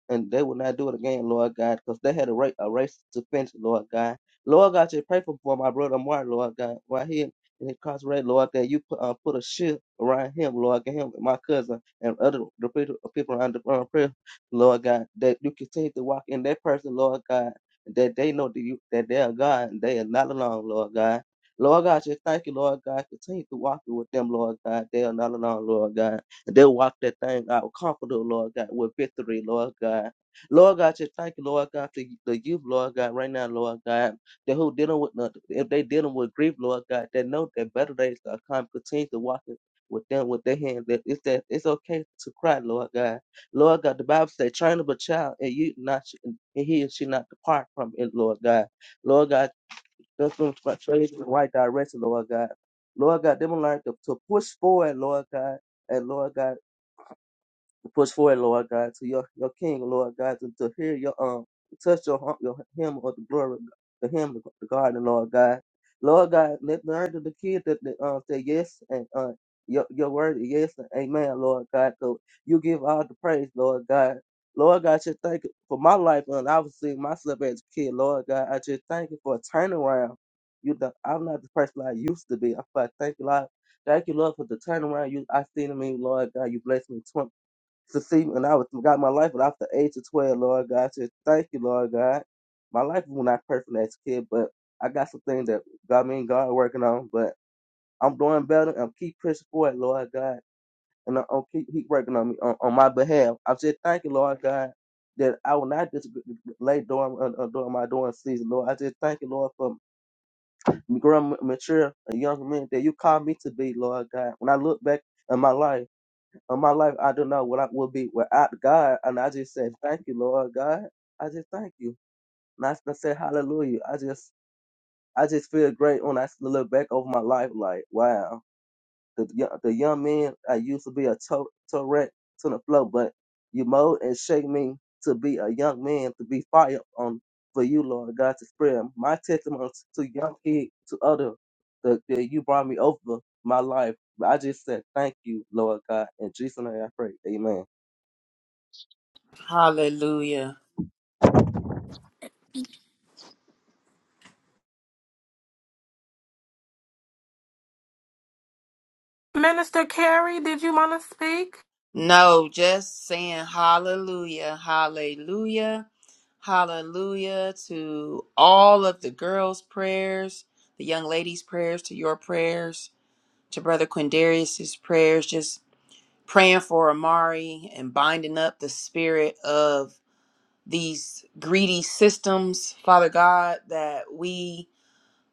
M: and they will not do it again, Lord God, because they had a, ra- a race to finish, Lord God. Lord God, just pray for, for my brother Mark, Lord God, while he in- incarcerated, Lord, that you put, uh, put a shield around him, Lord God, him and my cousin and other the people, people around the around prayer, Lord God, that you continue to walk in that person, Lord God, that they know that you that they are God and they are not alone, Lord God. Lord God, just thank you, Lord God. Continue to walk with them, Lord God. They are not alone, Lord God. They walk that thing out comfortable, Lord God, with victory, Lord God. Lord God, just thank you, Lord God, for the youth, Lord God, right now, Lord God that who dealing with nothing, if they dealing with grief, Lord God, they know that better days are coming. Continue to walk with them with their hands, that it's that it's okay to cry, Lord God. Lord God, the Bible says, train up a child and you not and he and she not depart from it, Lord God. Lord God, that's them frustrated in the right direction, Lord God. Lord God, them learn to, to push forward, Lord God. And Lord God to push forward, Lord God, to your, your King, Lord God, to, to hear your um to touch your hum- your hymn of the glory, the hymn of the garden, Lord God, Lord God, let the urge of the kid that that, um say yes and uh your your word is yes and amen, Lord God, so you give all the praise, Lord God. Lord God, I just thank you for my life, and I was seeing myself as a kid. Lord God, I just thank you for a turnaround. You, know, I'm not the person I used to be. I thank you, Lord. Thank you, Lord, for the turnaround you I seen in me, Lord God. You blessed me to see when I was got my life but after age of twelve, Lord God. I said, Thank you, Lord God. My life was not perfect as a kid, but I got some things that God me and God working on. But I'm doing better and keep pushing forward, Lord God. And I'm I'm keep keep working on me on, on my behalf. I said, Thank you, Lord God, that I will not just lay during uh, uh, during my during season, Lord. I just thank you, Lord, for growing mature a young man that you called me to be, Lord God. When I look back in my life of my life, I don't know what I will be without God. And I just said, thank you, Lord God. I just thank you. And I, just said, hallelujah. I just, I just feel great when I look back over my life. Like, wow, the yo- the young man I used to be a to- Tourette to the flow, but you mold and shake me to be a young man to be fired on for you, Lord God, to spread my testimony to young kids, to other that, that you brought me over my life. But I just said, thank you, Lord God, in Jesus' name I pray. Amen.
K: Minister Carrie, did you want to speak?
D: Hallelujah. Hallelujah to all of the girls' prayers, the young ladies' prayers, to your prayers, to Brother Quindarius's prayers, just praying for Amari and binding up the spirit of these greedy systems, Father God, that we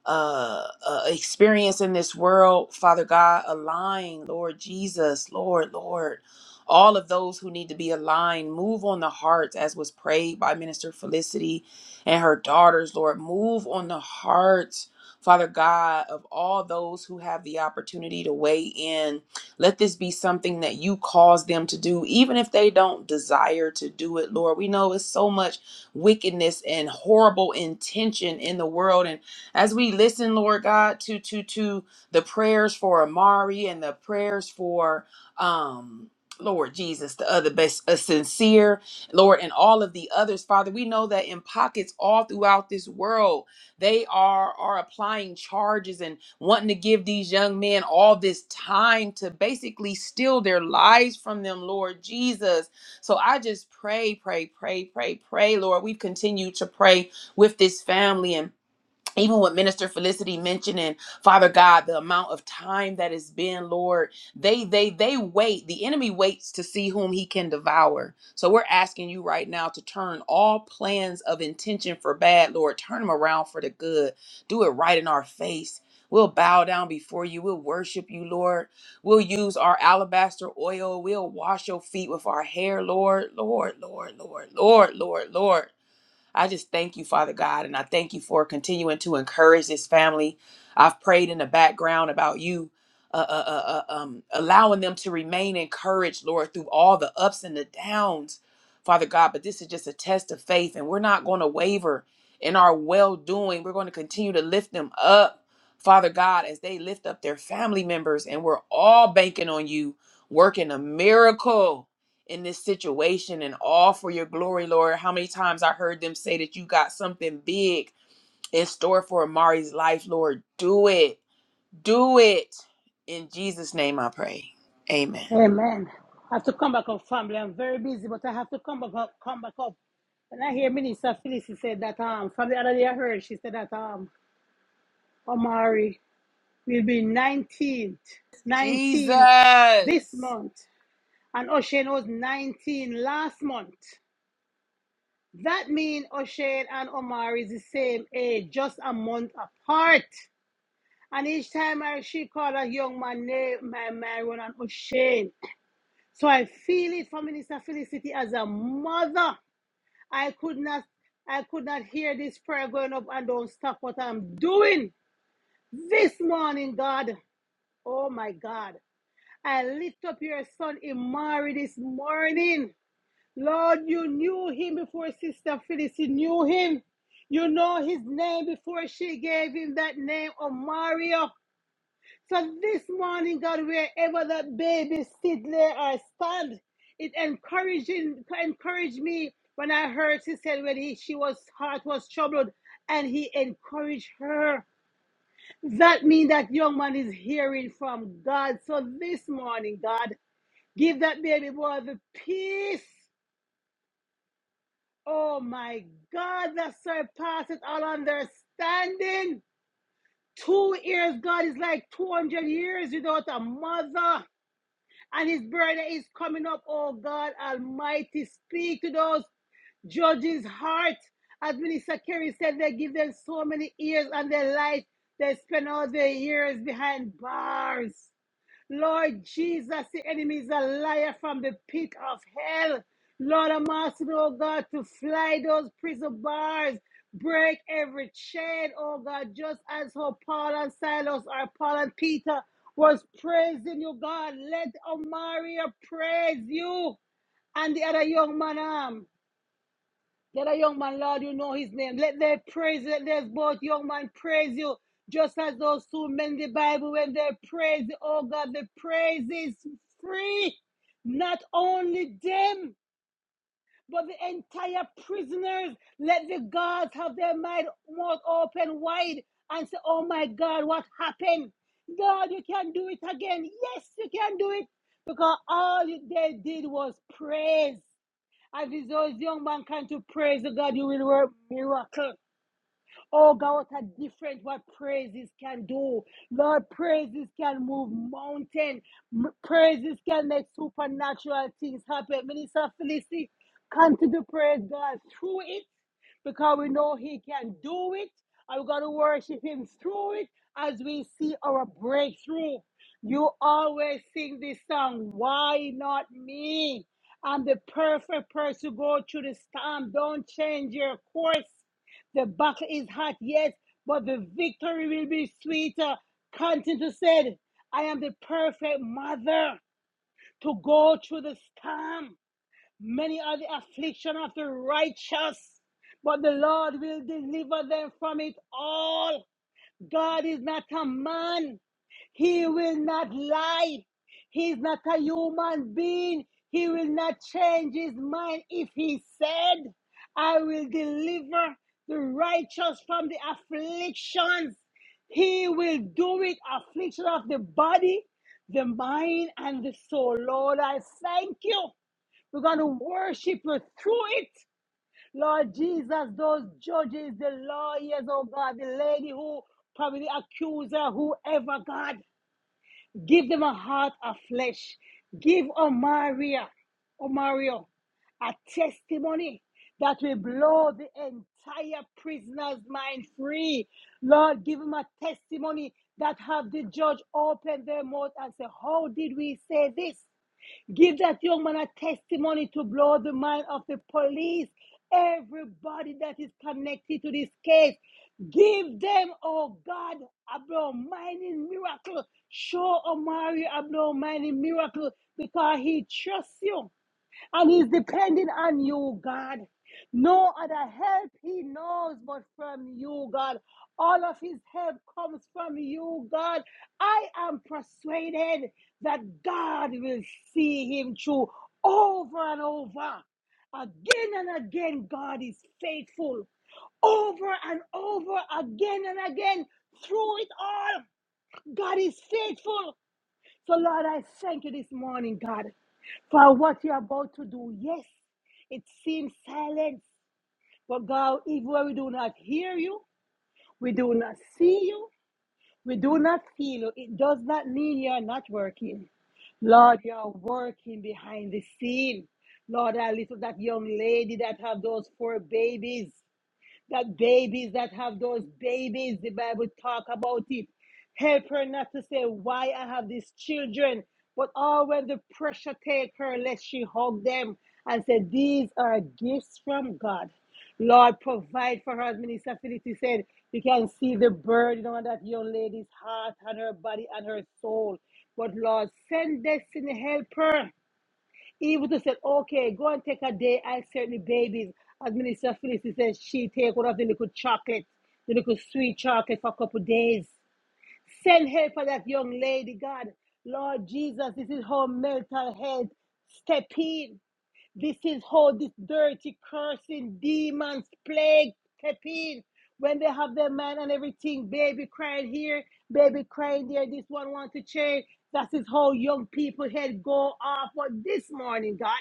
D: uh, uh experience in this world father god align lord jesus lord lord all of those who need to be aligned move on the hearts as was prayed by minister felicity and her daughters lord move on the hearts Father God, of all those who have the opportunity to weigh in, let this be something that you cause them to do, even if they don't desire to do it, Lord. We know it's so much wickedness and horrible intention in the world, and as we listen, Lord God, to to to the prayers for Amari and the prayers for um Lord Jesus, the other best, a sincere Lord, and all of the others, Father, we know that in pockets all throughout this world, they are are applying charges and wanting to give these young men all this time to basically steal their lives from them, Lord Jesus. So I just pray, pray, pray, pray, pray, Lord. We've continued to pray with this family and even with minister felicity mentioning father god the amount of time that has been lord they they they wait the enemy waits to see whom he can devour so we're asking you right now to turn all plans of intention for bad lord turn them around for the good do it right in our face We'll bow down before you. We'll worship you, Lord. We'll use our alabaster oil. We'll wash your feet with our hair, Lord, Lord, Lord, Lord, Lord, Lord, Lord. I just thank you, Father God, and I thank you for continuing to encourage this family. I've prayed in the background about you. Uh, uh, uh, uh, um, allowing them to remain encouraged, Lord, through all the ups and the downs, Father God. But this is just a test of faith, and we're not going to waver in our well doing. We're going to continue to lift them up, Father God, as they lift up their family members, and we're all banking on you working a miracle in this situation and all for your glory, Lord. How many times I heard them say that you got something big in store for Amari's life, Lord. Do it. Do it. In Jesus' name I pray. Amen.
A: Amen. I have to come back up, family. I'm very busy, but I have to come back up. Come back up. When I hear Minister Felicity she said that um from the other day I heard she said that um Omari will be 19th, 19 this
D: Jesus.
A: month, and O'Shane was 19 last month. That means O'Shane and Omari is the same age, just a month apart. And each time I she called a young man name, my man run on O'Shane. So I feel it for Minister Felicity as a mother. I could not I could not hear this prayer going up and don't stop what I'm doing this morning, God. Oh my God. I lift up your son Imari this morning. Lord, you knew him before Sister Felicity knew him. You know his name before she gave him that name, Omario. So this morning, God, wherever that baby sit, lay or stand, it encouraging encouraged me when I heard she said when he, she was heart was troubled, and he encouraged her. That means that young man is hearing from God. So this morning, God, give that baby boy the peace. Oh my God, that surpasses all understanding. Two years, God, is like 200 years without a mother. and his brother is coming up. Oh God Almighty, speak to those judges' heart. As Minister Kerry said, they give them so many years and their life. They spend all their years behind bars. Lord Jesus, the enemy is a liar from the pit of hell. Lord, I'm asking, oh God, to fly those prison bars, break every chain, oh God, just as how Paul and Silas or Paul and Peter was praising you, God. Let Omaria praise you and the other young man. um, let a young man, Lord, you know his name. Let their praise, let those both young man praise you. Just as those two men in the Bible, when they praise, oh God, the praise is free. Not only them, but the entire prisoners. Let the guards have their mind mouth open wide and say, Oh my God, what happened? God, you can do it again. Yes, you can do it. Because all they did was praise. As is those young man can to praise the God, you will work miracle. Oh God, what a difference what praises can do. Lord, praises can move mountain. M- Praises can make supernatural things happen. Minister Felicity, come to the praise God through it because we know He can do it. And we're going to worship Him through it as we see our breakthrough. You always sing this song, Why Not Me? I'm the perfect person to go through the storm. Don't change your course. The battle is hot, yes, but the victory will be sweeter. Continue to said, I am the perfect mother to go through the storm. Many are the affliction of the righteous, but the Lord will deliver them from it all. God is not a man. He will not lie. He is not a human being. He will not change his mind if he said, I will deliver the righteous from the afflictions. He will do it, affliction of the body, the mind, and the soul. Lord, I thank you. We're going to worship you through it. Lord Jesus, those judges, the lawyers, oh God, the lady who probably the accuser, whoever, God, give them a heart of flesh. Give Omaria, Omario, a testimony that will blow the entire prisoner's mind free. Lord, give him a testimony that have the judge open their mouth and say, How did we say this? Give that young man a testimony to blow the mind of the police. Everybody that is connected to this case, give them, oh God, a blow mining miracle. Show Omari a blow mining miracle because he trusts you. And he's depending on you, God. No other help he knows but from you, God. All of his help comes from you, God. I am persuaded that God will see him through over and over. Again and again, God is faithful. Over and over, again and again, through it all, God is faithful. So, Lord, I thank you this morning, God for what you're about to do. Yes, it seems silent. but God, even when we do not hear you, we do not see you, we do not feel you, it does not mean you're not working. Lord, you're working behind the scene. Lord, I lift up that young lady that have those four babies that babies that have those babies, the Bible talk about it. Help her not to say why I have these children, but all when the pressure take her, let she hug them and say these are gifts from God. Lord, provide for her, as Minister Felicity said. You can see the burden on that young lady's heart and her body and her soul. But Lord, send destiny help her he would have said, okay, go and take a day. I certainly babies. As Minister Phyllis says, she take one of the little chocolate, the little sweet chocolate for a couple of days. Send help for that young lady, God. Lord Jesus, this is how mental health step in. This is how this dirty, cursing, demons, plague step in. When they have their man and everything, baby crying here, baby crying there, this one want to change. That is how young people head go off. What this morning, God.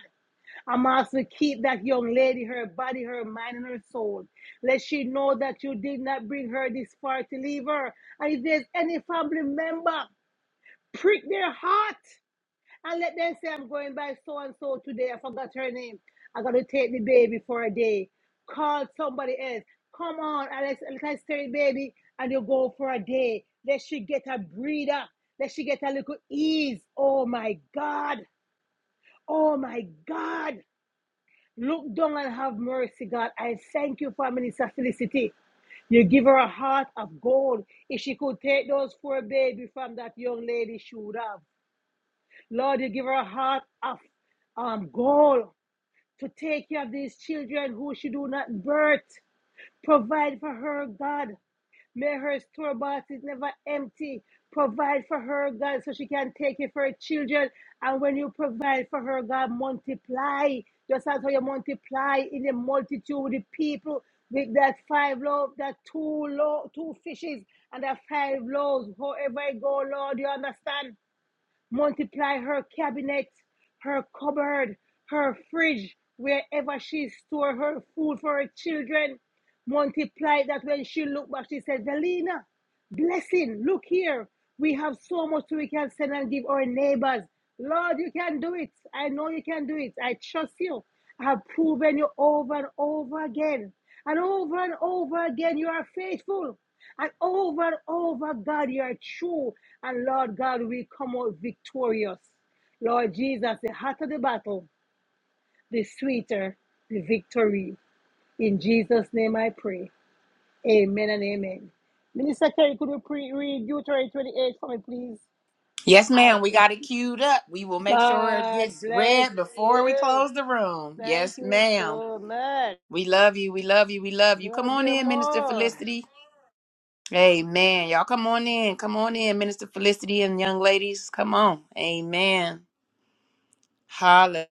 A: I'm asking keep that young lady, her body, her mind, and her soul. Let she know that you did not bring her this far to leave her. And if there's any family member, prick their heart and let them say, I'm going by so and so today. I forgot her name. I got to take the baby for a day. Call somebody else. Come on, Alex, let's take the baby and you go for a day. Let she get a breather. Let she get a little ease. Oh my God. Oh my God. Look down and have mercy, God. I thank you for Minister Felicity. You give her a heart of gold. If she could take those four babies from that young lady, she would have. Lord, you give her a heart of um, gold to take care of these children who she do not birth. Provide for her, God. May her store-bought is never empty. Provide for her, God, so she can take it for her children. And when you provide for her, God, multiply. Just as how you multiply in the multitude with the people with that five loaves, that two lo- two fishes, and that five loaves. However it go, Lord, you understand. Multiply her cabinet, her cupboard, her fridge, wherever she store her food for her children. Multiply that when she looked back, she said, Velina, blessing, look here. We have so much we can send and give our neighbors. Lord, you can do it. I know you can do it. I trust you. I have proven you over and over again. And over and over again, you are faithful. And over and over, God, you are true. And Lord God, we come out victorious. Lord Jesus, the hotter the battle, the sweeter the victory. In Jesus' name I pray. Amen and amen. Minister Kerry, could you pre- read Deuteronomy 28 for me, please?
D: Yes,
A: I
D: ma'am. We got it queued up. We will make sure it
A: God
D: gets
A: bless
D: read before we
A: you.
D: close the room.
A: Thank
D: Yes,
A: you
D: ma'am.
A: so much.
D: We love you. We love you. We love you. Come
A: Love
D: on
A: you
D: in, Minister
A: more.
D: Felicity. Amen. Y'all come on in. Come on in, Minister Felicity and young ladies. Come on. Amen. Holla.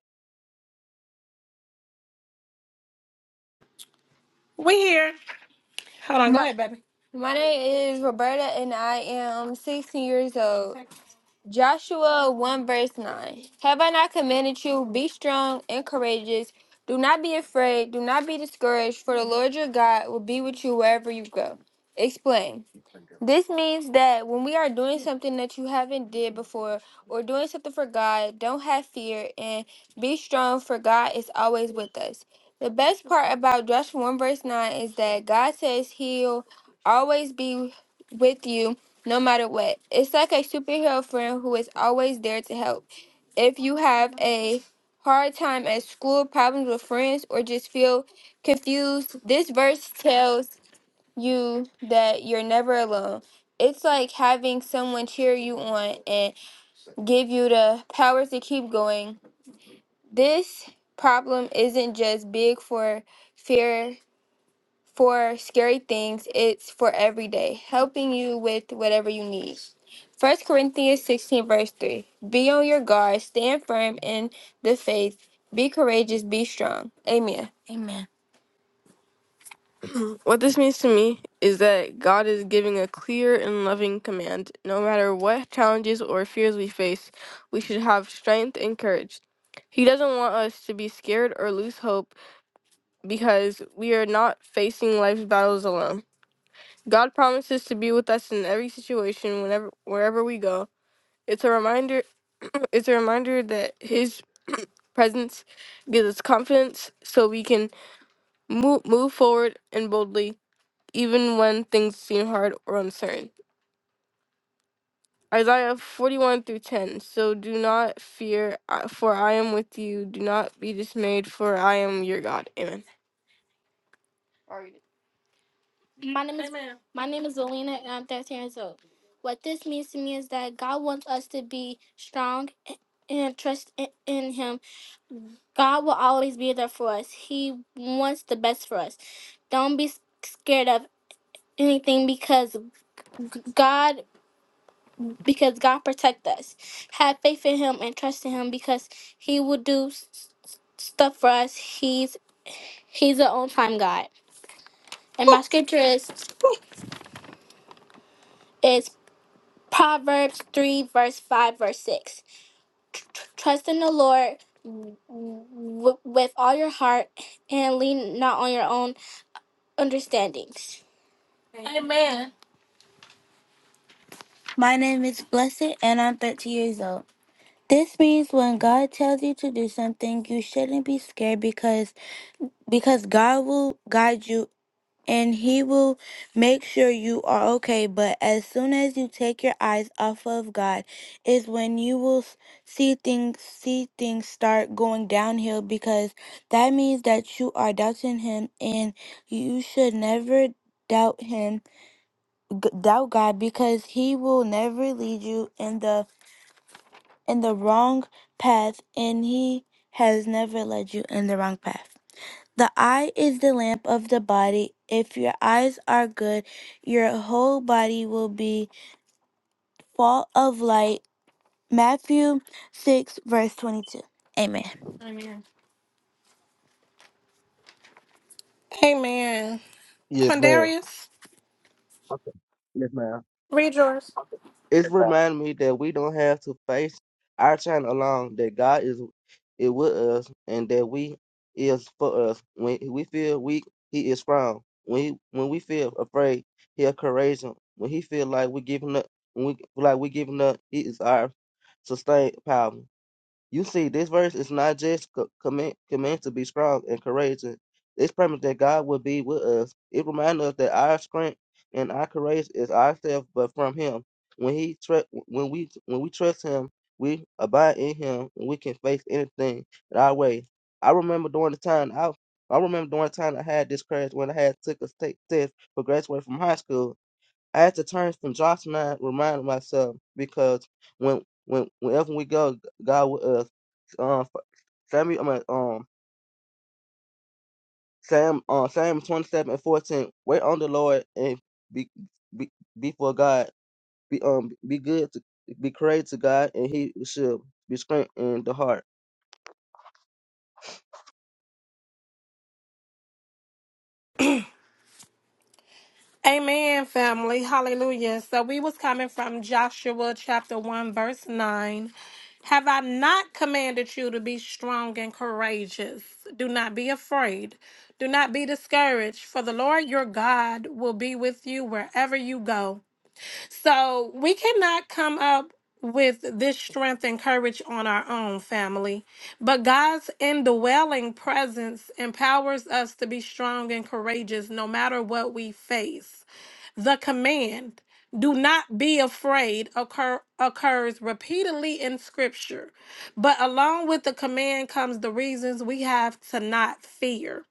K: We here. Hold on. Go My, ahead, baby. my name is Roberta and I am 16 years old. Joshua 1 verse 9. Have I not commanded you? Be strong and courageous. Do not be afraid. Do not be discouraged, for the Lord your God will be with you wherever you go. Explain. This means that when we are doing something that you haven't did before or doing something for God, don't have fear and be strong for God is always with us. The best part about Joshua 1 verse 9 is that God says he'll always be with you no matter what. It's like a superhero friend who is always there to help. If you have a hard time at school, problems with friends, or just feel confused, this verse tells you that you're never alone. It's like having someone cheer you on and give you the power to keep going. This problem isn't just big for fear for scary things, it's for every day, helping you with whatever you need. First Corinthians 16, verse 3. Be on your guard, stand firm in the faith, be courageous, be strong. Amen. What this means to me is that God is giving a clear and loving command. No matter what challenges or fears we face, we should have strength and courage. He doesn't want us to be scared or lose hope because we are not facing life's battles alone. God promises to be with us in every situation whenever wherever we go. It's a reminder it's a reminder that his presence gives us confidence so we can move, move forward and boldly even when things seem hard or uncertain. Isaiah 41 through 10. So do not fear, I- for I am with you. Do not be dismayed, for I am your God. Amen. My name is Amen. My name is Alina, and I'm 13 years old. What this means to me is that God wants us to be strong and trust in in Him. God will always be there for us. He wants the best for us. Don't be s- scared of anything because g- God because God protect us. Have faith in Him and trust in Him because He will do s- s- stuff for us. He's He's an on time God. And my scripture is is Proverbs three verse five verse six. Trust in the Lord w- w- with all your heart and lean not on your own understandings. My name is Blessed and I'm thirteen years old. This means when God tells you to do something, you shouldn't be scared because because God will guide you and He will make sure you are okay. But as soon as you take your eyes off of God, is when you will s- see things see things start going downhill because that means that you are doubting Him and you should never doubt Him, g- doubt God because He will never lead you in the in the wrong path and He has never led you in the wrong path. The eye is the lamp of the body. If your eyes are good, your whole body will be full of light. Matthew 6, verse 22. Amen. Amen. Amen.
M: Yes, ma'am.
K: Quindarius,
M: Okay. Yes, ma'am.
K: read yours.
M: It's remind me that we don't have to face our time alone. That God is is with us, and that we is for us. When we feel weak, He is strong. When he, when we feel afraid, He is courageous. When He feel like we giving up, when we like we giving up, He is our sustained power. You see, this verse is not just co- command, command to be strong and courageous. This promise that God will be with us. It reminds us that our strength and our courage is ourselves, but from Him. When He tr- when we when we trust Him, we abide in Him, and we can face anything in our way. I remember during the time I I remember during the time I had this crash when I had took a state test for graduating from high school. I had to turn from Josh mind, remind myself because when when whenever we go, God with us. Um, Samuel, I mean, um, Sam, um, Sam twenty seven and fourteen. Wait on the Lord and be be be for God. Be um be good to be crazy to God, and He should be strengthened in the heart.
K: Amen, family. Hallelujah. So we was coming from Joshua chapter 1 verse 9. Have I not commanded you to be strong and courageous? Do not be afraid. Do not be discouraged, for the Lord your God will be with you wherever you go. So we cannot come up with this strength and courage on our own family, but God's indwelling presence empowers us to be strong and courageous no matter what we face. The command, do not be afraid, occur, occurs repeatedly in Scripture. But along with the command comes the reasons we have to not fear.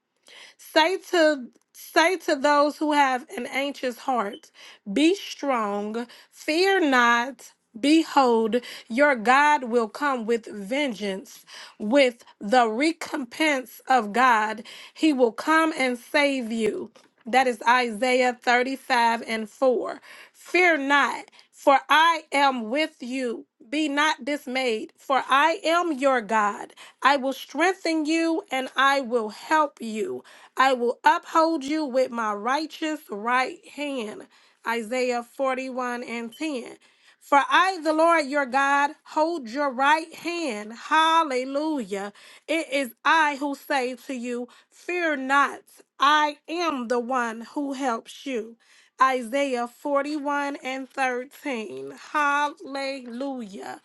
K: Say to say to those who have an anxious heart, be strong, fear not. Behold, your God will come with vengeance, with the recompense of God. He will come and save you. That is Isaiah 35 and 4. Fear not, for I am with you. Be not dismayed, for I am your God. I will strengthen you and I will help you. I will uphold you with my righteous right hand. Isaiah 41 and 10. For I, the Lord your God, hold your right hand. Hallelujah. It is I who say to you, Fear not, I am the one who helps you. Isaiah 41 and 13. Hallelujah.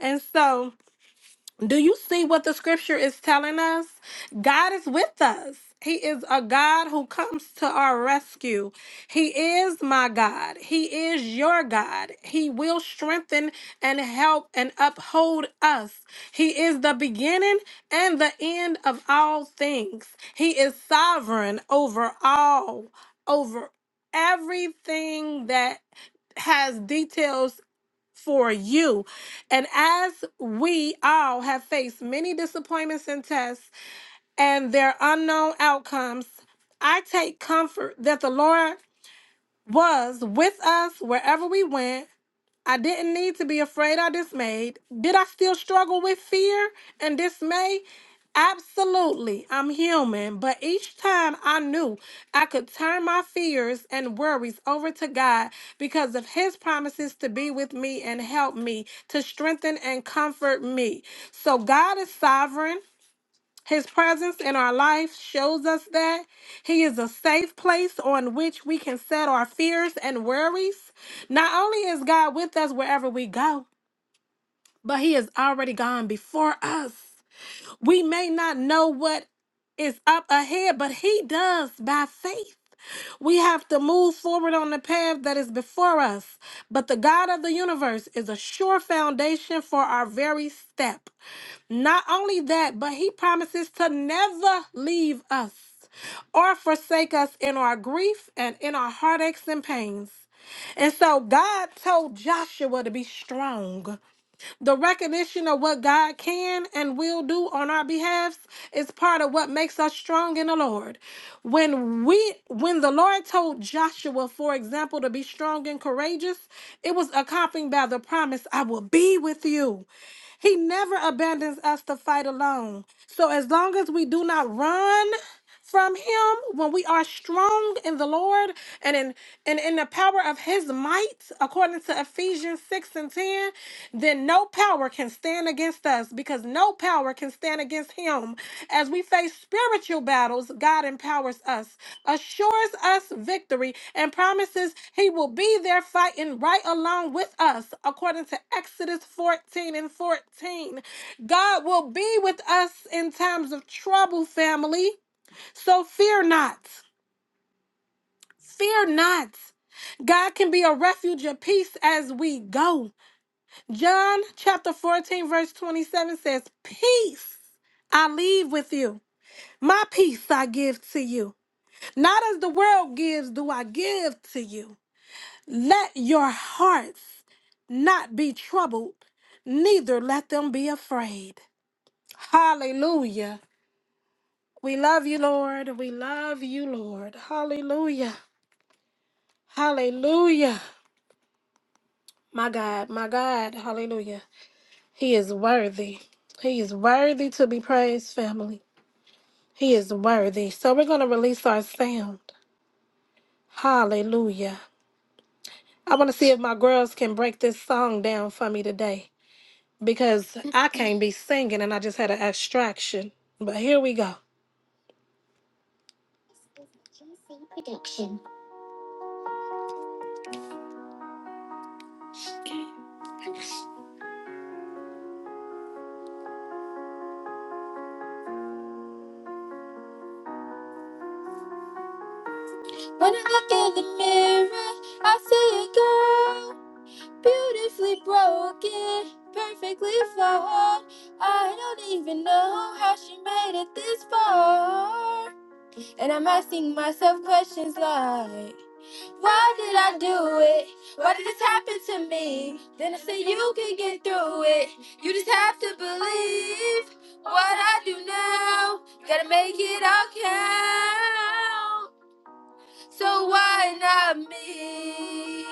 K: And so, do you see what the scripture is telling us? God is with us. He is a God who comes to our rescue. He is my God. He is your God. He will strengthen and help and uphold us. He is the beginning and the end of all things. He is sovereign over all, over everything that has details for you. And as we all have faced many disappointments and tests and their unknown outcomes, I take comfort that the Lord was with us wherever we went I didn't need to be afraid or dismayed. Did I still struggle with fear and dismay? Absolutely. I'm human, but each time I knew I could turn my fears and worries over to God because of his promises to be with me and help me, to strengthen and comfort me. So God is sovereign. His presence in our life shows us that He is a safe place on which we can set our fears and worries. Not only is God with us wherever we go, but He has already gone before us. We may not know what is up ahead, but He does by faith. We have to move forward on the path that is before us. But the God of the universe is a sure foundation for our very step. Not only that, but he promises to never leave us or forsake us in our grief and in our heartaches and pains. And so God told Joshua to be strong. The recognition of what God can and will do on our behalf is part of what makes us strong in the Lord. When we when the Lord told Joshua, for example, to be strong and courageous, it was accompanied by the promise, I will be with you. He never abandons us to fight alone. So as long as we do not run, from him when we are strong in the Lord and in and in the power of his might, according to Ephesians 6 and 10, then no power can stand against us because no power can stand against him. As we face spiritual battles, God empowers us, assures us victory, and promises he will be there fighting right along with us, according to Exodus 14 and 14. God will be with us in times of trouble, family. So fear not. Fear not. God can be a refuge of peace as we go. John chapter 14, verse 27 says, Peace I leave with you. My peace I give to you. Not as the world gives, do I give to you. Let your hearts not be troubled, neither let them be afraid. Hallelujah. We love you, Lord. We love you, Lord. Hallelujah. Hallelujah. My God, my God, hallelujah. He is worthy. He is worthy to be praised, family. He is worthy. So we're going to release our sound. Hallelujah. I want to see if my girls can break this song down for me today because I can't be singing and I just had an abstraction. But here we go. When I look in the mirror, I see a girl. Beautifully broken, perfectly flawed. I don't even know how she made it this far. And I'm asking myself questions like, why do it? What happened to me? Then I say you can get. it. You just have to believe what I do now. Gotta make it all count. So why not me?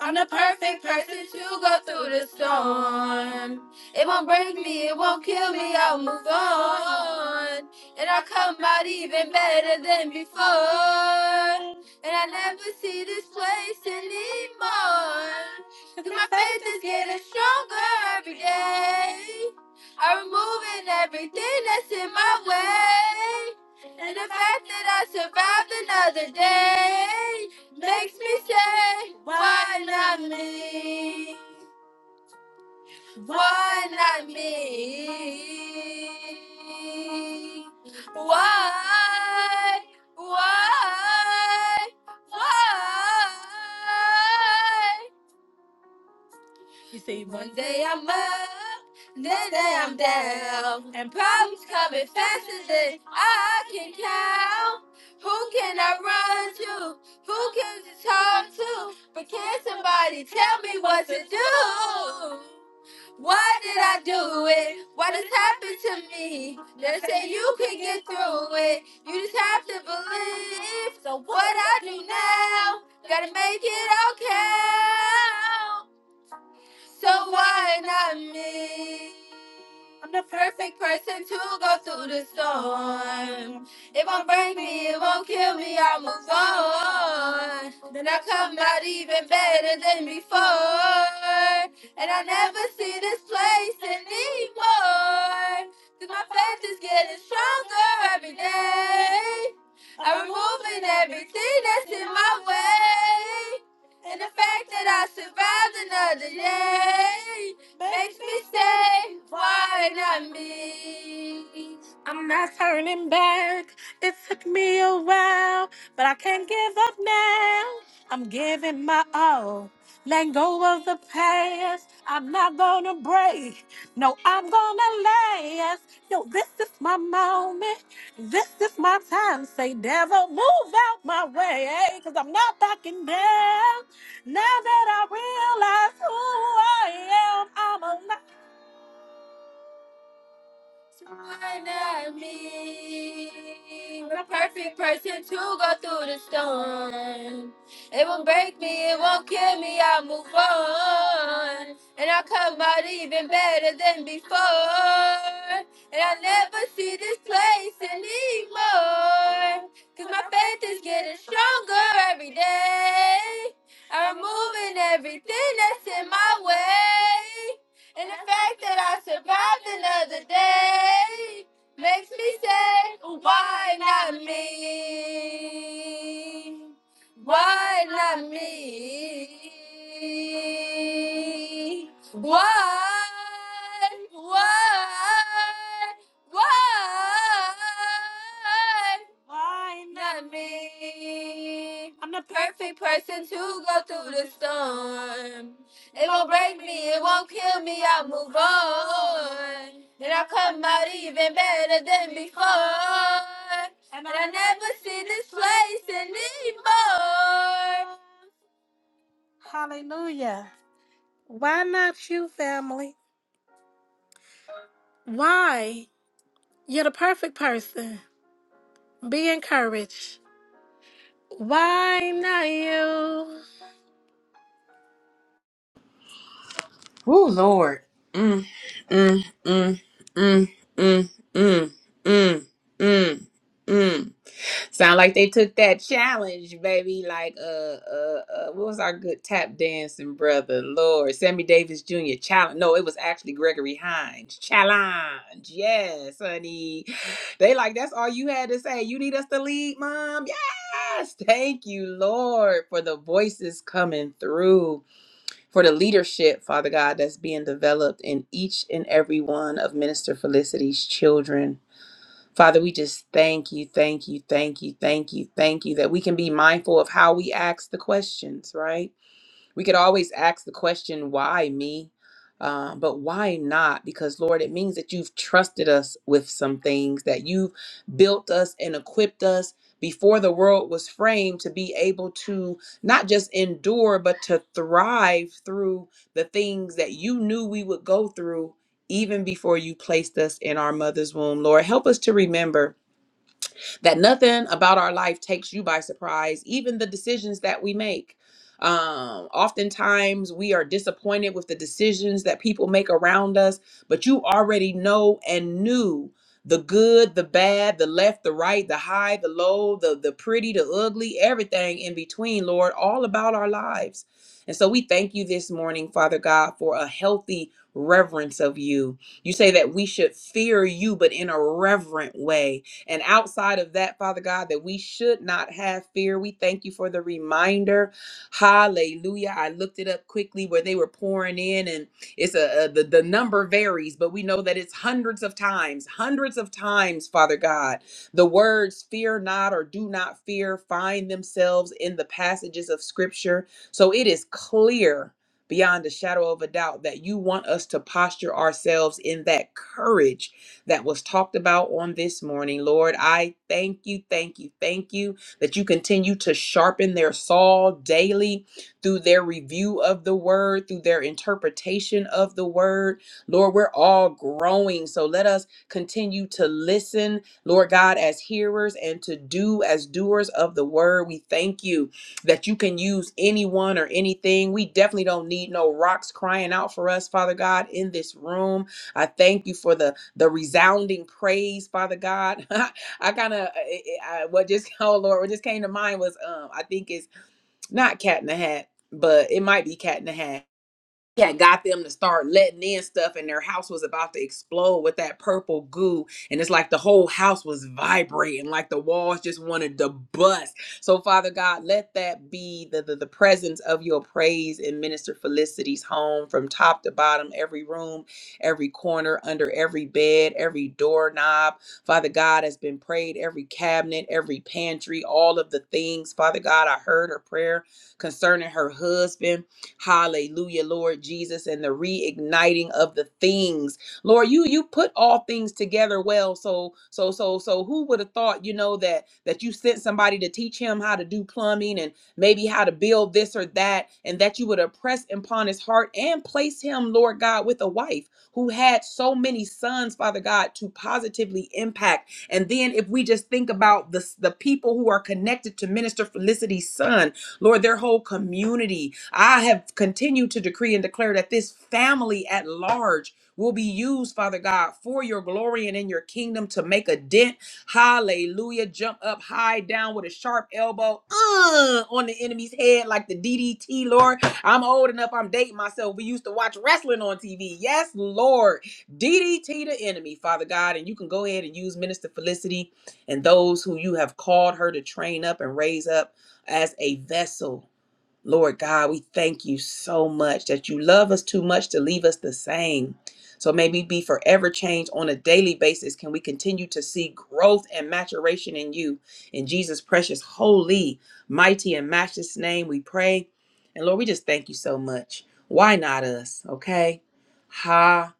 K: I'm the perfect person to go through the storm. It won't break me, it won't kill me, I'll move on. And I'll come out even better than before. And I never see this place anymore. 'Cause my faith is getting stronger every day. I'm removing everything that's in my way. And the fact that I survived another day makes me say, why not me? Why not me? Why? Why? Why? You see, one day I'm up, next day I'm down, and problems coming faster than I can count. Who can I run to? Who can I talk to? But can somebody tell me what to do? Why did I do it? What this happened to me? They say you can get through it. You just have to believe. So what I do now, gotta make it okay. So why not me? I'm the perfect person to go through the storm. It won't break me, it won't kill me, I'll move on. Then I come out even better than before. And I never see this place anymore. Cause my faith is getting stronger every day. I'm removing everything that's in my way. And the fact that I survived another day makes me say, why not me? I'm not turning back. It took me a while, but I can't give up now. I'm giving my all. Let go of the past. I'm not gonna break. No, I'm gonna last. Yo, this is my moment. This is my time. Say, devil, move out my way. eh? Cause I'm not backing down. Now that I realize who I am, I'm alive. Why not me? I'm a perfect person. It was before, and I fun, and I never just play. Cause my faith is getting stronger every day. I'm removing everything that's in my way. And the fact that I survived another day makes me say, why not me? Why not me? What, what, what, Why not me? I'm the perfect person to go through the storm. It won't break me, it won't kill me, I'll move on. Then I'll come out even better than before. And I never see this place anymore. Hallelujah. Why not you, family? Why? You're the perfect person. Be encouraged. Why not you?
D: Ooh, Lord. Mm, mm, mm, mm, mm, mm, mm, mm, mm. Sound like they took that challenge, baby. Like uh, uh, uh what was our good tap dancing brother? Lord, Sammy Davis Jr. challenge. No, it was actually Gregory Hines challenge. Yes, honey. They like that's all you had to say. You need us to lead, mom. Yes, thank you, Lord, for the voices coming through, for the leadership, Father God, that's being developed in each and every one of Minister Felicity's children. Father, we just thank you, thank you, thank you, thank you, thank you that we can be mindful of how we ask the questions, right? We could always ask the question, why me? Um, but why not? Because, Lord, it means that you've trusted us with some things, that you've built us and equipped us before the world was framed to be able to not just endure, but to thrive through the things that you knew we would go through even before you placed us in our mother's womb. Lord, help us to remember that nothing about our life takes you by surprise, even the decisions that we make. Um, oftentimes we are disappointed with the decisions that people make around us, but you already know and knew the good, the bad, the left, the right, the high, the low, the the pretty, the ugly, everything in between, Lord, all about our lives. And so we thank you this morning, Father God, for a healthy reverence of you. You say that we should fear you, but in a reverent way and outside of that, Father God, that we should not have fear. We thank you for the reminder. Hallelujah. I looked it up quickly where they were pouring in, and it's a, a the, the number varies, but we know that it's hundreds of times, hundreds of times, Father God. The words fear not or do not fear find themselves in the passages of scripture. So it is clear beyond a shadow of a doubt that you want us to posture ourselves in that courage that was talked about on this morning. Lord, I thank you, thank you, thank you that you continue to sharpen their saw daily through their review of the word, through their interpretation of the word. Lord, we're all growing. So let us continue to listen, Lord God, as hearers and to do as doers of the word. We thank you that you can use anyone or anything. We definitely don't need no rocks crying out for us, Father God, in this room. I thank you for the the resounding praise, Father God. I kind of what just oh Lord, what just came to mind was um I think it's not cat in the hat, but it might be cat in the hat had got them to start letting in stuff and their house was about to explode with that purple goo and it's like the whole house was vibrating like the walls just wanted to bust so father god let that be the, the, the presence of your praise in minister felicity's home from top to bottom every room every corner under every bed every doorknob father god has been prayed every cabinet every pantry all of the things father god i heard her prayer concerning her husband Hallelujah, Lord Jesus, and the reigniting of the things. Lord, you you put all things together well. So so so so who would have thought, you know, that that you sent somebody to teach him how to do plumbing and maybe how to build this or that, and that you would have pressed upon his heart and placed him, Lord God, with a wife who had so many sons, Father God, to positively impact. And then if we just think about the, the people who are connected to Minister Felicity's son, Lord, their whole community. I have continued to decree and declare that this family at large will be used, Father God, for your glory and in your kingdom to make a dent. Hallelujah. Jump up high down with a sharp elbow uh, on the enemy's head like the DDT, Lord. I'm old enough, I'm dating myself. We used to watch wrestling on TV. Yes, Lord. DDT the enemy, Father God. And you can go ahead and use Minister Felicity and those who you have called her to train up and raise up as a vessel Lord God, we thank you so much that you love us too much to leave us the same. So may we be forever changed on a daily basis. Can we continue to see growth and maturation in you? In Jesus' precious, holy, mighty, and matchless name, we pray. And Lord, we just thank you so much. Why not us? Okay. Hallelujah.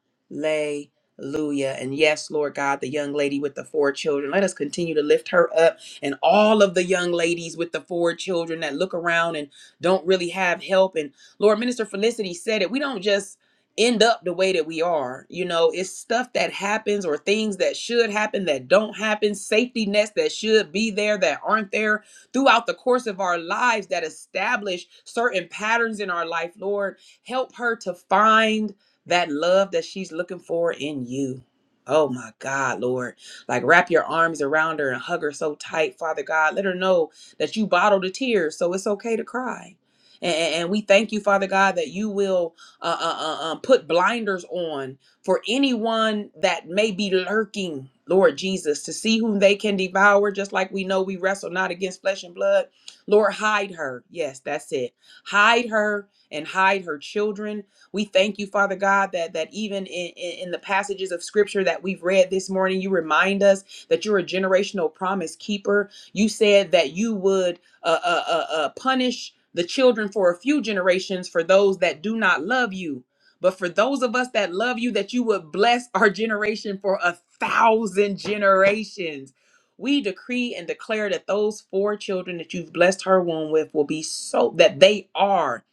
D: And yes, Lord God, the young lady with the four children, let us continue to lift her up and all of the young ladies with the four children that look around and don't really have help. And Lord, Minister Felicity said it. We don't just end up the way that we are. You know, it's stuff that happens or things that should happen that don't happen, safety nets that should be there that aren't there throughout the course of our lives that establish certain patterns in our life. Lord, help her to find that love that she's looking for in you. Oh my God, Lord. Like wrap your arms around her and hug her so tight, Father God. Let her know that you bottle the tears. So it's okay to cry. And, and we thank you, Father God, that you will uh, uh, uh, uh, um, put blinders on for anyone that may be lurking, Lord Jesus, to see whom they can devour, just like we know we wrestle not against flesh and blood. Lord, hide her. Yes, that's it. Hide her and hide her children. We thank you, Father God, that that even in, in, in the passages of scripture that we've read this morning, you remind us that you're a generational promise keeper you said that you would uh, uh, uh, uh, punish the children for a few generations for those that do not love you. But for those of us that love you, that you would bless our generation for a thousand generations. We decree and declare that those four children that you've blessed her womb with will be so, that they are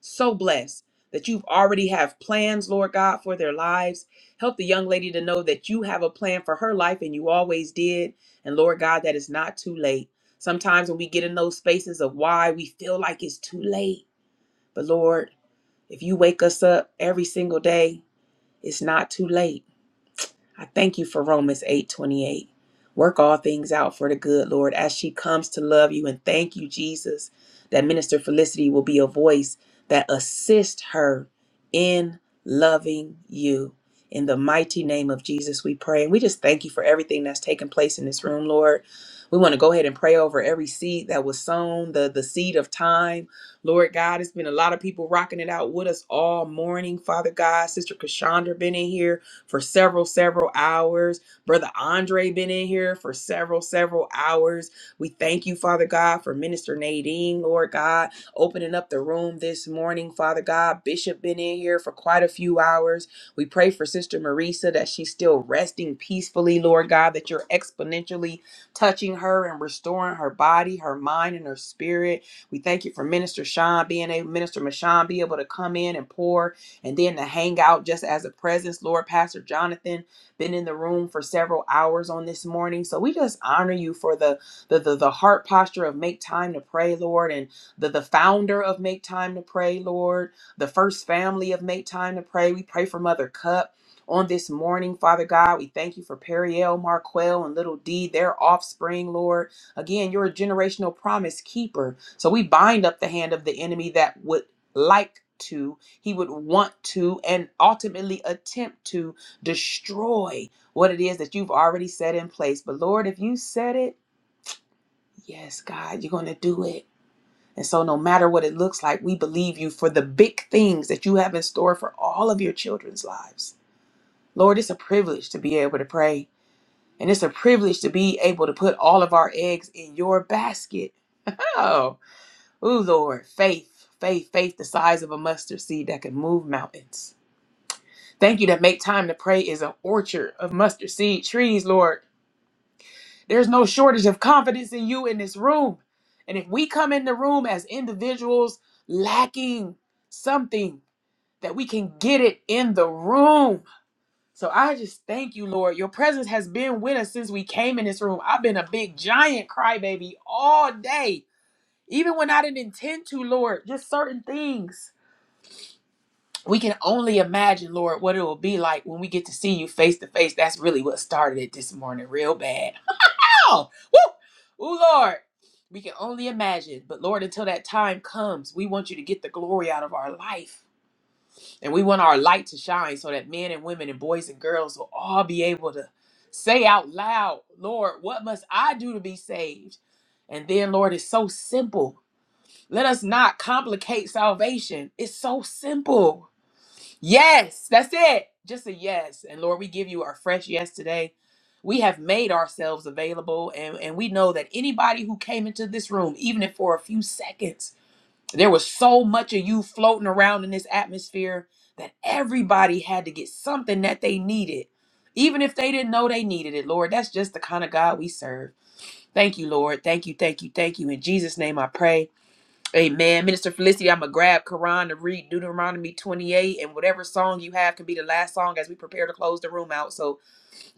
D: so blessed that you've already have plans, Lord God, for their lives. Help the young lady to know that you have a plan for her life and you always did and Lord God, that is not too late. Sometimes when we get in those spaces of why, we feel like it's too late. But Lord, if you wake us up every single day, it's not too late. I thank you for Romans 8:28. Work all things out for the good, Lord, as she comes to love you and thank you, Jesus, that Minister Felicity will be a voice that assists her in loving you. In the mighty name of Jesus, we pray. And we just thank you for everything that's taken place in this room, Lord. We want to go ahead and pray over every seed that was sown, the, the seed of time. Lord God, it's been a lot of people rocking it out with us all morning. Father God, Sister Kashandra been in here for several, several hours. Brother Andre been in here for several, several hours. We thank you, Father God, for Minister Nadine, Lord God, opening up the room this morning, Father God. Bishop been in here for quite a few hours. We pray for Sister Marisa that she's still resting peacefully, Lord God, that you're exponentially touching her and restoring her body, her mind, and her spirit. We thank you for Minister Sean being able, Minister Mashawn be able to come in and pour and then to hang out just as a presence. Lord, Pastor Jonathan been in the room for several hours on this morning. So we just honor you for the the the, the heart posture of make time to pray, Lord, and the the founder of make time to pray, Lord, the first family of make time to pray. We pray for Mother Cup. On this morning, Father God, we thank you for Periel, Marquel, and Little D, their offspring, Lord. Again, you're a generational promise keeper. So we bind up the hand of the enemy that would like to. He would want to and ultimately attempt to destroy what it is that you've already set in place. But Lord, if you said it, yes, God, you're going to do it. And so, no matter what it looks like, we believe you for the big things that you have in store for all of your children's lives. Lord, it's a privilege to be able to pray, and it's a privilege to be able to put all of our eggs in your basket. Oh, ooh, Lord, faith, faith, faith, the size of a mustard seed that can move mountains. Thank you that make time to pray is an orchard of mustard seed trees, Lord. There's no shortage of confidence in you in this room. And if we come in the room as individuals lacking something, that we can get it in the room. So I just thank you, Lord. Your presence has been with us since we came in this room. I've been a big giant crybaby all day. Even when I didn't intend to, Lord, just certain things. we can only imagine, Lord, what it will be like when we get to see you face to face. That's really what started it this morning, real bad. Oh, woo! Ooh, Lord. We can only imagine. But Lord, until that time comes, we want you to get the glory out of our life. And we want our light to shine so that men and women and boys and girls will all be able to say out loud, Lord, what must I do to be saved? And then, Lord, it's so simple. Let us not complicate salvation. It's so simple. Yes, that's it. Just a yes. And Lord, we give you our fresh yes today. We have made ourselves available, and, and we know that anybody who came into this room, even if for a few seconds, there was so much of you floating around in this atmosphere that everybody had to get something that they needed, even if they didn't know they needed it, Lord. That's just the kind of God we serve. Thank you, Lord. Thank you, thank you, thank you. In Jesus' name I pray. Amen. Minister Felicity, I'm going to grab Quran to read Deuteronomy 28, and whatever song you have can be the last song as we prepare to close the room out. So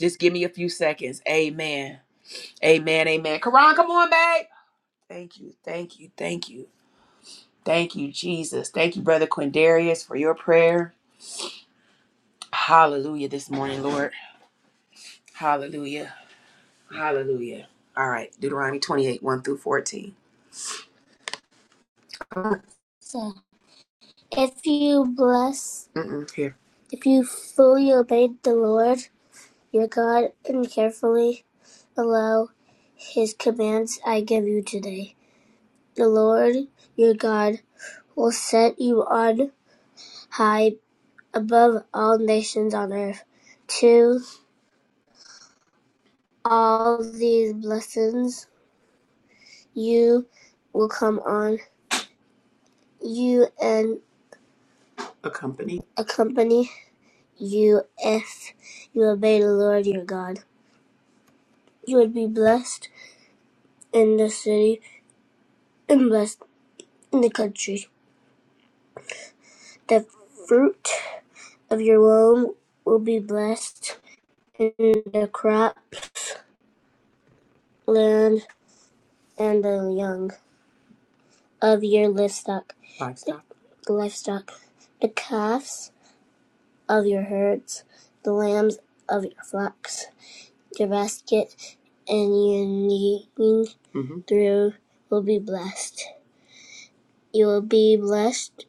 D: just give me a few seconds. Amen. Amen. Amen. Quran, come on, babe. Thank you. Thank you. Thank you. Thank you, Jesus. Thank you, Brother Quindarius, for your prayer. Hallelujah this morning, Lord. Hallelujah. Hallelujah. All right. Deuteronomy 28, 1 through 14. If you bless, Mm-mm, here. if you fully obey the Lord your God and carefully allow his commands I give you today, the Lord your God will set you on high above all nations on earth. To all these blessings you will come on you and accompany you if you obey the Lord your God. You would be blessed in the city and blessed in the country. The fruit of your womb will be blessed, and the crops, land, and the young of your livestock. Livestock. The livestock. The calves of your herds, the lambs of your flocks, your basket, and your kneading through will be blessed. You will be blessed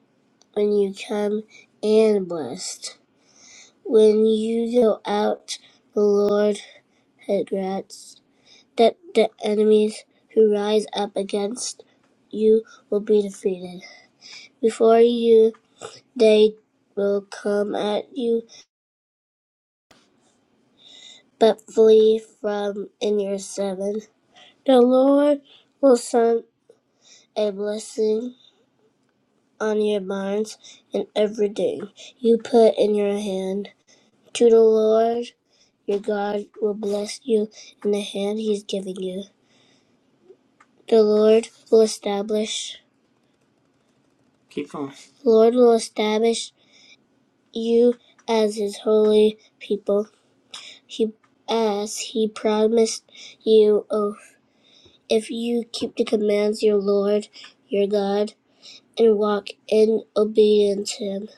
D: when you come and blessed When you go out, the Lord grants that the enemies who rise up against you will be defeated. Before you, they will come at you, but flee from in your seven. The Lord will send a blessing on your barns and everything you put in your hand. To the Lord your God will bless you in the hand he's giving you. The Lord will establish the Lord will establish you as his holy people. He as he promised you Oh, If you keep the commands your Lord, your God, and walk in obedience to him,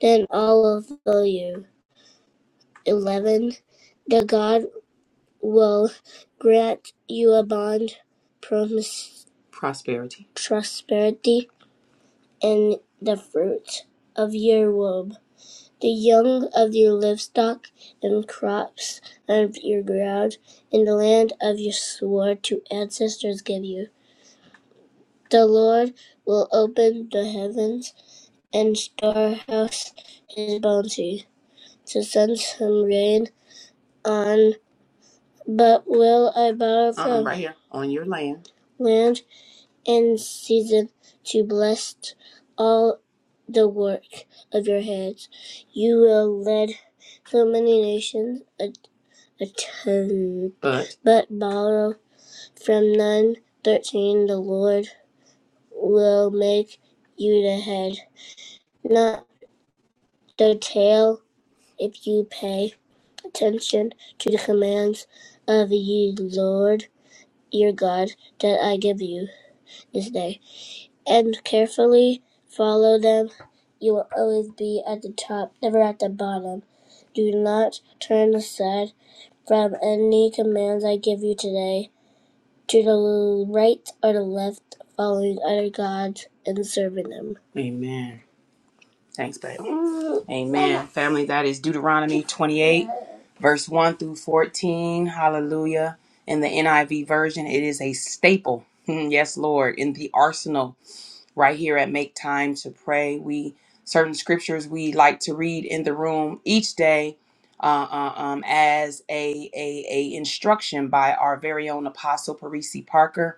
D: then all of you eleven the God will grant you a bond promise prosperity prosperity and the fruit of your womb The young of your livestock and crops of your ground, and the land of your swore to ancestors give you. The Lord will open the heavens and storehouse his bounty to send some rain on, but will I borrow from uh-uh, right here on your land land and season to bless all the work of your hands. You will lead so many nations a attend but but borrow from none. 13 The Lord will make you the head, not the tail, if you pay attention to the commands of ye Lord your God that I give you this day, and carefully follow them. You will always be at the top, never at the bottom. Do not turn aside from any commands I give you today to the right or the left, following other gods and serving them. Amen. Thanks, babe. Amen. Family, that is Deuteronomy 28, verse 1 through 14. Hallelujah. In the NIV version, it is a staple. Hmm, Yes, Lord. In the arsenal, right here at Make Time to Pray, we certain scriptures we like to read in the room each day uh, uh, um, as a, a, a instruction by our very own apostle parisi parker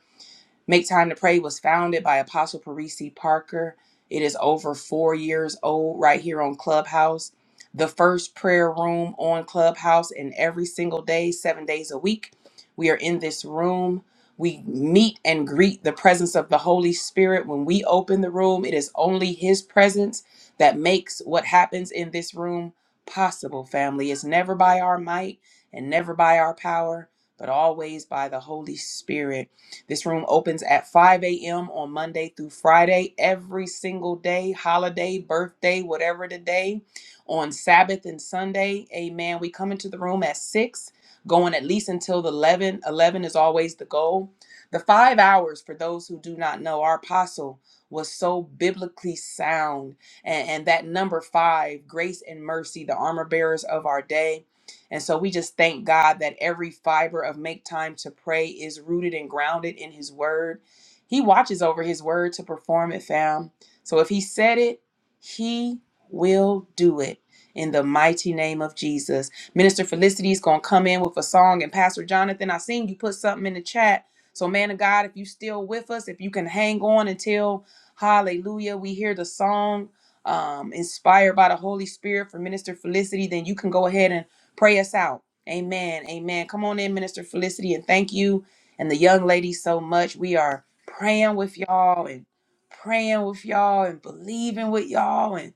D: Make Time to Pray was founded by Apostle Parisi Parker. It is over four years old right here on Clubhouse. The first prayer room on Clubhouse, and every single day, seven days a week, we are in this room. We meet and greet the presence of the Holy Spirit. When we open the room, it is only His presence that makes what happens in this room possible, family. It's never by our might and never by our power, but always by the Holy Spirit. This room opens at 5 a.m. on Monday through Friday, every single day, holiday, birthday, whatever the day, on Sabbath and Sunday. Amen. We come into the room at 6, going at least until the 11. 11 is always the goal. The five hours, for those who do not know, our apostle was so biblically sound. And, and that number five, grace and mercy, the armor bearers of our day. And so we just thank God that every fiber of make time to pray is rooted and grounded in his word. He watches over his word to perform it, fam. So if he said it, he will do it in the mighty name of Jesus. Minister Felicity is going to come in with a song. And Pastor Jonathan, I seen you put something in the chat. So, man of God, if you still with us, if you can hang on until hallelujah, we hear the song um, inspired by the Holy Spirit for Minister Felicity, then you can go ahead and Pray us out. Amen. Amen. Come on in, Minister Felicity, and thank you and the young lady so much. We are praying with y'all and praying with y'all and believing with y'all and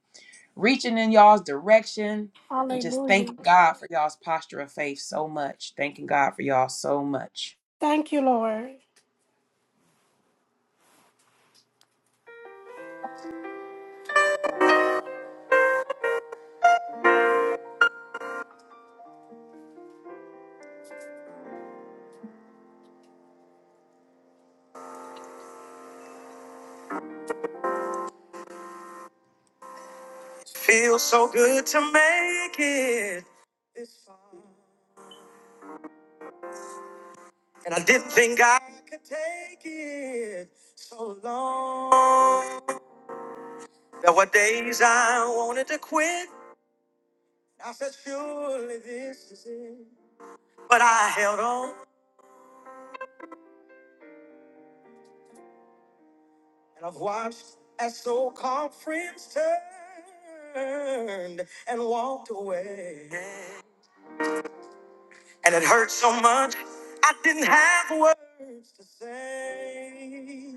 D: reaching in y'all's direction and just
K: Hallelujah.
D: thanking God for y'all's posture of faith so much. Thanking God for y'all so much.
K: Thank you, Lord. Feels so good to make it this far. And I didn't think I could take it so long. There were days I wanted to quit. I said, surely this is it. But I held on and I've watched as so called friends turned and walked away. And it hurt so much, I didn't have words to say.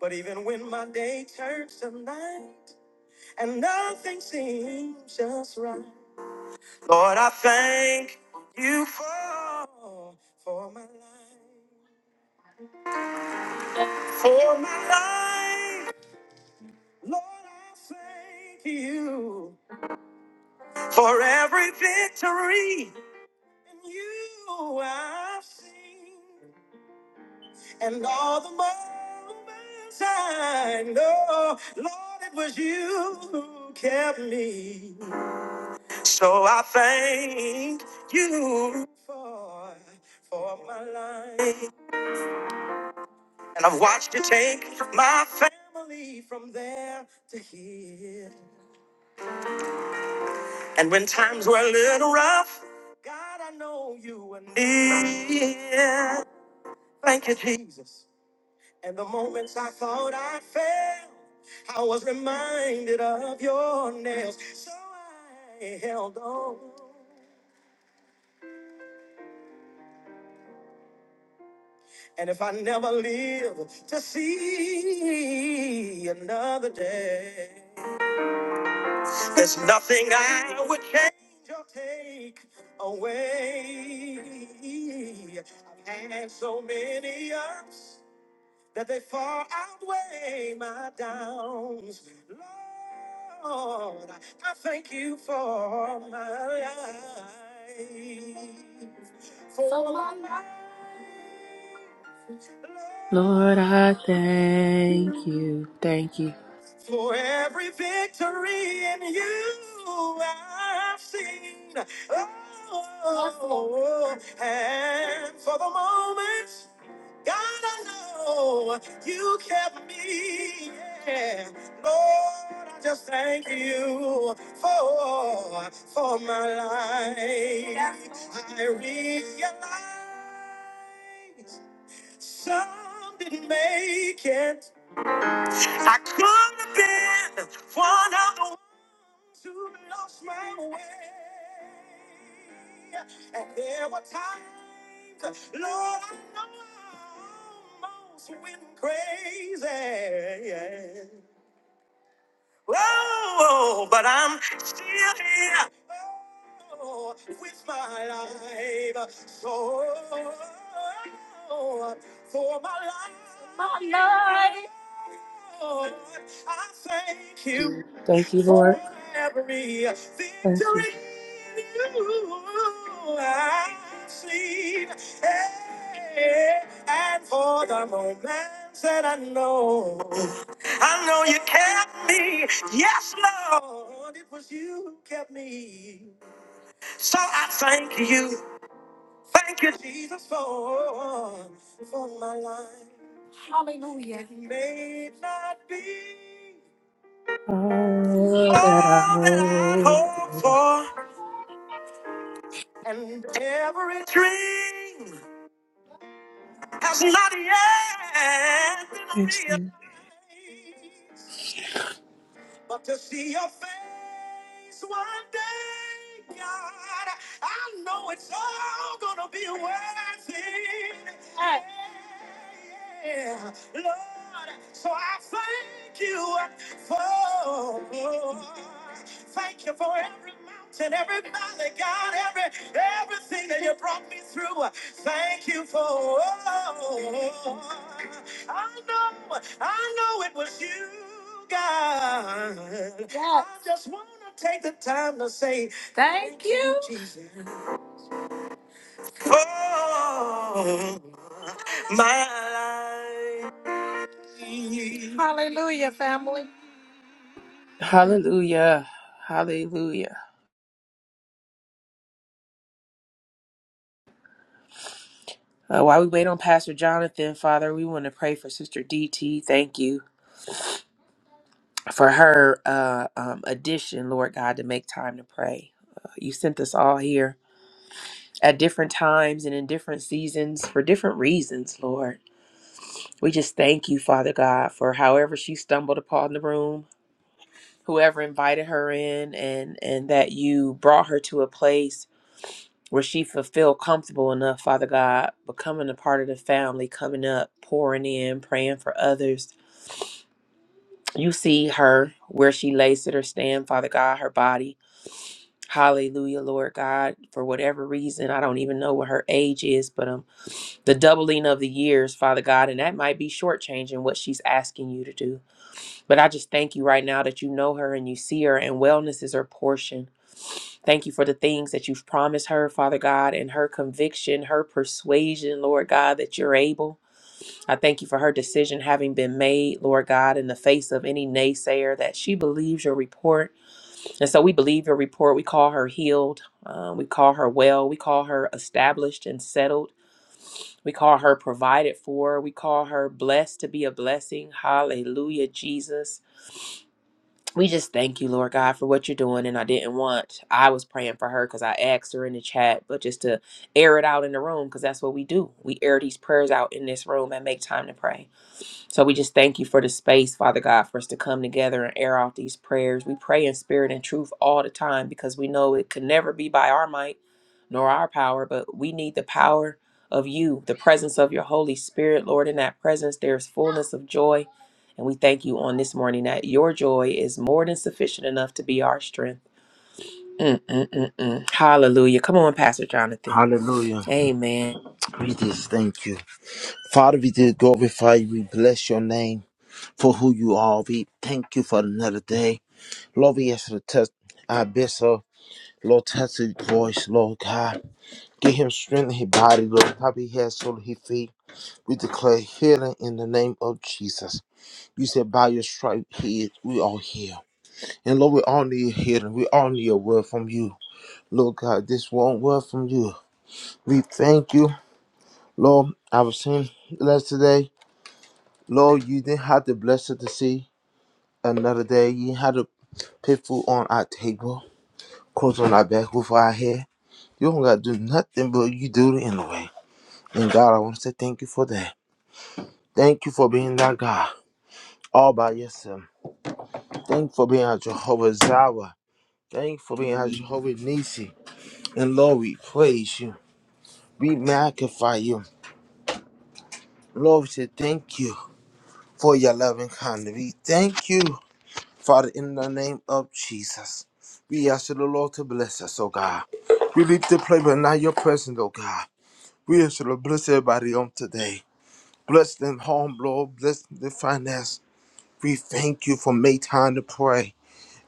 K: But even when my day turns to night and nothing seems just right, Lord, I thank you for, for my life. For my life, Lord, I thank you for every victory in you I've seen. And all the moments I know, Lord, it was you who kept me. So I thank you for, for my life. And I've watched you take my family from there to here. And when times were a little rough, God, I know you were near. Thank you, Jesus. And the moments I thought I failed, I was reminded of your nails. So I held on. And if I never live to see another day, there's nothing I would change or take away. I've had so many ups. that they far outweigh my downs. Lord, I thank you for my life. For, for my life. Lord, I
D: Lord, I
K: thank
D: thank
K: you.
D: you. Thank you.
K: For every victory in you I've seen. Oh, and for the moments, God, I know you kept me. Yeah. Lord, I just thank you for, for my life. I realize some didn't make it. I could have been one of the ones who lost my way. And there were times, Lord, I know I almost went crazy. Whoa, but I'm still here oh, with my life. So for my life, my life. Lord, I thank you for every victory you I've seen, eh, and for the moments that I know, I know you kept me. Yes, Lord, it was you who kept me. So I thank you, thank you, Jesus, for for my life. Hallelujah. It may not be all that I hope for, and every dream. has not yet been realized. But to see your face one day, God, I know it's all gonna be worth it. Yeah, yeah, Lord, so I thank you for thank you for every mountain, every valley, God, every everything that you brought me through. Thank you for I know, I know it was you, God. Yes. I just want to take the time to say thank, thank you, you, Jesus. Oh, my life. Hallelujah, family.
D: Hallelujah. Hallelujah. Uh, while we wait on Pastor Jonathan, Father, we want to pray for Sister DT. Thank you. for her uh, um, addition, Lord God, to make time to pray. Uh, you sent us all here at different times and in different seasons for different reasons, Lord. We just thank you, Father God, for however she stumbled upon the room, whoever invited her in, and and that you brought her to a place where she feel feel comfortable enough, Father God, becoming a part of the family, coming up, pouring in, praying for others. You see her where she lays it or stand, Father God, her body. Hallelujah, Lord God, for whatever reason. I don't even know what her age is, but um the doubling of the years, Father God, and that might be shortchanging what she's asking you to do. But I just thank you right now that you know her and you see her, and wellness is her portion. Thank you for the things that you've promised her, Father God, and her conviction, her persuasion, Lord God, that you're able. I thank you for her decision having been made, Lord God, in the face of any naysayer that she believes your report and so we believe her report. We call her healed. Uh, we call her well. We call her established and settled. We call her provided for. We call her blessed to be a blessing. Hallelujah, Jesus. We just thank you, Lord God, for what you're doing. And I didn't want, I was praying for her because I asked her in the chat, but just to air it out in the room because that's what we do. We air these prayers out in this room and make time to pray. So we just thank you for the space, Father God, for us to come together and air out these prayers. We pray in spirit and truth all the time because we know it can never be by our might nor our power, but we need the power of you, the presence of your Holy Spirit, Lord. In that presence, there is fullness of joy. And we thank you on this morning that your joy is more than sufficient enough to be our strength. Mm, mm, mm, mm. Hallelujah. Come on, Pastor Jonathan.
E: Hallelujah.
D: Amen.
E: We just thank you. Father, we did glorify you. We bless your name for who you are. We thank you for another day. Lord, we ask you to test our bishop. Lord, Lord, touch his voice, Lord God. Give him strength in his body, Lord. Top of his head, sole of his feet. We declare healing in the name of Jesus. You said by your stripe, he is, we are healed. And Lord, we all need healing. We all need a word from you. Lord God, this one word from you. We thank you. Lord, I was saying last today, Lord, you didn't have to bless us to see another day. You didn't have to put food on our table, clothes on our back, roof over our head. You don't got to do nothing, but you do it anyway. And God, I want to say thank you for that. Thank you for being that God all by yourself. Thank you for being our Jehovah Zawa. Thank you for being our Jehovah Nisi. And Lord, we praise you. We magnify you. Lord, we say thank you for your loving kindness. We thank you, Father, in the name of Jesus. We ask you, the Lord, to bless us, oh God. We leave the play, but not your presence, oh God. We ask you to bless everybody on today. Bless them home, Lord. Bless their finance. We thank you for make time to pray.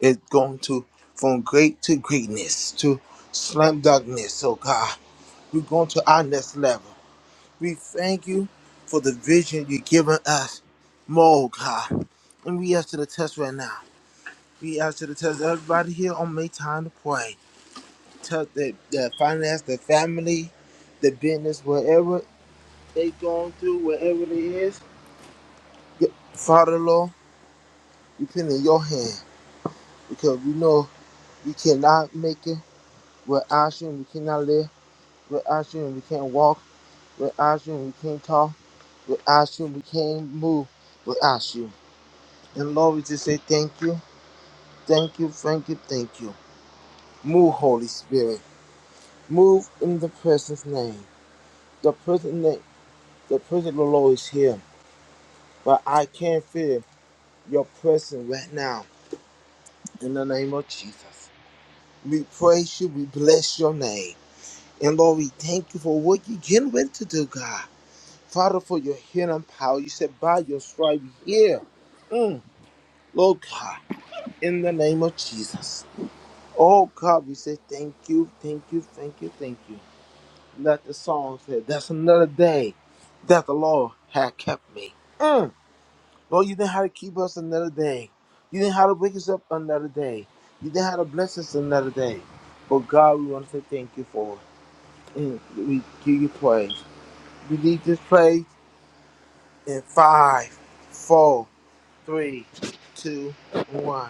E: It's going to from great to greatness to slam darkness. Oh God, we're going to our next level. We thank you for the vision you've given us, more oh God. And we ask you to test right now. We ask you to test everybody here on May time to pray. Tell their, their finance, their family, their business, wherever they going through, wherever it is. Get- Father Lord, we put it in your hand because we know we cannot make it without you. and We cannot live Without you, we can't walk. Without you, we can't talk. Without you, we can't move. Without you. And Lord, we just say thank you, thank you, thank you, thank you. Move, Holy Spirit. Move in the person's name. The person name, the presence of the Lord is here. But I can't feel your presence right now. In the name of Jesus. We praise you, we bless your name. And Lord, we thank you for what you're getting ready to do, God. Father, for your healing power. You said, by your stripe, here. Mm. Lord God, in the name of Jesus. Oh God, we say thank you, thank you, thank you, thank you. Let the song say, that's another day that the Lord had kept me. Mm. Lord, you didn't have to keep us another day. You didn't have to wake us up another day. You didn't have to bless us another day. But God, we want to say thank you for it. And we give you praise. We leave this place in five, four. three, two, one.